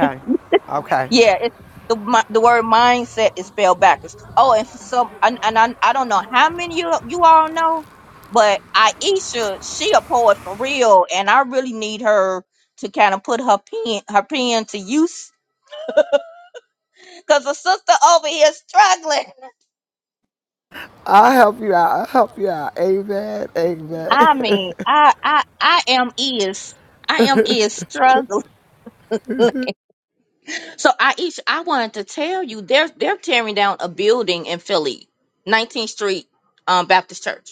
Okay.
Yeah, it's the mi- the word mindset is spelled backwards. Oh, and for some and, and I I don't know how many you you all know, but Aisha, she a poet for real, and I really need her to kind of put her pen her pen to use because the sister over here struggling.
I'll help you out. I'll help you out. Amen. Amen.
I mean, I I I am is I am is struggling. So I each I wanted to tell you they're they're tearing down a building in Philly, 19th Street um, Baptist Church.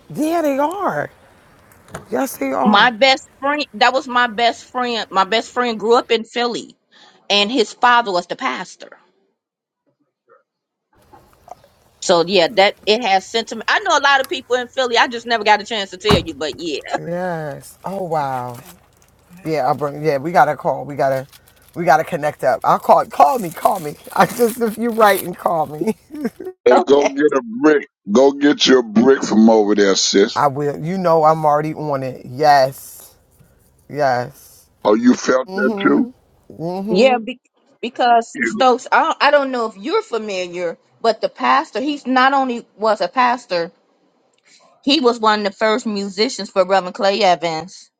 yeah, they are. Yes, they
My
are.
best friend that was my best friend. My best friend grew up in Philly, and his father was the pastor. So yeah, that it has sentiment. I know a lot of people in Philly. I just never got a chance to tell you, but yeah.
Yes. Oh wow. Yeah, I'll bring. Yeah, we gotta call. We gotta, we gotta connect up. I'll call. Call me. Call me. I just if you write and call me.
Hey, go
Okay.
get a brick. Go get your brick from over there, sis.
I will. You know, I'm already on it. Yes. Yes.
Oh, you felt that too?
Mm-hmm.
Yeah,
Mm-hmm.
be- because
You,
Stokes, I don't, I don't know if you're familiar, but the pastor, he's not only was a pastor, he was one of the first musicians for Reverend Clay Evans.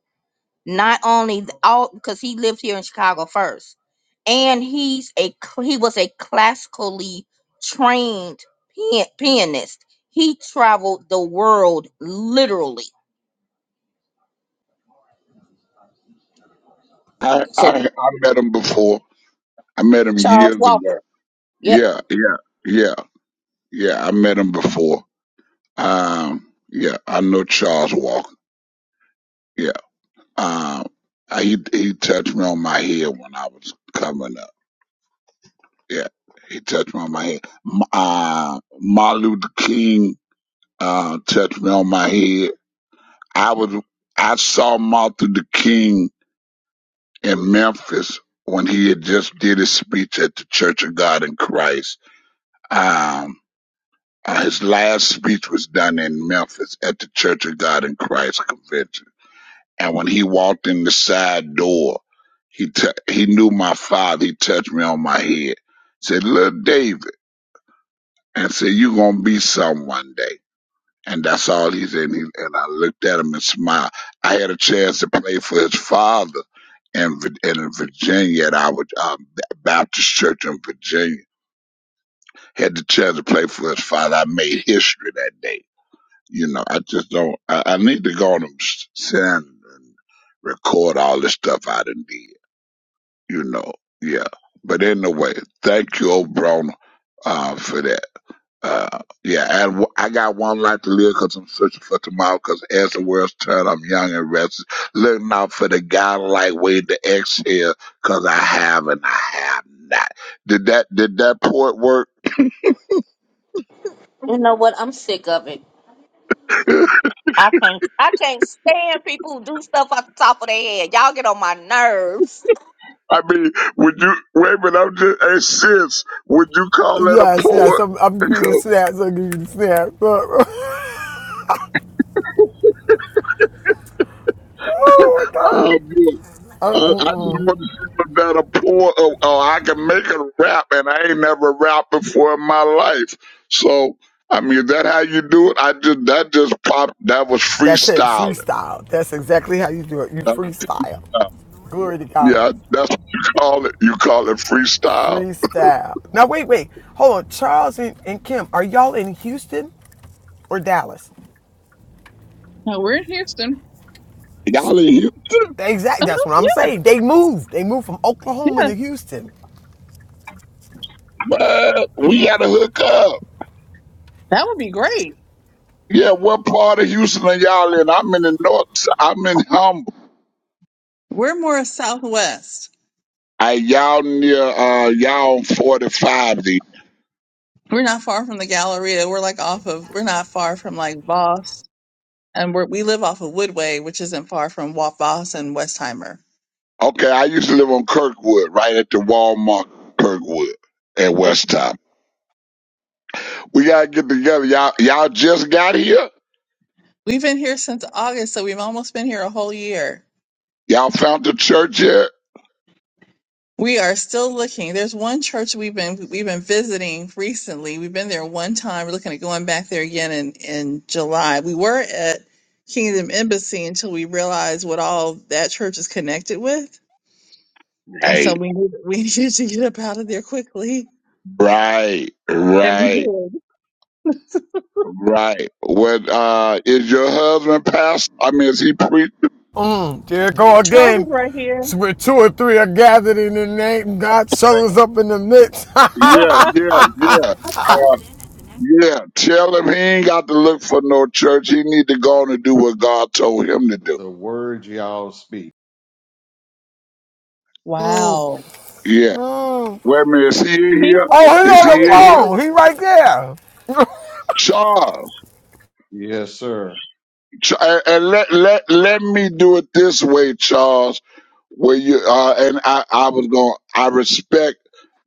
Not only th- all because he lived here in Chicago first, and he's a cl- he was a classically trained pian- pianist. He traveled the world literally.
I,
So
I, I met him before. I met him
Charles
years ago.
Walker. Yep.
Yeah, yeah, yeah, yeah. I met him before. Um, yeah, I know Charles Walker. Yeah. Um, I, he, he touched me on my head when I was coming up. Yeah. He touched me on my head. M- Uh, Martin Luther King, uh, touched me on my head. I was, I saw Martin Luther King in Memphis when he had just did his speech at the Church of God in Christ. Um, uh, his last speech was done in Memphis at the Church of God in Christ convention. And when he walked in the side door, he t- he knew my father. He touched me on my head, said, "Little David," and said, "You're gonna be some one day." and that's all he's in. He, and I looked at him and smiled. I had a chance to play for his father in, Vir- in Virginia at our um, Baptist church in Virginia. Had the chance to play for his father. I made history that day. You know, I just don't. I, I need to go on and s- sit down and record all this stuff I done did. You know, yeah. But anyway, thank you, old Broner, uh, for that. Uh, yeah, and w- I got one life to live 'cause I'm searching for tomorrow 'cause as the world's turned, I'm young and restless, looking out for the godlike way to exhale 'cause I have and I have not. Did that? Did that port work?
You know what? I'm sick of it. I can't I can't stand people who do stuff off the top of their head. Y'all get on my nerves.
I mean, would you wait a minute? I'm just hey, sis, would you call that a
Yes, yes.
port?
I'm, I'm giving you the snaps. I'm giving you the snaps. oh, my God.
Oh boy.
Uh,
I, I just
mm-mm.
want to see what that applause. Oh, oh, I can make a rap, and I ain't never rapped before in my life. So, I mean, that how you do it? I just that just popped. That was
That's it.
freestyling.
Freestyle. That's exactly how you do it. You
That was
freestyle.
how-
Glory to God.
yeah, that's what you call it. You call it freestyle.
Freestyle. Now, wait, wait. Hold on. Charles and, and Kim, are y'all in Houston or Dallas?
No, we're in Houston.
Y'all in Houston?
Exactly.
Oh,
That's what I'm
yeah,
saying. They moved. They moved from Oklahoma
yeah,
to Houston.
What? We gotta hook up.
that would be great.
Yeah, what part of Houston are y'all in? I'm in the north. si- I'm in Humble.
We're more southwest.
I y'all near uh y'all on 45.
We're not far from the Galleria. We're like off of. We're not far from like Voss, and we're we live off of Woodway, which isn't far from Wa- Voss and Westheimer.
Okay, I used to live on Kirkwood, right at the Walmart Kirkwood at West
Okay,
Top. We gotta get together. Y'all y'all just got here?
we've been here since August, so we've almost been here a whole year.
Y'all found the church yet?
We are still looking. There's one church we've been we've been visiting recently. We've been there one time. We're looking at going back there again in in July. We were at Kingdom Embassy until we realized what all that church is connected with, and so
Right.
we knew that we needed to get up out of there quickly,
Right.
and we
Right.
did.
Right. What uh is your husband pastor? I mean is he preach?
Mm, there go
Charles
again.
is right here.
It's Where two or three are gathered in the name, God shows up in the midst. oh,
Yeah, yeah, yeah. Uh, yeah. Tell him he ain't got to look for no church. He need to go on and do what God told him to do.
the words y'all speak.
Wow,
Yeah. Wait a minute, is he in
he's
he's
here?
right
Is he
on the
beside
in here?
phone.
you.
He right there.
Charles.
Yes, sir.
Ch- And and let let let me do it this way, Charles. Where you uh, and I, I was going. I respect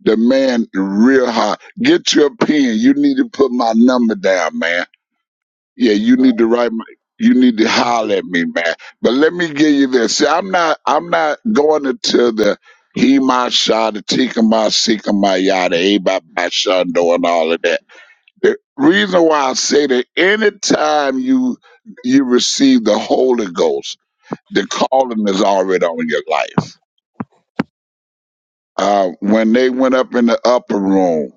the man real high. Get your pen. You need to put my number down, man. Yeah, you
Uh,
need to write my. You need to holler at me, man. But let me give you this. See, I'm not. I'm not going into the he my shot, the tika my sika my yada, a by my shando, and all of that. The reason why I say that anytime you you receive the Holy Ghost, the calling is already on your life. Uh, when they went up in the upper room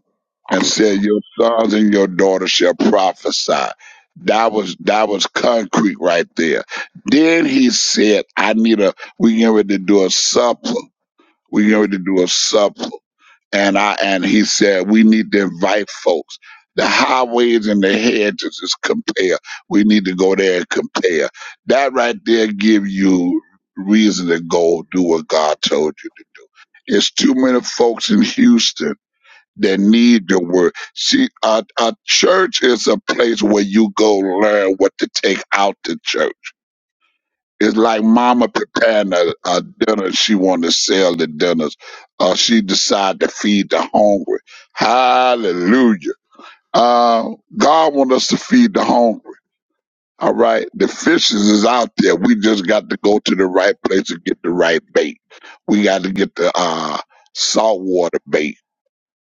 and said, "Your sons and your daughters shall prophesy," that was that was concrete right there. Then he said, "I need a. We get ready to do a supper. We get ready to do a supper." And I and he said, we need to invite folks. The highways and the hedges is compare. We need to go there and compare. That right there give you reason to go do what God told you to. It's too many folks in Houston that need the word. See, a, a church is a place where you go learn what to take out the church it's like mama preparing a, a dinner. She want to sell the dinners. Uh, she decide to feed the hungry. Hallelujah. Uh, God want us to feed the hungry. All right. The fishes is out there. We just got to go to the right place and get the right bait. We got to get the, uh, saltwater bait.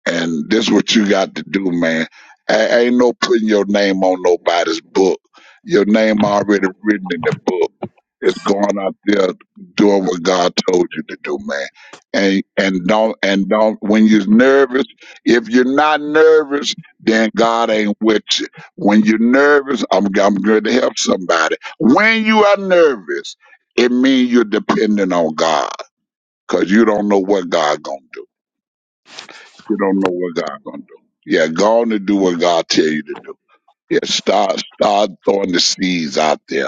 And this is what you got to do, man. A- ain't no putting your name on nobody's book. Your name already written in the book. It's going out there doing what God told you to do, man. And and don't and don't when you're nervous, if you're not nervous, then God ain't with you. When you're nervous, I'm I'm going to help somebody. When you are nervous, it means you're dependent on God because you don't know what God gonna do. You don't know what God gonna do. Yeah, go on and do what God tell you to do. Yeah, start start throwing the seeds out there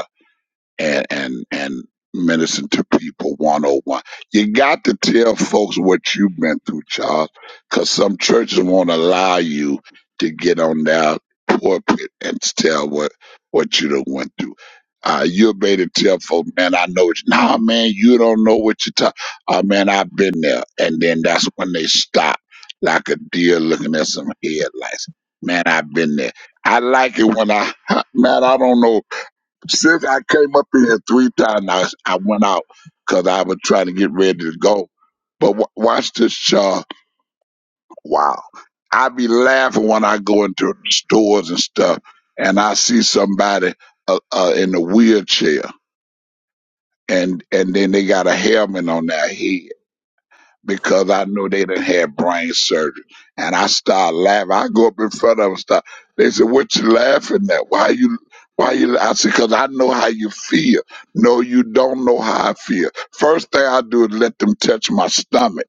and and and ministering to people 101 you got to tell folks what you've been through charles because some churches won't allow you to get on that pulpit and tell what what you done went through uh, you're made to tell folks, man, I know it. nah, man, you don't know what you're talking. Oh, man, I've been there. And then that's when they stop like a deer looking at some headlights. Man, I've been there. I like it when I, man, I don't know since I came up in here three times, I, I went out because I was trying to get ready to go. But w- watch this, Shaw. Wow. I be laughing when I go into stores and stuff and I see somebody uh, uh, in a wheelchair and, and then they got a helmet on their head because I knew they didn't have brain surgery. And I started laughing. I go up in front of them. and Start. They said, "What you laughing at? Why you?" Why you? I said, because I know how you feel. No, you don't know how I feel. First thing I do is let them touch my stomach,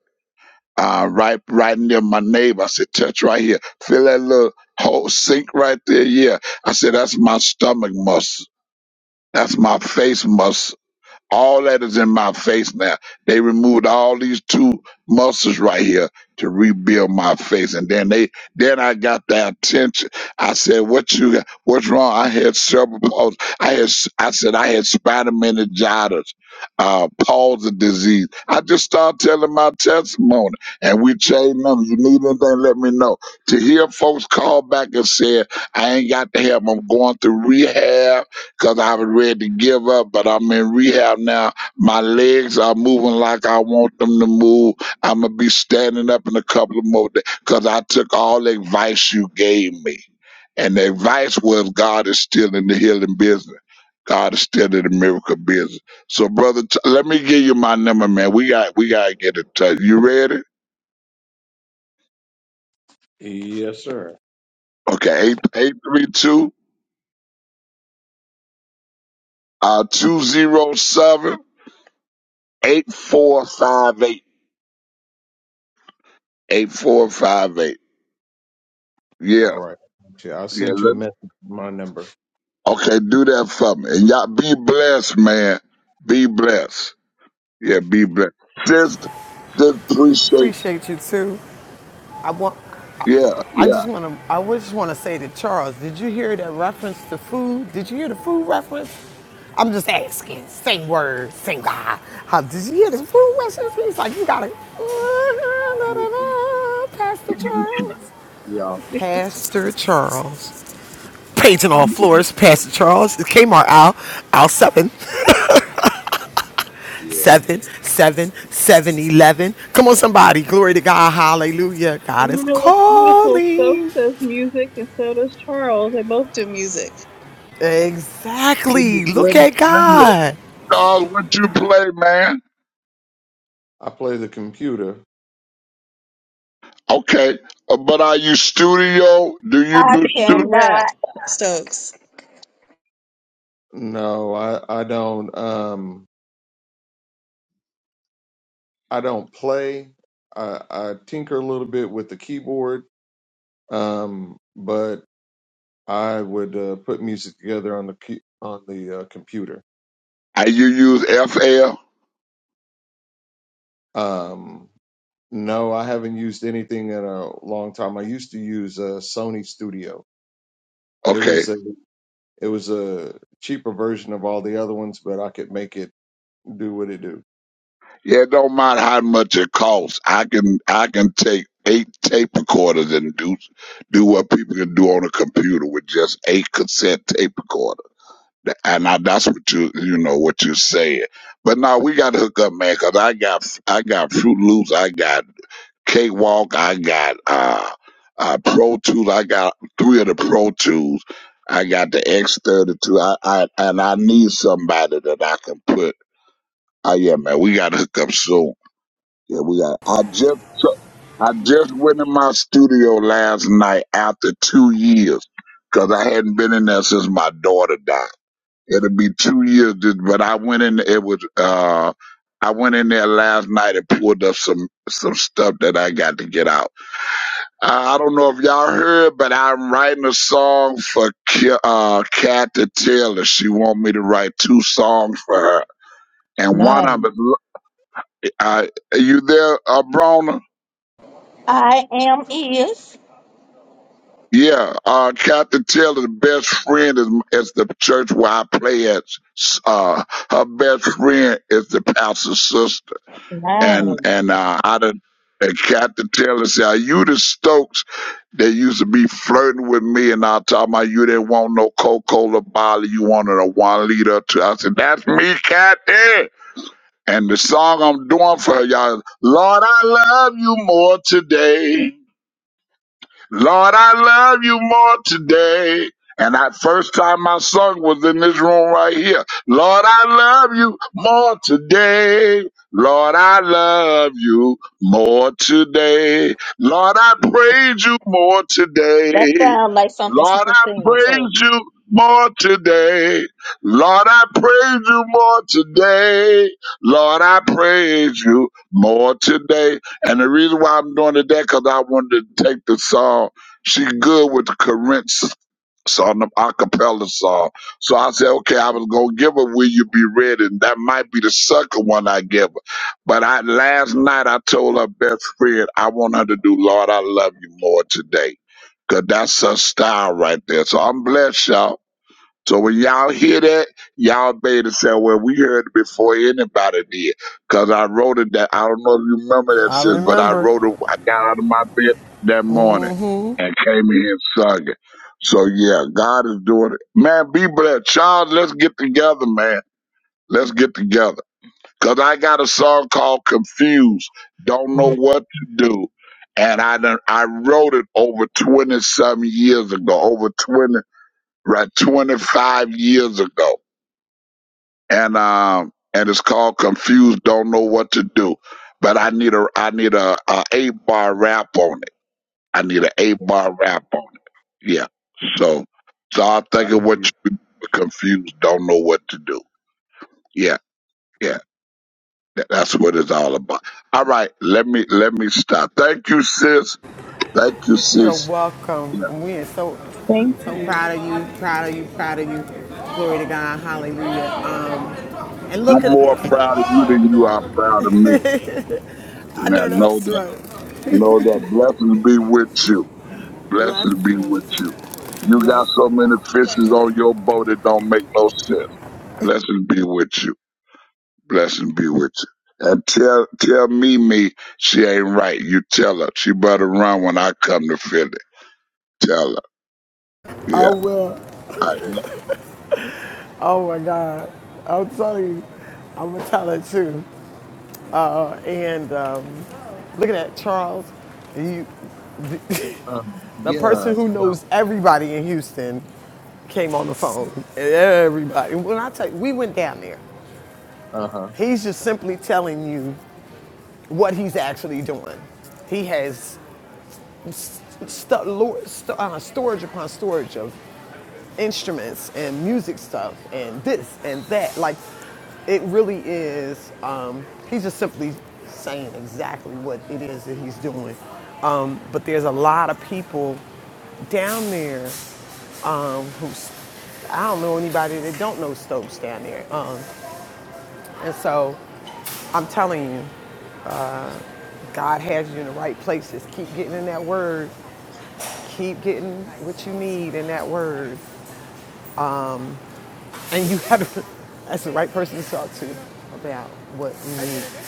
uh, right, right near my navel. I said, touch right here. Feel that little hole sink right there. Yeah. I said, that's my stomach muscle. That's my face muscle. All that is in my face now. They removed all these two muscles right here to rebuild my face. And then they, then I got their attention. I said, what you, got? what's wrong? I had cerebral palsy. I had, s- I said, I had spinal meningitis, uh, palsy disease. I just started telling my testimony and we changed them. You need anything, let me know. To hear folks call back and say, I ain't got the help. I'm going through rehab because I was ready to give up, but I'm in rehab now. My legs are moving like I want them to move. I'm going to be standing up in a couple of more days because I took all the advice you gave me. And the advice was God is still in the healing business. God is still in the miracle business. So, brother, t- let me give you my number, man. We got we got to get in touch. You ready?
yes, sir.
Okay, eight eight three two uh two zero seven eight four five eight eight four five eight.
All
Yeah,
right. Yeah, I
yeah.
sent you a
Let,
message. with My number.
okay, do that for me, and y'all be blessed, man. Be blessed. Yeah, be blessed. Sis, sis, appreciate.
Appreciate you too. I want. I
Yeah,
I
yeah.
just want to. I just want to say to Charles, did you hear that reference to food? Did you hear the food reference? I'm just asking. Same word, same guy. How did you hear the food reference? He's like, you gotta. Pastor Charles.
Yeah.
Pastor Charles. Paging
I
all
mean,
floors, Pastor Charles, Kmart aisle, aisle 7,
Yeah.
7, 7, 7 eleven. Come on, somebody. Glory to God. Hallelujah. God
And
is
you know what's beautiful? Stokes
calling.
does music, and so does Charles. They both do music.
wait a minute,
Exactly.
wait a
Look
minute,
at
wait a minute.
God.
Charles, what you play, man?
I play the computer.
Okay, uh, but are you studio? Do you
I
do
He
studio?
cannot.
raps. Stokes.
No, I I don't. Um, I don't play. I I tinker a little bit with the keyboard. Um, but I would uh, put music together on the key, on the uh, computer.
Are you use FL?
Um, no, I haven't used anything in a long time. I used to use uh, Sony Studio. It
Okay,
was a it was a cheaper version of all the other ones, but I could make it do what it do.
Yeah, it don't matter how much it costs. I can I can take eight tape recorders and do do what people can do on a computer with just eight cassette tape recorder. Th- And I, that's what you you know what you saying. But now we got to hook up, man, 'cause I got I got Fruit Loops, I got Cakewalk, I got uh, uh Pro Tools, I got three of the Pro Tools, I got the X thirty two, I I and I need somebody that I can put. Oh yeah, man, we got to hook up soon. Yeah, we got. I just so, I just went in my studio last night after two years because I hadn't been in there since my daughter died. It'll be two years, this- but I went in. It was uh, I went in there last night and pulled up some some stuff that I got to get out. I, I don't know if y'all heard, but I'm writing a song for Ki- uh Kathy Taylor. She want me to write two songs for her, and one
Nice.
of them. is- I, are you there, uh, Brona?
I am is.
Yeah, uh, Captain Taylor's best friend is, is the church where I play at. Uh, her best friend is the pastor's sister. And,
No.
and, uh, I done, and Captain Taylor said, are you the Stokes that used to be flirting with me? And I told my, you didn't want no Coca-Cola bottle. You wanted a one liter. Too. I said, that's me, Captain. And the song I'm doing for her, y'all, is, Lord, I love you more today. Lord, I love you more today. And that first time I sung was in this room right here. Lord, I love you more today. Lord, I love you more today. Lord, I praise you more
That
today.
sounds like something she
Lord,
can
I
sing too.
praise you more today. Lord, I praise you more today. Lord, I praise you more today. And the reason why I'm doing it that because I wanted to take the song. She good with the Corinth song, the acapella song. So I said, okay, I was gonna give her "Will You Be Ready," and that might be the second one I give her. But I last night I told her best friend I want her to do "Lord, I Love You More" today, 'cause that's her style right there. So I'm blessed, y'all. So when y'all hear that, y'all better say, well, we heard it before anybody did. Because I wrote it that, I don't know if you remember that,
I
sis, but I
remember.
wrote it, I got out of my bed that morning and came in here and sung it. So yeah, God is doing it. Man, be blessed. Charles, let's get together, man. Let's get together. Because I got a song called Confused, Don't Know What to Do. And I done, I wrote it over 20 some years ago, over 20 right 25 years ago and um and it's called confused don't know what to do but i need a i need a a eight bar rap on it i need a eight bar rap on it yeah so so i
I
think of
hear
what
you.
you confused don't know what to do yeah yeah Th- that's what it's all about all right let me let me stop thank you sis thank you
You're
sis
welcome.
yeah
And we are so
Thank
so
you.
proud of you, proud of you, proud of you. Glory to God, hallelujah. Um, and
i'm
look at it.
more proud of you than you are proud of me
I
now
know
know
that's
that
right.
know that blessings be with you Blessings be with
Blessings,
you. You got
bless.
so many fishes on your boat it don't make no sense. Blessings be with you. Blessings be with you. And tell tell me me she ain't right. You tell her. She better run when I come to Philly. Tell her.
I
Yeah.
will.
I know.
Oh my God. I'm telling you, I'm gonna tell her too. And um, look at that, Charles. You,
Um,
the
yeah.
person who
Um,
knows everybody in Houston came on the phone. Everybody. When I tell you, we went down there.
uh huh.
He's just simply telling you what he's actually doing. He has st- lo- st- uh, storage upon storage of instruments and music stuff and this and that. Like, it really is, um, he's just simply saying exactly what it is that he's doing. Um, but there's a lot of people down there. I don't know anybody that don't know Stokes down there. Um, and so I'm telling you, God has you in the right places. Keep getting in that word. Keep getting what you need in that word. And you
Yes,
have
ma'am.
that's the right person to talk to about what you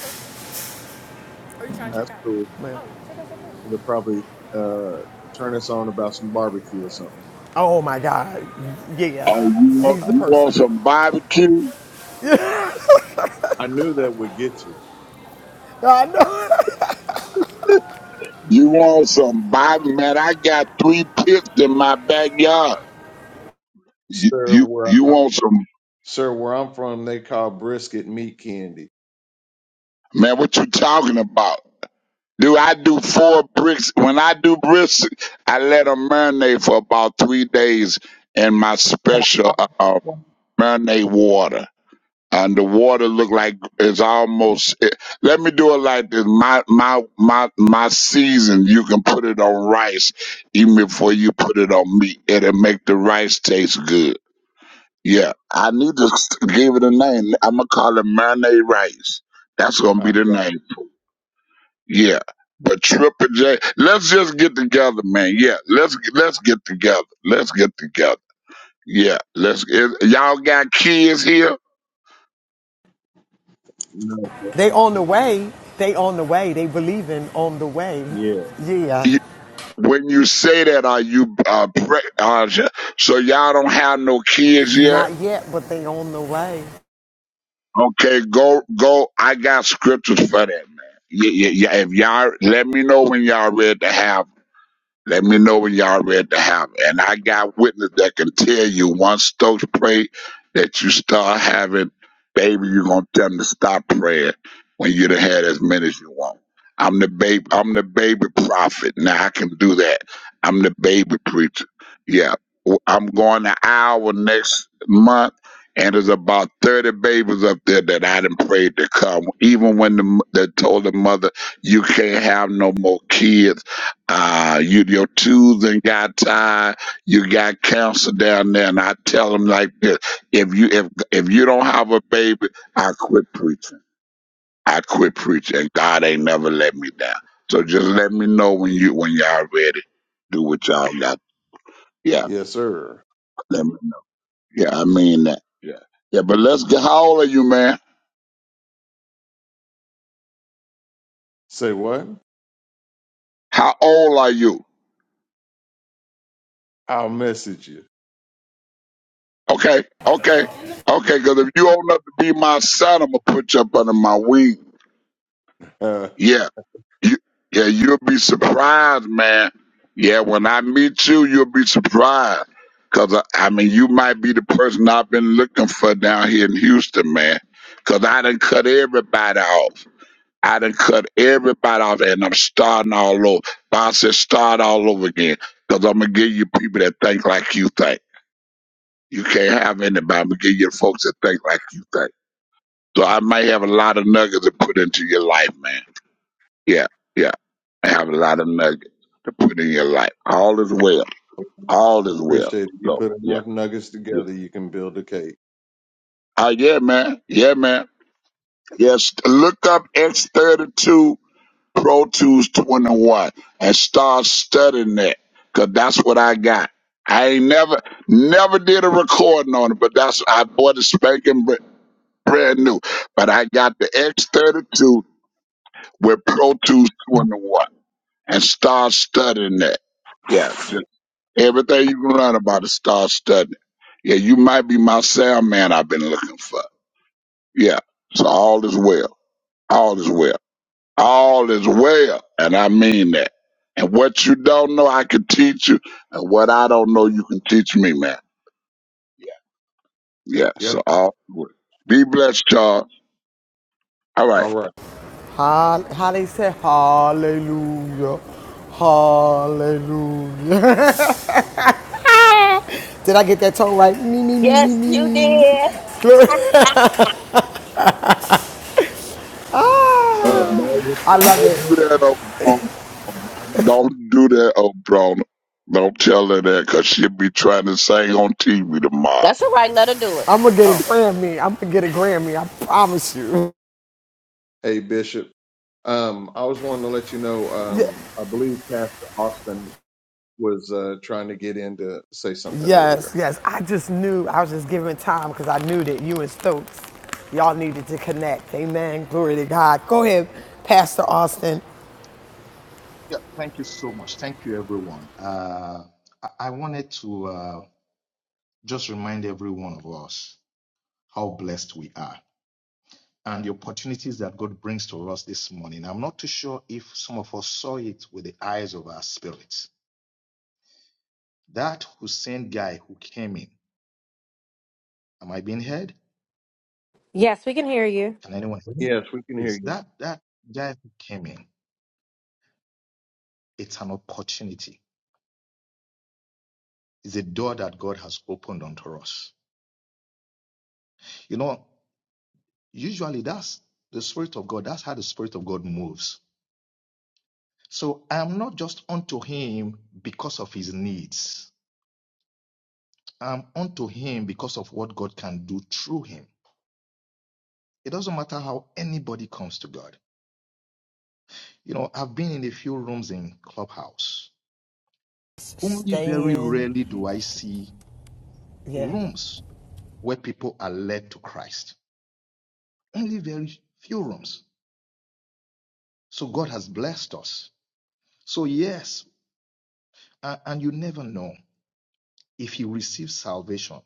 that's cool.
need.
It'll probably uh, turn us on about some barbecue or something.
Oh my God. Yeah.
Oh,
Uh,
you
uh,
want
He's the
you
uh.
want
person.
some barbecue?
I knew that would get you,
I know.
You want some barbecue? Man, I got three pits in my backyard. You
sir.
you,
Where
you
I,
want some
sir, where I'm from, they call brisket meat candy.
man, what you talking about? Do I do four bricks? When I do bricks, I let them marinate for about three days in my special uh, marinate water. And the water look like it's almost. It, let me do it like this. My my my my season. You can put it on rice even before you put it on meat. It'll make the rice taste good. Yeah, I need to s- give it a name. I'm gonna call it marinade rice. That's gonna
I
be the
got
name. Yeah, but Triple J, let's just get together, man. Yeah, let's let's get together. Let's get together. Yeah, let's. Is, y'all got kids here.
no,
They on the
sir.
way. They on the way. They believing on the way. Yeah.
Y- When you say that, are you uh, pre- uh sh- so y'all don't have no kids yet?
Not yet, but they on the way.
Okay, go go. I got scriptures for that, man. Yeah, yeah, yeah. If y'all let me know when y'all ready to have Let me know when y'all ready to have it. And I got witness that can tell you once Stokes pray that you start having, baby, you're gonna tell them to stop praying when you done had as many as you want. I'm the baby I'm the baby prophet. Now I can do that. I'm the baby preacher. Yeah. W- I'm going to hour next month and there's about 30 babies up there that I done prayed to come. Even when the, m- they told the mother, you can't have no more kids uh, you, your tools and got tied. You got cancer down there, and I tell them like this: if you if if you don't have a baby, I quit preaching. I quit preaching, and God ain't never let me down. So just let me know when you when y'all ready. Do what y'all got. Yeah,
Yes, sir.
let me, yeah, I mean that. Yeah, yeah. But let's get. How old are you, man?
Say what?
How old are you?
I'll message you.
Okay, okay, okay. Because if you old enough to be my son, I'm gonna put you up under my wing.
Uh,
Yeah. You, yeah, you'll be surprised, man. Yeah, when I meet you, you'll be surprised. Cause I, I mean, you might be the person I've been looking for down here in Houston, man. Cause I done cut everybody off. I done cut everybody off, and I'm starting all over. I said, start all over again. Cause I'm gonna give you people that think like you think. You can't have anybody. I'm gonna give you the folks that think like you think. So I might have a lot of nuggets to put into your life, man. Yeah, yeah. I have a lot of nuggets to put in your life. All is well. All is well.
appreciate it. You
So
put
yeah,
enough nuggets
yeah.
together, you can build a cake.
Oh yeah, man. Yeah, man. Yes. Look up X thirty two Pro Tools twenty one and start studying that, cause that's what I got. I ain't never, never did a recording on it, but that's I bought it spanking br- brand new. But I got the X thirty two with Pro Tools twenty one and start studying that. Yeah, Everything you can learn about it, start studying. Yeah, you might be my sound man I've been looking for. Yeah. So all is well. All is well. All is well. And I mean that. And what you don't know, I can teach you. And what I don't know, you can teach me, man. Yeah. Yeah.
Yes.
So
sir.
all is well. Be blessed, Charles. All right.
All right.
How, how they say hallelujah. Hallelujah. Did I get that tone right? Me, me, me, me,
Yes, you
me.
did.
Uh,
Uh, Bi-
Don't,
Ah, I love it.
don't do that, oh, Don't do that, oh, Don't tell her that because she'll be trying to sing on TV tomorrow.
That's all right, let her do it.
I'm gonna get a
Oh.
Grammy. I'm gonna get a Grammy. I promise you.
hey, Bishop. Um, I was wanting to let you know.
Yeah.
Um, I believe Pastor Austin was uh, trying to get in to say something earlier.
Yes, yes. I just knew I was just giving time because I knew that you and Stokes, y'all needed to connect. Amen. Glory to God. Go ahead, Pastor Austin.
Yeah, thank you so much. Thank you, everyone. Uh, I I wanted to uh, just remind every one of us how blessed we are and the opportunities that God brings to us this morning. I'm not too sure if some of us saw it with the eyes of our spirits. That Hussein guy who came in, am I being heard?
Yes, we can hear you.
Can anyone hear me?
Yes, we can hear
Yes,
you.
that, that guy who came in, it's an opportunity. It's a door that God has opened unto us. You know, Usually that's the Spirit of God. That's how the Spirit of God moves. So I am not just unto him because of his needs. I'm unto him because of what God can do through him. It doesn't matter how anybody comes to God. You know, I've been in a few rooms in Clubhouse. Only very
Stay in.
rarely do I see
Yeah.
rooms where people are led to Christ. Only very few rooms. So God has blessed us. So yes, a- and you never know if you receive salvation.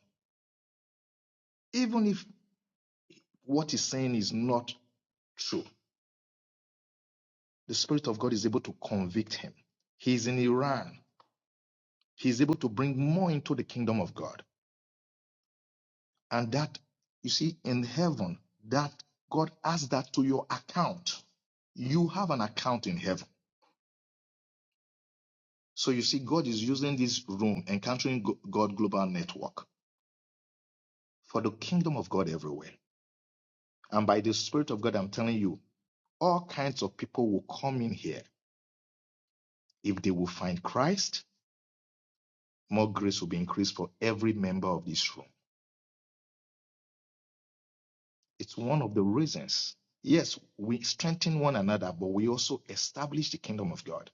even if what he's saying is not true, the Spirit of God is able to convict him. He's in Iran. He's able to bring more into the kingdom of God. And that, you see, in heaven, that God adds that to your account. You have an account in heaven. So you see, God is using this room, Encountering Go- God Global Network, for the kingdom of God everywhere. And by the Spirit of God, I'm telling you, all kinds of people will come in here if they will find Christ more grace will be increased for every member of this room. It's one of the reasons. Yes, we strengthen one another, but we also establish the kingdom of God.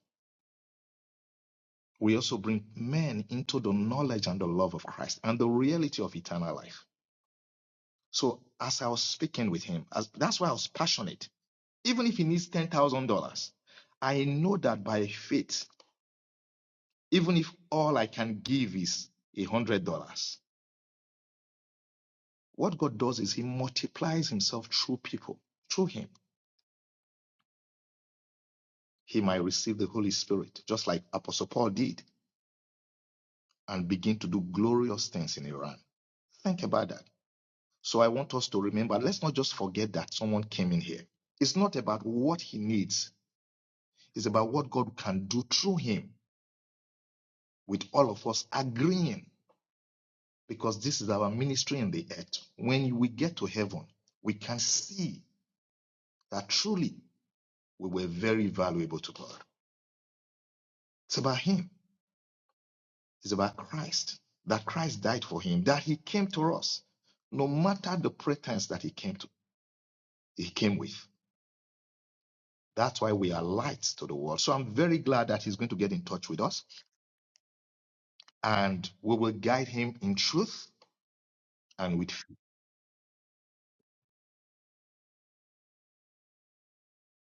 We also bring men into the knowledge and the love of Christ and the reality of eternal life. So as I was speaking with him, as, that's why I was passionate. Even if he needs $10,000, I know that by faith, even if all I can give is $100, what God does is he multiplies himself through people, through him. he might receive the Holy Spirit, just like Apostle Paul did, and begin to do glorious things in Iran. Think about that. So I want us to remember let's not just forget that someone came in here. It's not about what he needs, it's about what God can do through him, with all of us agreeing, because this is our ministry in the earth. When we get to heaven, we can see that truly we were very valuable to God. It's about him. It's about Christ, that Christ died for him, that he came to us, no matter the pretense that he came to, he came with. That's why we are lights to the world. So I'm very glad that he's going to get in touch with us and we will guide him in truth and with fear.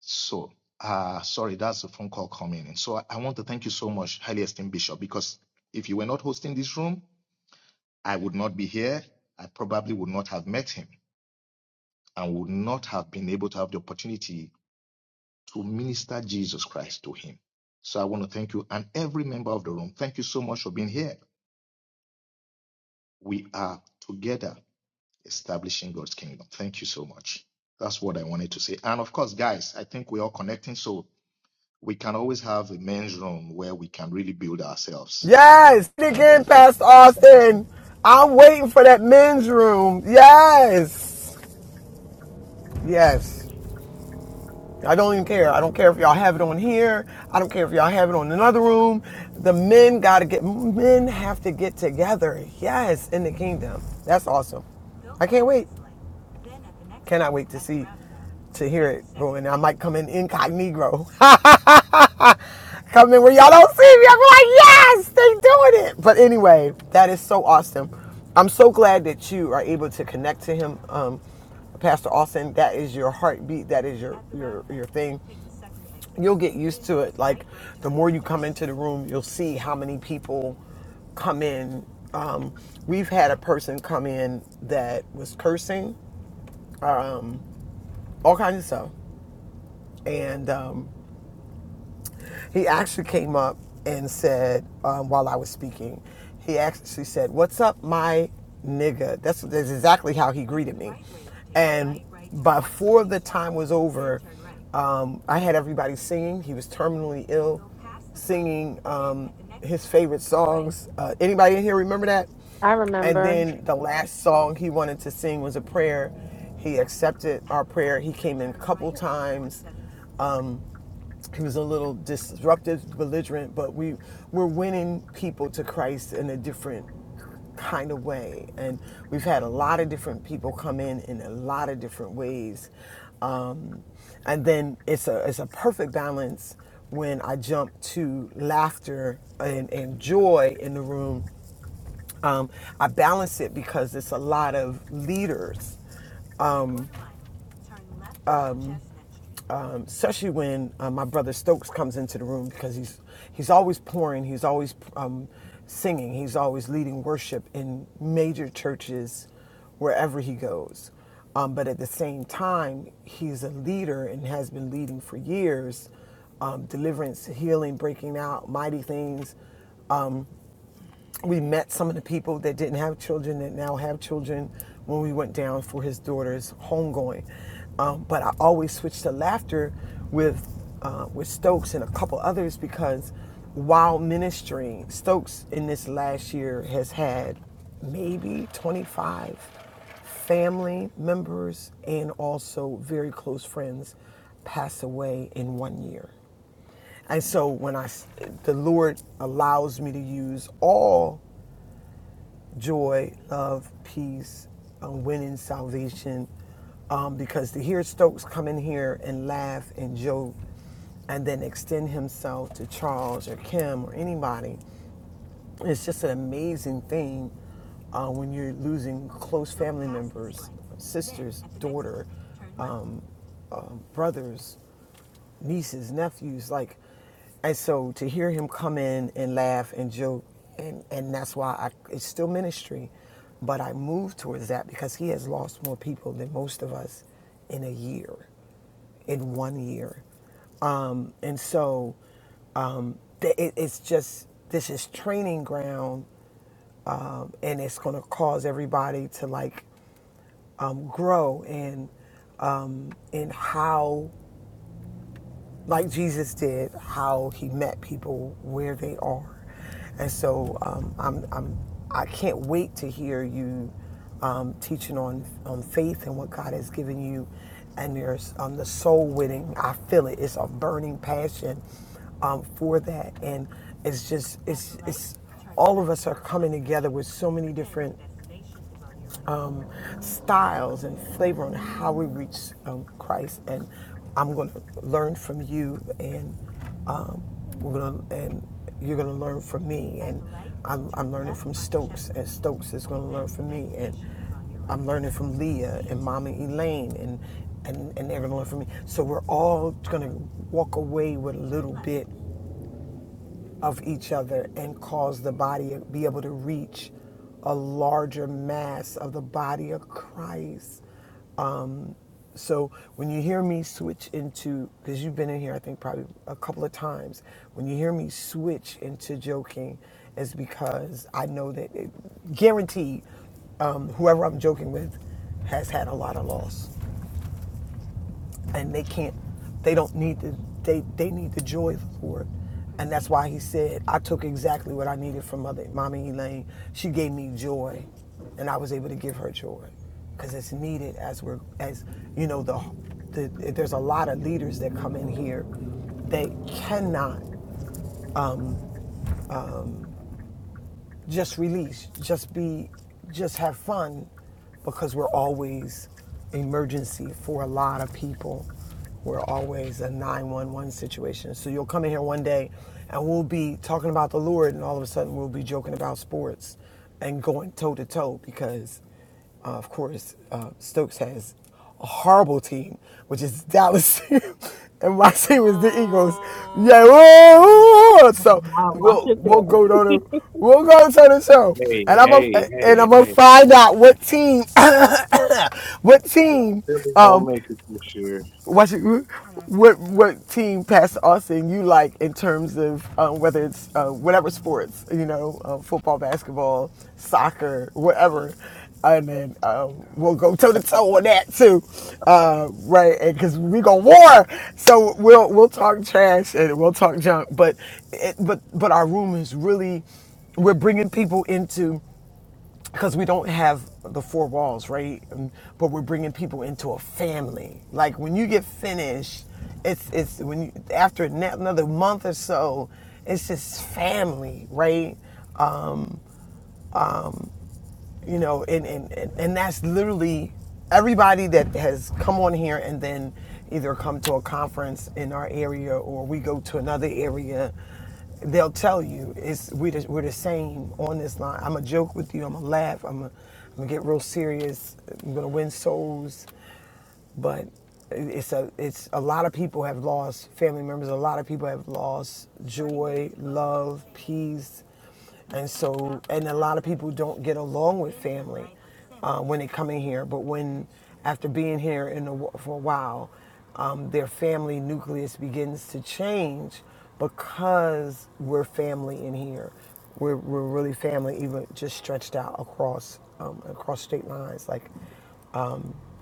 So, uh, sorry, that's a phone call coming in. So I, I want to thank you so much, highly esteemed bishop, because if you were not hosting this room, I would not be here. I probably would not have met him and would not have been able to have the opportunity to minister Jesus Christ to him. So I want to thank you and every member of the room. Thank you so much for being here. We are together establishing God's kingdom. Thank you so much. That's what I wanted to say. And of course, guys, I think we're all connecting. So we can always have a men's room where we can really build ourselves
Yes. Say it
and
Again,
perfect
Pastor
ourselves. Thank you so
Austin. I'm waiting for that men's room. Yes. Yes. I don't even care. I don't care if y'all have it on here. I don't care if y'all have it on another room. The men got to get, men have to get together. Yes, in the kingdom. That's awesome. I can't wait. Cannot wait to see, to hear it going. I might come in incognito. come in where y'all don't see me. I'm like, yes, they doing it. But anyway, that is so awesome. I'm so glad that you are able to connect to him. Um, Pastor Austin, that is your heartbeat. That is your your your thing you'll get used to it. Like the more you come into the room, you'll see how many people come in. Um, we've had a person come in that was cursing, um, all kinds of stuff, and um, He actually came up and said, um, while I was speaking, he actually said, What's up, my nigga? That's, that's exactly how he greeted me. And before the time was over, um, I had everybody singing. He was terminally ill, singing um, his favorite songs. Uh, anybody in here remember that?
I
And
remember.
then the last song he wanted to sing was a prayer. He accepted our prayer. He came in a couple times he was a little disruptive, belligerent, but we we're winning people to Christ in a different kind of way, and we've had a lot of different people come in in a lot of different ways, um, and then it's a it's a perfect balance when I jump to laughter and, and joy in the room. Um, I balance it because it's a lot of leaders um, especially when uh, my brother Stokes comes into the room because he's he's always pouring, he's always um, singing, he's always leading worship in major churches wherever he goes. Um, but at the same time, he's a leader and has been leading for years um, deliverance, healing, breaking out, mighty things we met some of the people that didn't have children that now have children when we went down for his daughter's homegoing. Um, but I always switched to laughter with uh, with Stokes and a couple others because while ministering, Stokes in this last year has had maybe 25 family members and also very close friends pass away in one year. And so when I, the Lord allows me to use all joy, love, peace, um, winning salvation. Um, because to hear Stokes come in here and laugh and joke and then extend himself to Charles or Kim or anybody, it's just an amazing thing uh, when you're losing close family members, sisters, daughter, brothers, nieces, nephews, like, and so to hear him come in and laugh and joke, and and that's why I, it's still ministry, but I move towards that because he has lost more people than most of us in a year, in one year, um, and so th- it, it's just this is training ground, um, and it's going to cause everybody to like um, grow and um, in how like Jesus did, how he met people where they are. And so um, I'm, I'm, I can't wait to hear you um, teaching on, on faith and what God has given you. And there's um, the soul winning. I feel it. It's a burning passion um, for that. And it's just, it's, it's, all of us are coming together with so many different um, styles and flavor on how we reach um, Christ. And I'm going to learn from you, and um, we're going to and you're going to learn from me, and I'm, I'm learning from Stokes, and Stokes is going to learn from me, and I'm learning from Leah and Mama Elaine, and and, and they're going to learn from me. So we're all going to walk away with a little bit of each other and cause the body to be able to reach a larger mass of the body of Christ. Um, So when you hear me switch into, because you've been in here, I think probably a couple of times, when you hear me switch into joking, is because I know that it, guaranteed, um, whoever I'm joking with has had a lot of loss and they can't they don't need the they they need the joy of the lord and that's why he said i took exactly what i needed from mother mommy elaine she gave me joy and i was able to give her joy because it's needed as we're as you know the, the there's a lot of leaders that come in here they cannot just release, just be, just have fun, because we're always emergency for a lot of people. We're always a 911 situation. So you'll come in here one day and we'll be talking about the Lord, and all of a sudden we'll be joking about sports and going toe to toe because uh, of course, uh, Stokes has a horrible team, which is Dallas, and my team is the Eagles. Yeah, woo! so
Wow, watch
we'll
it
we'll
there.
go down to we'll go to the show,
Hey,
and I'm going
hey,
and
hey,
I'm gonna
hey.
find out what team what team
Philly won't make it this year.
What's what what team Pastor Austin you like in terms of uh, whether it's uh, whatever sports you know uh, football basketball soccer whatever and then um, we'll go toe to toe on that too uh, right And because we gonna war so we'll we'll talk trash and we'll talk junk but it, but but our room is really we're bringing people into because we don't have the four walls, right? Um, But we're bringing people into a family. Like when you get finished, it's it's when you, after another month or so, it's just family, right? you know and, and and that's literally everybody that has come on here and then either come to a conference in our area or we go to another area they'll tell you it's we the, we're the same on this line i'm gonna joke with you i'm gonna laugh i'm going I'm gonna get real serious i'm gonna win souls but it's a it's a lot of people have lost family members. A lot of people have lost joy, love, peace, and so and a lot of people don't get along with family uh, when they come in here. But when after being here in a, wh- for a while, um, their family nucleus begins to change because we're family in here. We're, we're really family, even just stretched out across um, across state lines. Like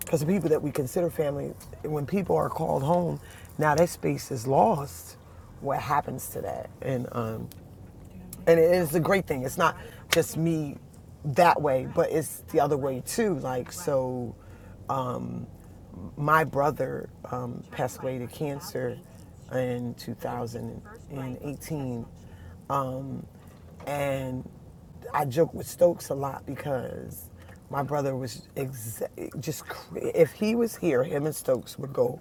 because the people that we consider family, when people are called home, now that space is lost. What happens to that? And um, and it is a great thing. It's not just me that way, but it's the other way too. Like so, my brother um, passed away to cancer in 2018, and I joke with Stokes a lot because my brother was ex- just cra- if he was here, him and Stokes would go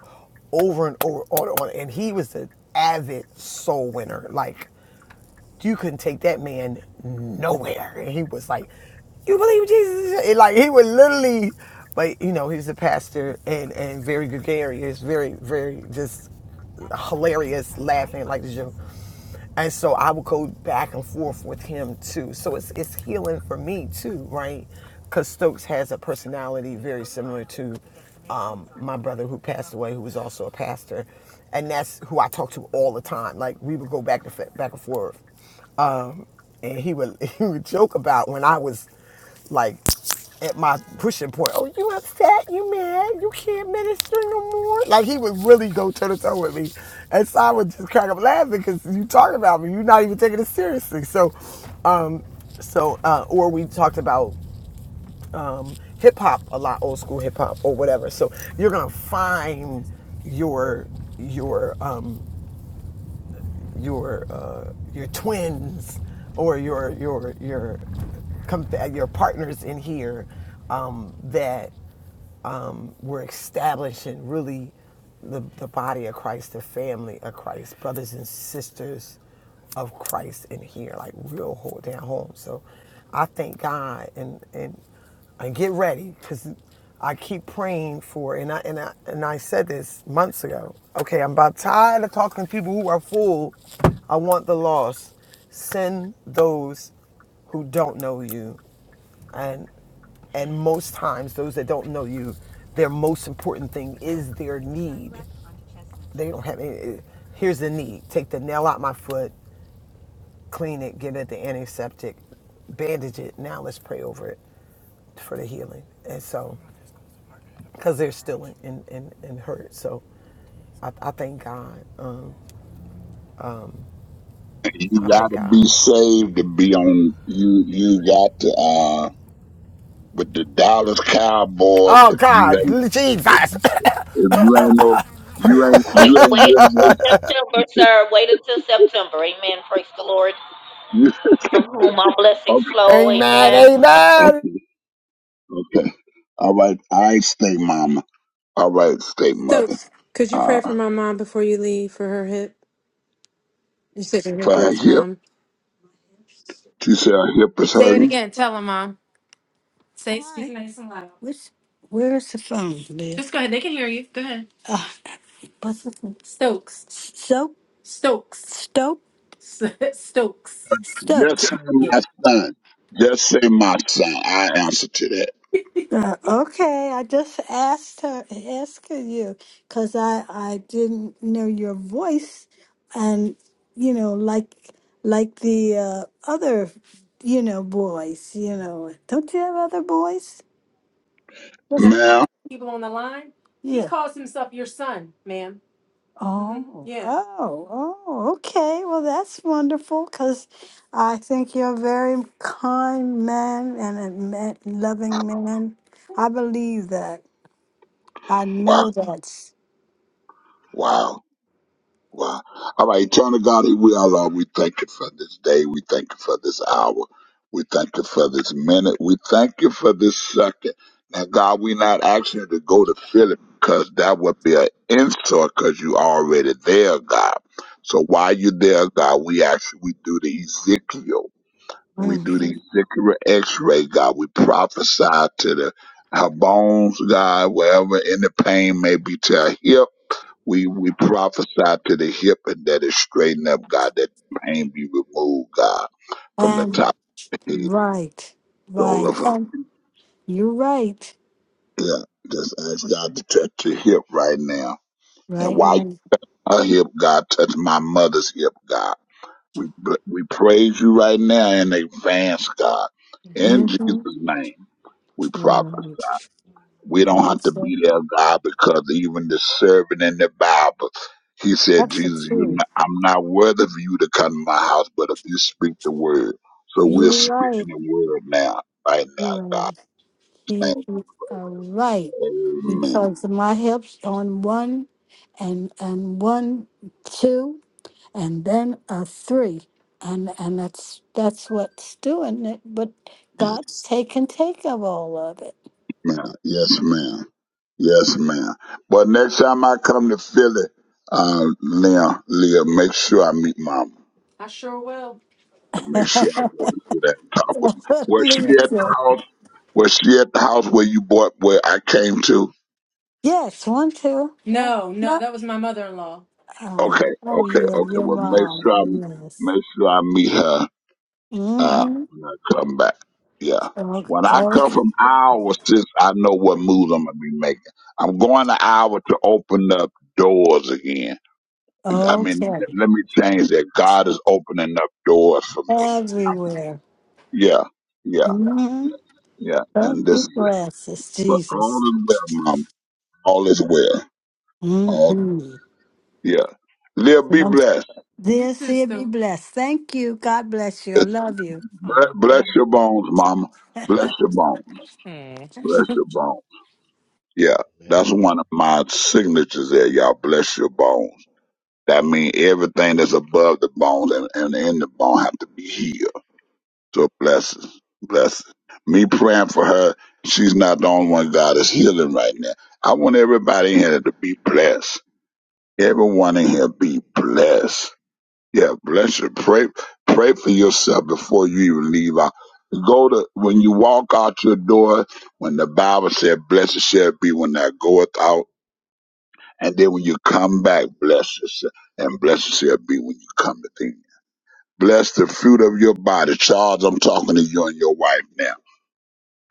over and over on and on, and he was an avid soul winner, like you couldn't take that man nowhere. And he was like, You believe Jesus? And like he would literally but you know, he's a pastor and, and very gregarious, very, very just hilarious, laughing like the joke. And so I would go back and forth with him too. So it's it's healing for me too, right? Because Stokes has a personality very similar to um, my brother who passed away, who was also a pastor, and that's who I talk to all the time. Like we would go back to back and forth and he would he would joke about when I was like at my pushing point. Oh, you upset? You mad? You can't minister no more? Like he would really go toe to toe with me, and so I would just crack up laughing because you talking about me. You're not even taking it seriously. So, um, so uh, or we talked about um, hip hop a lot, old school hip hop or whatever. So you're gonna find your your um your uh, your twins or your your your your partners in here um, that um, we're establishing really the, the body of Christ, the family of Christ, brothers and sisters of Christ in here, like real whole down home. So I thank God and and and get ready because I keep praying for and I and I and I said this months ago. Okay, I'm about tired of talking to people who are full. I want the lost. Send those who don't know you and and most times those that don't know you their most important thing is their need they don't have any eh, here's the need take the nail out my foot clean it get it the antiseptic bandage it now let's pray over it for the healing and so because they're still in, in, in, in hurt so I, I thank god um,
You
i thank
gotta be
god
saved to be on. You you got to uh with the Dallas Cowboys.
oh
If you
god
ain't if,
jesus
if you ain't no you ain't
Wait,
you ain't
wait until
really
September, sir. Wait until September. Amen. Praise the Lord.
with you.
From whom all blessings flow.
amen
Amen.
Okay
amen
okay okay. All right. I ain't stay mama. All right, stay
So,
mother.
could you pray for
Uh,
my mom before you leave for her hip? You said her hip
for her
hurts,
hip.
mom.
She said her hip is
Say it
hurting.
again. Tell her, mom. Say it. Speak nice and loud. What's, where's the phone, Liz? Just go ahead. They can hear you. Go ahead. Uh, what's the phone? Stokes. Soap? Stokes. Stoke? Stokes. Stokes?
Just say my son. Just say my son. I answer to that,
Uh, okay, I just asked her, asking you, because I I didn't know your voice, and you know, like like the uh, other, you know, boys. You know, don't you have other boys? Yes. No,
ma'am.
people on the line. He Yeah. calls himself your son, ma'am. Mhm. Oh, Yeah. oh, oh, okay. Well, that's wonderful because I think you're a very kind man and a ma- loving man. I believe that. I
Wow
know that's
wow. Wow. All right, eternal God, we are Lord. We thank you for this day. We thank you for this hour. We thank you for this minute. We thank you for this second. Now, God, we not asking you to go to Philip because that would be an insult because you already there, God. So while you there, God, we actually we do the Ezekiel. We do the
Mhm.
Ezekiel x-ray, God. We prophesy to the her bones, God, wherever any pain may be to her hip we we prophesy to the hip and that it straighten up, God, that pain be removed, God, from the
And
top of the head,
right, right.
all of
Yes.
her.
And you're right,
Yeah, just ask God to touch your hip right now. And
right.
while her hip, God, touch my mother's hip, God. We bl- we praise you right now in advance, God. In
Mm-hmm.
Jesus' name, we prophesy.
Right.
We don't have
Praise
to be
God.
there, God, because even the servant in the Bible, he said,
That's the
Jesus, you
truth.
know, I'm not worthy of you to come to my house, but if you speak the word. So we're
You're
speaking
right.
the word now, right
You're
now,
right.
God.
He
Thank
is all right
you. Amen.
because my hips on one and and one two and then a three and and that's that's what's doing it but
Yes,
God's taken take of all of it.
ma'am. Yes, ma'am. Yes, ma'am. But next time I come to Philly, uh, Leah, Leah, make sure I meet Mama.
I sure will.
And Make sure I go to see that and talk with me. Was she at
Listen.
the house? Was she at the house where you bought, where I came to?
yes, one two. No, no, No. that was my mother in law. Oh,
Okay,
oh
okay,
yeah,
okay.
your
Well, make
mom.
sure I
Yes.
make sure I meet her uh,
Mm-hmm.
when I come back. Yeah, when I come
Okay.
from Iowa, sis, I know what moves I'm gonna be making. I'm going to Iowa to open up doors again. I mean,
Okay.
let me change that. God is opening up doors for me. I,
everywhere.
yeah, yeah,
hmm
yeah.
Thank
And this, is
you for
it.
answers,
but all
Jesus.
is well, mom. All is well.
hmm
All yeah. Live, be
This
blessed.
This is here be the blessed. Thank you. God bless you. I love you.
Bless,
oh.
bless your bones, Mama. Bless
Thank
your bones.
okay.
Bless your bones. Yeah,
much. Amen.
that's one of my signatures there, y'all. Bless your bones. That means everything that's above the bones and, and in the bone have to be healed. So bless us. Bless us. Me praying for her. She's not the only one God is healing right now. I want everybody in here to be blessed. Everyone in here be blessed. Yeah, bless you. Pray, pray for yourself before you even leave out. Go to when you walk out your door. When the Bible said, "Blessed shall be when thou goeth out," and then when you come back, bless yourself, and blessed shall be when you come in. Bless the fruit of your body, Charles. I'm talking to you and your wife now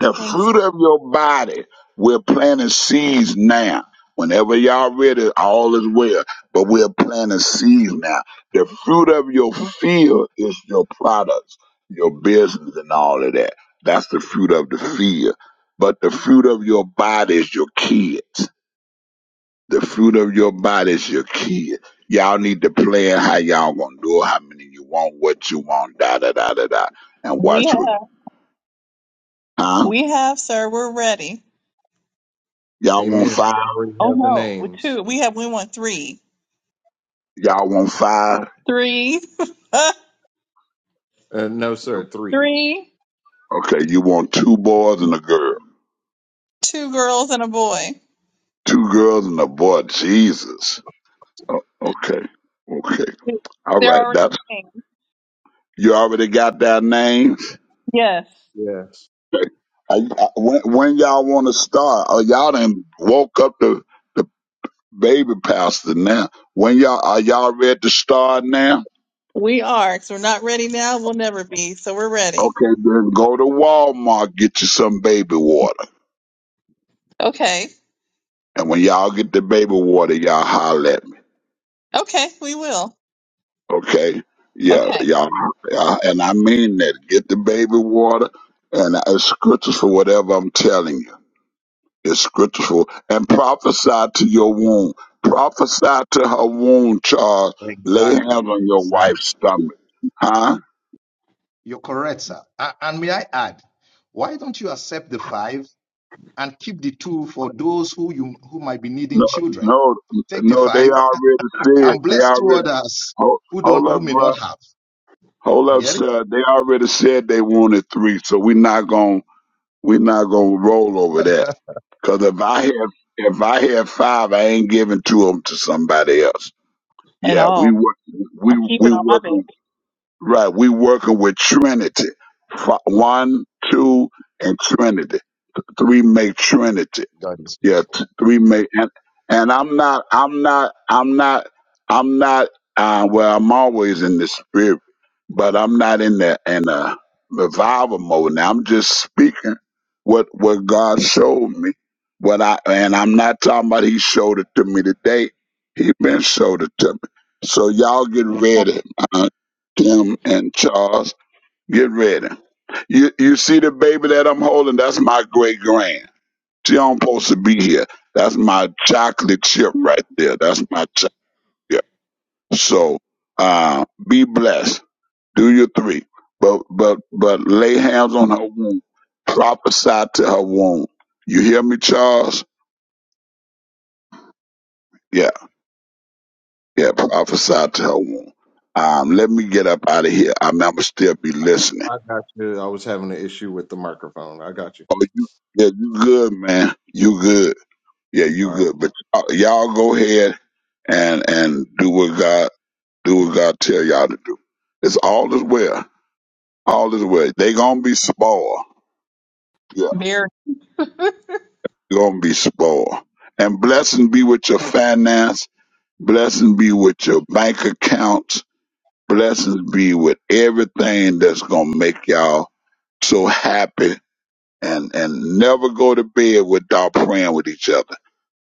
the
Thanks.
fruit of your body. We're planting seeds now. Whenever y'all ready, all is well. But we're planting seeds now. The fruit of your field is your products, your business, and all of that. That's the fruit of the field. But the fruit of your body is your kids. The fruit of your body is your kids. Y'all need to plan how y'all gonna do it, how many you want, what you want, da da da da da. And
We
watch what,
have,
huh?
we have, sir. We're ready.
Y'all want
Amen.
five?
We already
Oh
have the
no, we
names.
two. We have. We want three,
Y'all want five?
three,
Uh, no, sir. Three.
three,
Okay, you want two boys and a girl.
two girls and a boy.
Two girls and a boy. Jesus. O- okay. Okay. All
They're
right.
already
That's
named.
you already got that name.
Yes,
Yes.
I, I, when, when y'all want to start? Oh, y'all done woke up the, the baby pastor now. When y'all are y'all ready to start now?
we are. Because we're not ready now. We'll never be. So we're ready.
Okay, then go to Walmart get you some baby water,
Okay.
and when y'all get the baby water, y'all holler. at me.
Okay. We will.
Okay. Yeah,
Okay.
yeah, yeah, and I mean that. Get the baby water, and it's scriptures for whatever I'm telling you. It's scriptures for, and prophesy to your womb. Prophesy to her womb, Charles. Lay hands
Exactly.
on your
Exactly.
wife's stomach. Huh?
You're correct, sir. A- And may I add, why don't you accept the five and keep the two for those who you who might be needing
No,
children?
no,
Take the
no, they
five
already said,
and
they
bless two
already,
others
hold,
who don't
hold
who
up,
may not
bruh.
have.
Hold
You
up,
get it?
sir. They already said they wanted three, so we're not gonna We're not gonna roll over that. Cause if I have if I have five, I ain't giving two of them to somebody else.
At
Yeah, we
all.
work
I'm
we
keeping
we
on my bed.
working right. We working with Trinity. Fi- One, two, and Trinity. Three make Trinity.
God is
Yeah,
faithful.
t- three ma and and I'm not I'm not I'm not I'm not uh well I'm always in the spirit, but I'm not in the in a revival mode now. I'm just speaking what what God showed me. What I and I'm not talking about he showed it to me today. He been showed it to me. So y'all get ready, uh, Tim and Charles. Get ready. You you see the baby that I'm holding? That's my great grand. She don't supposed to be here. That's my chocolate chip right there. That's my chocolate. So uh, be blessed. Do your three. But but but lay hands on her womb. Prophesy to her womb. You hear me, Charles? Yeah, yeah, prophesy to her womb. Um, let me get up out of here. I'm I'ma still be listening.
I got you. I was having an issue with the microphone. I got you.
Oh you yeah, you good, man. You good. Yeah, you
Uh,
good. But y'all y'all go ahead and and do what God Do what God tell y'all to do. It's all is well. All is well. They gonna be spoiled. Yeah,
Very.
you gonna be spoiled. And blessing be with your finance. Blessing be with your bank accounts. Blessings be with everything that's gonna make y'all so happy. And and never go to bed without praying with each other.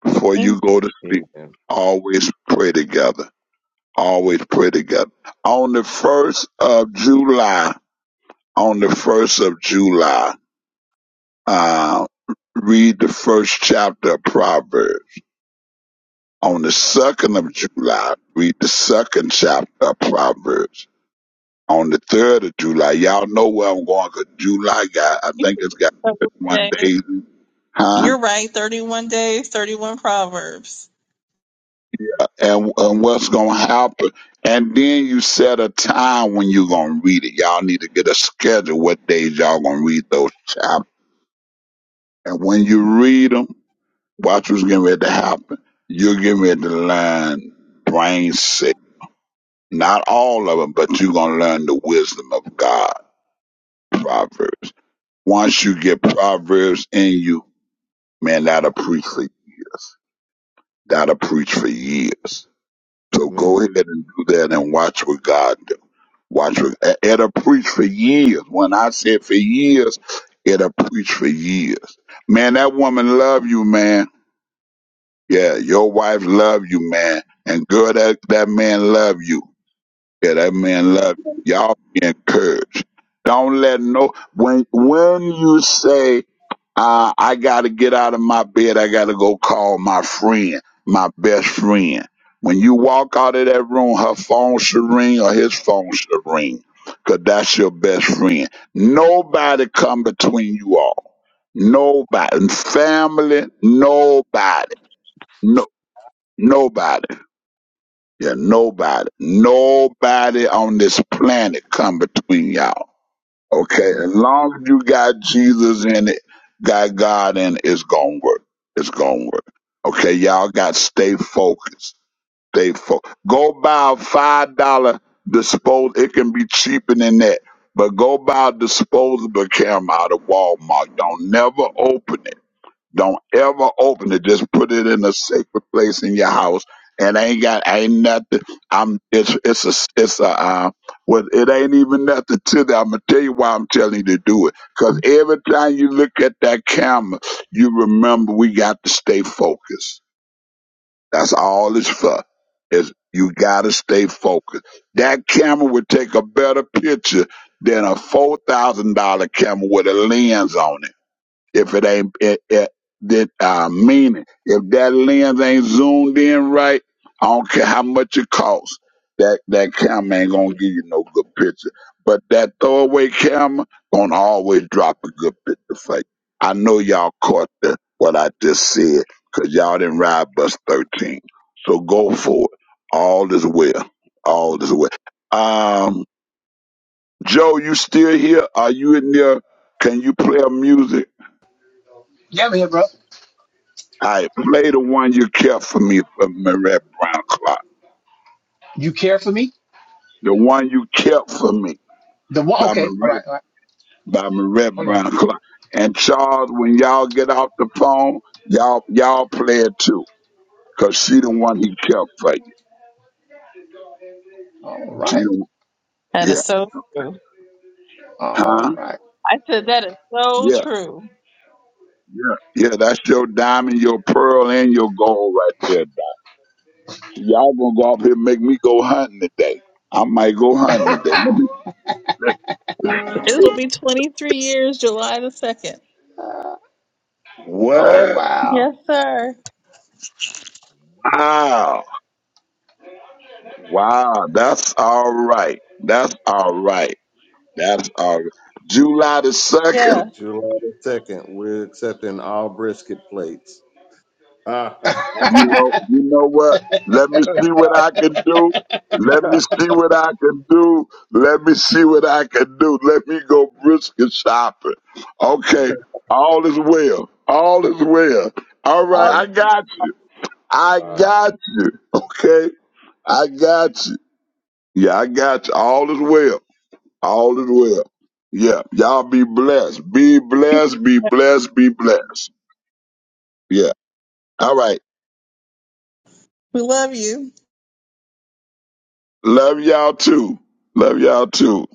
Before
Amen.
you go to sleep,
amen.
always pray together. Always pray together. On the first of July, on the first of July, uh, read the first chapter of Proverbs. On the second of July, read the second chapter of Proverbs. On the third of July, y'all know where I'm going 'cause July got, I
You
think it's got
took over
one
today.
day, huh?
You're right. Thirty-one days, thirty-one proverbs.
And, and what's going to happen? And then you set a time when you're going to read it. Y'all need to get a schedule what days y'all going to read those chapters. And when you read 'em. Watch what's getting ready to happen. You're getting ready to learn brain sick. Not all of them, but you're going to learn the wisdom of God. Proverbs. Once you get Proverbs in you, man, that'll preach for years. That'll preach for years. So go
Amen.
ahead and do that and watch what God do. Watch what, it- it'll preach for years. When I said for years, it'll preach for years. Man, that woman love you, man Yeah, your wife love you, man. And girl, that, that man love you. Yeah, that man love you. Y'all be encouraged. Don't let no when when you say, uh, I gotta get out of my bed, I gotta go call my friend, my best friend. When you walk out of that room, her phone should ring or his phone should ring. Cause that's your best friend. Nobody come between you all. Nobody. Family, nobody. No, Nobody. Yeah, nobody. Nobody on this planet come between y'all. Okay?
Amen.
As long as you got Jesus in it, got God in it, it's gonna work. It's gonna work. Okay, y'all got to stay focused. Stay focused. Go buy a five dollar disposable. It can be cheaper than that. But go buy a disposable camera out of Walmart. Don't never open it don't ever open it. Just put it in a sacred place in your house. And ain't got ain't nothing. I'm it's it's a it's a uh, well it ain't even nothing to that. I'm gonna tell you why I'm telling you to do it. Cause every time you look at that camera, you remember we got to stay focused. That's all it's for. Is you gotta stay focused. That camera would take a better picture than a four thousand dollar camera with a lens on it if it ain't it, it, that I mean it. If that lens ain't zoomed in right, I don't care how much it costs. That that camera ain't gonna give you no good picture. But that throwaway camera gonna always drop a good picture for you. I know y'all caught the what I just said, cause y'all didn't ride bus thirteen. So go for it. All is well. All is well. Um, Joe, you still here? Are you in there? Can you play a music?
yeah, I'm here, bro.
I play the one you kept for me from Marette Brown Clark.
You care for me?
The one you kept for me
The one.
by
Okay. All right.
Marette
All right.
by Marette
Hold on.
Brown Clark. And Charles, when y'all get off the phone, y'all y'all play it too. Cause she the one he kept for you.
All
She
right.
the one-
That
yeah.
is so true.
All
Huh?
right.
I said that is so
Yeah.
true.
Yeah. Yeah, that's your diamond, your pearl, and your gold right there. Y'all gonna go up here and make me go hunting today. I might go hunting today. Let me let,
It'll be 23 years, July the 2nd.
oh
what?
wow.
Yes, sir.
Wow. Wow, that's all right. That's all right. That's all right. July the second.
Yeah.
July the 2nd, we're accepting all brisket plates. Ah,
Until
You know, you know what? Let me see what I can do. Let me see what I can do. Let me see what I can do. Let me go brisket shopping. Okay, all is well. All is well. All right,
Oh,
I
all,
got you. I
uh,
got you. Okay, I got you. Yeah, I got you. All is well. All is well. Yeah. Y'all be blessed. Be blessed. Be blessed. Be blessed. Yeah. All right.
we love you.
Love y'all too. Love y'all too.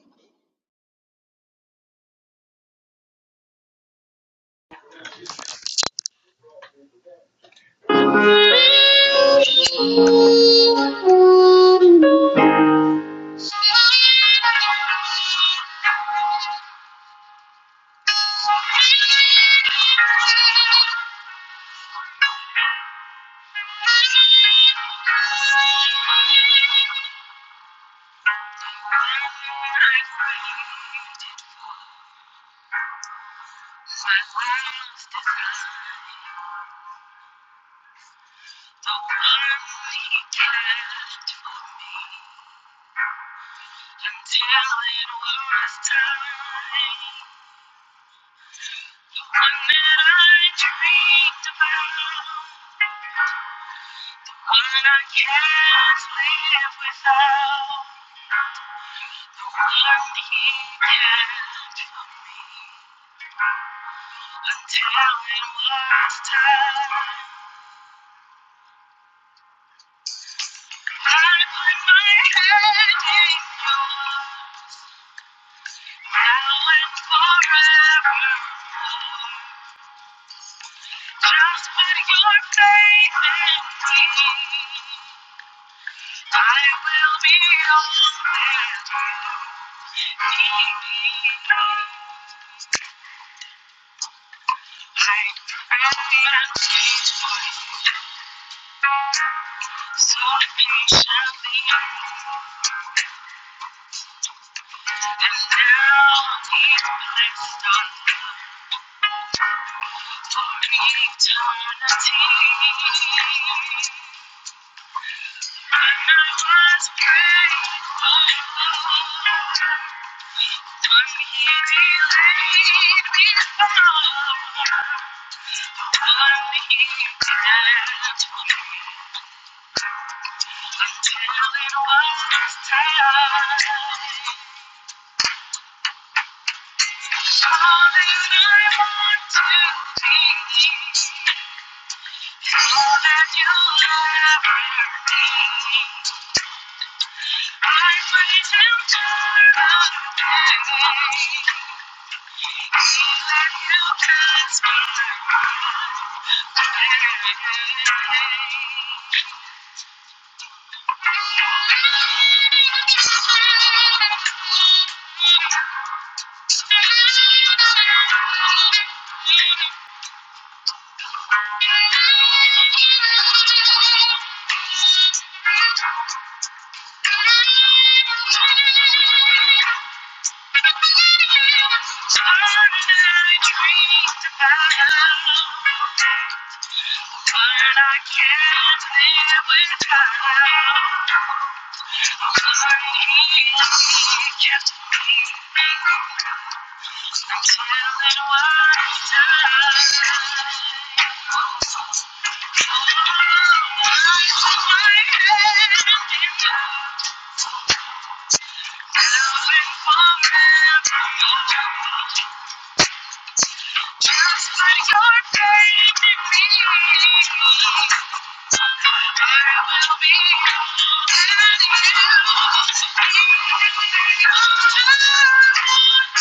it was time. One that I dreamed about. The one I can't live without. The one he kept for me until it was time. I put my head in yours now and forevermore. Just put your faith in me. I will be all that you. need. I've I am not faithful, so patiently, And now He placed on eternity. When was grateful when he can't. Thank you. I I'm Thank you.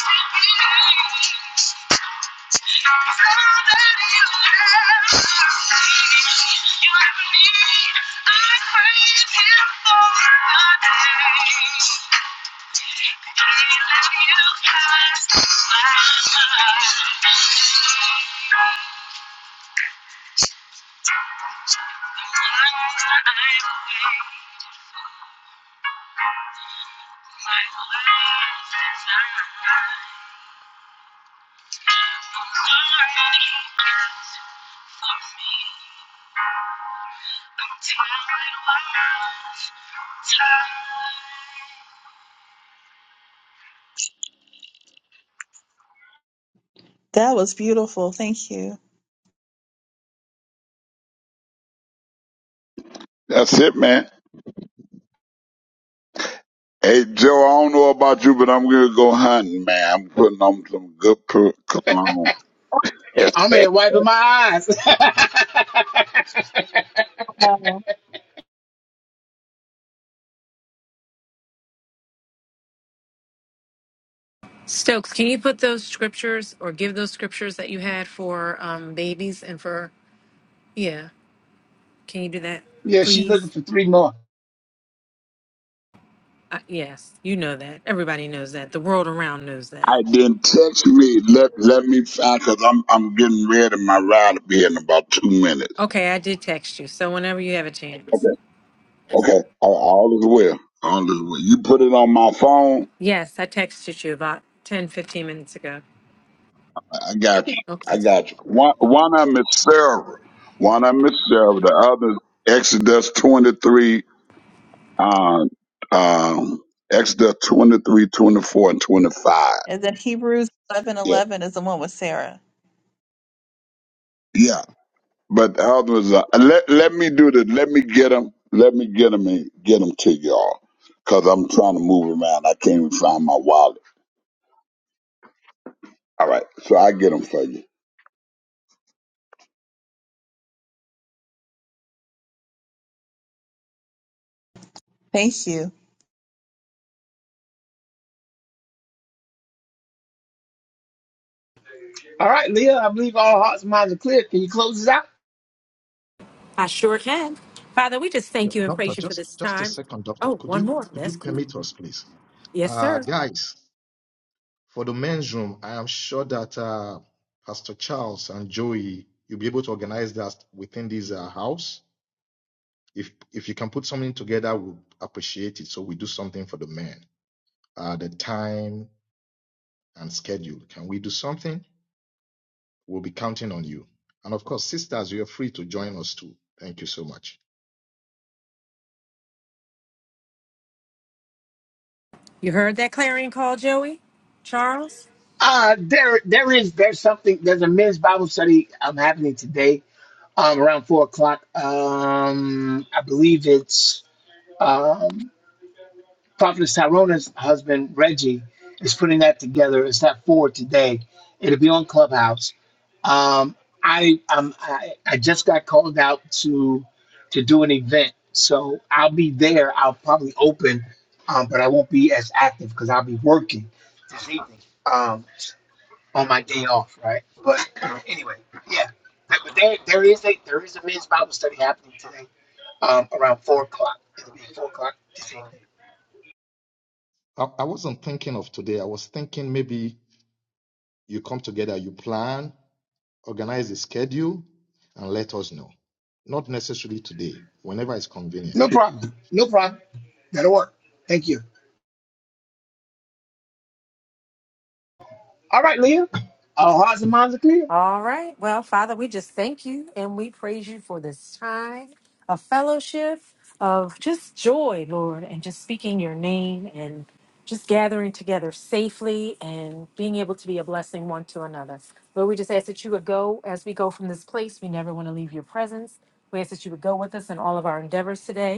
Thank you.
That was beautiful. Thank you.
That's it, man. Hey, Joe, I don't know about you, but I'm going to go hunting, man. I'm putting on some good per- cologne.
I'm here
I
wiping my eyes.
Wow.
Stokes, can you put those scriptures or give those scriptures that you had for um, babies and for yeah? Can you do that,
yeah, she's looking
please?
for three more.
Uh, yes, you know that. Everybody knows that. The world around knows that.
didn't text me. Let let me find because I'm I'm getting ready. My ride will be in about two minutes.
Okay, I did text you. So whenever you have a chance,
Okay. Okay. All, all is well. All is well. You put it on my phone.
yes, I texted you about 10, 15 minutes ago.
I got you.
Okay.
I got you. One, one of them is Sarah. One of them is Sarah. The other, Exodus 23, uh, um, Exodus 23, 24, and 25.
And then Hebrews
Yeah.
11:11 is the one with Sarah.
Yeah. But the other is, uh, and let, let me do this. Let me get them. Let me get them and get them to y'all. Cause I'm trying to move around. I can't even find my wallet. All right. So I get them for you.
Thank you.
All right, Leah, I believe all hearts and minds are clear. Can you close this out?
I sure can. Father, we just
Yeah,
thank you and
doctor,
praise you for
just
this
just a
time.
second, doctor.
Oh,
Could
one
you
more.
could you
That's cool.
permit us, please?
Yes,
Uh,
sir.
guys, for the men's room, I am sure that uh, Pastor Charles and Joey, you'll be able to organize that within this uh, house. If if you can put something together, we'll appreciate it. So we do something for the men. Uh, the time and schedule. Can we do something? We'll be counting on you. And of course, sisters, you're free to join us too. Thank you so much.
You heard that clarion call, Joey? Charles?
Uh, there, there is, there's something, there's a men's Bible study um, happening today um, around four o'clock. Um, I believe it's, um, Prophetess Tyrona's husband, Reggie, is putting that together. It's not forward today. It'll be on Clubhouse. Um, I, um, I I just got called out to to do an event, so I'll be there. I'll probably open, um, but I won't be as active because I'll be working this evening um, on my day off, right? But uh, anyway, yeah. But but there, there is a there is a men's Bible study happening today um, around four o'clock. It'll be four o'clock this evening.
I, I wasn't thinking of today. I was thinking maybe you come together, you plan, organize the schedule, and let us know. Not necessarily today, whenever it's
No
convenient.
problem. No problem. That'll work. Thank you. All right, Leah. Our hearts and minds are clear.
All right. Well, Father, we just thank you and we praise you for this time of fellowship, of just joy, Lord, and just speaking your name and just gathering together safely and being able to be a blessing one to another. Lord, we just ask that you would go as we go from this place. We never want to leave your presence. We ask that you would go with us in all of our endeavors today.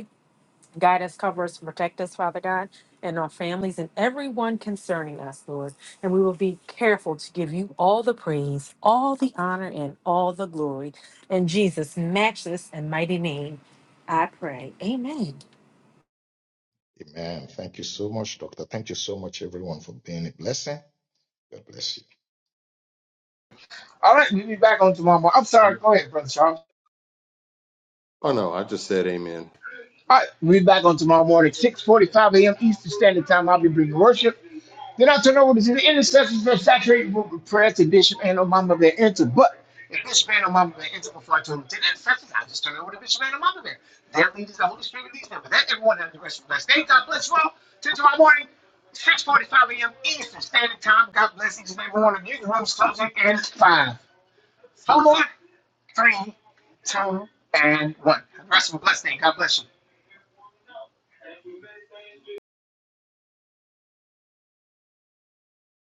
Guide us, cover us, protect us, Father God, and our families and everyone concerning us, Lord. And we will be careful to give you all the praise, all the honor, and all the glory. In Jesus' matchless and mighty name, I pray. Amen.
Amen. Thank you so much, Doctor. Thank you so much, everyone, for being a blessing. God bless you.
All right, we'll be back on tomorrow. morning. I'm sorry. Go ahead, Brother Charles.
oh, no, I just said amen.
All right, we'll be back on tomorrow morning, 6.45 a.m. Eastern Standard Time. I'll be bringing worship. Then I'll turn over to the intercessors that saturate with prayer to Bishop and Omama Bear Enter. But if Bishop and Omama Bear Enter before I turn them to the intercessors, I'll just turn over to Bishop and Omama Bear. Their leaders, the Holy Spirit leads them. But that everyone has the rest of the blessed day. God bless you all. Till tomorrow morning, 6.45 a.m. Eastern Standard Time. God bless each and every one of you. The room's closing in five, four, three, two, and one. Have the rest of a blessed day. God bless you.